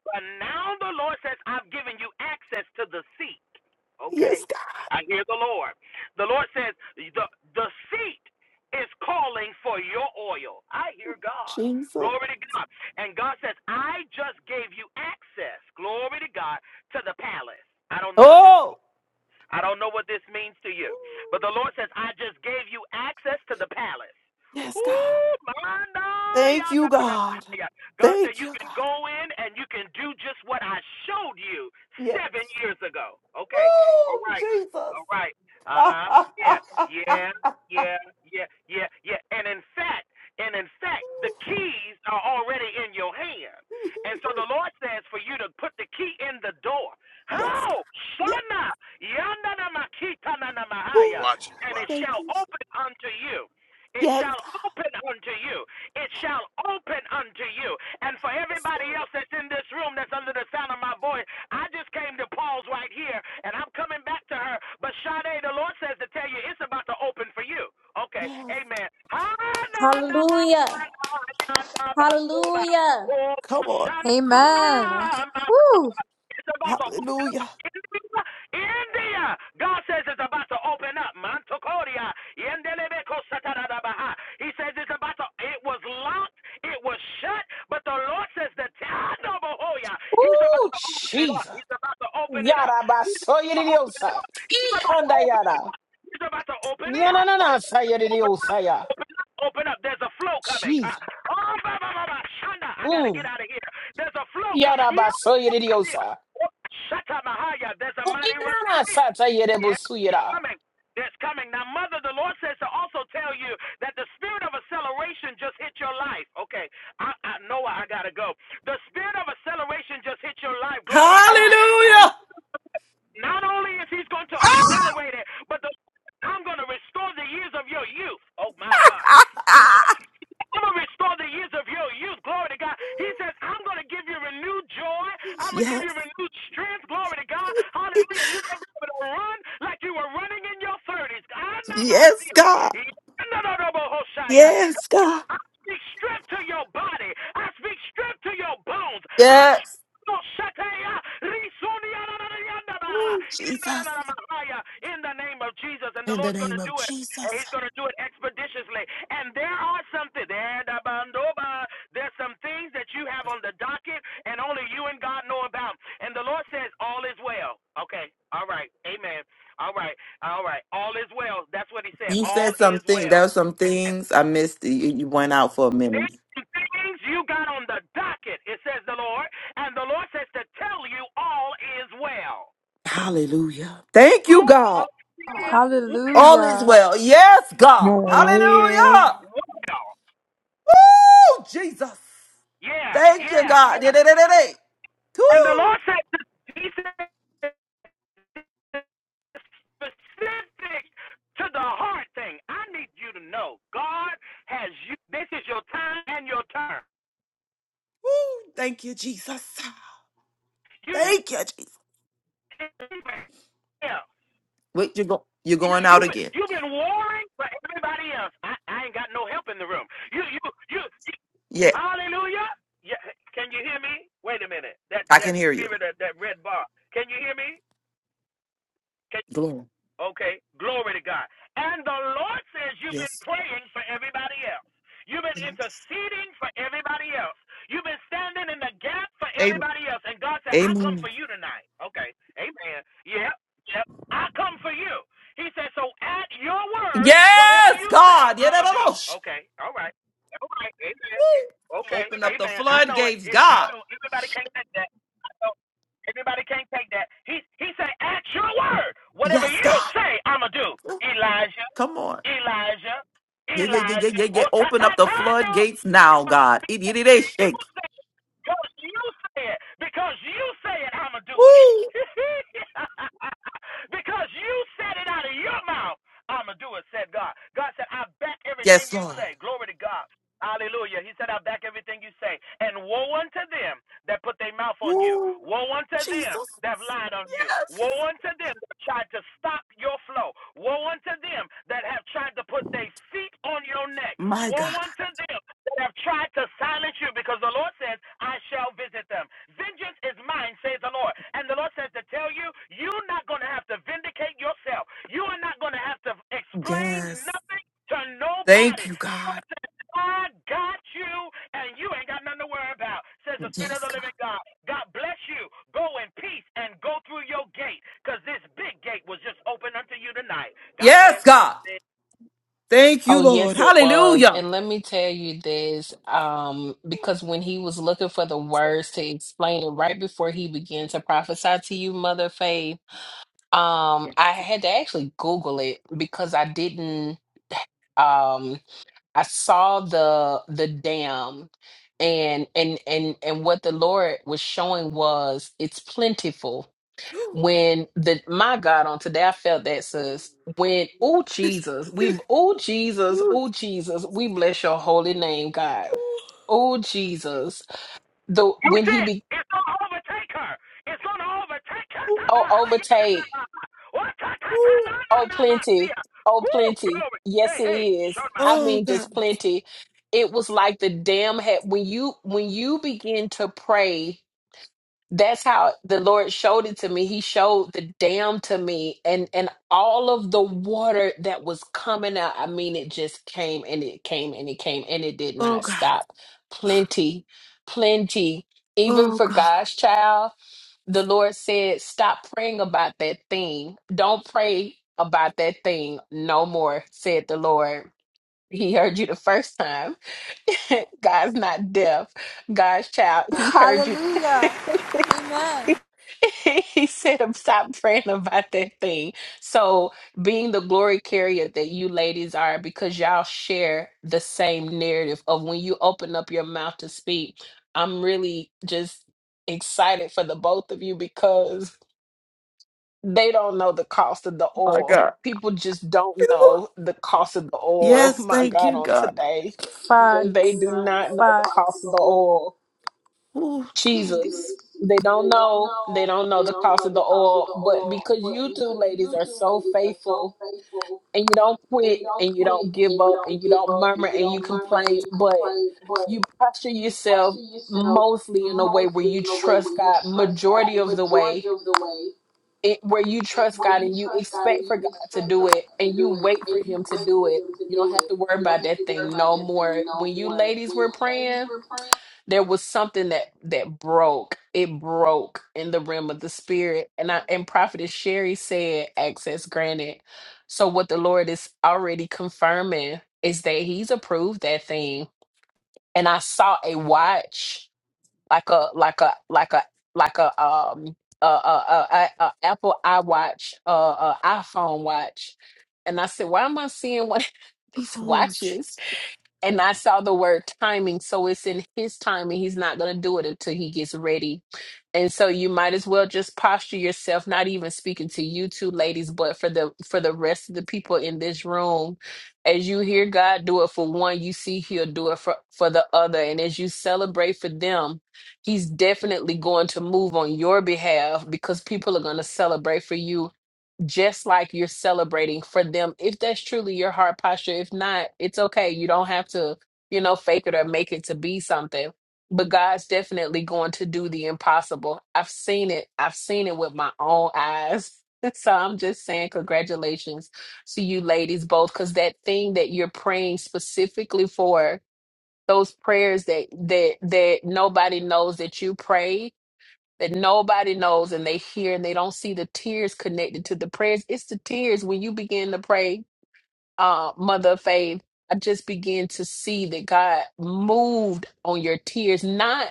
But now the Lord says, I've given you access to the seat. Okay.
Yes, God.
I hear the Lord. The Lord says, the, the seat is calling for your oil. I hear God.
Jesus.
Glory to God. And God says, I just gave you access. Glory to God to the palace. I don't know what this
Oh,
I don't know what this means to
Ooh.
you. But the Lord says, I just gave you access to the palace.
yes, God.
Ooh,
Thank you, God.
God said
Thank
you
you,
can
God.
go in and you can do just what I showed you
Yes.
seven years ago. Okay. All
Oh,
right.
Jesus.
All right. Uh-huh. Yeah. Yeah. Yeah. Yeah. Yeah. Yeah. And in fact, and in fact, the keys are already in your hand. And so the Lord says for you to put the key in the door.
yes, God.
Oh
Yes.
Shana, yonder na makita na na mahaya,
Ooh,
Watch it,
and it
watch it.
thank
shall
you.
open unto you. It
Yes.
shall
God.
open unto you. It shall open unto you. And for everybody else that's in this room, that's under the sound of my voice, I just came to pause right here, and I'm coming back to her. But Shana, the Lord says to tell you, it's about to open for you. Okay,
Yes.
Amen. Oh
Hallelujah. Hallelujah.
Come on.
Amen.
Shana,
Woo.
it's about to open.
Hallelujah.
India, India. God says it's about to open up. Mantocoria. He says it's about to, it was locked, it was shut, but the Lord says the Tadabahoya. He's about
Ooh,
to open it up.
Jesus.
He's about to open it up.
Yada basu yiriyo sa. I
He's about to,
kanda yada.
he's about to open it
Yana
up.
na na na sa yiriyo sa ya.
Open up. There's a flow coming. Huh?
Jesus.
Oh, ba, ba, ba, ba, Shanda. I got to get
Mm.
out of here. There's a flow coming.
Yada
Yeah.
basu yiriyo sa.
Shakamahaya, there's a mighty
Ina
rushing
na
wind.
sa ta yere
Yeah,
busu
it's
yira.
coming. It's coming. Now, Mother, the Lord says to also tell you that the spirit of acceleration just hit your life. Okay, I, I know I got to go. The spirit of acceleration just hit your life. Glory to God. And not only is He's going to accelerate it, but the, I'm going to restore the years of your youth. Oh, my God. So I'm gonna restore the years of your youth. Glory to God. He says, I'm gonna give you renewed joy. I'm gonna give you
yes.
renewed strength. Glory to God. Hallelujah. And you're gonna be able to run like you were running in your thirties. I'm not my
Yes, God.
no, no, no, Hoshaya.
Yes, God.
I speak strength to your body. I speak strength to your bones. I speak
Yes.
no
Oh,
in the
Jesus.
name of Jesus. And the
In the
Lord's going
name
to
of
do it. And
Jesus.
He's going to do it expeditiously. And there are something there. da, bandoba, There's some things that you have on the docket, and only you and God know about. And the Lord says, "All is well." Okay. All right. Amen. All right. All right. All is well. That's what He said.
You
All
said
is
something. There
well.
were some
Amen.
things I missed. You, you went out for a minute.
There's some things you got on the docket, it says the Lord, and the Lord says to tell you all is well.
Hallelujah. Thank you,
All
God.
is well.
All
Hallelujah.
is well. Yes, God.
Lord.
All is
Hallelujah.
Hallelujah.
well.
Woo, Jesus.
Yeah,
Thank you,
yeah,
God.
yeah.
Da-da-da-da-da.
And the Lord
Woo,
says, He says specific to the heart thing. I need you to know God has you. This is your time and your turn.
woo. Thank you, Jesus.
You
Thank you, Jesus.
Yeah.
Wait, you're, go- you're
You
going out
you've been,
again.
you've been warring for everybody else. I, I ain't got no help in the room. You you you. you
Yeah,
hallelujah. Yeah, can you hear me? Wait a minute. That
I
that
can hear you.
spirit of that red bar. Can you hear me? Can
Glory.
Okay, glory to God. And the Lord says you've been
Yes.
praying for everybody else. You've been interceding for everybody else. You've been standing in the gap for
Amen.
everybody else. And God said, I come
Amen.
for you tonight. Okay, amen. Yep, yep. I come for you. He said, so at your word, whatever
Yes,
you say,
God. Yeah,
I'm
no,
going
no,
to do.
no. Shh.
Okay, all right. All right, amen. Okay,
Open up the
amen. I know it.
floodgates,
it I
God.
know everybody can't take that. I know Everybody can't take that. He he said, at your word, whatever
Yes,
you
God.
say, I'ma do. Elijah,
Come on.
Elijah,
Yeah, yeah, yeah, yeah,
Elijah.
yeah, yeah.
Oh, ta
Open up
ta
the
ta no,
floodgates now,
because
God. It, it, it is
you
shake.
because you said, because you said I'ma do it.
Woo.
because you said it out of your mouth, I'ma do it, said God. God said, I back everything
Yes,
you
Lord.
say. Glory to God. Hallelujah. He said, I back everything you say. And woe unto them that put their mouth on you.
Woo.
Woe unto them
Jesus.
that have lied on you.
Yes.
Woe unto them that tried to stop your flow. Woe unto them that have tried to put their feet on your neck.
My
Woe
God.
unto them that have tried to silence you because the Lord says, I shall visit them. Vengeance is mine, says the Lord. And the Lord says to tell you, you're not going to have to vindicate yourself. You are not going to have to explain
Yes.
nothing to
Thank
nobody.
you,
The
God.
Lord says, I got you, and you ain't got nothing to worry about, says the Spirit of
Yes,
the
God.
living God. God bless you. Go in peace and go through your gate because this big gate was just open unto you tonight. God
Yes,
bless.
God. Thank
Oh,
you, Lord.
yes, it was.
Hallelujah.
And let me tell you this, um, because when he was looking for the words to explain it right before he began to prophesy to you, Mother Faith, um, I had to actually Google it because I didn't um I saw the the dam and and and and what the Lord was showing was it's plentiful when the my God on today I felt that sis when oh Jesus we oh Jesus oh
Oh,
Jesus we bless your holy name God oh Jesus the
You
when he
said
be
it's gonna overtake her. It's gonna overtake her.
oh overtake oh plenty oh
Woo!
plenty
Glory.
yes
Hey,
it
hey,
is
shut my.
I mean
God.
just plenty it was like the dam had when you when you begin to pray that's how the lord showed it to me he showed the dam to me and and all of the water that was coming out i mean it just came and it came and it came and it did
Oh,
not
God.
stop plenty plenty even
Oh,
for
God.
god's child the lord said stop praying about that thing don't pray about that thing no more said the lord he heard you the first time god's not deaf god's child he heard you
Hallelujah. Amen.
he said, "I'm stop praying about that thing. So, being the glory carrier that you ladies are, because y'all share the same narrative of when you open up your mouth to speak, I'm really just excited for the both of you because they don't know the cost of the
My
oil.
God.
People just don't know the cost of the oil.
Yes,
My
thank
God,
you,
on
God.
today,
They Facts. They do
they do
not know
not know the
Facts. the cost of
cost
the
of the
oil.
oil.
Oh,
Jesus.
Jesus.
They don't
They don't
know.
know.
They don't know
They
the
don't
cost
know
of the
the cost of
oil,
the
but
oil.
because
But
you two
because
ladies
you
are
two
so
ladies are so
faithful
faithful
and you don't
and
quit
you don't
and you
quit
don't
and
give
you
up
don't
and you
give
don't
up and
murmur
you
and you
don't murmur and
complain,
you
but
complain, but
you posture
you
yourself
posture yourself
mostly in a way where
mostly
you
in a way
trust
where you
God
trust
majority
God
of the
majority
way.
of the way,
It, where you trust
where
God
you
and you
trust God and
expect for
you
God to
expect
do
for
it
God to
and you
do it
wait for
and you
him to
wait for
do it.
Him to
You
do
don't have
it.
to worry
You don't
about
have to
that
worry
thing
about
no
that thing
more.
no
When you
more.
ladies
When
were
you
praying,
ladies were praying,
there was something that that broke it broke in the realm of the spirit and i and prophetess sherry said access granted so what the lord is already confirming is that he's approved that thing and i saw a watch like a like a like a like a um a a, a, a, a apple iwatch uh a iphone watch and i said why am i seeing one of these
oh
watches
Jesus.
and I saw the word timing, so it's in his timing. He's not going to do it until he gets ready. And so you might as well just posture yourself, not even speaking to you two ladies, but for the for the rest of the people in this room. As you hear God do it for one, you see he'll do it for, for the other. And as you celebrate for them, he's definitely going to move on your behalf because people are going to celebrate for you just like you're celebrating for them if that's truly your heart posture if not it's okay you don't have to you know fake it or make it to be something but God's definitely going to do the impossible I've seen it I've seen it with my own eyes so I'm just saying congratulations to you ladies both cuz that thing that you're praying specifically for those prayers that that that nobody knows that you prayed that nobody knows and they hear and they don't see the tears connected to the prayers. It's the tears when you begin to pray uh, Mother of Faith, I just began to see that God moved on your tears, not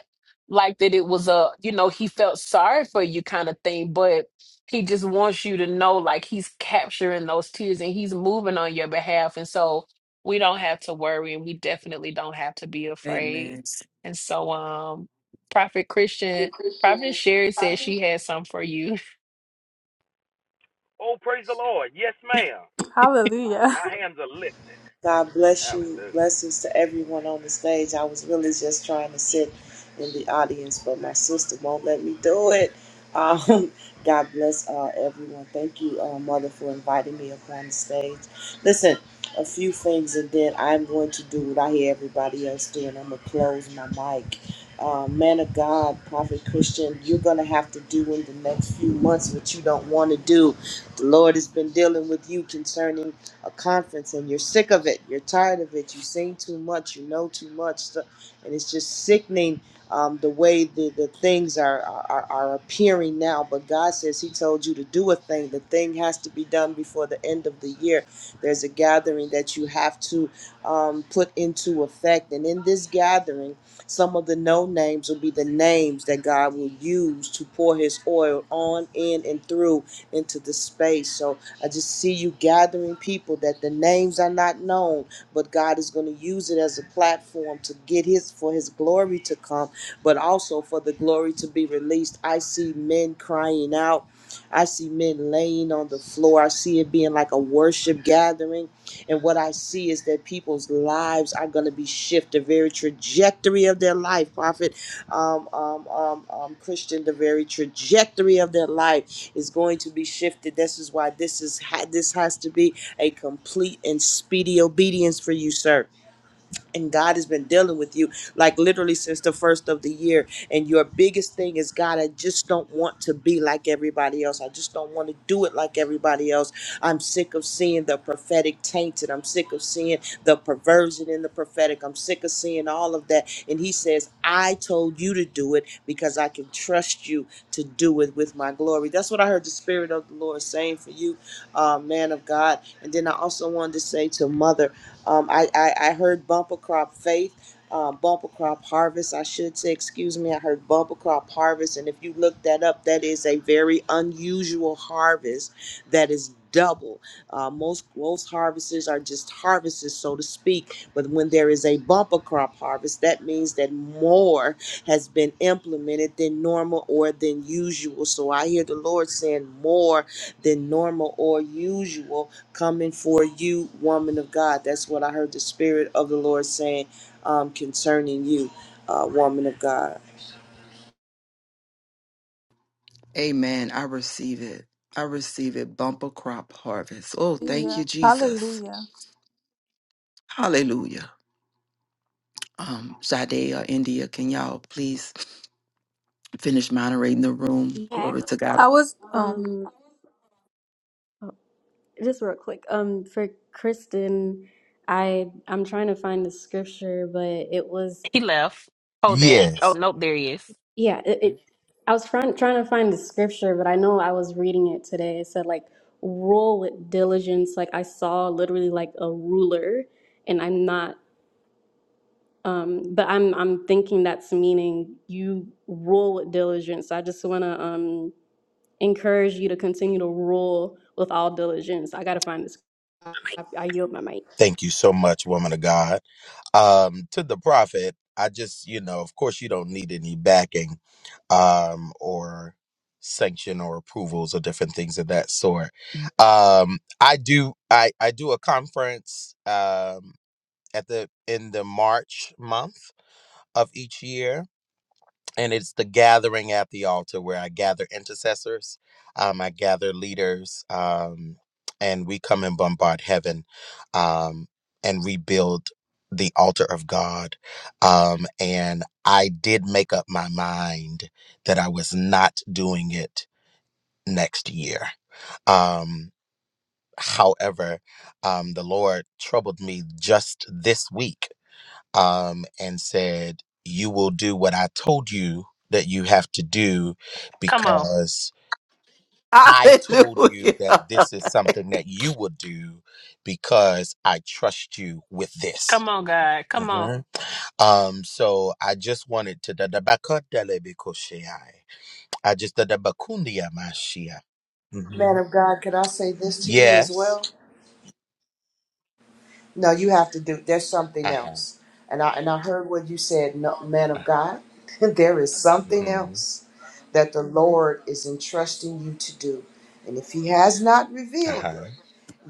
like that it was a, you know, he felt sorry for you kind of thing, but he just wants you to know like he's capturing those tears and he's moving on your behalf. And so we don't have to worry and we definitely don't have to be afraid.
Amen.
And so um Prophet Christian,
the
Prophet
Christian,
Sherry said
probably
she had some for you.
Oh, praise the Lord. Yes, ma'am. My hands are lifted.
God bless you.
Hallelujah.
Blessings to everyone on the stage. I was really just trying to sit in the audience, but my sister won't let me do it. Um, God bless uh, everyone. Thank you, uh, Mother, for inviting me up on the stage. Listen, a few things, and then I'm going to do what I hear everybody else doing. I'm going to close my mic. Uh, man of God, Prophet Christian, you're going to have to do in the next few months what you don't want to do. The Lord has been dealing with you concerning a conference and you're sick of it, you're tired of it, you've seen too much, you know too much, so- and it's just sickening um, the way the, the things are, are, are appearing now. But God says He told you to do a thing. The thing has to be done before the end of the year. There's a gathering that you have to um, put into effect. And in this gathering, some of the no names will be the names that God will use to pour His oil on, in, and through into the space. So I just see you gathering people that the names are not known, but God is going to use it as a platform to get his for his glory to come, but also for the glory to be released. I see men crying out. I see men laying on the floor. I see it being like a worship gathering. And what I see is that people's lives are going to be shifted, the very trajectory of their life, Prophet um, um, um, um, Christian, the very trajectory of their life is going to be shifted. This is why this is ha- this has to be a complete and speedy obedience for you, sir and God has been dealing with you like literally since the first of the year. And your biggest thing is, God, I just don't want to be like everybody else. I just don't want to do it like everybody else. I'm sick of seeing the prophetic tainted. I'm sick of seeing the perversion in the prophetic. I'm sick of seeing all of that. And He says, I told you to do it because I can trust you to do it with my glory. That's what I heard the Spirit of the Lord saying for you, uh, man of God. And then I also wanted to say to Mother. Um, I, I, I heard bumper crop faith, uh, bumper crop harvest, I should say, excuse me. I heard bumper crop harvest. And if you look that up, that is a very unusual harvest that is double. Uh, most, most harvests are just harvests, so to speak. But when there is a bumper crop harvest, that means that more has been implemented than normal or than usual. So I hear the Lord saying more than normal or usual coming for you, woman of God. That's what I heard the Spirit of the Lord saying um, concerning you, uh, woman of God.
Amen. I receive it. I receive it. Bumper crop harvest. Oh, thank you,
Hallelujah.
Jesus.
Hallelujah.
Hallelujah. um, Sade or India, can y'all please finish moderating the room?
Yeah.
Glory to God.
I was um Um,
um, just real quick, um, for Kristen, I I'm trying to find the scripture, but it was
He left. Hold that. Oh nope, there he is.
yeah, it, it I was trying trying to find the scripture, but I know I was reading it today. It said like rule with diligence. Like I saw literally like a ruler, and I'm not. Um, but I'm I'm thinking that's meaning you rule with diligence. So I just wanna um. encourage you to continue to rule with all diligence. I got to find this. I, I yield my mic.
Thank you so much, woman of God. Um, to the prophet, I just, you know, of course, you don't need any backing um, or sanction or approvals or different things of that sort. Um, I do, I, I do a conference um, at the in the March month of each year, and it's the gathering at the altar where I gather intercessors, um, I gather leaders, um, and we come and bombard heaven um, and rebuild the altar of God. Um, and I did make up my mind that I was not doing it next year. Um, however, um, the Lord troubled me just this week um, and said, You will do what I told you that you have to do
Come on.
because I told you
Hallelujah.
that this is something that you would do because I trust you with this.
Come on, God. Come on.
Mhm. Um, so I just wanted to da da bakadele bikoshei. I just da da bakundia mashia.
Man
Mhm.
of God, could I say this to you as
Yes.
well? No, you have to do. There's something
Uh-huh.
else, and I and I heard what you said, no, man of
Uh,
God. there is
huh uh
something else that the Lord is entrusting you to do, and if He has not revealed
huh.
it.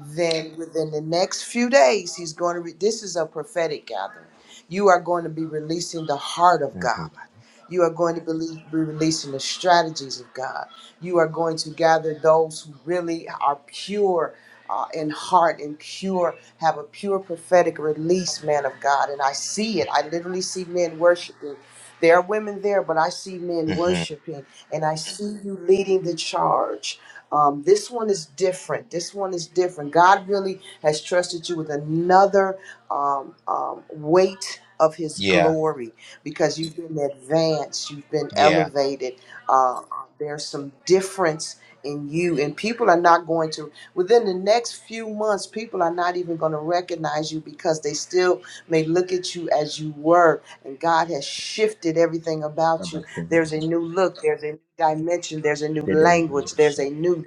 then within the next few days he's going to re- this is a prophetic gathering you are going to be releasing the heart of
uh huh
god you are going to be, be releasing the strategies of god you are going to gather those who really are pure uh, in heart and pure have a pure prophetic release man of god and i see it i literally see men worshiping there are women there but i see men
Mm-hmm.
worshiping and i see you leading the charge um, this one is different. This one is different. God really has trusted you with another um, um, weight of His
Yeah.
glory because you've been advanced, you've been
Yeah.
elevated. Uh, there's some difference in you, and people are not going to, within the next few months, people are not even going to recognize you because they still may look at you as you were, and God has shifted everything
Da
about you
bakun-
there's a new look, there's a new dimension, there's a new
da da da
language, there's
da.
a new,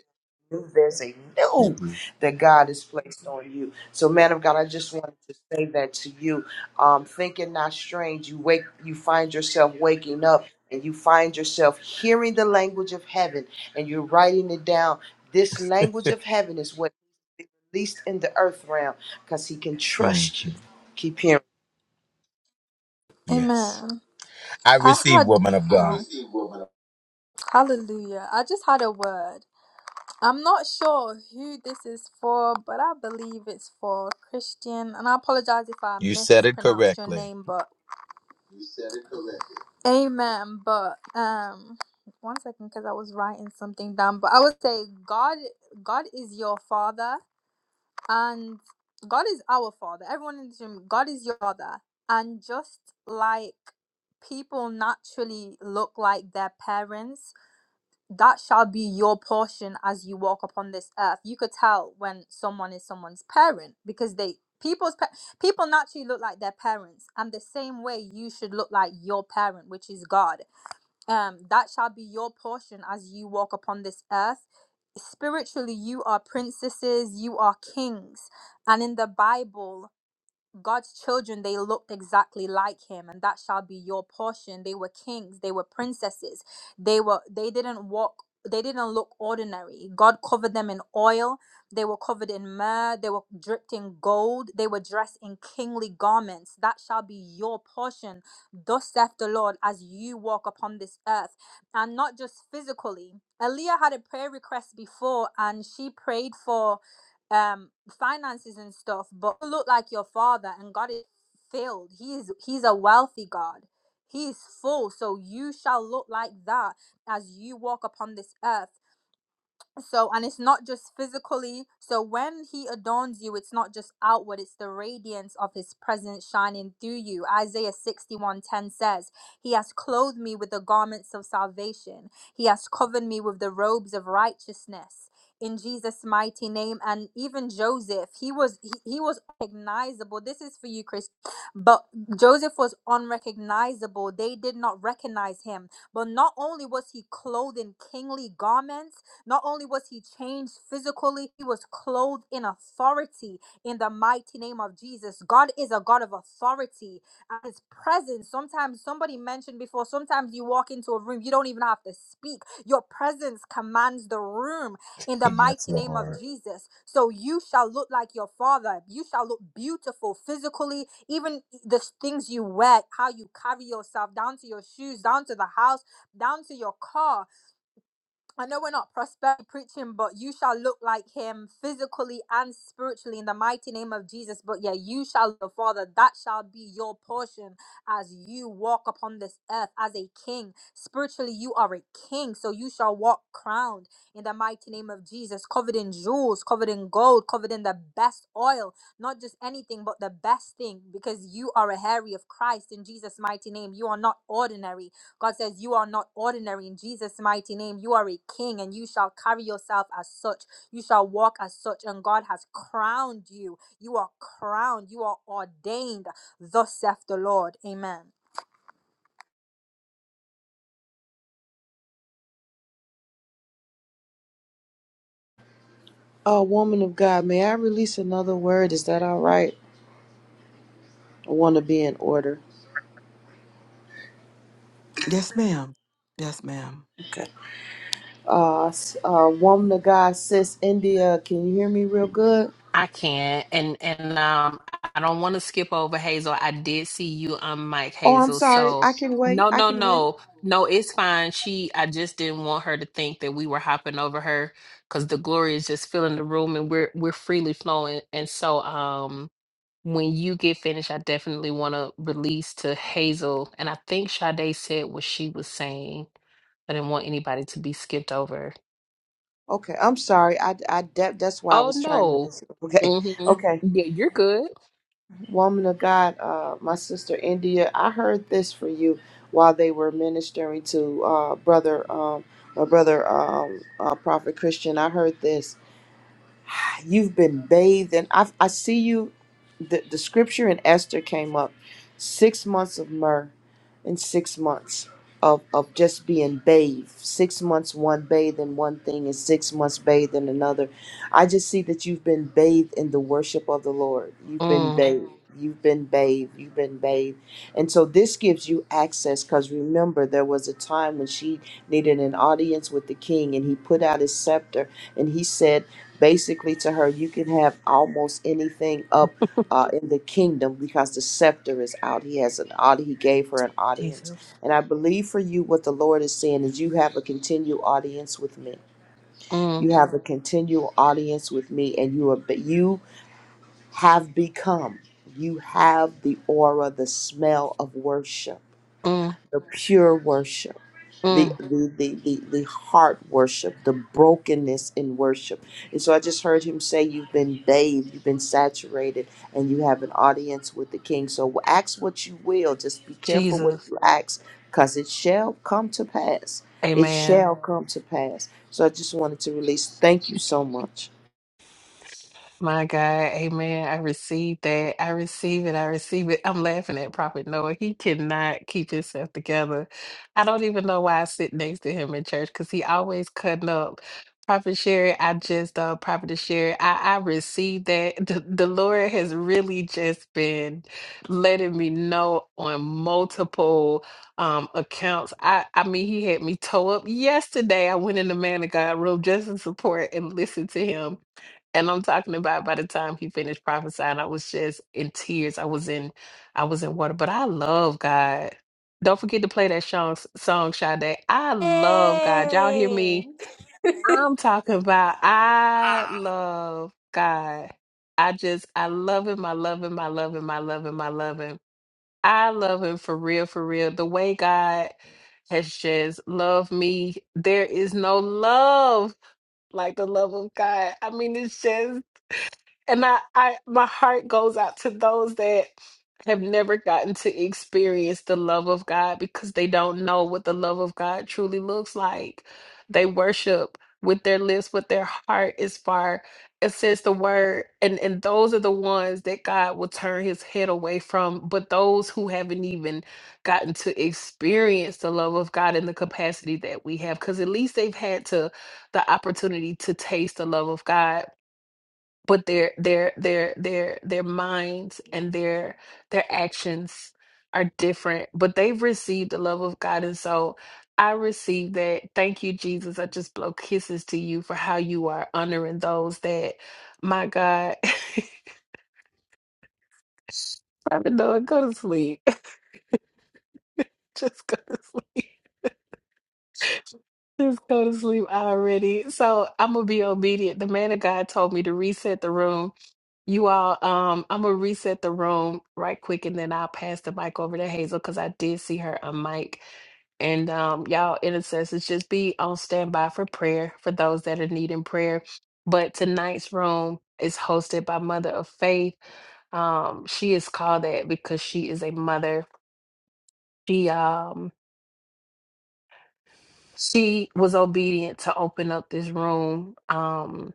new there's a new
Mhm.
that God has placed on you. So, man of God, I just wanted to say that to you. Um, thinking not strange, you wake, you find yourself waking up and you find yourself hearing the language of heaven and you're writing it down. This language of heaven is what least in the earth realm because he can
Mhm.
trust you. Keep hearing.
Yes.
amen.
I
I
receive,
had
woman of
um
God.
hallelujah. I just had a word. I'm not sure who this is for, but I believe it's for Christian. And I apologize if I
You said it
mispronounced your
correctly.
name, but You said it correctly. Amen. But um, one second, because I was writing something down. But I would say God, God is your father, and God is our father. Everyone in this room, God is your father, and just like people naturally look like their parents that shall be your portion as you walk upon this earth. You could tell when someone is someone's parent because they people's pa- people naturally look like their parents, and the same way you should look like your parent, which is God. Um, that shall be your portion as you walk upon this earth. Spiritually, you are princesses, you are kings, and in the Bible. God's children, they looked exactly like him, and that shall be your portion. They were kings, they were princesses, they were they didn't walk, they didn't look ordinary. God covered them in oil, they were covered in myrrh, they were dripped in gold, they were dressed in kingly garments. That shall be your portion. Thus saith the Lord, as you walk upon this earth, and not just physically. Aaliyah had a prayer request before, and she prayed for um finances and stuff but look like your father and god is filled he is he's a wealthy god he is full so you shall look like that as you walk upon this earth so and it's not just physically so when he adorns you it's not just outward it's the radiance of his presence shining through you isaiah 61 10 says he has clothed me with the garments of salvation he has covered me with the robes of righteousness in jesus mighty name and even joseph he was he, he was recognizable this is for you chris but joseph was unrecognizable they did not recognize him but not only was he clothed in kingly garments not only was he changed physically, he was clothed in authority in the mighty name of Jesus. God is a God of authority and his presence. Sometimes somebody mentioned before, sometimes you walk into a room, you don't even have to speak. Your presence commands the room in the
Yes,
mighty name of
Lord.
Jesus. So you shall look like your father. You shall look beautiful physically, even the things you wear, how you carry yourself, down to your shoes, down to the house, down to your car I know we're not prosperity preaching, but you shall look like him physically and spiritually in the mighty name of Jesus. But yeah, you shall, the Father, that shall be your portion as you walk upon this earth as a king. Spiritually, you are a king, so you shall walk crowned in the mighty name of Jesus, covered in jewels, covered in gold, covered in the best oil, not just anything, but the best thing, because you are a hairy of Christ in Jesus' mighty name. You are not ordinary God says, You are not ordinary in Jesus' mighty name. You are a king and you shall carry yourself as such. You shall walk as such. And God has crowned you. You are crowned. You are ordained. Thus saith the Lord. Amen.
Oh, woman of God, may I release another word? Is that all right? I want to be in order.
Yes, ma'am. Yes, ma'am.
Okay. Uh, s- uh, woman of God, sis India, can you hear me real good?
I can't. And and um I don't want to skip over Hazel. I did see you on Mike
Oh, I'm
Hazel.
sorry.
So
I can wait.
no,
I
no,
can wait.
no. No, it's fine. She I just didn't want her to think that we were hopping over her because the glory is just filling the room and we're we're freely flowing. And so um when you get finished, I definitely want to release to Hazel. And I think Sade said what she was saying. I didn't want anybody to be skipped over.
Okay. I'm sorry. I, I that, that's why I
Oh
was trying to
no.
miss. it. Okay.
hmm
Okay.
Yeah, you're good.
Woman of God, uh, my sister India, I heard this for you while they were ministering to uh, brother, um, my brother, um, uh, prophet Christian. I heard this. You've been bathed, and I, I see you. The, the scripture in Esther came up six months of myrrh and six months of, of just being bathed. Six months, one bathed in one thing, and six months bathed in another. I just see that you've been bathed in the worship of the Lord. You've been
Mm,
bathed. You've been bathed. You've been bathed. And so this gives you access because remember, there was a time when she needed an audience with the king, and he put out his scepter and he said, basically to her, you can have almost anything up uh, in the kingdom because the scepter is out. He has an audi. He gave her an audience, and I believe for you, what the Lord is saying is, you have a continual audience with me.
mm,
You have a continual audience with me, and you are but you have become. You have the aura, the smell of worship
mm,
the pure worship, the
mm.
the, the, the the heart worship, the brokenness in worship. And so I just heard him say, You've been bathed, you've been saturated, and you have an audience with the king. So ask what you will, just be careful what
Jesus.
you ask, because it shall come to pass. It
Amen.
shall come to pass. So I just wanted to release. Thank you so much.
My God, amen. I receive that. I receive it. I receive it. I'm laughing at Prophet Noah. He cannot keep himself together. I don't even know why I sit next to him in church because he always cutting up. Prophet Sherry, I just, uh, Prophet Sherry, I, I received that. The, the Lord has really just been letting me know on multiple um accounts. I, I mean, he had me toe up yesterday. I went in the man of God room just to support and listen to him and I'm talking about by the time he finished prophesying, I was just in tears. I was in, I was in water. But I love God. Don't forget to play that song, song Sade. I love God. Y'all hear
Yay!
me? I'm talking about I
Ah!
love God. I just I love him. I love him. I love him. I love him. I love him. I love him for real, for real. The way God has just loved me. There is no love like the love of God. I mean, it's just and I, I my heart goes out to those that have never gotten to experience the love of God because they don't know what the love of God truly looks like. They worship with their lips, but their heart is far. It says the word, and and those are the ones that God will turn His head away from. But those who haven't even gotten to experience the love of God in the capacity that we have, because at least they've had to the opportunity to taste the love of God but their their their their their minds and their their actions are different but they've received the love of god and so i receive that thank you jesus i just blow kisses to you for how you are honoring those that my god Private Noah, go to sleep. Just go to sleep. Just go to sleep already. So I'm gonna be obedient. The man of God told me to reset the room. You all, um, I'm gonna reset the room right quick, and then I'll pass the mic over to Hazel because I did see her on mic. And um, y'all intercessors, just be on standby for prayer for those that are needing prayer. But tonight's room is hosted by Mother of Faith. Um, she is called that because she is a mother. She um she was obedient to open up this room, um,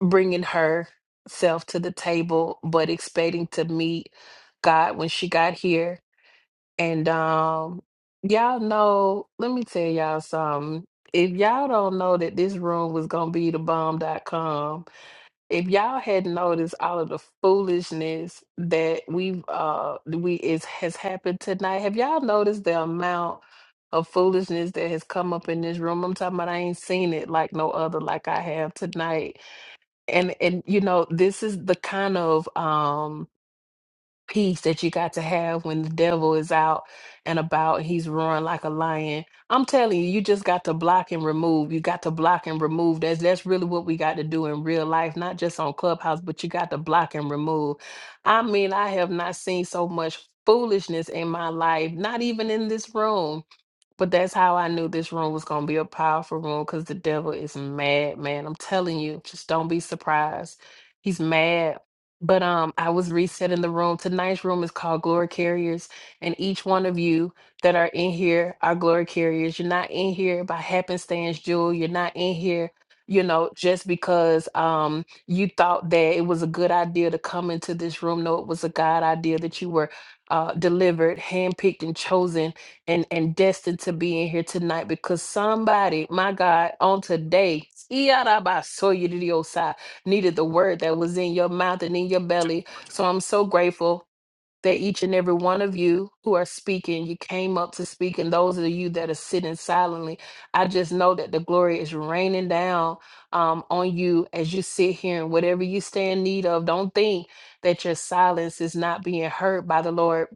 bringing herself to the table, but expecting to meet God when she got here. And um, y'all know, let me tell y'all something. If y'all don't know that this room was going to be the bomb, dot com if y'all had noticed all of the foolishness that we've uh we is has happened tonight, have y'all noticed the amount of foolishness that has come up in this room? I'm talking about I ain't seen it like no other like I have tonight. And and you know, this is the kind of um peace that you got to have when the devil is out and about he's roaring like a lion i'm telling you you just got to block and remove you got to block and remove that's that's really what we got to do in real life not just on clubhouse but you got to block and remove i mean i have not seen so much foolishness in my life not even in this room but that's how I knew this room was going to be a powerful room because the devil is mad, man. I'm telling you, just don't be surprised. He's mad. But um, I was resetting the room. Tonight's room is called Glory Carriers, and each one of you that are in here are glory carriers. You're not in here by happenstance, Jewel. You're not in here, you know, just because um you thought that it was a good idea to come into this room. No, it was a God idea that you were uh delivered, handpicked, and chosen and and destined to be in here tonight because somebody, my God, on today, Iyarabasoyiridiosai, needed the word that was in your mouth and in your
Just
belly.
watch it.
So I'm so grateful that each and every one of you who are speaking, you came up to speak, and those of you that are sitting silently, I just know that the glory is raining down um, on you as you sit here and whatever you stand in need of. Don't think that your silence is not being heard by the Lord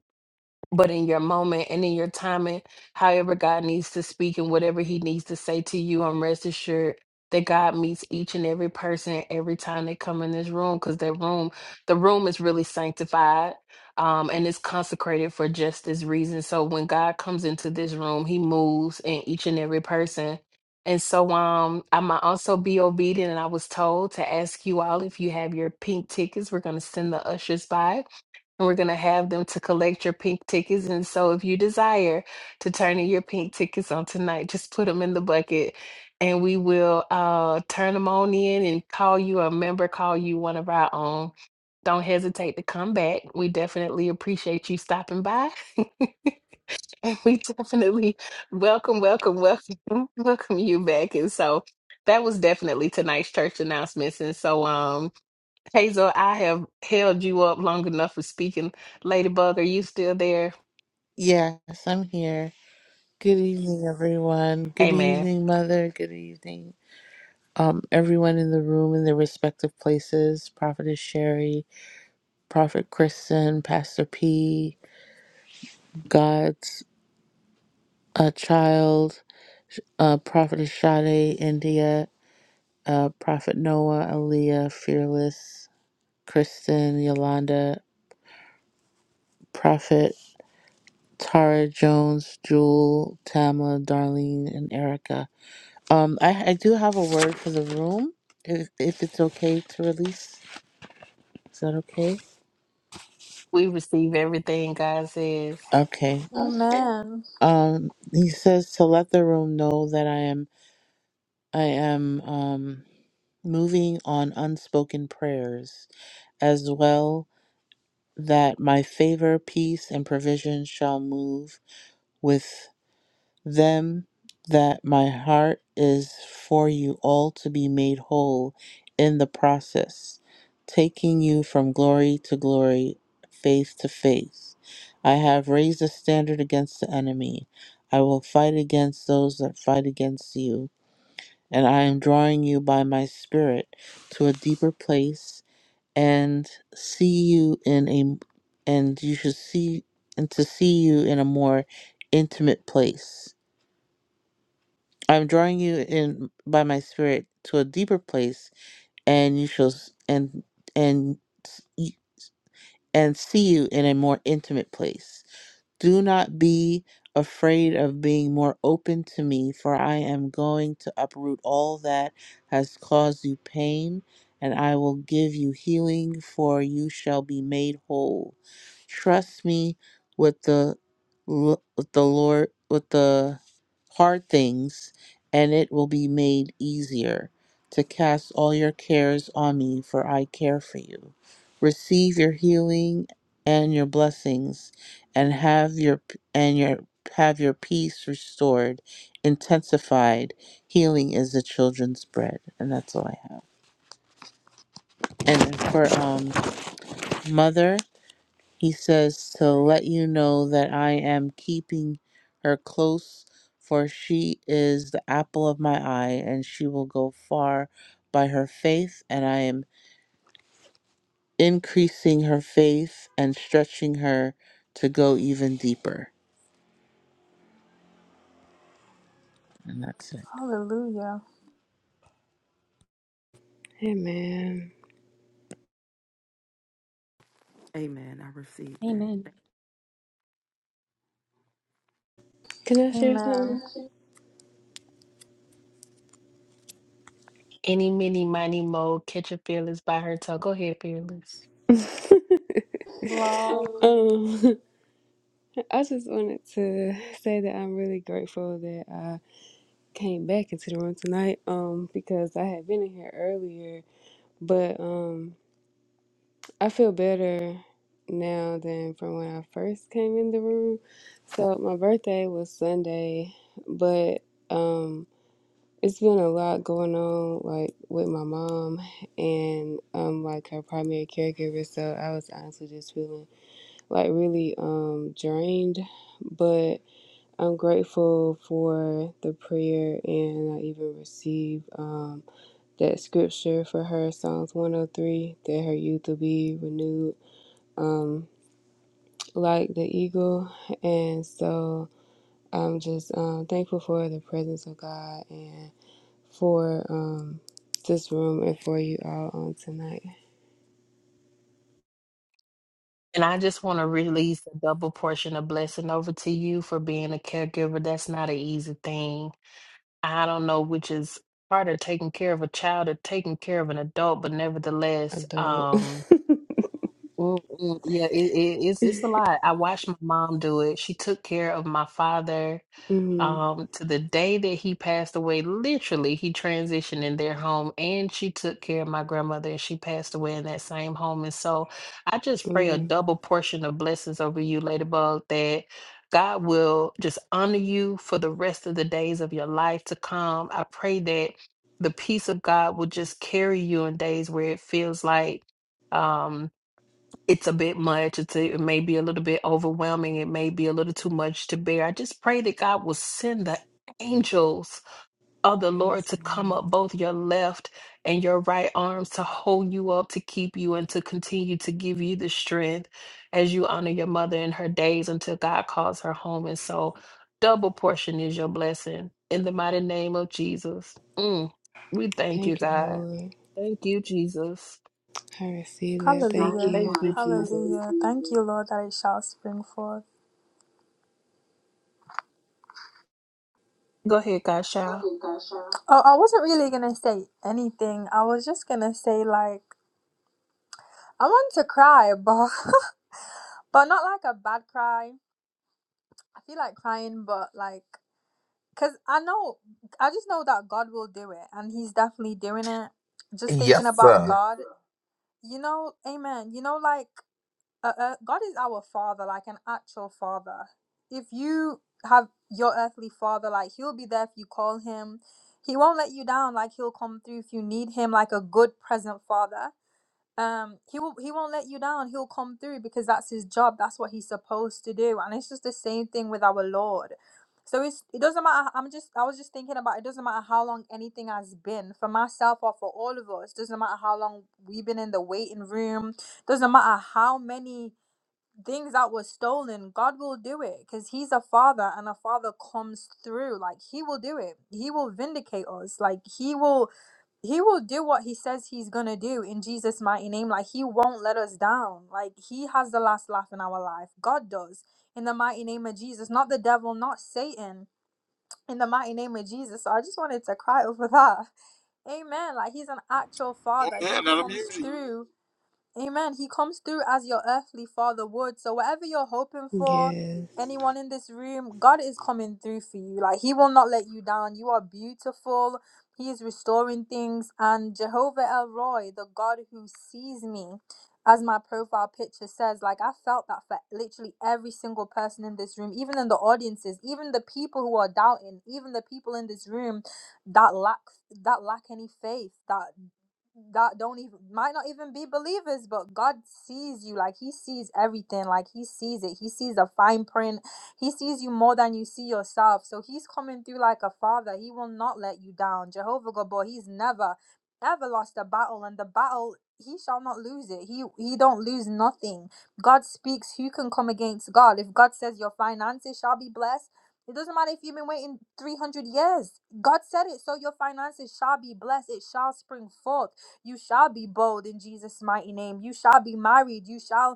but in your moment and in your timing, however God needs to speak and whatever He needs to say to you, I'm rest assured that God meets each and every person every time they come in this room because that room, the room is really sanctified um, and it's consecrated for just this reason. So when God comes into this room, He moves in each and every person. And so um, I might also be obedient, and I was told to ask you all if you have your pink tickets. We're going to send the ushers by and we're going to have them to collect your pink tickets. And so, if you desire to turn in your pink tickets on tonight, just put them in the bucket and we will uh, turn them on in and call you a member, call you one of our own. Don't hesitate to come back. We definitely appreciate you stopping by. and we definitely welcome, welcome, welcome, welcome you back. And so, that was definitely tonight's church announcements. And so, um. Hazel, I have held you up long enough for speaking. Ladybug, are you still there?
Yes, I'm here. Good evening, everyone. Good
Amen.
evening, Mother. Good evening, um, everyone in the room in their respective places. Prophetess Sherry, Prophet Kristen, Pastor P, God's uh, child, uh, Prophetess Sade, India, uh, Prophet Noah, Aaliyah, Fearless, Kristen, Yolanda, Prophet. Tara Jones, Jewel, Tama, Darlene, and Erica. Um, I, I do have a word for the room, if, if it's okay to release. Is that okay?
We receive everything God says.
Okay.
Amen.
Um, he says to let the room know that I am I am um moving on unspoken prayers, as well that my favor, peace, and provision shall move with. them that my heart is for you all to be made whole in the process, taking you from glory to glory, faith to faith. I have raised a standard against the enemy. I will fight against those that fight against you, and I am drawing you by my spirit to a deeper place and see you in a and you should see and to see you in a more intimate place. I'm drawing you in by my spirit to a deeper place, and you shall s- and and s- y- and see you in a more intimate place. Do not be afraid of being more open to me, for I am going to uproot all that has caused you pain, and I will give you healing, for you shall be made whole. Trust me with the l- with the Lord with the hard things, and it will be made easier to cast all your cares on me, for I care for you. Receive your healing and your blessings and have your and your have your peace restored, intensified. Healing is the children's bread, and that's all I have. And for um mother, he says to let you know that I am keeping her close, for she is the apple of my eye, and she will go far by her faith, and I am increasing her faith and stretching her to go even deeper. And that's it.
Hallelujah.
Hey man,
Amen. I received that.
Amen.
can I share something?
Amen.
Any, mini, miny, mo, catch a fearless by her toe. Go ahead, fearless.
Wow.
um, I just wanted to say that I'm really grateful that I came back into the room tonight. Um, because I had been in here earlier, but um, I feel better now than from when I first came in the room. So my birthday was Sunday, but um, it's been a lot going on, like with my mom and um, like her primary caregiver. So I was honestly just feeling like really um drained, but I'm grateful for the prayer and I even received um that scripture for her Psalms 103 that her youth will be renewed um like the eagle and so I'm just um thankful for the presence of God and for um this room and for you all on tonight
And I just want to release a double portion of blessing over to you for being a caregiver. That's not an easy thing. I don't know which is harder, taking care of a child or taking care of an adult, but nevertheless,
adult
um. Mm, mm, Yeah, it, it, it's it's a lot. I watched my mom do it. She took care of my father
mm,
um to the day that he passed away. Literally, he transitioned in their home, and she took care of my grandmother, and she passed away in that same home. And so, I just pray a
mm,
double portion of blessings over you, Ladybug, that God will just honor you for the rest of the days of your life to come. I pray that the peace of God will just carry you in days where it feels like. Um, it's a bit much. It's a, it may be a little bit overwhelming. It may be a little too much to bear. I just pray that God will send the angels of the Lord
yes
to come
Lord
up both your left and your right arms to hold you up, to keep you, and to continue to give you the strength as you honor your mother in her days until God calls her home. And so, double portion is your blessing in the mighty name of Jesus. Mm, we thank you,
thank you
God.
Lord
Thank you, Jesus.
I receive that. Thank
Hallelujah.
Thank
you.
you, Jesus.
Hallelujah. Thank you, Lord, that it shall spring forth.
Go ahead, God.
Oh, I wasn't really gonna say anything. I was just gonna say like I want to cry, but but not like a bad cry. I feel like crying, but like, cause I know, I just know that God will do it, and He's definitely doing it. Just thinking
Yes,
about
sir.
God, you know, Amen. You know, like, uh, uh, God is our Father, like an actual Father. If you have your earthly Father, like He'll be there if you call Him. He won't let you down. Like He'll come through if you need Him, like a good present Father um he will he won't let you down he'll come through because that's his job that's what he's supposed to do and it's just the same thing with our lord so it's it doesn't matter i'm just i was just thinking about it doesn't matter how long anything has been for myself or for all of us doesn't matter how long we've been in the waiting room doesn't matter how many things that were stolen god will do it because he's a father and a father comes through like he will do it he will vindicate us like he will he will do what he says he's gonna do in Jesus' mighty name. Like he won't let us down. Like he has the last laugh in our life. God does in the mighty name of Jesus, not the devil, not Satan. In the mighty name of Jesus. So I just wanted to cry over that. Amen. Like he's an actual
Go
father. He
ahead, let them
comes
use you.
through. Amen. He comes through as your earthly father would. So whatever you're hoping for,
Yes.
anyone in this room, God is coming through for you. Like he will not let you down. You are beautiful. He is restoring things and Jehovah El Roy, the God who sees me, as my profile picture says, like I felt that for literally every single person in this room, even in the audiences, even the people who are doubting, even the people in this room that lack that lack any faith, that God don't even might not even be believers, but God sees you like He sees everything, like He sees it. He sees the fine print. He sees you more than you see yourself. So He's coming through like a father. He will not let you down. Jehovah Gabor, He's never ever lost a battle, and the battle He shall not lose it. He He don't lose nothing. God speaks. Who can come against God? If God says your finances shall be blessed. It doesn't matter if you've been waiting 300 years. God said it, so your finances shall be blessed. It shall spring forth. You shall be bold in Jesus' mighty name. You shall be married. You shall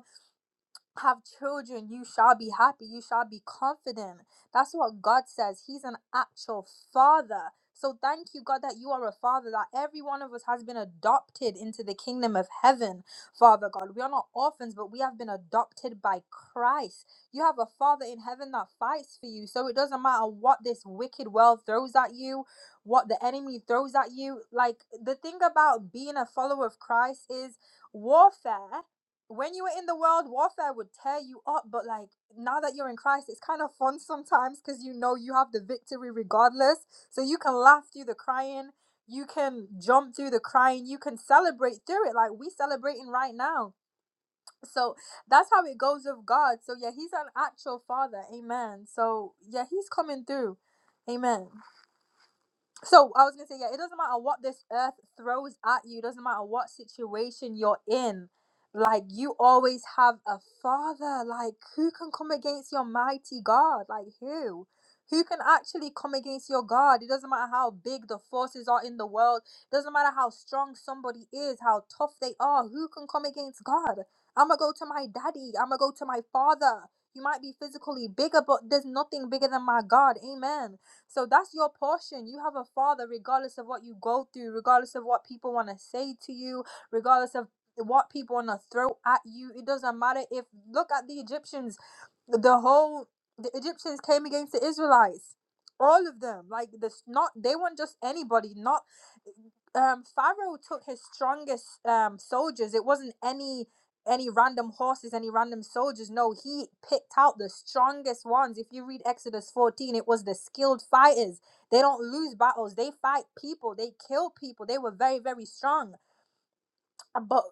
have children, you shall be happy, you shall be confident. That's what God says. He's an actual father. So thank you, God, that you are a father, that every one of us has been adopted into the kingdom of heaven, Father God. We are not orphans, but we have been adopted by Christ. You have a father in heaven that fights for you. So it doesn't matter what this wicked world throws at you, what the enemy throws at you. Like the thing about being a follower of Christ is warfare when you were in the world, warfare would tear you up. But like now that you're in Christ, it's kind of fun sometimes because you know you have the victory regardless. So you can laugh through the crying, you can jump through the crying, you can celebrate through it. Like we celebrating right now. So that's how it goes with God. So yeah, he's an actual father. Amen. So yeah, he's coming through. Amen. So I was gonna say, yeah, it doesn't matter what this earth throws at you, it doesn't matter what situation you're in, like you always have a father. Like who can come against your mighty God? Like who? Who can actually come against your God? It doesn't matter how big the forces are in the world, it doesn't matter how strong somebody is, how tough they are, who can come against God? I'ma go to my daddy, I'ma go to my father. You might be physically bigger, but there's nothing bigger than my God. Amen. So that's your portion. You have a father, regardless of what you go through, regardless of what people want to say to you, regardless of what people want to throw at you. It doesn't matter if, look at the Egyptians, the whole, the Egyptians came against the Israelites. All of them, like this, not they weren't just anybody. Not um, Pharaoh took his strongest um, soldiers. It wasn't any any random horses, any random soldiers. No, he picked out the strongest ones. If you read Exodus 14, it was the skilled fighters. They don't lose battles, they fight people, they kill people. They were very, very strong uh, But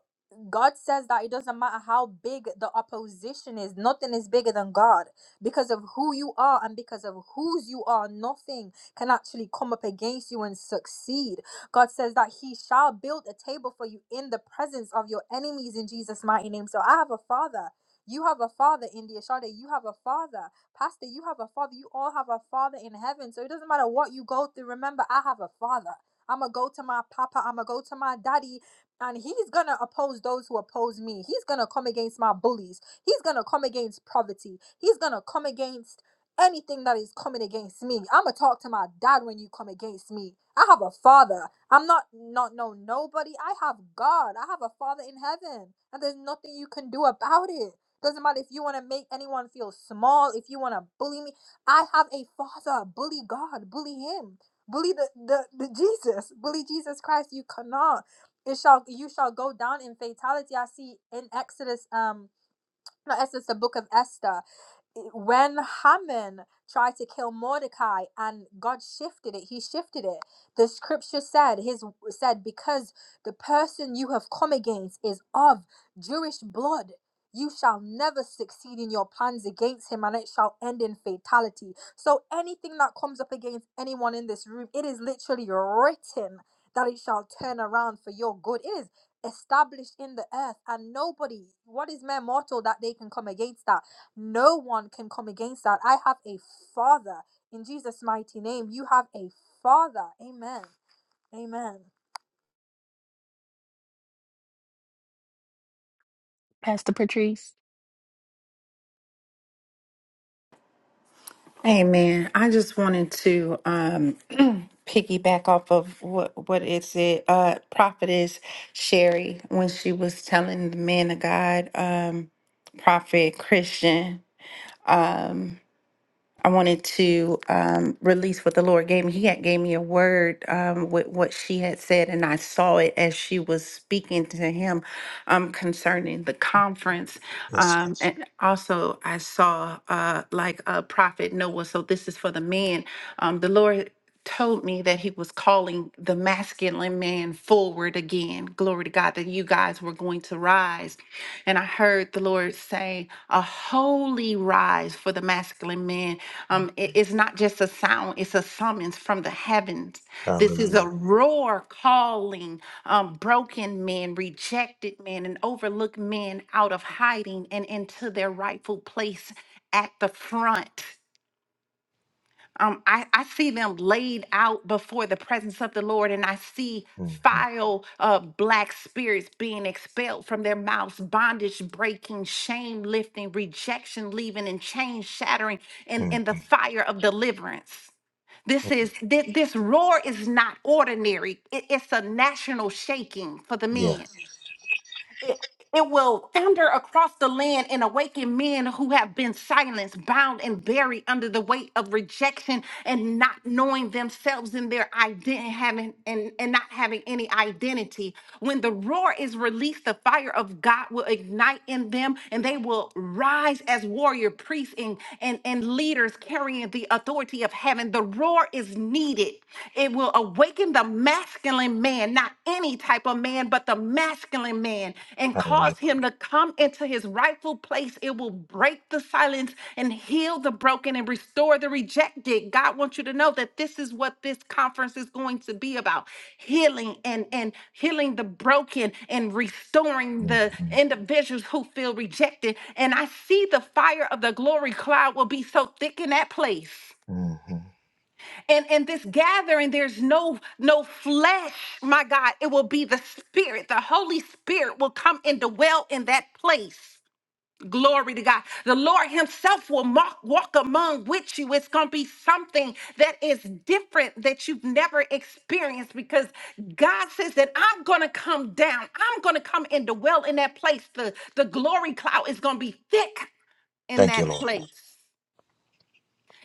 God says that it doesn't matter how big the opposition is, nothing is bigger than God. Because of who you are and because of whose you are, nothing can actually come up against you and succeed. God says that He shall build a table for you in the presence of your enemies in Jesus' mighty name. So I have a father. You have a father, India Shade. You have a father. Pastor, you have a father. You all have a father in heaven. So it doesn't matter what you go through. Remember, I have a father. I'm going to go to my papa. I'm going to go to my daddy and he's gonna oppose those who oppose me. He's gonna come against my bullies. He's gonna come against poverty. He's gonna come against anything that is coming against me. I'ma talk to my dad when you come against me. I have a father. I'm not not no nobody. I have God. I have a father in heaven, and there's nothing you can do about it. Doesn't matter if you want to make anyone feel small, if you want to bully me. I have a father. Bully God. Bully him. Bully the, the, the Jesus. Bully Jesus Christ. You cannot it shall you shall go down in fatality. I see in Exodus, um, no, Exodus, the book of Esther when Haman tried to kill Mordecai and God shifted it, he shifted it. The scripture said, his said, because the person you have come against is of Jewish blood, you shall never succeed in your plans against him, and it shall end in fatality. So anything that comes up against anyone in this room, it is literally written that it shall turn around for your good. It is established in the earth, and nobody, what is mere mortal that they can come against that? No one can come against that. I have a father. In Jesus' mighty name, you have a father. Amen. Amen.
Pastor Patrice.
Hey man, I just wanted to um piggyback off of what what is it uh prophetess Sherry when she was telling the man of God um prophet Christian um, I wanted to um, release what the Lord gave me. He had gave me a word um, with what she had said, and I saw it as she was speaking to him um, concerning the conference.
Yes.
Um, and also, I saw uh, like a prophet Noah. So this is for the men. Um, the Lord told me that he was calling the masculine man forward again. Glory to God that you guys were going to rise. And I heard the Lord say, a holy rise for the masculine man um, it- it's not just a sound, it's a summons from the heavens. This is a
Hallelujah.
roar calling um, broken men, rejected men, and overlooked men out of hiding and into their rightful place at the front um, I, I see them laid out before the presence of the Lord, and I see
Mm-hmm.
foul uh, black spirits being expelled from their mouths, bondage breaking, shame lifting, rejection leaving, and chain shattering in, in the fire of deliverance. This
Mm-hmm.
is this, this roar is not ordinary. It- it's a national shaking for the
Yeah.
men it, it will thunder across the land and awaken men who have been silenced, bound, and buried under the weight of rejection and not knowing themselves and their identity having and, and not having any identity. When the roar is released, the fire of God will ignite in them and they will rise as warrior priests and, and, and leaders carrying the authority of heaven. The roar is needed it will awaken the masculine man, not any type of man, but the masculine man, and
Hallelujah.
cause him to come into his rightful place. It will break the silence and heal the broken and restore the rejected. God wants you to know that this is what this conference is going to be about healing and, and healing the broken and restoring the
Mm-hmm.
individuals who feel rejected. And I see the fire of the glory cloud will be so thick in that place
Mm-hmm.
and in this gathering there's no no flesh my god it will be the spirit the holy spirit will come and dwell in that place glory to god the lord himself will walk, walk among with you it's going to be something that is different that you've never experienced because god says that i'm going to come down i'm going to come and dwell in that place the the glory cloud is going to be thick in
Thank
that
you, Lord.
place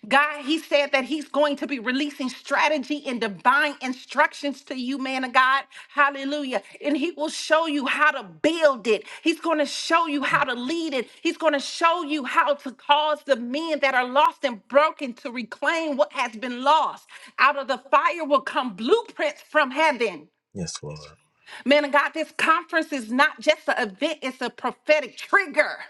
God, he said that he's going to be releasing strategy and divine instructions to you, man of God. Hallelujah. And he will show you how to build it. He's going to show you
Mm-hmm.
how to lead it. He's going to show you how to cause the men that are lost and broken to reclaim what has been lost. Out of the fire will come blueprints from heaven.
Yes, Lord.
Man of God, this conference is not just an event, it's a prophetic trigger.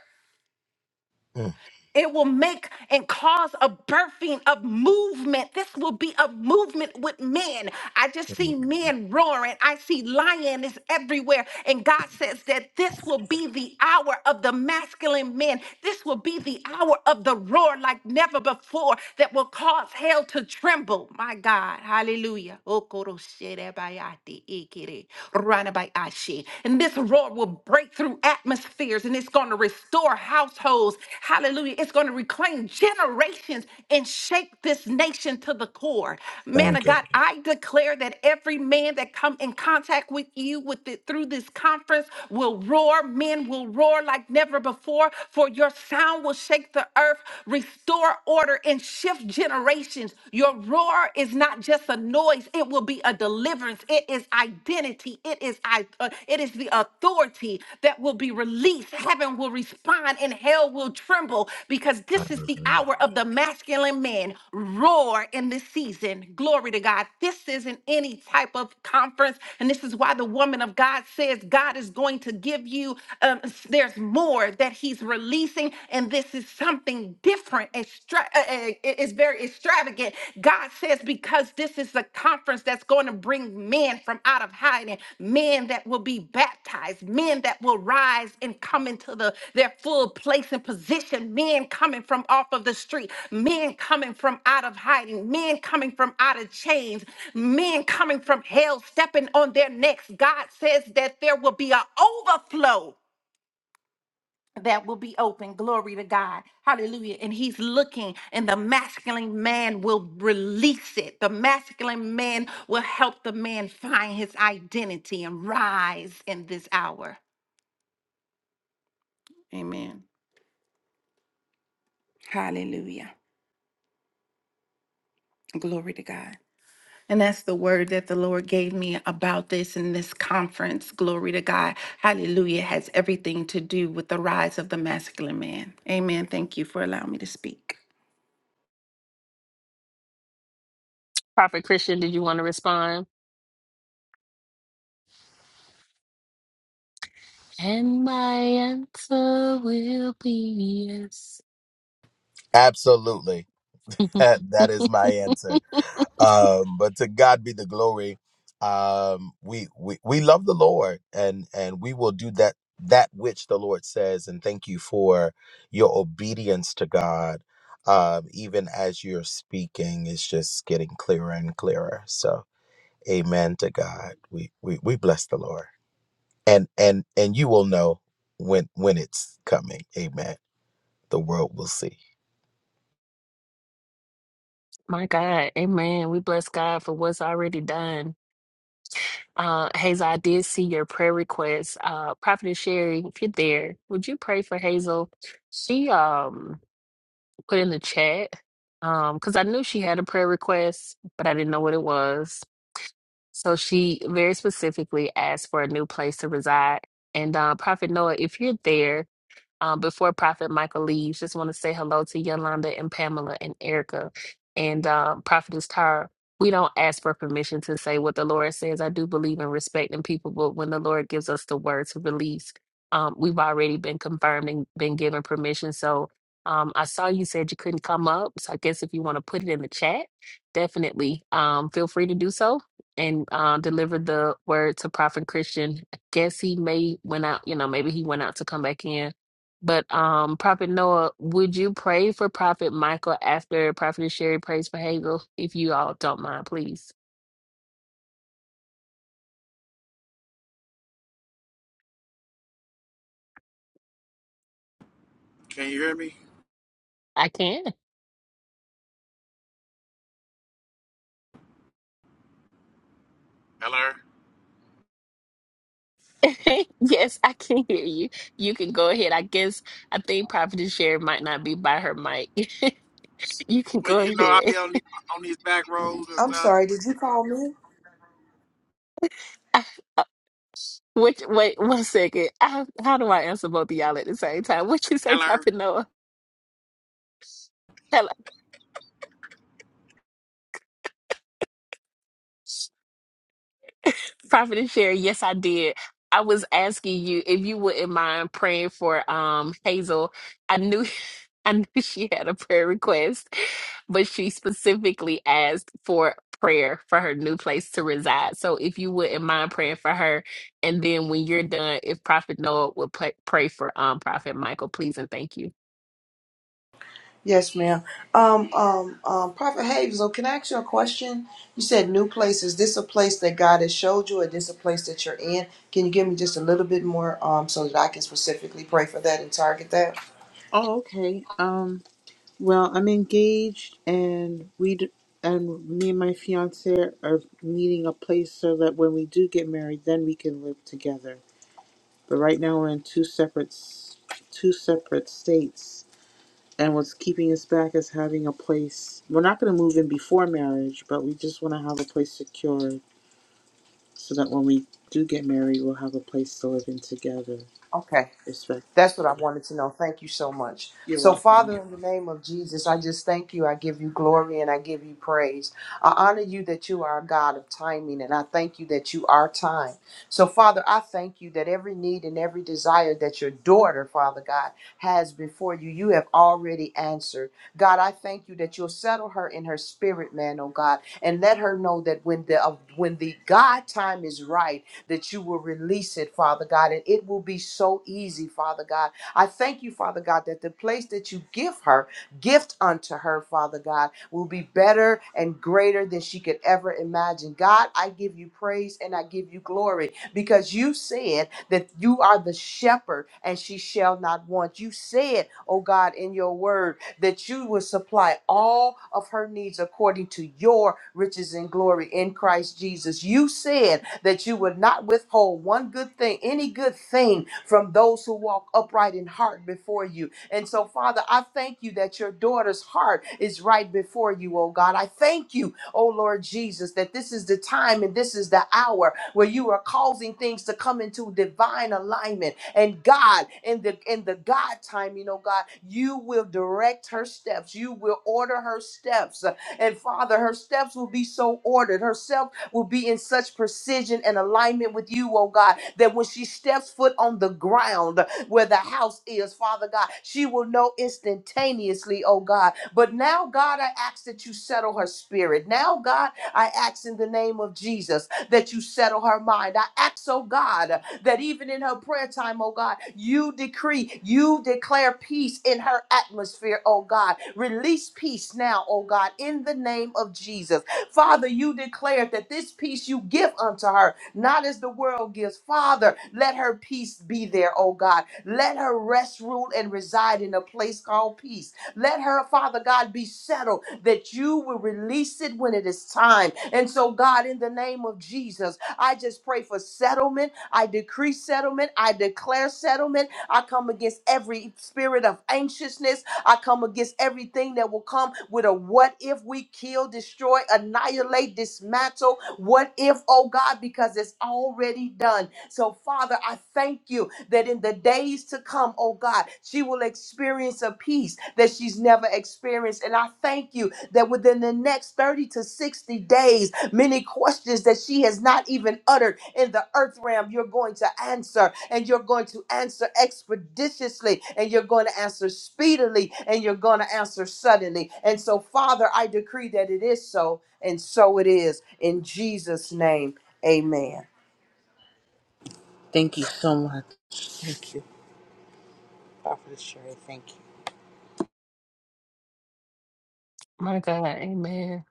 It will make and cause a birthing of movement. This will be a movement with men. I just
Mm-hmm.
see men roaring. I see lioness everywhere. And God says that this will be the hour of the masculine men. This will be the hour of the roar like never before that will cause hell to tremble. My God. Hallelujah. Okorosherebayate ikere, ranabayashe. And this roar will break through atmospheres and it's going to restore households. Hallelujah. It's going going to reclaim generations and shake this nation to the core. Man
Thank
of
you.
God, I declare that every man that come in contact with you with it through this conference will roar. Men will roar like never before, for your sound will shake the earth, restore order, and shift generations. Your roar is not just a noise, it will be a deliverance. It is identity. It is I the it is the authority that will be released. Heaven will respond and hell will tremble because this is the
Hallelujah.
hour of the masculine man roar in this season. Glory to God. This isn't any type of conference, and this is why the woman of God says God is going to give you. Um, s- there's more that He's releasing, and this is something different. Extra- uh, uh, it- it's very extravagant. God says, because this is a conference that's going to bring men from out of hiding, men that will be baptized, men that will rise and come into the, their full place and position, men coming from off of the street, men coming from out of hiding, men coming from out of chains, men coming from hell, stepping on their necks. God says that there will be an overflow that will be open. Glory to God. Hallelujah. And he's looking, and the masculine man will release it. The masculine man will help the man find his identity and rise in this hour. Amen. Yeah. And I,
Prophet Christian, did you want to respond? And my answer will be yes.
Absolutely. that is my answer. Um, but to God be the glory. Um, we, we we love the Lord, and and we will do that that which the Lord says. And thank you for your obedience to God. Um, even as you're speaking, it's just getting clearer and clearer. So, Amen to God. We we we bless the Lord, and and and you will know when when it's coming. Amen. The world will see.
My God, amen. We bless God for what's already done. Uh, Hazel, I did see your prayer request. Uh, Prophet Sherry, if you're there, would you pray for Hazel? She um put in the chat um because I knew she had a prayer request, but I didn't know what it was. So she very specifically asked for a new place to reside. And uh, Prophet Noah, if you're there, um, before Prophet Michael leaves, just want to say hello to Yolanda and Pamela and Erica and um, Prophetess Tara. We don't ask for permission to say what the Lord says. I do believe in respecting people, but when the Lord gives us the word to release, um, we've already been confirmed and been given permission. So um, I saw you said you couldn't come up. So I guess if you want to put it in the chat, definitely um, feel free to do so and uh, deliver the word to Prophet Christian. I guess he may went out, you know, maybe he went out to come back in but um, Prophet Noah, would you pray for Prophet Michael after Prophet Sherry prays for Hazel? If you all don't mind, please.
Can you hear me?
I can.
Hello?
yes, I can hear you. You can go ahead. I guess I think Prophet Sherry might not be by her mic. you can
Well,
go
you know, I'll
ahead.
be on, the, on these back roads and
I'm
stuff.
sorry, did you call me?
I, uh, which, wait one second. I, how do I answer both of y'all at the same time? What you say,
Hello?
Prophet Noah? Prophet and Sherry, yes, I did. I was asking you if you wouldn't mind praying for um Hazel. I knew I knew she had a prayer request, but she specifically asked for prayer for her new place to reside. So if you wouldn't mind praying for her, and then when you're done, if Prophet Noah would pray, pray for um Prophet Michael, please and thank you.
Yes, ma'am. Um, um, um, Prophet Hazel, can I ask you a question? You said new place. Is this a place that God has showed you, or this a place that you're in? Can you give me just a little bit more, um, so that I can specifically pray for that and target that?
Oh, okay. um. Well, I'm engaged, and we d- and me and my fiance are needing a place so that when we do get married, then we can live together. But right now we're in two separate s- two separate states, and what's keeping us back is having a place. We're not going to move in before marriage, but we just want to have a place secured so that when we do get married, we'll have a place to live in together.
Okay.
Respect.
That's what I wanted to know. Thank you so much.
You're
So, Father,
welcome.
in the name of Jesus, I just thank you. I give you glory and I give you praise. I honor you that you are a God of timing, and I thank you that you are time. So, Father, I thank you that every need and every desire that your daughter, Father God, has before you, you have already answered. God, I thank you that you'll settle her in her spirit, man, oh God, and let her know that when the uh, when the God time is right that you will release it, Father God, and it will be so easy, Father God. I thank you, Father God, that the place that you give her, gift unto her, Father God, will be better and greater than she could ever imagine. God, I give you praise and I give you glory because you said that you are the shepherd and she shall not want. You said, oh God, in your word that you will supply all of her needs according to your riches and glory in Christ Jesus. You said that you would not withhold one good thing, any good thing from those who walk upright in heart before you. And so, Father, I thank you that your daughter's heart is right before you, oh God. I thank you, oh Lord Jesus, that this is the time and this is the hour where you are causing things to come into divine alignment. And God, in the in the God time, you know, God, you will direct her steps. You will order her steps. And Father, her steps will be so ordered. Herself will be in such precision and alignment with you, oh God, that when she steps foot on the ground where the house is, Father God, she will know instantaneously, oh God. But now, God, I ask that you settle her spirit. Now, God, I ask in the name of Jesus that you settle her mind. I ask, oh God, that even in her prayer time, oh God, you decree, you declare peace in her atmosphere, oh God. Release peace now, oh God, in the name of Jesus. Father, you declared that this peace you give unto her, not as the world gives. Father, let her peace be there, oh God. Let her rest, rule, and reside in a place called peace. Let her, Father God, be settled that you will release it when it is time. And so, God, in the name of Jesus, I just pray for settlement. I decree settlement. I declare settlement. I come against every spirit of anxiousness. I come against everything that will come with a what if we kill, destroy, annihilate, dismantle. What if, oh God, because it's already done. So, Father, I thank you that in the days to come, oh God, she will experience a peace that she's never experienced. And I thank you that within the next 30 to 60 days, many questions that she has not even uttered in the earth realm, you're going to answer and you're going to answer expeditiously and you're going to answer speedily and you're going to answer suddenly. And so, Father, I decree that it is so, and so it is. In Jesus' name, amen.
Thank you so much. Thank you, Prophet Sherry. Thank you.
My God, Amen.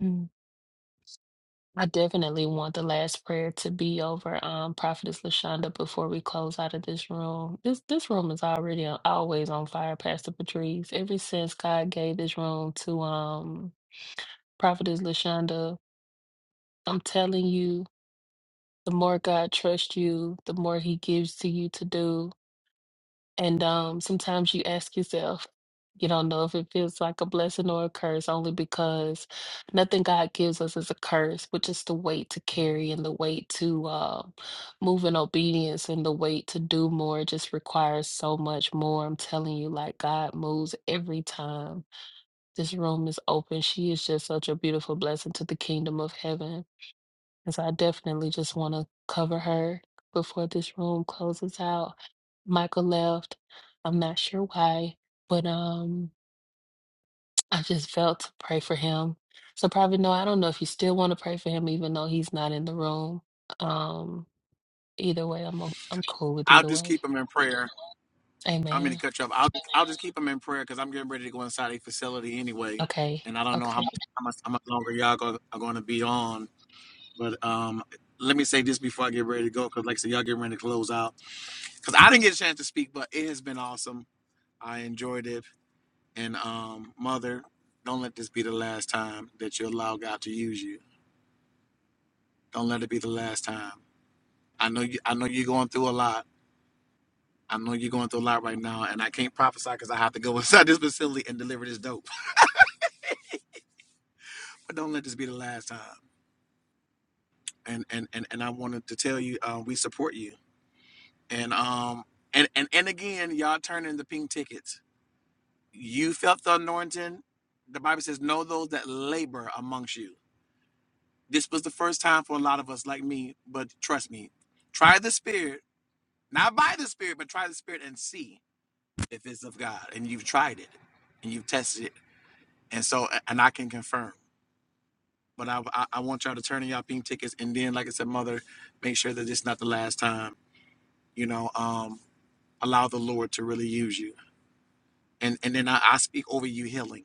I definitely want the last prayer to be over um Prophetess Lashonda before we close out of this room. This this room is already on, always on fire, Pastor Patrice. Ever since God gave this room to um Prophetess Lashonda, I'm telling you, the more God trusts you, the more He gives to you to do. And um, sometimes you ask yourself, you don't know if it feels like a blessing or a curse, only because nothing God gives us is a curse, but just the weight to carry and the weight to uh, move in obedience and the weight to do more just requires so much more. I'm telling you, like God moves every time this room is open. She is just such a beautiful blessing to the kingdom of heaven. And so I definitely just want to cover her before this room closes out. Michael left. I'm not sure why, but um, I just felt to pray for him. So probably no, I don't know if you still want to pray for him, even though he's not in the room. Um, either way, I'm o- I'm cool with
I'll
either
just
way.
keep them in prayer. I'm going to
Amen.
cut you off. I'll I'll just keep them in prayer because I'm getting ready to go inside a facility anyway,
Okay.
and I don't know how
Okay.
much how much, how much longer y'all go, are going to be on. But um, let me say this before I get ready to go because, like I said, y'all getting ready to close out because I didn't get a chance to speak, but it has been awesome. I enjoyed it, and um, mother, don't let this be the last time that you allow God to use you. Don't let it be the last time. I know you. I know you're going through a lot. I know you're going through a lot right now, and I can't prophesy because I have to go inside this facility and deliver this dope. but don't let this be the last time. And and and, and I wanted to tell you, uh, we support you. And um and and and again, y'all turn in the pink tickets. You felt the anointing. The Bible says, "Know those that labor amongst you." This was the first time for a lot of us, like me. But trust me, try the Spirit, not by the Spirit, but try the Spirit and see if it's of God. And you've tried it, and you've tested it, and so and I can confirm. But I I, I want y'all to turn in y'all pink tickets, and then, like I said, Mother, make sure that it's not the last time you know um allow the lord to really use you and and then i, I speak over you healing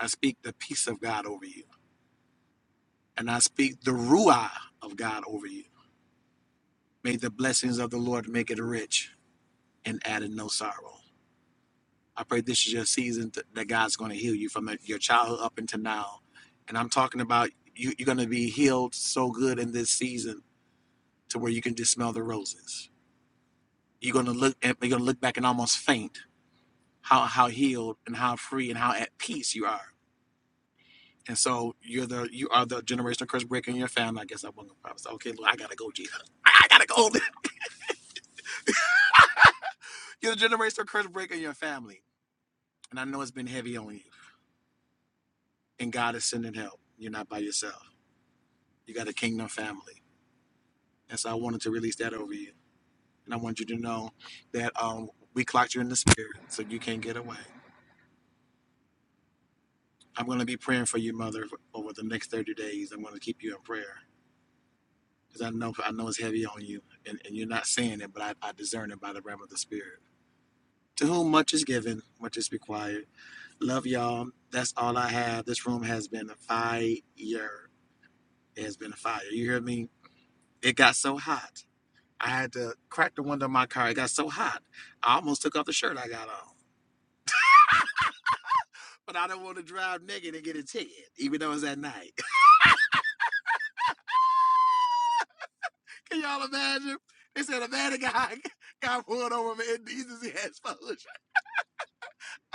i speak the peace of god over you and i speak the ruah of god over you may the blessings of the lord make it rich and add no sorrow i pray this is your season th- that god's going to heal you from your childhood up until now and i'm talking about you, you're going to be healed so good in this season to where you can just smell the roses you're going to look at, you're going to look back and almost faint how how healed and how free and how at peace you are And so you're the you are the generational curse breaker in your family. I guess I wasn't gonna promise. Okay, Lord, I gotta go, Jesus. I I gotta go. you're the generational curse breaker in your family. And I know it's been heavy on you. And God is sending help. You're not by yourself. You got a kingdom family. And so I wanted to release that over you. And I want you to know that um we clocked you in the spirit, so you can't get away. I'm gonna be praying for you, mother, over the next 30 days. I'm gonna keep you in prayer. Because I know I know it's heavy on you and, and you're not saying it, but I, I discern it by the realm of the spirit. To whom much is given, much is required. Love y'all. That's all I have. This room has been a fire. It has been a fire. You hear me? It got so hot. I had to crack the window of my car. It got so hot. I almost took off the shirt I got on. But I don't want to drive naked and get a ticket, even though it's at night. Can y'all imagine? They said a man guy got pulled over for indecency exposure.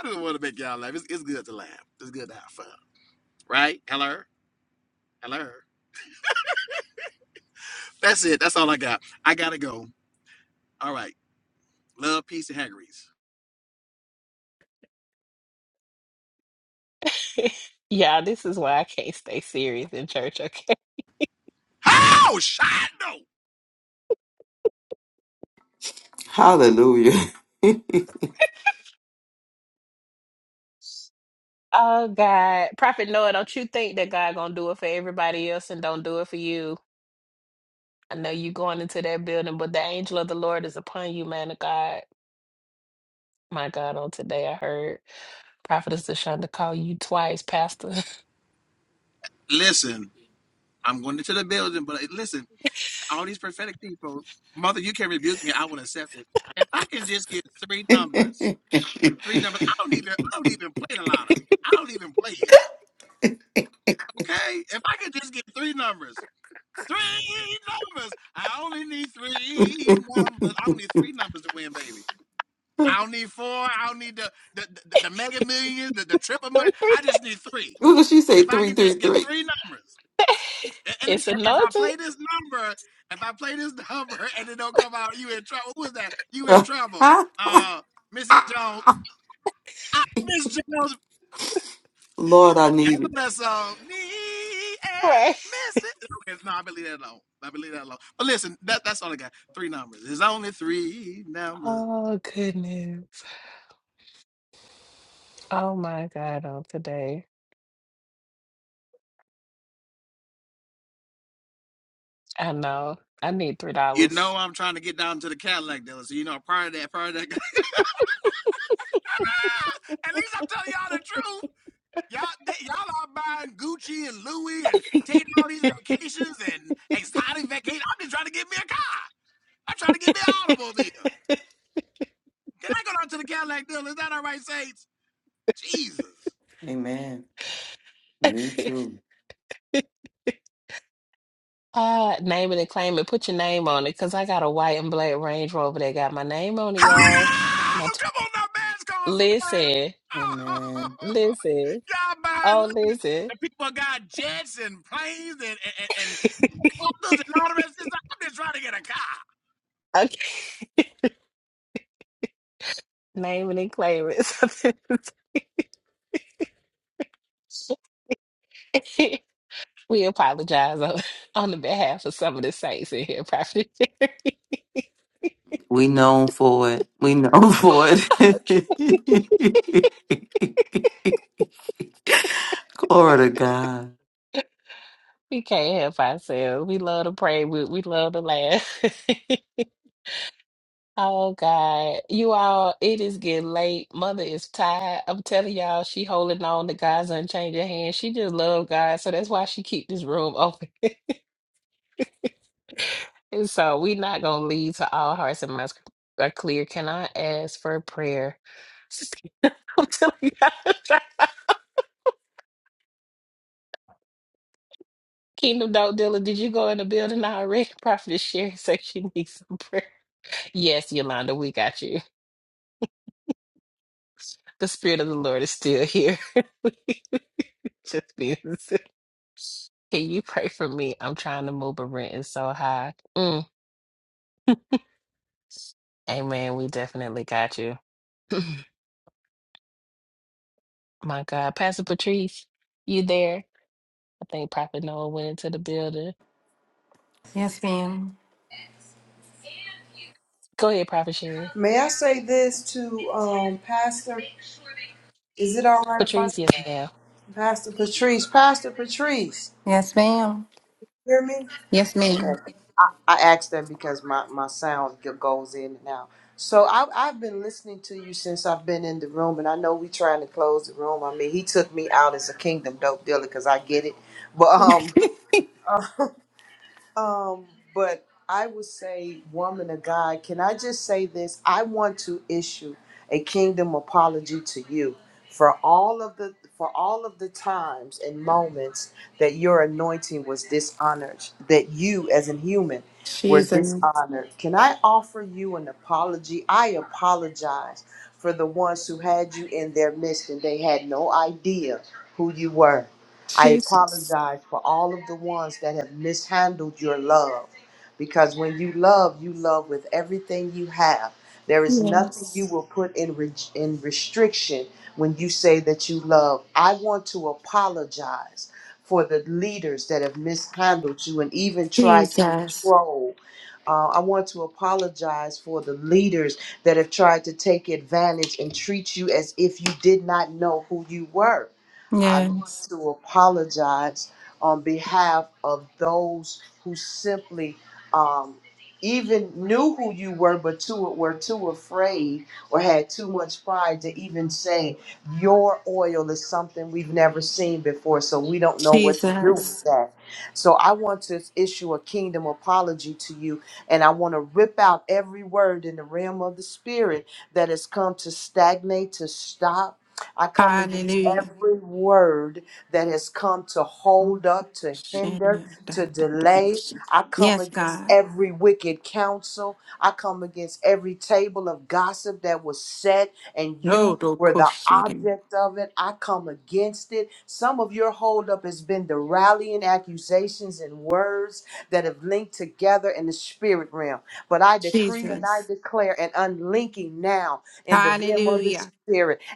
I don't want to make y'all laugh. It's, it's good to laugh. It's good to have fun. Right? Hello? Hello? That's it. That's all I got. I gotta go. All right. Love, peace, and Haggerty's.
Yeah, this is why I can't stay serious in church, okay?
How Shindo?
Hallelujah.
Oh God. Prophet Noah, don't you think that God gonna do it for everybody else and don't do it for you? I know you going into that building, but the angel of the Lord is upon you, man of God. My God, on today I heard Prophetess Deshonda call you twice, Pastor.
Listen, I'm going into the building, but uh, listen, all these prophetic people, mother, you can rebuke me. I will accept it. If I can just get three numbers, three numbers. I don't even. I don't even play the lottery. I don't even play it. Okay. If I can just get three numbers. Three numbers. I only need three numbers. I only need three numbers to win, baby. I don't need four. I don't need the the, the, the mega millions, the, the triple
Three.
million. I just need three.
What did she say?
If I
Three,
can
three,
just get
three.
three numbers, and, and
It's
if I
anointed,
play this number, if I play this number and it don't come out, you in trouble. Who was that? You in trouble. Uh, Mrs. Jones. I, Miss Jones.
Lord, I
Y'all
need it.
that song. Me
right?
and Mrs. Okay, no, I believe that alone. I believe that alone. But listen, that, that's all I got. Three numbers. There's only three numbers.
Oh goodness. Oh my God, on today. I know. I need three
You know
dollars.
I'm trying to get down to the Cadillac dealer. So you know prior to that, prior to that At least I'm telling y'all the truth. Y'all, they- y'all are buying Gucci and Louis and taking all these vacations and exotic vacations. I'm just trying to get me a car. I'm trying to get me an automobile. Can I go down to the Cadillac deal? Is that all right, Saints? Jesus.
Amen. Me too.
Uh, name it and claim it. Put your name on it, cause I got a white and black Range Rover that got my name on it, y'all. My
Oh,
tw-
come on now, man's calls, man.
listen,
Oh,
Amen.
listen.
y'all buying
Oh,
living.
listen.
The people got jets and planes and and and, and, and all the rest. of this. I'm just trying to get a car.
Okay. Name it and claim it. we apologize on, on the behalf of some of the saints in here, Prophet. Jerry.
We known for it. We known for it. Glory to God.
we can't help ourselves. We love to pray. We, we love to laugh. oh God, you all, it is getting late. Mother is tired. I'm telling y'all, she holding on to God's unchanging hand. She just love God, so that's why she keep this room open. And so we not gonna leave to all hearts and minds are clear. Can I ask for prayer? I'm telling you. Kingdom Dog Dealer, did you go in the building already? Prophet Sherry said she needs some prayer. Yes, Yolanda, we got you. The Spirit of the Lord is still here. Just being silly. Can you pray for me? I'm trying to move, but rent is so high. Mm, amen. We definitely got you. My God. Pastor Patrice, you there? I think Prophet Noah went into the building. Go ahead, Prophet Sherry.
May I say this to um, Pastor? Is it all right if I
Patrice,
s-
yes, ma'am.
Pastor Patrice? Pastor Patrice,
Yes, ma'am.
hear me?
Yes, ma'am.
Okay. I, I asked that because my, my sound g- goes in and out. So I, I've been listening to you since I've been in the room, and I know we trying to close the room. I mean, he took me out as a kingdom dope dealer because I get it, but um, Um, but I would say, woman of God, can I just say this? I want to issue a kingdom apology to you for all of the for all of the times and moments that your anointing was dishonored, that you as a human were
she's a,
dishonored. Can I offer you an apology? I apologize for the ones who had you in their midst and they had no idea who you were. I
she's,
apologize for all of the ones that have mishandled your love because when you love, you love with everything you have. There is nothing you
yes,
will put in, re- in restriction when you say that you love. I want to apologize for the leaders that have mishandled you and even tried to
Jesus.
control. Uh, I want to apologize for the leaders that have tried to take advantage and treat you as if you did not know who you were. I
Yes.
want to apologize on behalf of those who simply um, even knew who you were, but too, were too afraid or had too much pride to even say, Your oil is something we've never seen before, so we don't know what to do with
Jesus.
that. So I want to issue a kingdom apology to you, and I want to rip out every word in the realm of the spirit that has come to stagnate, to stop I come against
Hallelujah.
every word that has come to hold up, to hinder, to delay. I come
Yes,
against
God.
every wicked counsel. I come against every table of gossip that was set and
No,
you
don't
were the
question him.
object of it. I come against it. Some of your holdup has been the rallying accusations and words that have linked together in the spirit realm. But I decree and I
Jesus.
declare an unlinking now in the realm of the spirit
Hallelujah.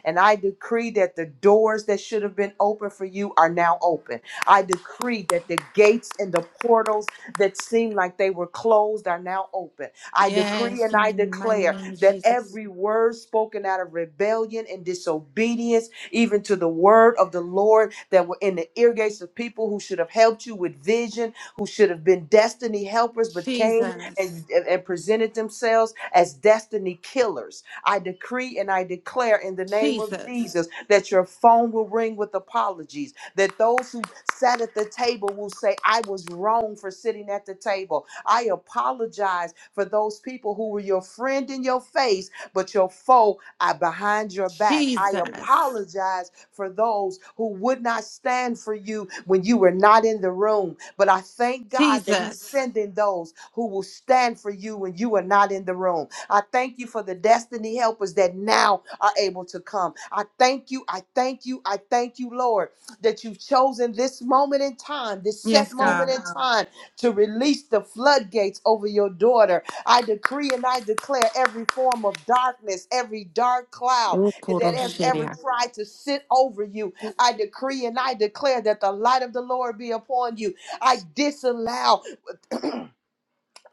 and I decree that the doors that should have been open for you are now open. I decree that the gates and the portals that seemed like they were closed are now open. I decree
Yes,
and
in
I
the mighty
declare
name of
that
Jesus.
every word spoken out of rebellion and disobedience, even to the word of the Lord, that were in the ear gates of people who should have helped you with vision, who should have been destiny helpers, but came and,
Jesus.
and presented themselves as destiny killers I decree and I declare in the name of
Jesus.
Jesus that your phone will ring with apologies, that those who sat at the table will say, I was wrong for sitting at the table. I apologize for those people who were your friend in your face, but your foe are behind your back. I
Jesus.
apologize for those who would not stand for you when you were not in the room. But I thank God that He's
Jesus.
sending those who will stand for you when you are not in the room. I thank you for the destiny helpers that now are able to come. I thank you. I thank you. I thank you, Lord, that you've chosen this moment in time, this set
Yes,
moment
God.
in time to release the floodgates over your daughter. I decree and I declare every form of darkness, every dark cloud
O
that has ever
Kuroshiria.
tried to sit over you. I decree and I declare that the light of the Lord be upon you. I disallow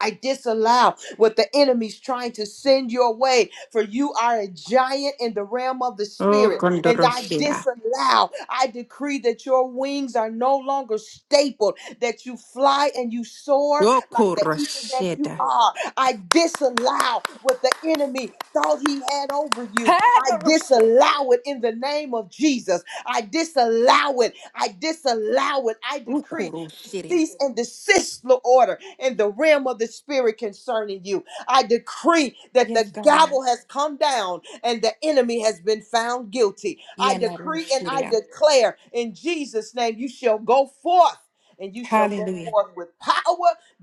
I disallow what the enemy's trying to send your way, for you are a giant in the realm of the
O
spirit. And I
Kondoroshiria.
disallow, I decree that your wings are no longer stapled, that you fly and you soar
O
like the eagle that you
Kuroshida.
are. I disallow what the enemy thought he had over you. I
Hadoroshiria.
disallow it in the name of Jesus. I disallow it. I disallow it. I
O
decree
Kuroshiria.
cease and desist, Lord order in the realm of the spirit concerning you. I decree that
Yes,
the
God.
gavel has come down and the enemy has been found guilty. I
Yena
decree and I
Yenaroshiria.
declare in Jesus' name, you shall go forth. And you shall go
Hallelujah.
forth with power,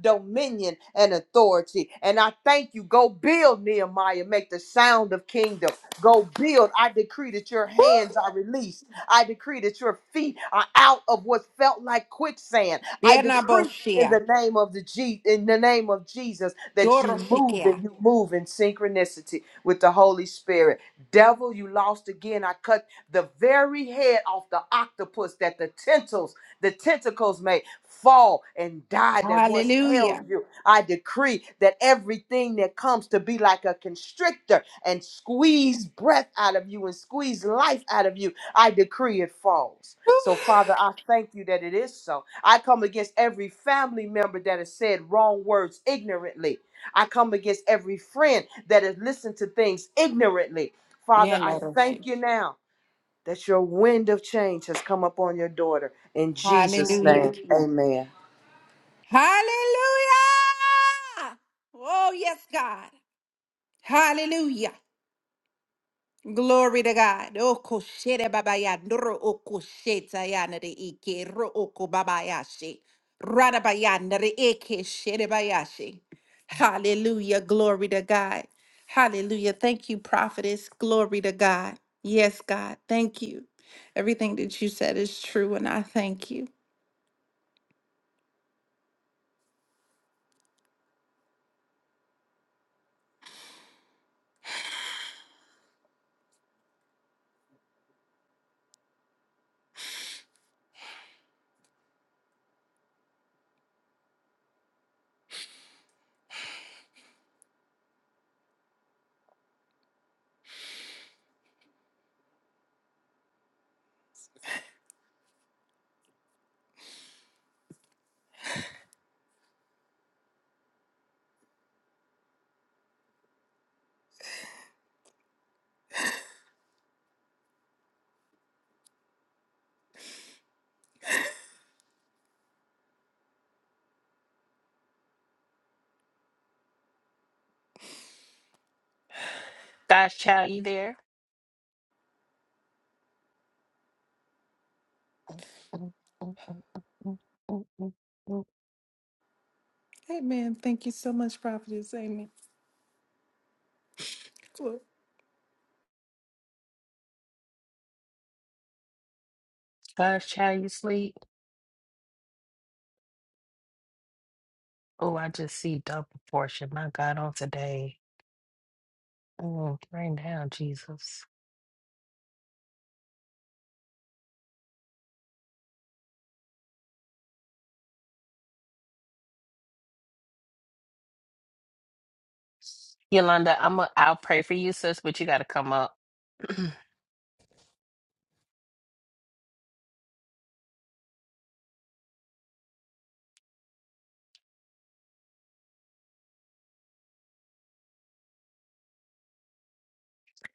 dominion, and authority. And I thank you. Go build, Nehemiah. Make the sound of kingdom. Go build. I decree that your hands are released. I decree that your feet are out of what felt like quicksand. I
Yena
decree in
Yenaboshia.
the name of the G in the name of Jesus that you move
Doroshikia.
and you move in synchronicity with the Holy Spirit. Devil, you lost again. I cut the very head off the octopus that the tentacles, the tentacles made fall and die that once held
Hallelujah.
you. I decree that everything that comes to be like a constrictor and squeeze breath out of you and squeeze life out of you, I decree it falls. So, Father, I thank you that it is so. I come against every family member that has said wrong words ignorantly. I come against every friend that has listened to things ignorantly. Father,
Yena
I Yes. thank
Yenaroshi.
you now that your wind of change has come upon your daughter. In Jesus'
Hallelujah.
name, Hallelujah. amen.
Hallelujah. Oh, yes, God. Hallelujah. yanere ike ro oko babayashi. Radabayanere eke sherebayashi. Hallelujah. Glory to God. Hallelujah. Thank you, prophetess. Glory to God. Yes, God. Thank you. Everything that you said is true, and I thank you.
God's child, you there? Mm, mm, mm, mm, mm, mm, mm, mm. Gosh, child, you sleep. Oh, I just see double portion. My God, on today. Oh, rain down, Jesus. Yolanda, I'm a, I'll pray for you, sis, but you got to come up.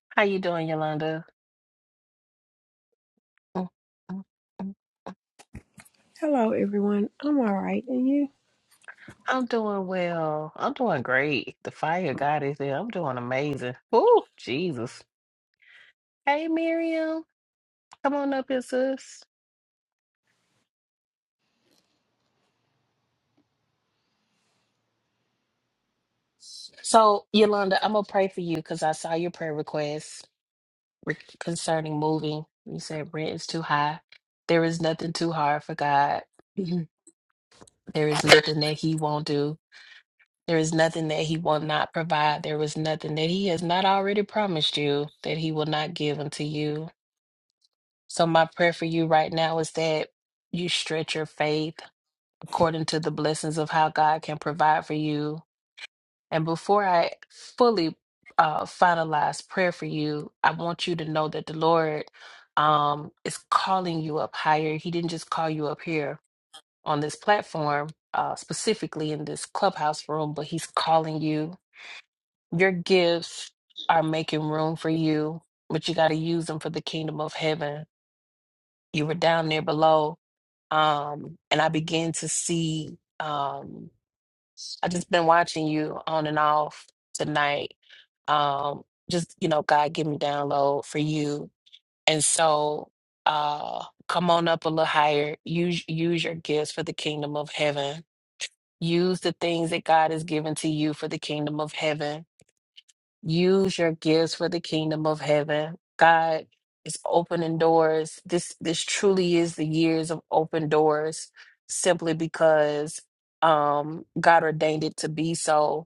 How you doing, Yolanda? Mm, mm, mm.
Hello, everyone. I'm all right, and you?
I'm doing well. I'm doing great. The fire of God is there. I'm doing amazing. Oh, Jesus. Hey, Miriam. Come on up here, sis. So, Yolanda, I'm gonna pray for you because I saw your prayer request re- concerning moving. You said rent is too high. There is nothing too hard for God. Mhm. There is nothing that He won't do. There is nothing that He will not provide. There is nothing that He has not already promised you that He will not give unto you. So, my prayer for you right now is that you stretch your faith according to the blessings of how God can provide for you And before I fully uh, finalize prayer for you, I want you to know that the Lord um, is calling you up higher. He didn't just call you up here on this platform, uh, specifically in this clubhouse room, but He's calling you. Your gifts are making room for you, but you got to use them for the kingdom of heaven. You were down there below, um, and I began to see. Um, I just been watching you on and off tonight um just you know god give me download for you and so uh come on up a little higher use use your gifts for the kingdom of heaven use the things that god has given to you for the kingdom of heaven use your gifts for the kingdom of heaven god is opening doors this this truly is the years of open doors simply because um god ordained it to be so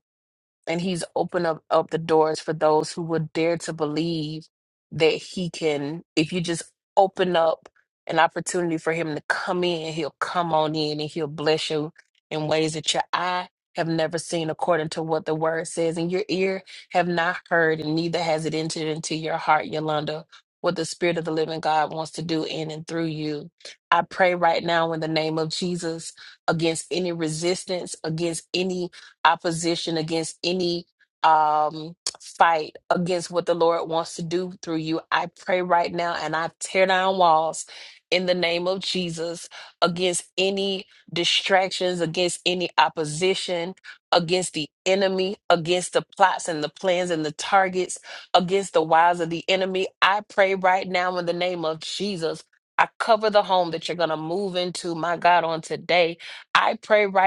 and he's opened up, up the doors for those who would dare to believe that he can if you just open up an opportunity for him to come in he'll come on in and he'll bless you in ways that your eye have never seen according to what the word says and your ear have not heard and neither has it entered into your heart yolanda what the spirit of the living god wants to do in and through you i pray right now in the name of jesus against any resistance against any opposition against any um fight against what the Lord wants to do through you. I pray right now and I tear down walls in the name of Jesus against any distractions, against any opposition, against the enemy, against the plots and the plans and the targets of the enemy. Those- I-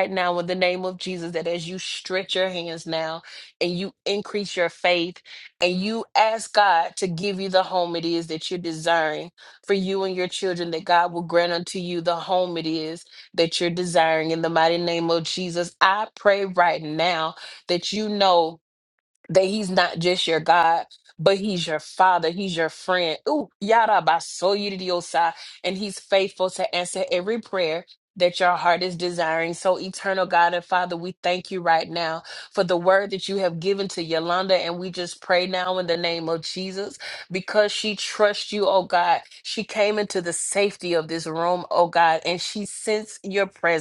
right now in the name of Jesus that as you stretch your hands now and you increase your faith and you ask God to give you the home it is that you're desiring for you and your children, that God will grant unto you the home it is that you're desiring in the mighty name of Jesus. I pray right now that you know that He's not just your God. But he's your father, he's your friend. Ooh, yada basoya, and he's faithful in prayer that we thank you right now for the word that you've given to your and we just pray in the name of Jesus because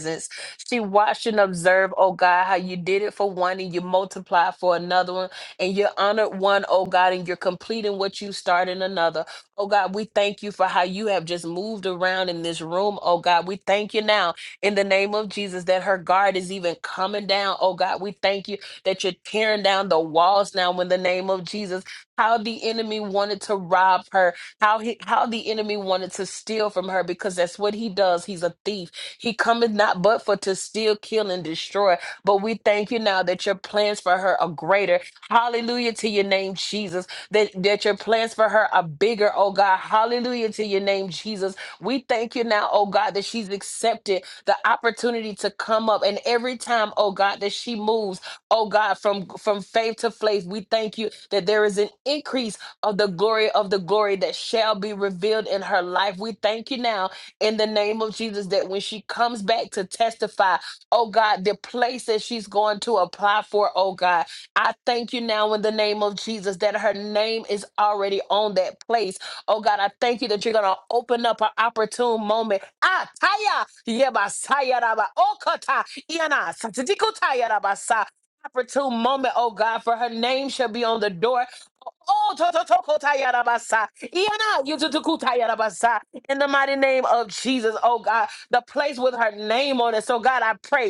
Jesus, she wouldn't observe, oh God, how you did it for one and you multiply for another one and you honored one, oh God, and you're completing what you start in another. Oh God, we thank you for how you have just moved around in this room. Oh God, we thank you now in the name of Jesus that her guard is even coming down. Oh God, we thank you that you're tearing down the walls now in the name of Jesus. How the enemy wanted to rob her, how he how the enemy wanted to steal from her, because that's what he does He- Jesus, that Jesus, we thank you now, oh God, that she's accepted the opportunities, oh, um, for, that there is an increase oh her life. We thank you now in the name of Jesus that when she comes back to testify, oh God, the place that she's going to apply for, oh God, I thank you now in the name of Jesus that her name is already on that place. Oh God, I thank you that you're going to open up an opportune moment. Ah, taya, yeba, sayaraba, okata, iana, satidiko tayaraba, sa- Opportune moment, oh God, for her name shall be on the door Oh, to- to- to- kota yarabasa. Iyana, yutu- tu- kuta yarabasa. In the mighty name of Jesus, oh God, the place with her name on it. So, God, I pray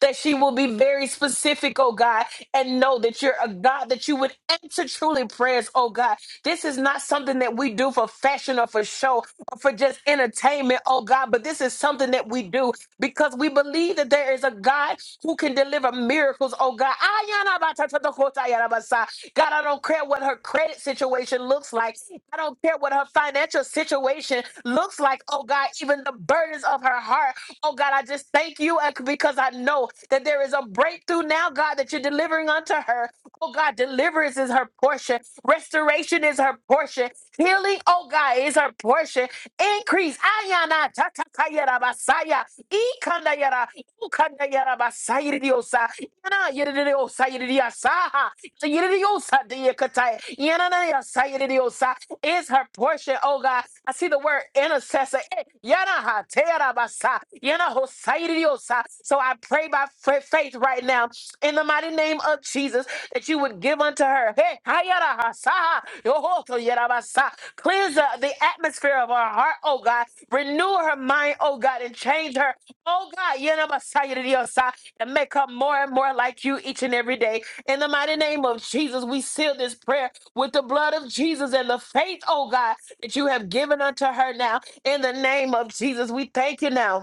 that she will be very specific, oh God, and know that you're a God that you would answer truly prayers, oh God. This is not something that we do for fashion or for show or for just entertainment, oh God, but this is something that we do because we believe that there is a God who can deliver miracles, oh God. Ayana ba ta ta ta ko ta ya ra ba sa. God, I don't care what her credit situation looks like. I don't care what her financial situation looks like, oh God, even the burdens of her heart. Oh God, I just thank you uh, because I know that there is a breakthrough now, God, that you're delivering unto her. Oh God, deliverance is her portion. Restoration is her portion. Healing, oh God, is her portion. Increase. Ayana tatakayara basaya. Ikandayara. Ukandayara basayiridiosa. Yana yiridiosa yiridiasaha. Yiridiosa diakatai. Yananaya sayiridiosa is her portion, oh God. I see the word intercessor. Eh, yana ha te ara basa, yana ho sairi diosa. So I pray by fa- faith right now in the mighty name of Jesus that you would give unto her. Hey, ha yara ha sa ha, yo ho to yara basa. Cleanse the, the atmosphere of her heart, oh God. Renew her mind, oh God, and change her, oh God, yana basa yara diosa, and make her more and more like you each and every day. In the mighty name of Jesus, we seal this prayer with the blood of Jesus and the faith, oh God, that you have given unto her now. In the name of Jesus, we thank you now.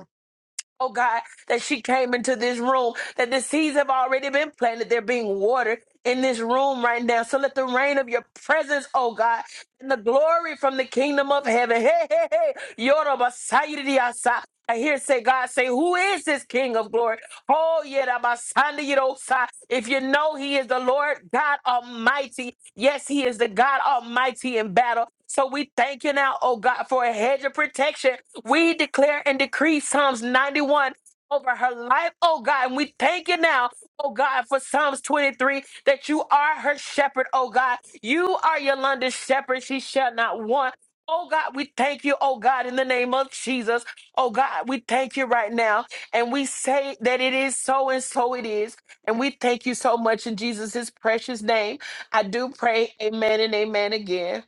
Oh God, that she came into this room, that the seeds have already been planted. They're being watered in this room right now. So let the rain of your presence, oh God, and the glory from the kingdom of heaven. Hey, hey, hey. Yoruba Sayidiasa. I hear say God say, Who is this King of glory? Oh, yeah, Rabasanda Yidosa. If you know he is the Lord God Almighty, yes, he is the God Almighty in battle. So we thank you now, oh God, for a hedge of protection we declare and decree Psalms 91 over her life, oh God. And we thank you now, oh God, for Psalms 23 that you are her shepherd, oh God. You are Yolanda's shepherd. She shall not want. Oh God, we thank you, oh God, in the name of Jesus. Oh God, we thank you right now. And we say that it is so and so it is. And we thank you so much in Jesus' precious name. I do pray, amen and amen again.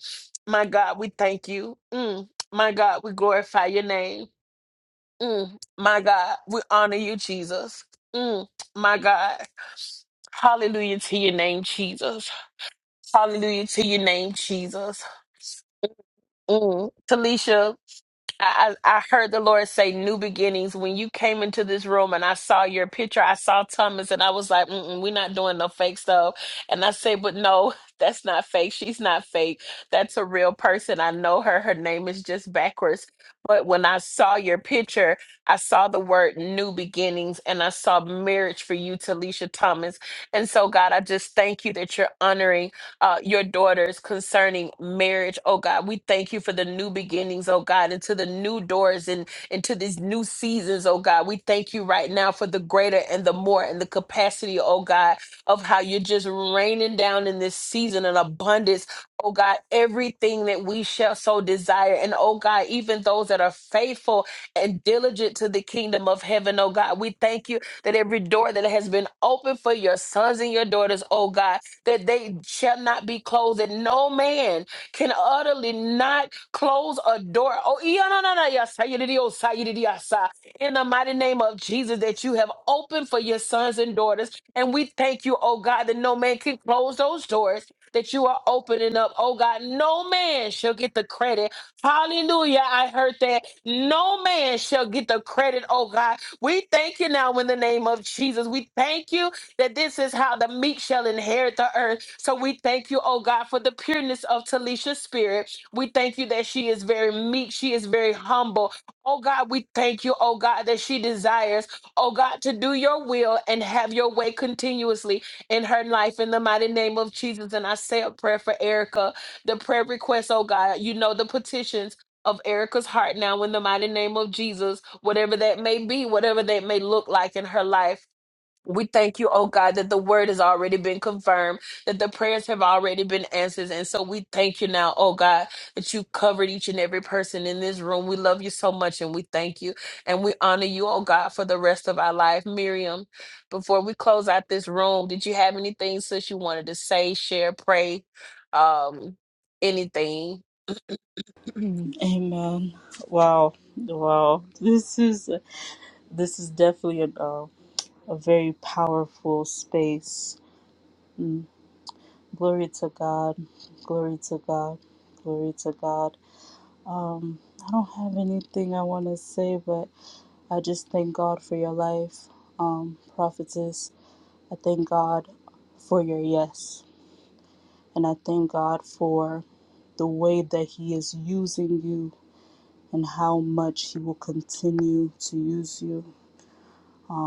My God, we thank you. Mm. My God, we glorify your name. Mm, my God, we honor you, Jesus. Mm, my God. Hallelujah to your name, Jesus. Ah, And so, sharing, uh, into of thank you that every door that has been open for your sons and your daughters, oh God, that they shall not be closed, that no man can utterly not close a door. Oh, yeah, no, no, no, yes, I did it, yes, I did it, yes, I. in the mighty name of Jesus, that you have opened for your sons and daughters. And we thank you, oh God, that no man can close those doors. That you are opening up. Oh God, no man shall get the credit. Hallelujah. I heard that. No man shall get the credit, oh God, we thank you now in the name of Jesus. We thank you that this is how the meek shall inherit the earth. So we thank you, oh God, for the pureness of Talisha's spirit. We thank you that she is very meek. She is very humble. Oh God, we thank you, oh God, that she desires, oh God, to do your will and have your way continuously in her life in the mighty name of Jesus. And I say a prayer for Erica, the prayer request, oh God. You know the petitions of Erica's heart now in the mighty name of Jesus, whatever that may be, whatever that may look like in her life. We thank you, oh God, that the word has already been confirmed, that the prayers have already been answered. And so we thank you now, oh God, that you covered each and every person in this room. We love you so much and we thank you and we honor you, oh God, for the rest of our life. Miriam, before we close out this room, did you have anything, sis, you wanted to say, share, pray? Um, any?
Amen. Wow, wow. This is this is definitely a uh, a very powerful space. Mm, Glory to God. Glory to God. Glory to God. Um, I don't have anything I want to say, but I just thank God for your life, um, prophetess. I thank God for your yes, and I thank God for the way that He is using you and how much He will continue to use you.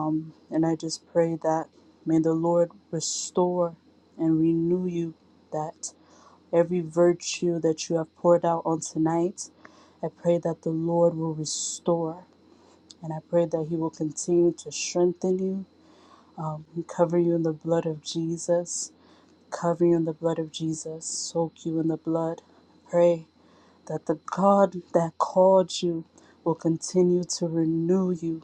Um, And I just pray that may the Lord restore and renew you that every virtue that you have poured out on tonight, I pray that the Lord will restore. And I pray that He will continue to strengthen you, um, and cover you in the blood of Jesus, cover you in the blood of Jesus, soak you in the blood. Pray that the God that called you will continue to renew you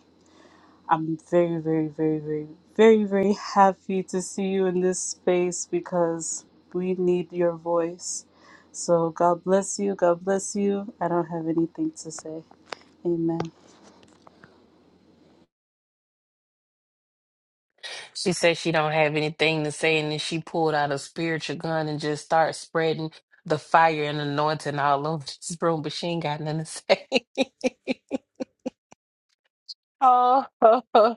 I'm very, very, very, very, very, very happy to see you in this space because we need your voice. So God bless you. God bless you. I don't have anything to say. Amen.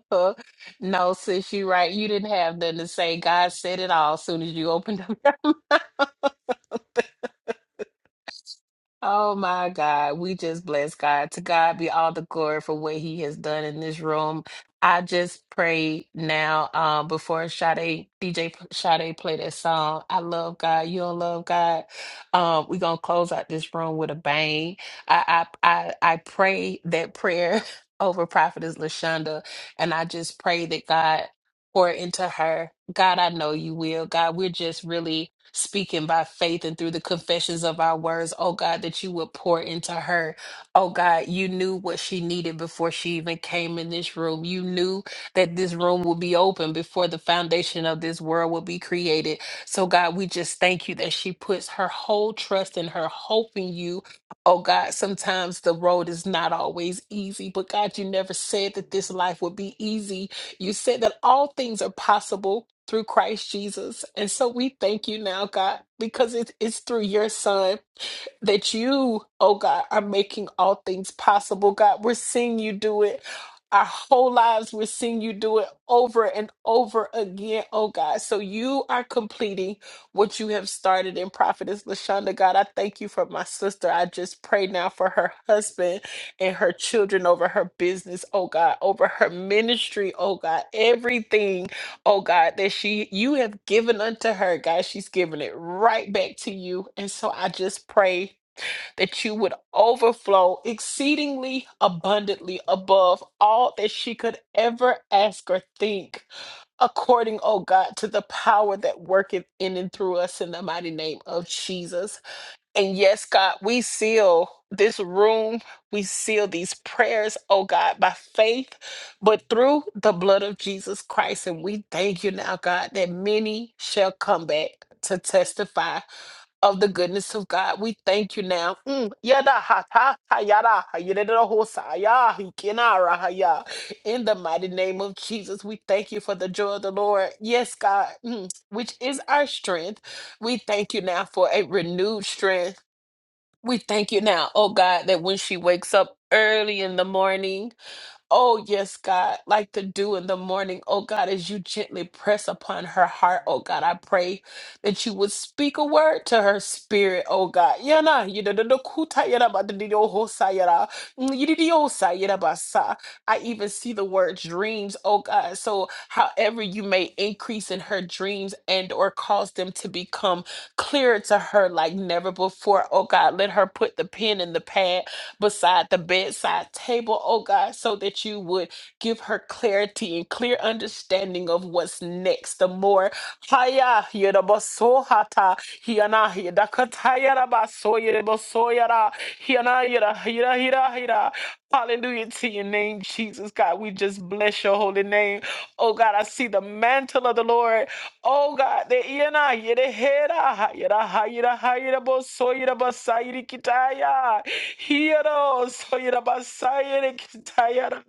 Praise God. To God be all the glory for whom I, um, I and I- our words, oh God, that you would pour into her. Oh God, you knew what she needed before she even came in this room. You knew that this room would be open before the foundation of this world would be created. So God, we just thank you that she puts her whole trust and her hope in you. Oh God, sometimes the road is not always easy, but God, you never said that this life would be easy You said that all things are possible through Christ Jesus. And so we thank you now, God, because it, it's through your son that you, oh God, are making all things possible. God, we're seeing you do it. Our whole lives, we're seeing you do it over and over again, oh God. So you are completing what you have started in Prophetess Lashonda. God, I thank you for my sister. I just pray now for her husband and her children, over her business, oh God, over her ministry, oh God, everything, oh God, that she you have given unto her, God, she's giving it right back to you. And so I just pray that you would overflow exceedingly abundantly above all that she could ever ask or think according, oh God, to the power that worketh in and through us in the mighty name of Jesus. And yes, God, we seal this room. We seal these prayers, oh God, by faith, but through the blood of Jesus Christ. And we thank you now, God, that many shall come back to testify of the goodness of God. We thank you now. Mm, yada ha ta ha yada ha yada da ho sa ya hi kina ra ha ya. In the mighty name of Jesus, we thank you for the joy of the Lord. Yes, God, mm, which is our strength. We thank you now for a renewed strength we thank you now, oh God, that when she wakes up early in the morning, Oh, yes, God, like the dew in the morning, oh God, as you gently press upon her heart, oh God, I pray that you would speak a word to her spirit, oh God. Yana, yidadakuta yadabadididohosa yada, yidididosa yadabasa. I even see the word dreams, oh God. So however you may increase in her dreams and or cause them to become clearer to her like never before, oh God, let her put the pen in the pad beside the bedside table, oh God, so that you would give her clarity and clear understanding of what's next. The more haya yerabasohata hiana yedakataya rabaso yerebasoyara hiana yera hira hira hira. Hallelujah to your name, Jesus God. We just bless your holy name. Oh God, I see the mantle of the Lord. Oh God, the iana yedehera yera hira hira baso yera basai Hiero soyera basayere kitayara.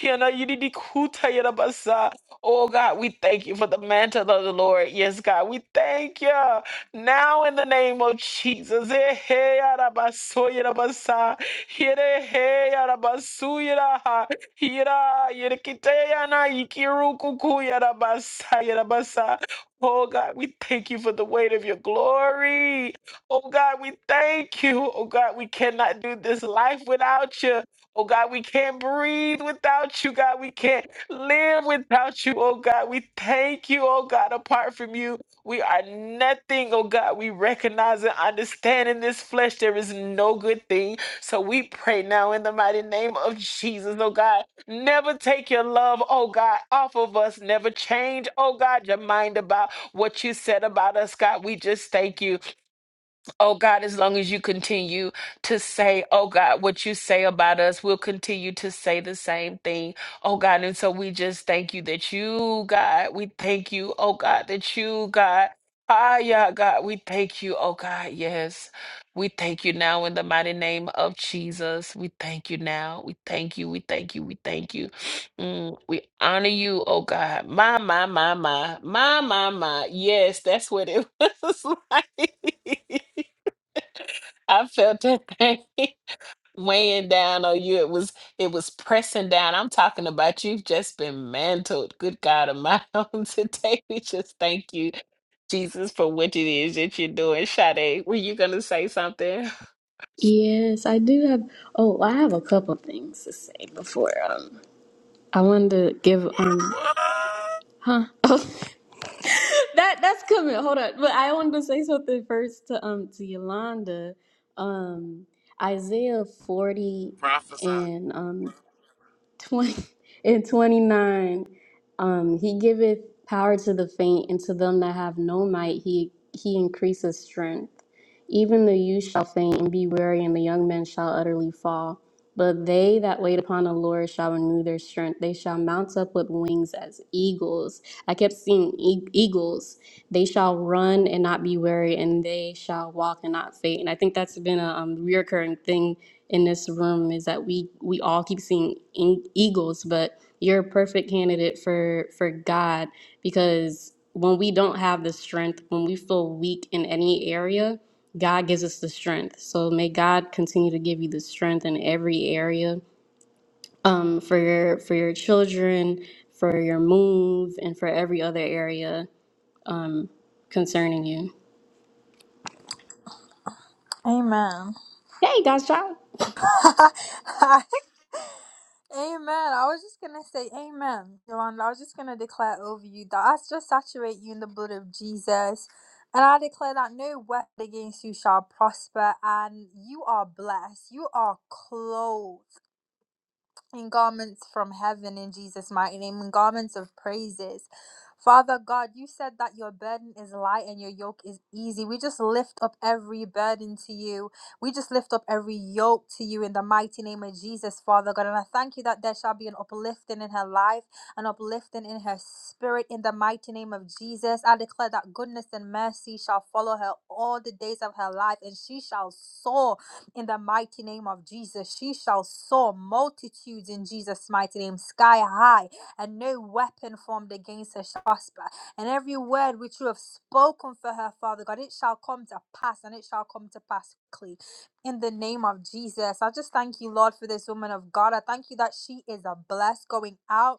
Hiana yididi kutayera basa. Oh God, we thank you for the mantle of the Lord. Yes, God, we thank you. Now in the name of Jesus. Eh, hey, ara basoyera basa. Hiere, hey, ara basuyera ha. Hira, yere kitayana, yikiru basa, basayera basa. Oh God, we thank you for the weight of your glory. Oh God, we thank you. Oh God, we cannot do this life without you. Oh God, we can't breathe without you. God, we can't live without you. Oh God, we thank you. Oh God, apart from you, we are nothing. Oh God, we recognize and understand in this flesh there is no good thing. So we pray now in the mighty name of Jesus. Oh God, never take your love, oh God, off of us. Never change, oh God, your mind about what you said about us. God, we just thank you. Oh God, as long as you continue to say, oh God, what you say about us, we'll continue to say the same thing. Oh God, and so we just thank you that you, God, we thank you, oh God, that you, God, ah, yeah, God, we thank you, oh God, yes. We thank you now in the mighty name of Jesus. We thank you now. We thank you. We thank you. We thank you. Mm, we honor you, oh God. My, my, my, my, my, my, my. Yes, that's what it was like. I felt that thing weighing down on you. It was it was pressing down. I'm talking about you've just been mantled. Good God of my own today. We just thank you, Jesus, for what it is that you're doing. Sade, were you gonna say something?
Yes, I do have. Oh, I have a couple things to say before. Um, I wanted to give. Um,
What?
huh? Oh, that that's coming. Hold on, but I wanted to say something first to um to Yolanda. Um, Isaiah forty
Prophesy.
and um 20 and 29 um he giveth power to the faint and to them that have no might he he increaseth strength even the youth shall faint and be weary and the young men shall utterly fall but they that wait upon the lord shall renew their strength they shall mount up with wings as eagles i kept seeing e- eagles they shall run and not be weary and they shall walk and not faint and i think that's been a um, reoccurring thing in this room is that we we all keep seeing in- eagles, but you're a perfect candidate for for God because when we don't have the strength, when we feel weak in any area, God gives us the strength. So may God continue to give you the strength in every area um, for your for your children, for your move, and for every other area concerning you.
Amen.
Hey, God's child.
amen. I was just going to say amen. Yolanda, I was just going to declare over you that I just saturate you in the blood of Jesus. And I declare that no weapon against you shall prosper, and you are blessed. You are clothed. In garments from heaven in Jesus' mighty name, in garments of praises. Father God, you said that your burden is light and your yoke is easy. We just lift up every burden to you. We just lift up every yoke to you in the mighty name of Jesus, Father God. And I thank you that there shall be an uplifting in her life, an uplifting in her spirit in the mighty name of Jesus. I declare that goodness and mercy shall follow her all the days of her life, and she shall soar in the mighty name of Jesus. She shall soar multitudes in Jesus' mighty name, sky high, and no weapon formed against her shall prosper. And every word which you have spoken for her, Father God, it shall come to pass, and it shall come to pass quickly. In the name of Jesus, I just thank you, Lord, for this woman of God. I thank you that she is a blessed going out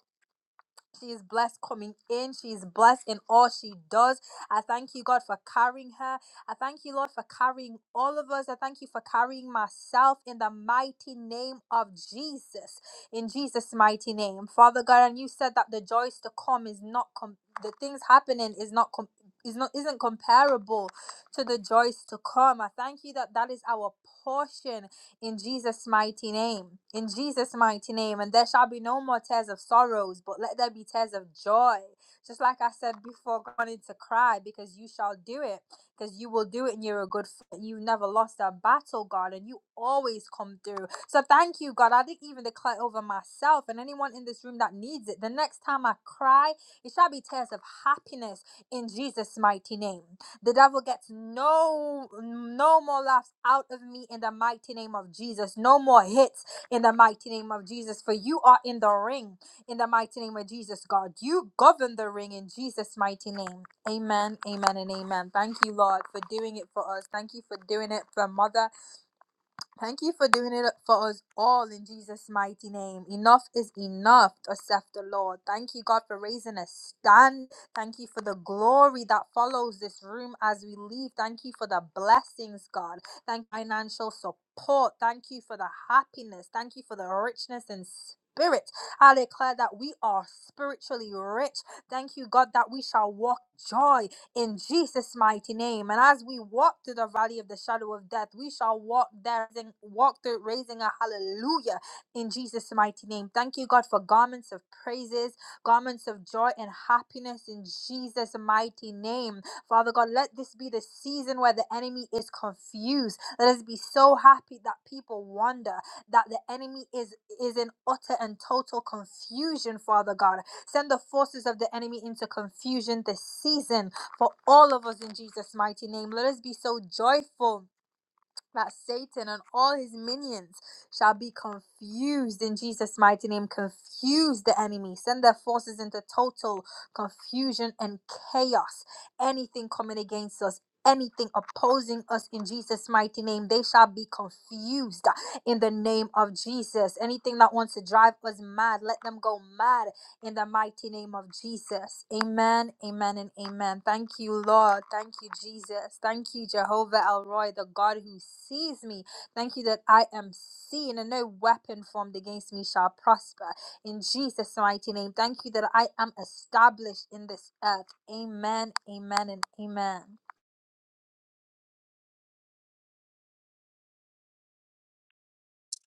she is blessed coming in. She is blessed in all she does. I thank you, God, for carrying her. I thank you, Lord, for carrying all of us. I thank you for carrying myself in the mighty name of Jesus. In Jesus' mighty name. Father God, and you said that the joys to come is not com- the things happening is not com- is not isn't comparable to the joys to come. I thank you that that is our portion in Jesus' mighty name. In Jesus' mighty name. And there shall be no more tears of sorrows, but let there be tears of joy. Just like I said before, I wanted to cry because you shall do it, because you will do it and you're a good, f- you never lost a battle, God, and you always come through. So thank you, God. I didn't even declare over myself and anyone in this room that needs it. The next time I cry, it shall be tears of happiness in Jesus' mighty name. The devil gets no no more laughs out of me in the mighty name of Jesus. No more hits in the mighty name of Jesus. For you are in the ring in the mighty name of Jesus, God. You govern the ring in Jesus' mighty name. Amen. Amen and amen. Thank you, Lord, for doing it for us. Thank you for doing it for Mother. Thank you for doing it for us all in Jesus' mighty name. Enough is enough, thus saith the Lord. Thank you, God, for raising a stand. Thank you for the glory that follows this room as we leave. Thank you for the blessings, God. Thank you for financial support. Thank you for the happiness. Thank you for the richness in Spirit, I declare that we are spiritually rich. Thank you, God, that we shall walk joy in Jesus' mighty name. And as we walk through the valley of the shadow of death, we shall walk there and walk through raising a hallelujah in Jesus' mighty name. Thank you, God, for garments of praises, garments of joy and happiness in Jesus' mighty name. Father God, let this be the season where the enemy is confused. Let us be so happy that people wonder that the enemy is is in utter and total confusion, Father God. Send the forces of the enemy into confusion this season for all of us in Jesus' mighty name. Let us be so joyful that Satan and all his minions shall be confused in Jesus' mighty name. Confuse the enemy, send their forces into total confusion and chaos. Anything coming against us. Anything opposing us in Jesus' mighty name, they shall be confused in the name of Jesus. Anything that wants to drive us mad, let them go mad in the mighty name of Jesus. Amen, amen, and amen. Thank you, Lord. Thank you, Jesus. Thank you, Jehovah El Roy, the God who sees me. Thank you that I am seen and no weapon formed against me shall prosper. In Jesus' mighty name, thank you that I am established in this earth. Amen, amen, and amen.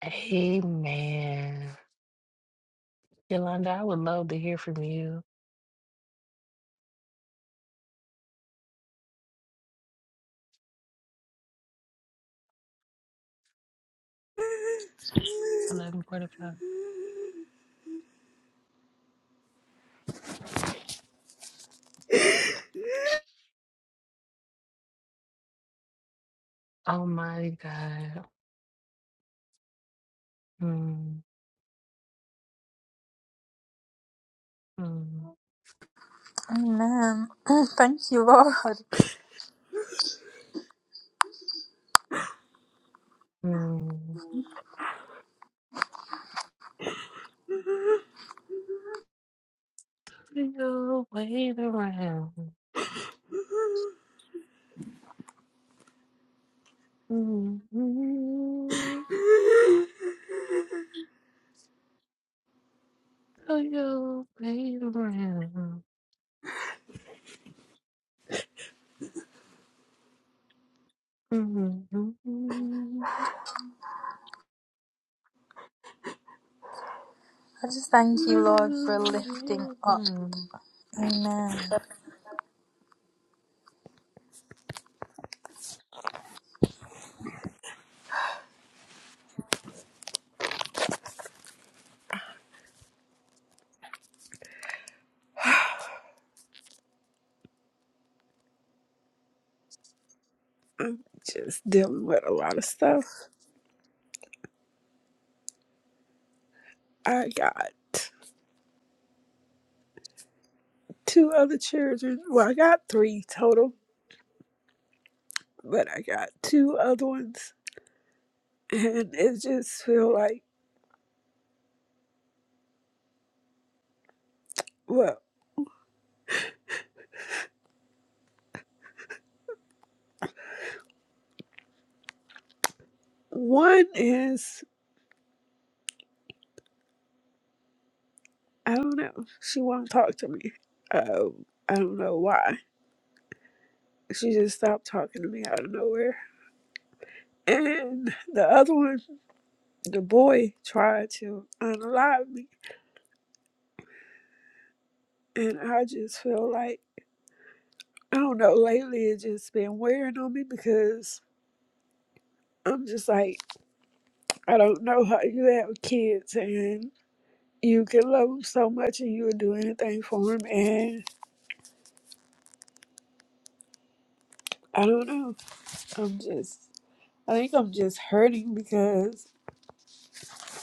Amen. Yolanda, I would love to hear from you. It's eleven forty five. Oh my God. Mm, mm,
Amen. Thank you, Lord.
mm. You'll wait around. Mm, mm. Do you play around? Mhm. Do you
I just thank you, Lord, for lifting
play
up.
around?
Amen.
Just dealing with a lot of stuff. I got two other children. Well, I got three total, but I got two other ones, and it just feel like well, one is I don't know. She won't talk to me. Um, I don't know why. She just stopped talking to me out of nowhere, and the other one. the boy tried to unalive me. And I just feel like, I don't know, lately it's just been wearing on me because I'm just like, I don't know how you have kids and you can love them so much and you would do anything for them. And I don't know. I'm just, I think I'm just hurting because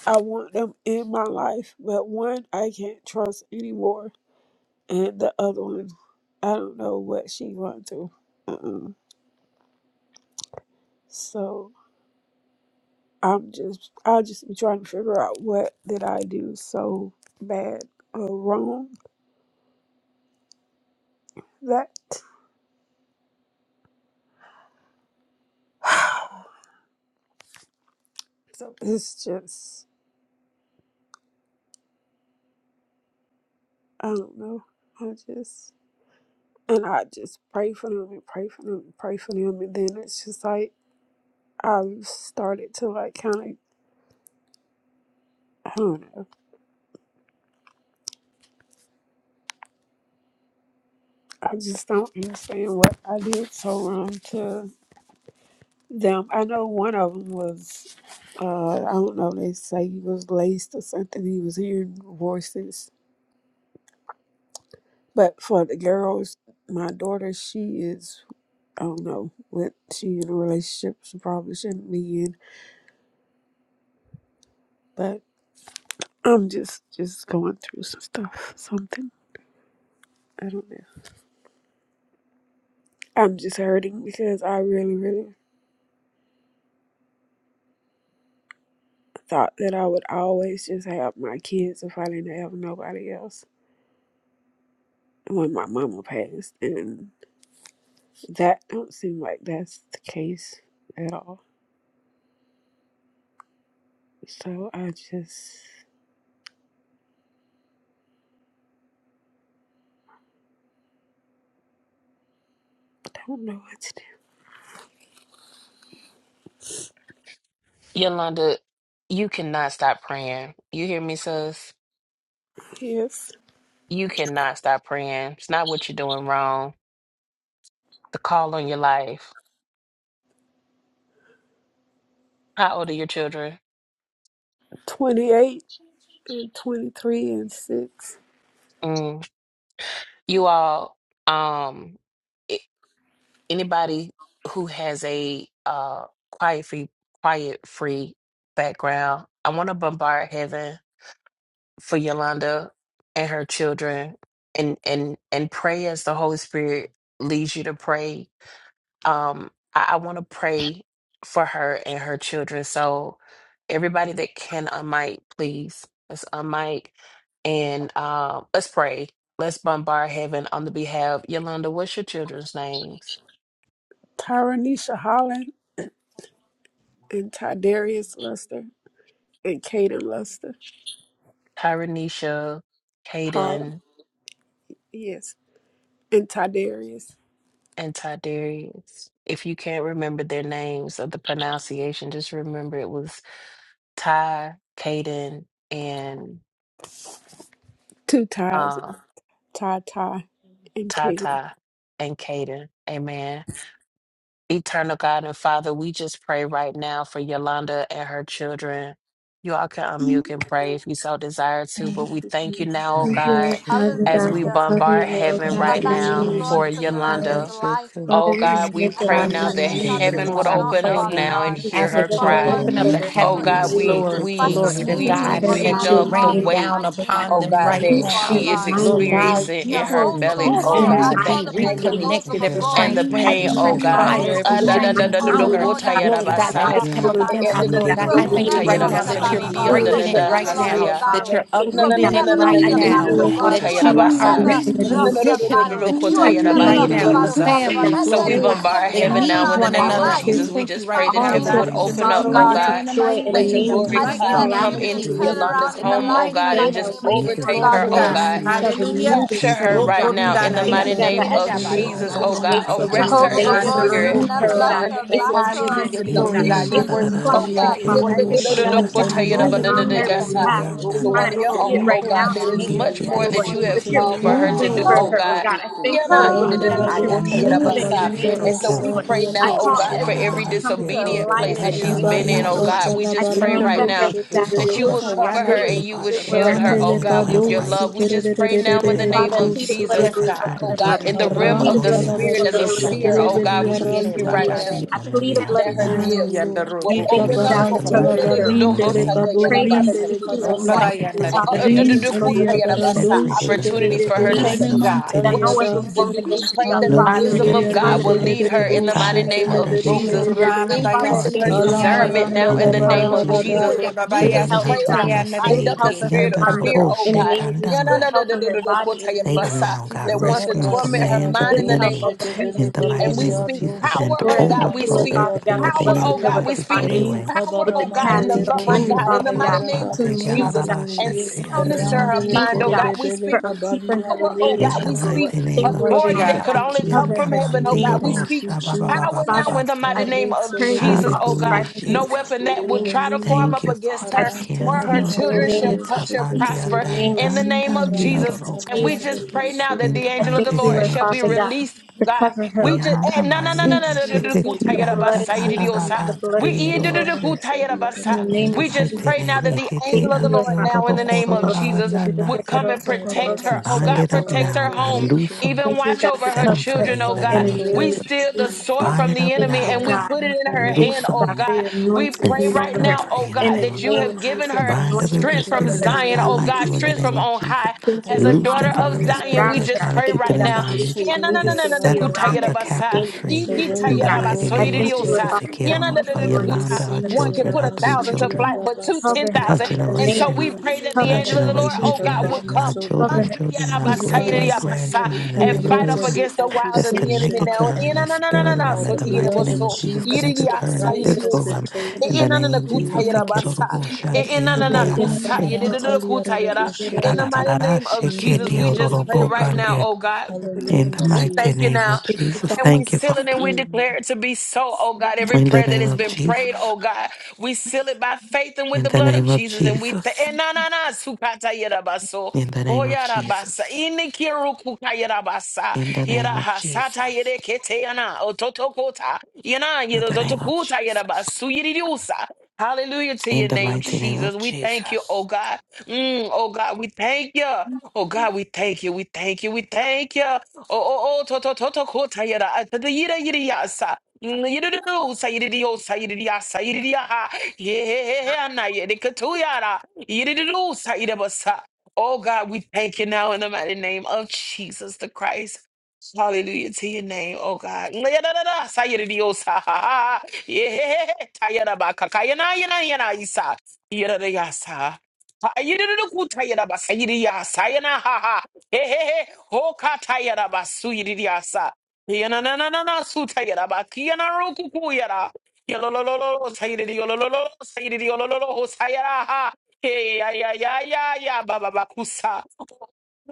I want them in my life, but one I can't trust anymore. And the other one, I don't know what she went through. Uh-uh. So I'm just I'll just be trying to figure out what did I do so bad or wrong that so it's just I don't know. I just and I just pray for them and pray for them and pray for them and then it's just like I started to like kind of I don't know. I just don't understand what I did so wrong to them. I know one of them was uh I don't know. They say he was laced or something. He was hearing voices But for the girls, my daughter, she is, I don't know what she in a relationship she probably shouldn't be in. But I'm just, just going through some stuff, something. I don't know. I'm just hurting because I really, really thought that I would always just have my kids if I didn't have nobody else when my mama passed. And that don't seem like that's the case at all. So I just don't know what to
Yolanda, you cannot stop praying. You hear me, sis?
do. Yes.
You cannot stop praying. It's not what you're doing wrong. The call on your life. How old are your children?
28 23 and 6.
Mm. You all, um, a- anybody who has a uh quiet free, quiet free background, I want to bombard heaven for Yolanda and her children and and and pray as the Holy Spirit leads you to pray. Um I, I want to pray for her and her children. So everybody that can unmic, please. Let's unmic and um let's pray. Let's bombard heaven on the behalf. Yolanda, what's your children's names?
Tyranisha Holland and Tydarius Luster and Caden Luster.
Tyranisha,
Holland.
Caden,
Yes. And Tydarius.
and Tiberius. If you can't remember their names or the pronunciation, just remember it was Ty, Caden, and
Two ties.
um,
Ty Ty and
Ty
Caden.
Ty and Caden. Amen. Eternal God and Father, we just pray right now for Yolanda and her children. You all can unmute and pray if you so desire to, but
Thank
we
you,
thank you
Jesus.
now,
In
oh
Thank you,
God,
Lord Father
as
God,
we
for
Hallelujah.
bombard
covering her, oh
heaven
Thank
I
God,
right
in
you,
the
thank
name
you,
now
of
Lord,
for
for
Jesus.
Jesus, Lord.
Yolanda's
Yolanda.
life,
Father,
Oh
Lord.
we
God,
just
Thank
we
you,
lift
I
her
pray
up
Lord
thank you
in
now
that
the
that
there
the
name of
shall
Jesus.
be
name
a
Jesus.
heaven
of
God,
would
I
lifting up,
open
pray
up
Jesus,
Father
and
now
God.
and
God.
We
hear
ask
her
that
cover her
you'll
Father
in
cry.
God,
the
open up
just
blood
the
of
loose
oh
God
your
in the
God,
heavens,
name of
angels,
we
Lord,
dispatch
we
your
Jesus.
glory to
we
Please
we
God,
angels
spare
on
and
her
her
picked
that
mind
you're
up
in
the
the
behalf
name
raining
of
in the
weight,
down
Jesus. oh
mighty
God.
name
upon
oh
In
of
them
God,
the
right
Jesus,
that
Please
Lord,
Father
spare
now.
she
her
shake
is
God.
it all
mind
Lord
in the name
among
of
God,
them.
experiencing
you
in
Jesus.
her
will
In
Jehovah
the
belly,
Please
cause
mighty
oh
spare
Gabor,
them
her
I
to
God,
name
the
of
call
be
mind in
upon
the
Jesus,
name of
agony
Jehovah
reconnected.
Jesus.
shake it
Every
oh God.
all,
Gabor.
and the
strange
shake
wind,
I
it,
every
pain,
thank
and
oh
Yes,
you,
strange
do
God.
da
Father,
da
that
fire,
Mm,
Jehovah
da,
every
ah,
she is
da,
a
shake
Gabor,
da,
strange
da,
it.
you
da, da,
are
mighty
do,
the
woman
encounter,
of
ko,
Lord
ta,
that
God.
ya,
has
She
da,
glory
is
to
ba,
In
God,
the
never
a
that
sa.
day
has
mighty
lost
come
a
and
up
woman
the
Eh,
of
eh,
against
battle.
God,
da,
them,
and
oh
da, da,
the
Lord
God.
da,
You
do
God.
do,
do
have
I
In the
do,
ku,
thank
name
ta,
you
of
key
never
ya,
right
da,
and the
Jesus,
ba,
now
lost
oh
da
a
sa,
da
that
di,
Lord.
da
you're
di,
battle,
da da
di,
We
God.
ah,
da,
da,
You
breaking
da,
have
lift
it
her
shake
da,
up
never
right
ka,
to
sa,
it.
lost a
now,
you,
ya.
oh
that
Father.
battle.
I
you're
thank
You
No,
have
no,
you,
no,
uprooting
In
no,
God.
the
it
no,
never
no, no.
day
right
lost
I
Yeah,
a
and
the,
the
the,
thank
da
the,
now
you,
da
the
battle,
Lord
da,
God.
kota
Father,
You
that
shake
that
have
you
the
it
are,
all
are
people
yarabasa.
never
here
among
in the
No,
the
name
other
no,
of
no,
lost
do
Jesus.
a
no,
do.
no, no,
repositioning
battle.
no,
the
You
kota
I
have
children
never
yaraba
Da da
right
plead the
lost
da
a
now,
da
blood of
da
the
battle,
Jesus,
da,
yididiyosa.
Father
O
God.
God.
shake
family,
Let
it,
I
So
there
glory
we
pray,
to
be
and
Lord
God.
bombard
shift,
Father
the
They
God,
man,
heaven
I
now
need
break
in
turnaround
the
the
in
one
her
all
name of
her
another.
life.
barrier.
I
Jesus.
tears,
We
thank you
just
right
pray that
all
Mighty
now,
her
In
heaven
the
name
God,
tears
would
of
from
that
name
you're
open
of
Jesus,
up,
moving
sorrow
oh
right
Jesus,
God.
into
now
God.
in a
joy
mighty
in the
Let
way,
your
in
name
the
of
glory
I
every
Jesus,
cloud
mighty
spirit
and
declare
of
name
come
of
laughter
shift
in
and
into
the
confusion,
name
Jesus.
of Jesus,
Yolanda's
turnaround
O
in
In
doubt,
the
her
God.
home, oh
life in
mighty
the
God,
They
and
name
mighty
of
just
that
name of
wait
Jesus,
Jesus,
upon
overtake
the
glory
God.
her,
manipulation,
to
oh
Lord
God.
God.
Loose.
Hallelujah,
deceit,
shall
Hallelujah.
renew
Jesus.
their
Capture her
strength,
Oh,
O
confusion.
right
God.
The
now
So
in
I
the
thank
Okundanaya,
mighty
you, God, that
name
Libaran
as
of
she
Tulika
Jesus,
sheredabayosu,
patiently
oh God.
Baran
waits, oh God,
Talia
Arrest her
Jehovah
that
in the
you're
Reban
Gabor,
going to
you
spirit
have
move
never
her, oh
now
lost
God.
androokosu.
Sintalia
in the
a
It's
name
a
of Jesus
time
battle.
Hallelujah.
to
thing, oh
know
Glory,
God.
that
God.
Rindele
You're
It's
she,
a
worthy to
clock
oh
be
Kuntalia
God,
thing,
Hallelujah.
praised,
yeah,
Father. I
worthy
da-
Rindu
to
da-
be
thank
da-
you,
da-
God,
da-
glory,
that
po-
you're
ta-
God.
ya- da-
Shentalia
ba-
moving
da- da-
on
da-
Hallelujah.
her
ya- sa,
behalf.
Rintalia
is
She might
one of
not
your
Rukunduro
see
own,
it
oh
right
uku
God.
now in the
There is
name of
Rikantulia
much
Jesus,
more
Lord,
that
shikuyandere
you have
that you're
Risutele
ikere
called for her
baba
to
moving
do,
for
oh
Berikata
yoto
her,
ro
oh
God.
God. I
uku
Ya-
thank you,
na,
Lord
ya- da-
Father
yere
da-
God,
da-
that
da-
you're
ho-
Randalado
ta- ya-
ayandere
da- ba-
Oh.
moving in the
iki
sa.
name
And
Shakabalibara
kero
of
so
Jesus,
we
Lord.
uku
pray
Sadia
now,
I
oh
call
God, for
Rebushete
shikayandere
everything
every
to come into
ikero
disobedient
ro
place
alignment
that
uku
in the
she's
name
baba
been
of
in,
Jesus,
oh
Adibarika
yasu
Lord.
God. We
I
just pray
speak
right
yendero
that
Talabarando
now
her
uku
that her
that you would
children
Shekebelekata
have
cover
good
shikayandere
her and you would
relationship with
ikero
shield
her,
her,
God,
uku
oh
Randele
in
enemy
the
God,
don't
name
with
have
of
Kado
your
Jesus.
shinabandere
love. We
rights.
uku
Sikerede
just pray
In
now
the
in the
shikere
name of
name
Father,
baha
I
of
plead the
Jesus, I
blood of
Jesus,
Yes,
take our
Sikebe
Jesus
God.
over
children,
oh
her
God,
touch
mind.
our
in the
I
Yendero
children,
realm
I
plead
of
the
Aram
go
the
blood
near
of
uku
her
Jesus
Spirit
talabaru
as
over
a
her
children. In the
seer,
relationship
mighty
oh
to
shikayandere
name
shekelebeli
God,
of
we
Jesus,
thank
aram
Jesus,
ikere
you
we
baba
right
Lord.
now
taliada.
intercede
yasu
I
on their
plead the
behalf
blood
that
of
her
Jesus,
now.
oh
Oh
Mm,
gifts
Lord,
Lord.
yendero
I
will
That the
Rika
uku
thank
open
you,
enemy
up
God,
has
baran
uh, uh,
for
to lose
covering
shikayandere
them
her.
now.
talabarin
In the
dele
name
I
of
pray, God,
Jesus.
kaborin
that you
dele
please
kada.
Om
God,
baba
anoint
we
her from the
yandere
thank you
top of
that
her
they've
head
Rin
to
been
the
iki
soles
free,
of
talia
her
they've been
feet, oh
set
barando
God,
free,
in
they've
the
been
name
opportunities
shekebele
delivered,
for
of
oh
her
We
to
God,
thank
in
kererene
the
you,
see
Jesus.
man
God.
mighty
That
what
name
no
of
she
taliada.
weapon
needs
Jesus.
to
formed
do. We
against her
pray
shall
that the
No
prosper,
weapon
and
wisdom
that
every
of
Hallelujah,
is
Hallelujah.
tongue
re
God
that
formed
will
de
rises
de
lead
de
up
against
de
her
them,
against
in
bo
the mighty
Ty,
her in
name
judgment,
of
shekelebele
O
you will
Tardarisha,
Jesus,
condemn.
kerere.
Purana
and
Baya
Father, I
increasing
Card,
thank
her
you,
Kate,
God,
and
for
Shetayana
Shib,
covering
discernment
her
Alamaranda
now
in
with
in
the
her
the
name
health,
name
of
oh
Ikendaro
of
God. I thank
Jesus.
Jesus.
you,
labarabadaya.
Opore
God, for
We
good
Babaya
just
Yolanda and
health,
her
pray
oh
and
God.
I
children are
Shetayana
Good
bind
saved.
up the
health
Ike.
in
spirit
her
of
Ekiyanda
mind,
fear,
rorobo,
oh
in the
God,
name of Jesus.
Yeah, no,
shekanda
Good
no, no,
health
no,
in
no,
her
no, no, cool,
body, in
yeah,
the
Save
name of
them now, God.
Jesus,
that
oh
wants to
Rescue
Lord.
them from the
I
torment her
speak
hands of
mind
the
good
in the
Rasalabado
health
name
enemy
of
over
sheke
her in
Jesus.
in
the
the
velika
name of
mighty
And we
Jesus.
name
baria
of
speak
do
Jesus and
power,
sheke
Lord, I
oh
de
God,
thank
we
you,
overthrow
Lord
speak.
Father
mantalia
everything
God,
Power,
do
for
that the enemy
blessing
oh
her
shadia.
God,
with
tries
we
the
to throw
speak
their
Ri
way.
finances,
power,
with the
oh God,
cash,
in the
kabaramandele
with the
love of
NDK
money,
boshe
God, in the
Father
delia
mighty
God,
name
okoroba
to
rabado
de
of
move, Lord
Jesus,
God,
shete.
yararara
in
and
Hallelujah.
the name of
shete
Jesus,
soundness to
Lord.
andema
I
her
de
Randele
mind,
thank you,
oh
kere
God,
God,
de
we
kororosh.
speak
for
belika
um, keeping her
baria
in
power,
the
oh
name of
In
God,
Jesus,
the
we
ramantalaba.
Lord.
speak
I
mighty name
You're
Thank you,
of
Lord
worthy,
authority
Father
that
Jesus,
God.
Thank
could
God,
the
you,
for
only come
covering
from
her
Jesus.
in
heaven,
kiandaman
the
oh
de
name
God,
of
we
Thank
Jesus,
speak.
you,
yorosha ba
Lord.
ba ba
Power
ba ba
Father,
now
Jesus.
in
ba
the
ki.
mighty
I
name of
pray
Karesele
against
Jesus,
all
oh God.
Hallelujah,
belekebe.
strife and
No
Jesus.
weapon
contention in
that
the
would
name of
try to
Jesus,
Hallelujah.
form
Lord.
Thank
up
you,
against
Father.
I
her
speak
or
Ikiande
her
Karantalaba
peace in the
children
name
shall,
of
yororoshe
rabado
uh,
Jesus,
shall
sheke
tamande
peace
te.
in
prosper
the
andan
name of
in the
Jesus,
dan
name of
dan de
Jesus.
peace in
Karamantala
And
yororoke.
we
Jesus'
just
barabado
pray
name.
now that
In
suku
the
the
I
angel of the
rabado
mighty
thank you,
Lord
name
Lord
of
shall
sheke
be
Father
te.
God,
Jesus.
released, oh
to
God,
cover her,
we
oh
just
God.
Yanda
eh, na na na
Yes,
In
na
Lord.
na
mayede
na na
Jesus'
na-
name,
kuta
sheteti
the
yada
blood
anta
of
basa yidi
Jesus,
kararada
diosa.
the
Hallelujah.
blood
We
of
eh, du-
Jesus
du- du-
over
Barama
tayeroroshe.
her.
kuta yada
Salia
In the
basa.
In
name
the
of
We just
Jesus,
mighty
pray
Suki.
now
oh
name,
that the
God.
etete
Thank
angel of the
you,
andi
Lord
Lord,
Father.
now in
ororo
the
Yes,
name of
Lord.
Jesus,
korororanda
Thank
would
naya.
come and protect her.
Rabara
Oh
Bind
God,
it
Sata
up
protect
now,
her
Labo
God.
home.
Loose
Suku.
them.
Even
you,
watch
God, for
over her
Set them
covering her.
Oh
children,
free in
oh
the
God,
In
God.
name
make
the
of
a
We
name
way.
of
Jesus.
steal the
Jesus, oh
sword
Bind
from
Lord.
it
the
up
Oh
Thank
enemy
you,
now,
and
God,
we
God.
God.
put it
make a
in her
way.
hand,
Thank
Loose
you,
oh
God,
'em
for
God.
your
We
anointing
pray
Make
being
a
right
over
Instead, I'm
way.
her.
now,
praying
oh
in the
In
God,
the
name
that
of
you
name
Jesus.
of
have given
Jesus,
her
Bind up
Rasi
anointing to
every
strength from
cover
spirit
her.
that's
In
Tetelia
the
Zion,
not
oh
name
like
Rebo
of
God,
you in the
strength
name
from
Jesus.
Suki.
of
on
Jesus.
high.
Thank
As
you,
a
Lord
Loose
Adirman
daughter
Father
them from
God,
of
every
for
Teliaba.
Zion,
spirit
we
that's
surrounding
just
her.
trying to
pray
Thank
keep
you,
them
right
Begin
in
God,
to
now
for
bondage
releasing your
na na
restore
na
and
angels
your
na
to
na na
set
daughter,
be
them,
O
kuta
around
set
her
God.
the
in the
yarabasa.
captives
name of
free
Make a
Jesus.
way
ikita
in
So,
in the
God,
the
mighty
yarabaso
I
name of
wilderness
thank you,
for
Lord
iridiosa.
Jesus.
her.
They
Father
care
God,
Yana
for
na na na
over
for the
Lord,
Lord
in this
yananananakuta.
Yolanda,
angels
her
and the
One
season,
name
can
children,
put
her
of
a
three
thousand to
Rabasundia
Jesus.
flight,
children,
but two, ten
Cover
and
her, oh
Rabasandia
her
thousand.
God, in
Rebo
the
And
name
so
of
generation,
we
Sadia.
pray
Jesus.
that the
and
Cover
her
her
angel
in
of the Lord,
generation,
Change
oh
her
Jesus'
God,
name.
will
generation, and her
garments,
come
O
Cover
God.
children's
her in
children, and our
Jesus'
great
name.
Libara
great
Sadia,
antayarabasaiririabasa,
we
grandchildren,
In
and
come
and
the
every
name
fight
of
against
up
person
Jesus.
every
against the wiles
that's
of
Thank
the
you,
enemy
accusation
God.
connected
of
to
now.
the
her in
na
the
na
enemy.
na na na,
spirit
na
By
realm
so
in
the
the mighty
Yananananana
blood
name
of
of
sotayarabaso,
Jesus,
Jesus,
connected to
the
her in the
price has
physical
been
realm
iririasaiririosana.
paid.
in the name
Enanana
of
The
Jesus. Se
name of
quiero
kutayarabasa,
Jesus.
robo shante ande
enanana
Kali
kusa-
arashe.
marantalia rerebo
yedidididokutayara. In the
shekete.
mighty name of
Ararararashe ke
Jesus, we
Mm,
dio
just pray
robo
right now,
bande.
oh God.
In the
Hallelujah,
We
mighty
thank
Jesus.
you
name
now.
of
Thank you,
Jesus.
God.
And we
Thank you,
seal it
Father.
and we declare it to be so, oh God. Every
In the
prayer that
name
has
of
been prayed,
Jesus.
oh God, we seal it by faith and with
In
the
the
blood of
name of
Jesus. And we thank.
Jesus.
Na na na sukata yerabaso.
In the name of
Oyarabasa.
Jesus.
Inikiru
In the name of
Yerahasata
Jesus.
yerekete yana. Ototokota. Yana
In the name of
yerototokuta
Jesus.
yerabasu yiriusa. Hallelujah to your
In the
name,
mighty name
Jesus.
of
We thank you, oh
Jesus.
God. Mm, oh God, we thank you. Oh God, we thank you. We thank you. We thank you. Oh, oh, oh, to, to, to, to, ko, ta, yada, ah, ta, da, yida, yida, ya, sa. Mm, yida, da, do, sa, yida, di, yo, sa, yida, di, ya, sa, yida, di, Ye, he, he, he, ah, na, yada, ka, tu, yada. Yida, Oh, God, we thank you now in the mighty name of Jesus the Christ. Hallelujah to your name, oh God. Mm, yada, da, da, sa, yida, di, yo, sa, ha, ha, ha. Ye, he, he, he, ta, yada, ba, ka, ka, yana, yana, yana, isa. Yida, da, Ha, yida, ku, ta, yada, ba, sa, yida, ya, sa, Ehehe, hokatayara basuyiriasa. Yana na na na na sutayara bakiyana rokukuyara. Yololololo sayiri yolololo sayiri yolololo hosayara ha. Hey ya ya ya ya ya baba bakusa.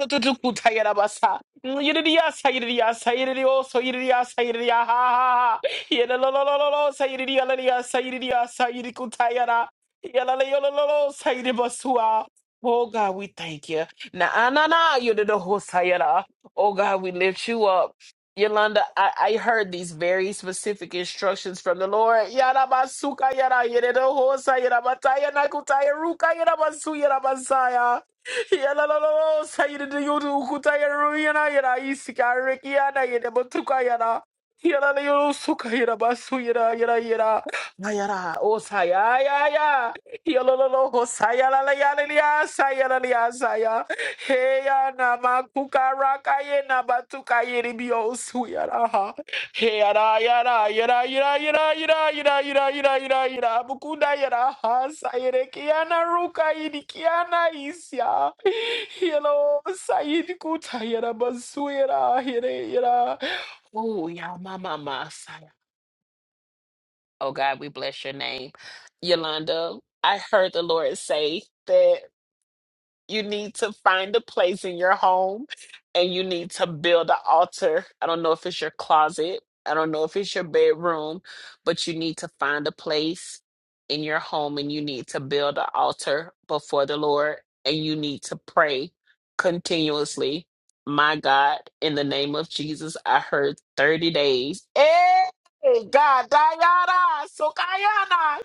Tutututayara basa. Yiriya sayiriya sayiri o soyiriya sayiriya ha ha ha. Yololololo sayiri yololiya sayiriya sayiri kutayara. Yololololo sayiri basua. Oh God, we thank you. Nah, nah, nah. nah, You did the whole sayada. Oh God, we lift you up. Yolanda, I, I heard these very specific instructions from the Lord. Yada basuka yada yada the whole sayada bataya nakutaya ruka yada basu yada basaya. Yada la la la sayada the yudu kutaya ruyana yada isika rekiana yada yada batuka yada. Yada la yudu suka yada basu yada yada yada. Yada oh saya ya ya. Yada la la la oh saya la la yada yada saya la la saya. Heya na makukaraka ye na batuka ye ribio suyaraha. Heya ra yara yara yara yara yara yara yara yara yara yara bukuda yara ha sayere kiana ruka yidi kiana isya. Hello sayid kuta yara basuyara yere yara. Oh ya mama masaya. Oh God, we bless your name, Yolanda. I heard the Lord say that you need to find a place in your home and you need to build an altar. I don't know if it's your closet, I don't know if it's your bedroom, but you need to find a place in your home and you need to build an altar before the Lord and you need to pray continuously. My God, in the name of Jesus, I heard 30 days. Hey, God, Diana, Sokayana.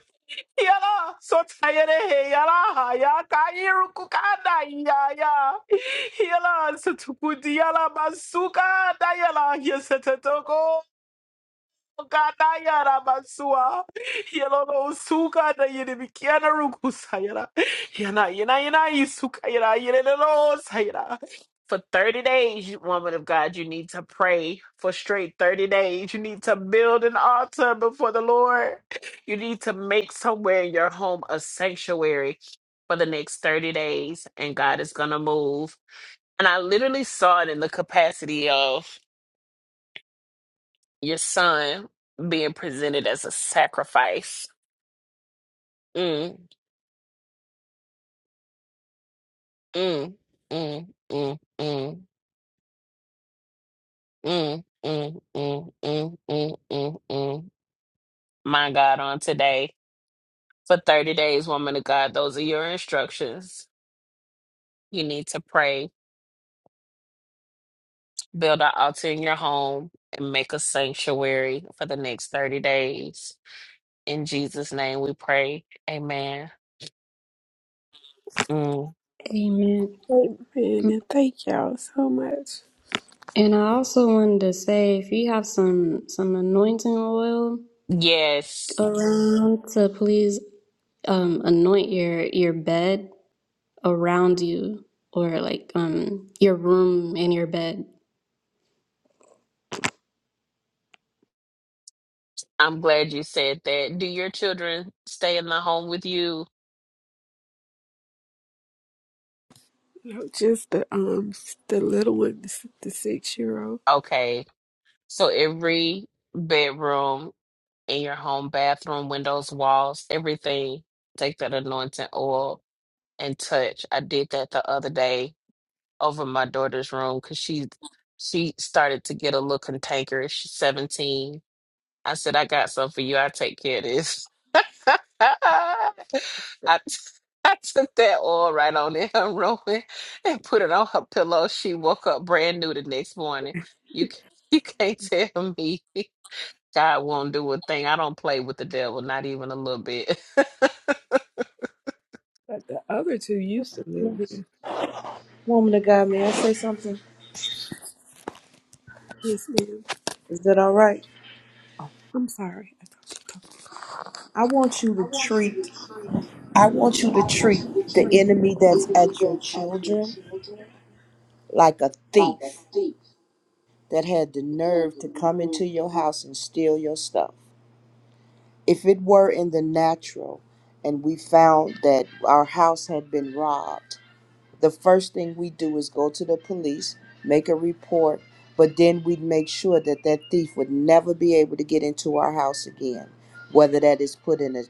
Yala, so tired eh, yala, ya kairu kukada ya ya. Yala, so tukudi yala basuka da yala, yesetetoko. Kanayara basua. Yelo no suka da yede bikiana ruku sayara. Yana yana yana isuka yara yele no sayara. For 30 days, you- woman of God, you need to pray for straight 30 days. You need to build an altar before the Lord. You need to make somewhere in your home a sanctuary for the next 30 days, and God is going to move. And I literally saw it in the capacity of your son being presented as a sacrifice. Mm, mm, mm, mm, mm, mm, mm, mm, mm, mm, mm, mm. My God, on today for 30 days, woman of God, those are your instructions. You need to pray, build an altar in your home, and make a sanctuary for the next 30 days. In Jesus' name we pray. Amen. Mm.
Amen.
Amen. And thank y'all so much.
And I also wanted to say, if you have some some anointing oil
Yes.
around, to please um, anoint your your bed around you, or like um your room and your bed.
I'm glad you said that. Do your children stay in the home with you?
You know, just the um the little one, the, s- the six year old.
Okay. So every bedroom in your home, bathroom, windows, walls, everything, take that anointing oil and touch. I did that the other day over my daughter's room because she she started to get a little cantankerous. She's 17 I said, I got some for you. I take care of this. I, I took that oil right on it, Roman, and put it on her pillow. She woke up brand new the next morning. You can you can't tell me God won't do a thing. I don't play with the not even.
But the other two used to live here.
Woman of God, may I say something?
Yes, ma'am.
Is that all right?
Oh, I'm sorry. I thought you talked.
I want you
I
to
want you
treat
to treat,
I want you to
I want
treat
you to
the
treat
enemy
the
that's
enemy
at your
that's at
children
your children
like a
like a
thief.
thief
that had the
that had
nerve
the
to come
nerve
into
to
your
come.
house and steal your stuff. If it were in the natural and we found that our house had been robbed, the first thing we do is go to the police, make a report, but then we'd make sure that that thief would never be able to get into our house again. Whether that is put in a,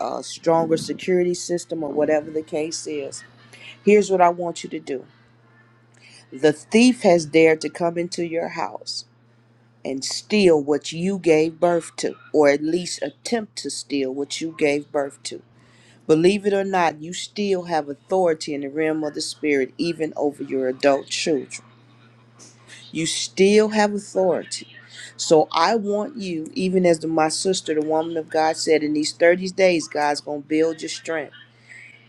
a, a stronger security system or whatever the case is, here's what I want you to do. The thief has dared to come into your house and steal what you gave birth to, or at least attempt to steal what you gave birth to. Believe it or not, you still have authority in the realm of the spirit, even over your adult children. You still have authority. So I want you, even as the, my sister, the woman of God said, in these 30 days, God's going to build your strength.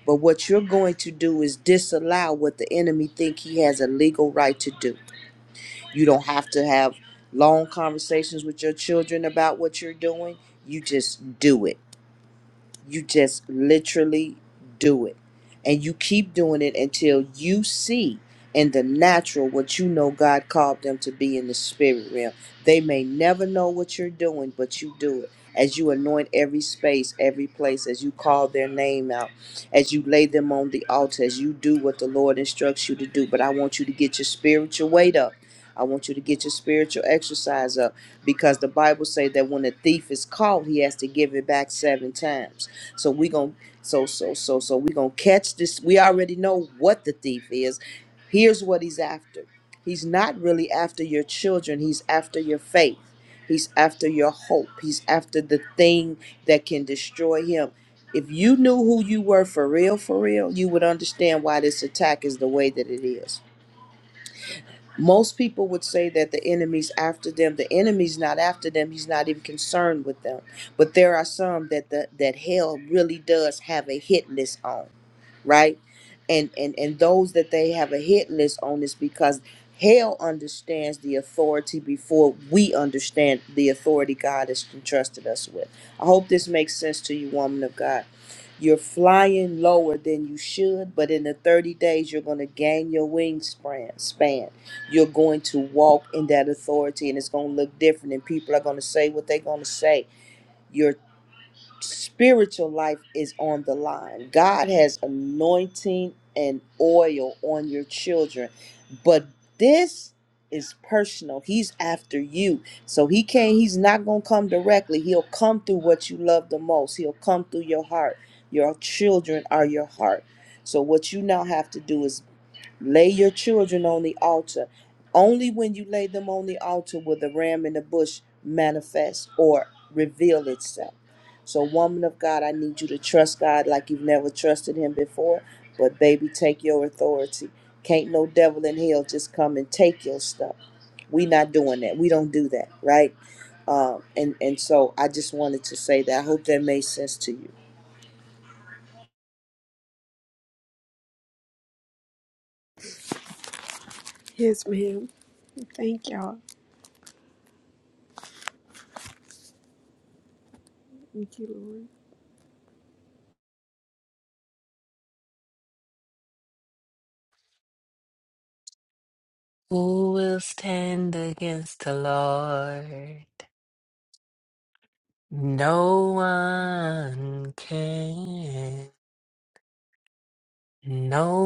But what you're going to do is disallow what the enemy think he has a legal right to do. You don't have to have long conversations with your children about what you're doing. You just do it you just literally do it. And you keep doing it until you see in the natural what you know God called them to be in the spirit realm. They may never know what you're doing, but you do it. As you anoint every space, every place, as you call their name out, as you lay them on the altar, as you do what the Lord instructs you to do. But I want you to get your spiritual weight up. I want you to get your spiritual exercise up because the Bible say that when a thief is caught, he has to give it back seven times so we going so so so so we going to catch this. We already know what the thief is. Here's what he's after. He's not really after your children. He's after your faith. He's after your hope. He's after the thing that can destroy him. If you knew who you were for real, for real, you would understand why this attack is the way that it is most people would say that the enemy's after them. The enemy's not after them. He's not even concerned with them. But there are some that the, that hell really does have a hit list on, right? And and and those that they have a hit list on is because hell understands the authority before we understand the authority God has entrusted us with. I hope this makes sense to you, woman of God. You're flying lower than you should, but in the 30 days you're going to gain your wingspan span you're going to walk in that authority and it's going to look different and people are going to say what they're going to say your spiritual life is on the line god has anointing and oil on your children but this is personal he's after you so he can't he's not going to come directly he'll come through what you love the most he'll come through your heart your children are your heart so what you now have to do is Lay your children on the altar. Only when you lay them on the altar will the ram in the bush manifest or reveal itself. So, woman of God, I need you to trust God like you've never trusted Him before. But, baby, take your authority. Can't no devil in hell just come and take your stuff. We not doing that. We don't do that, right? Um, and and so I just wanted to say that. I hope that made sense to you.
Yes, ma'am. Thank y'all. Thank you, Lord.
Who will stand against the Lord? No one can. No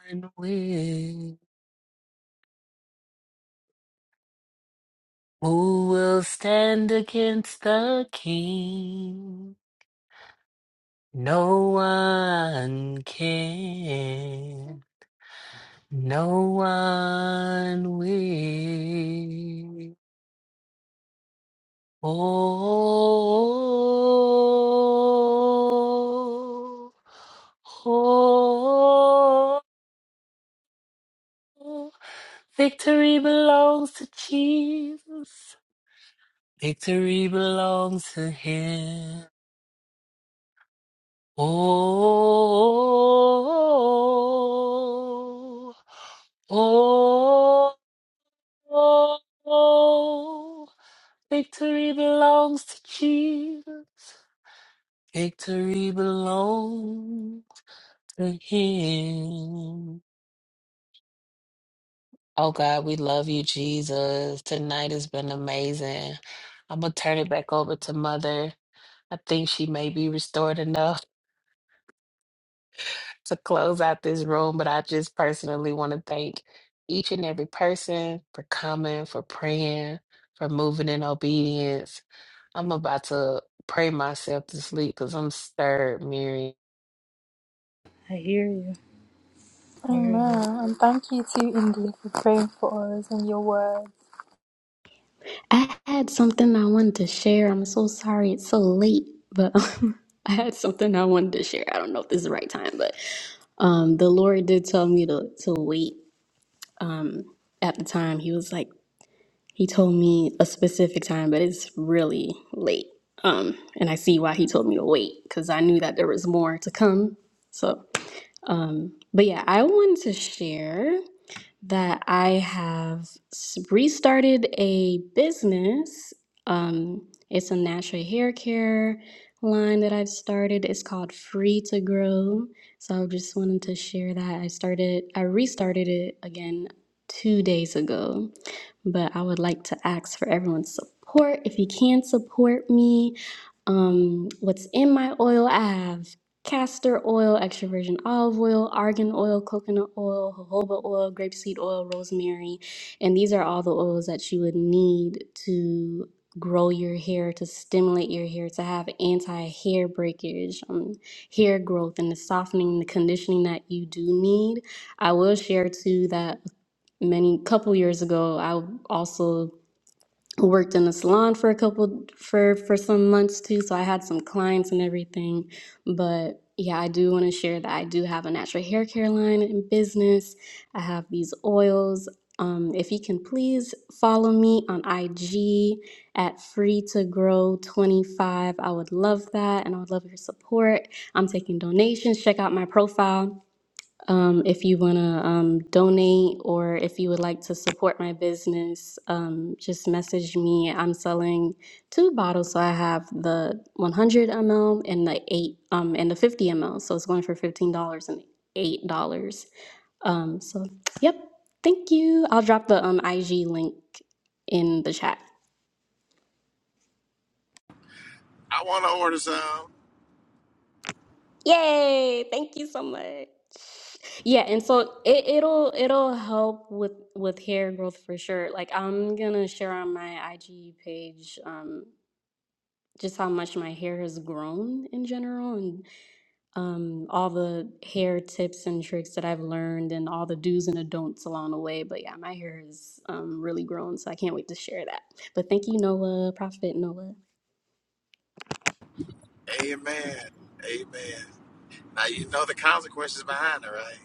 one will. Who will stand against the king? No one can. No one will. Oh, oh, victory belongs to Jesus. Victory belongs to him. Oh, oh, oh, oh, victory belongs to Jesus. Victory belongs to Him. Oh God, we love you, Jesus. Tonight has been amazing. I'm gonna turn it back over to Mother. I think she may be restored enough. to close out this room, but I just personally want to thank each and every person for coming, for praying, for moving in obedience. I'm about to pray myself to sleep because I'm stirred, Mary.
I hear you. I hear you.
Amen. And thank you too, India, for praying for us and your word.
I had something I wanted to share. I'm so sorry it's so late, but um, I had something I wanted to share. I don't know if this is the right time, but um, the Lord did tell me to to wait at the time. He was like. He told me a specific time, but it's really late. Um, and I see why he told me to wait because I knew that there was more to come. So, um, but yeah, I wanted to share that I have s- restarted a business. Um, it's a natural hair care line that I've started. It's called Free to Grow. So I just wanted to share that. I started, I restarted it again two days ago. But I would like to ask for everyone's support. If you can support me, um, what's in my oil? I have castor oil, extra virgin olive oil, argan oil, coconut oil, jojoba oil, grapeseed oil, rosemary. And these are all the oils that you would need to grow your hair, to stimulate your hair, to have anti hair breakage, um, hair growth, and the softening, the conditioning that you do need. I will share too that many couple years ago i also worked in a salon for a couple for for some months too so i had some clients and everything but yeah i do want to share that i do have a natural hair care line in business i have these oils um, if you can please follow me on ig at free to grow 25 i would love that and i would love your support i'm taking donations check out my profile um, if you want to um, donate or if you would like to support my business, um, just message me. I'm selling two bottles, so I have the 100 ml and the eight um, and the 50 ml. So it's going for fifteen dollars and eight dollars. Um, so, yep, thank you. I'll drop the um, IG link in the chat.
I want to order some.
Yay! Thank you so much. Yeah, and so it, it'll it'll help with with hair growth for sure. Like I'm gonna share on my IG page um just how much my hair has grown in general and um all the hair tips and tricks that I've learned and all the do's and the don'ts along the way. But yeah, my hair has um really grown, so I can't wait to share that. But thank you, Noah, Prophet Noah.
Amen. Amen. Now you know the consequences behind it, right?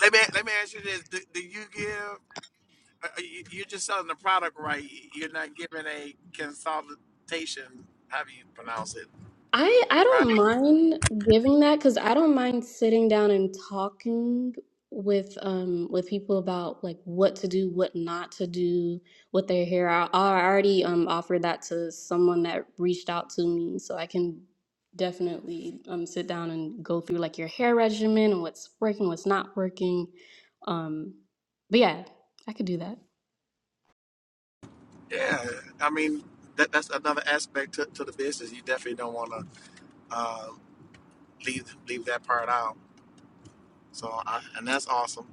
Let me let me ask you this: Do, do you give? Uh, you, you're just selling the product, right? You're not giving a consultation. How do you pronounce it?
I I
Right?
don't mind giving that because I don't mind sitting down and talking with um with people about like what to do, what not to do, what they're I, I already um offered that to someone that reached out to me, so I can definitely um sit down and go through like your hair regimen and what's working, what's not working. Um, but yeah, I could do that.
Yeah. I mean, that, that's another aspect to, to the business. You definitely don't want to uh, leave leave that part out. So, I, and that's awesome.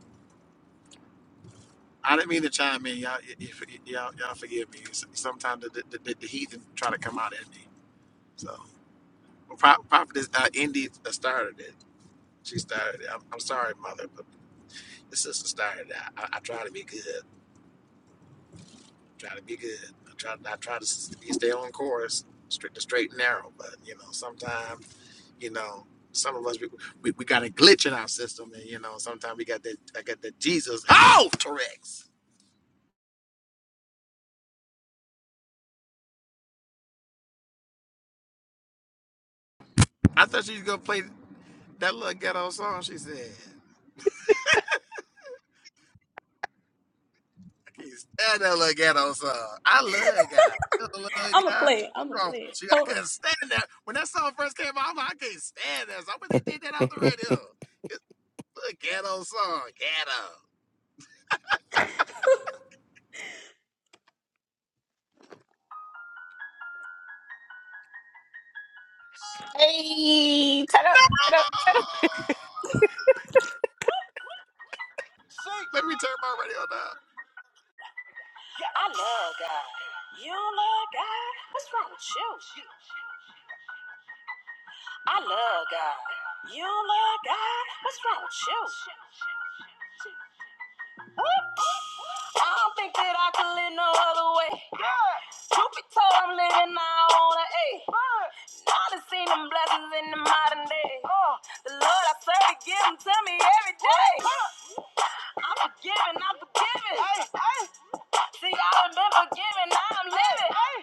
I didn't mean to chime in, y'all. y- y- y- Y'all, y'all forgive me. S- Sometimes the, the, the, the heathen try to come out at me. So, Pro- Prophetess uh, Indy uh, started it. She started it. I'm, I'm sorry, mother, but the sister started it. I, I, I try to be good. Try to be good. I try. I try to s- be stay on course, straight the straight and narrow. But you know, sometimes you know, some of us we, we, we got a glitch in our system, and you know, sometimes we got that. I got that Jesus. Oh, Torex. I thought she was gonna play that little ghetto song. She said. I can't stand that little ghetto song. I love God. You know, love
I'm a
God.
play.
What's
I'm a
wrong
play.
with you? I
Hold on.
couldn't stand that. When that song first came out, I'm like, I can't stand that. So I'm gonna take that out the radio. It's a little ghetto song. Ghetto. Oh, let me turn my radio down.
I love God. You don't love God? What's wrong with you? I love God. You don't love God? What's wrong with you? I don't think that I could live no other way. Truth be told, I'm living now on an A. All the seen them blessings in the modern day. Oh, the Lord I serve to give them to me every day. I'm forgiven, I'm forgiven. Hey, hey. See, I've been forgiven, now I'm living.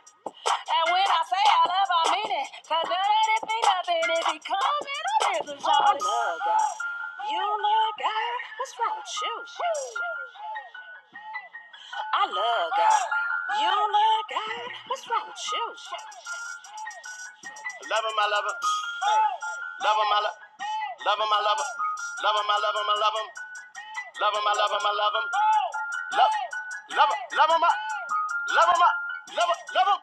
And when I say I love, I mean it. Cause there ain't it be nothing if he comes in a business, I love God. You love God? What's wrong with you? I love God. You love God? What's wrong with you? Love him, I love him. Love him, I love him. Love him, I love him. Love him, I love him, I love him. Love him, I love him, I love him. Love, love him, love him, love him, love him, love him, love,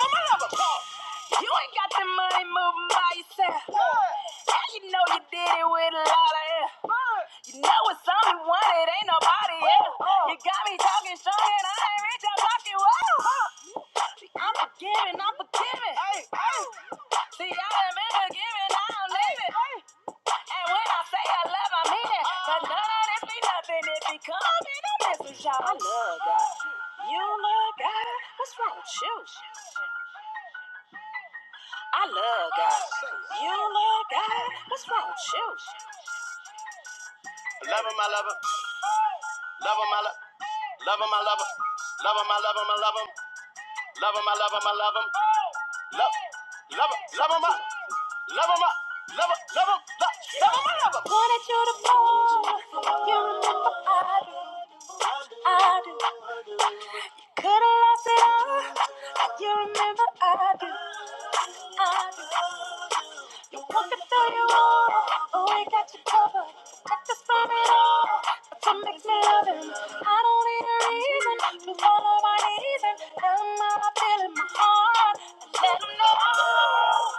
him, I love him. You ain't got the money moving by yourself. How you know you did it with a lot of air? You know it's someone, it ain't nobody else. You got me talking strong and I ain't reach out pocket. Whoa. I'm forgiving, I'm forgiving. Hey, hey. See, I done been forgiving, I don't leave it. Hey. And when I say I love, I mean it. But none of this be nothing if it come in a message, y'all. I love God. You love God? What's wrong with you? I love God. You love God? What's wrong with you? Love him, I love him. Love him, I love Love him, I love him. Love him, I love him, I love him. Love him, I love him, I love him. Love, love him, love him, I love him, love him, love him, love, him, I love him. Wanna go, you you remember I do, I do. Could've lost it all, like you remember I do. I do. You're walking through your wall, oh, we got you covered. Protect us from it all, that's what makes me love him. I don't need a reason to follow my knees and tell him how I feel in my heart. And let him know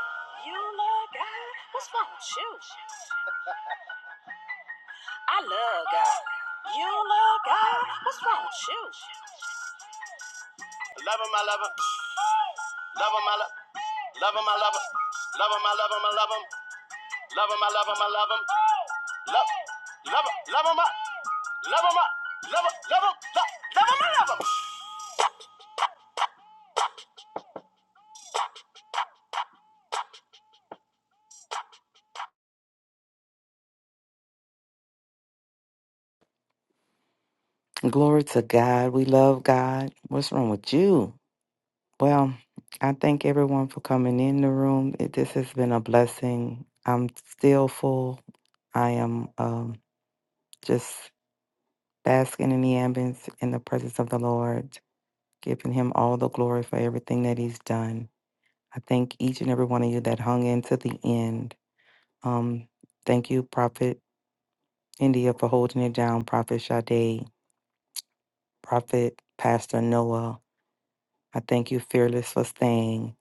you love God. What's wrong with you? I love God. You love God. What's wrong with you? Love him, I love him. Love him, I love Love him, I love him. Love him, I love him, I love him. Love him, I love him, I love him. Love, love him, love him, I love him, I love him, love him, love him, love him, I love him.
Glory to God. We love God. What's wrong with you? Well, I thank everyone for coming in the room. It, this has been a blessing. I'm still full. I am um, just basking in the ambience in the presence of the Lord, giving Him all the glory for everything that He's done. I thank each and every one of you that hung in to the end. Um, thank you, Prophet India, for holding it down. Prophet Sade, Prophet Pastor Noah. I thank you, Fearless, for staying.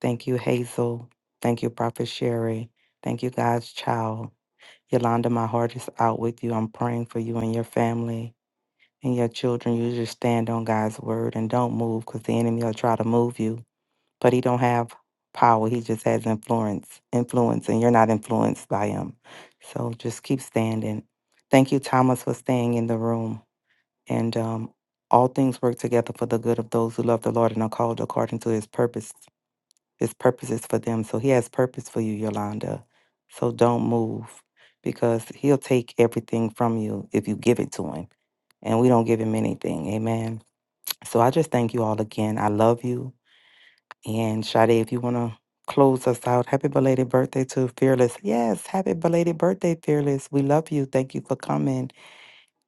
Thank you, Hazel. Thank you, Prophet Sherry. Thank you, God's child. Yolanda, my heart is out with you. I'm praying for you and your family and your children. You just stand on God's word and don't move because the enemy will try to move you. But he don't have power. He just has influence, influence, and you're not influenced by him. So just keep standing. Thank you, Thomas, for staying in the room. And um, all things work together for the good of those who love the Lord and are called according to his purpose. His purposes for them. So he has purpose for you, Yolanda. So don't move because he'll take everything from you if you give it to him. And we don't give him anything. Amen. So I just thank you all again. I love you. And Sade, if you want to close us out, happy belated birthday to Fearless. Yes, happy belated birthday, Fearless. We love you. Thank you for coming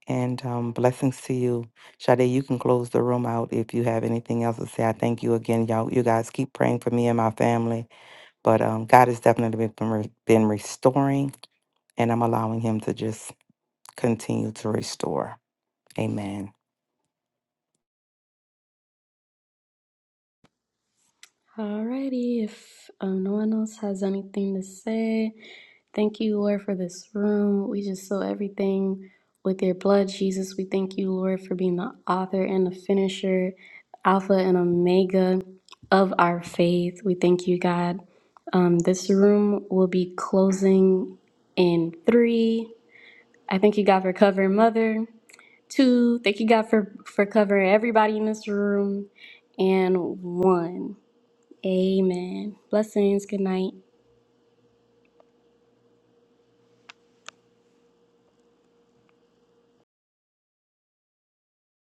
and um, blessings to you. Sade, you can close the room out if you have anything else to say. I thank you again, y'all. You guys keep praying for me and my family. But um, God has definitely been, re- been restoring, and I'm allowing Him to just continue to restore. Amen.
Alrighty, if um, no one else has anything to say, thank you, Lord, for this room. We just sow everything with your blood, Jesus. We thank you, Lord, for being the author and the finisher, Alpha and Omega of our faith. We thank you, God. Um, this room will be closing in three. I thank you, God, for covering Mother. Two, thank you, God, for, for covering everybody in this room. And one. Amen. Blessings. Good night.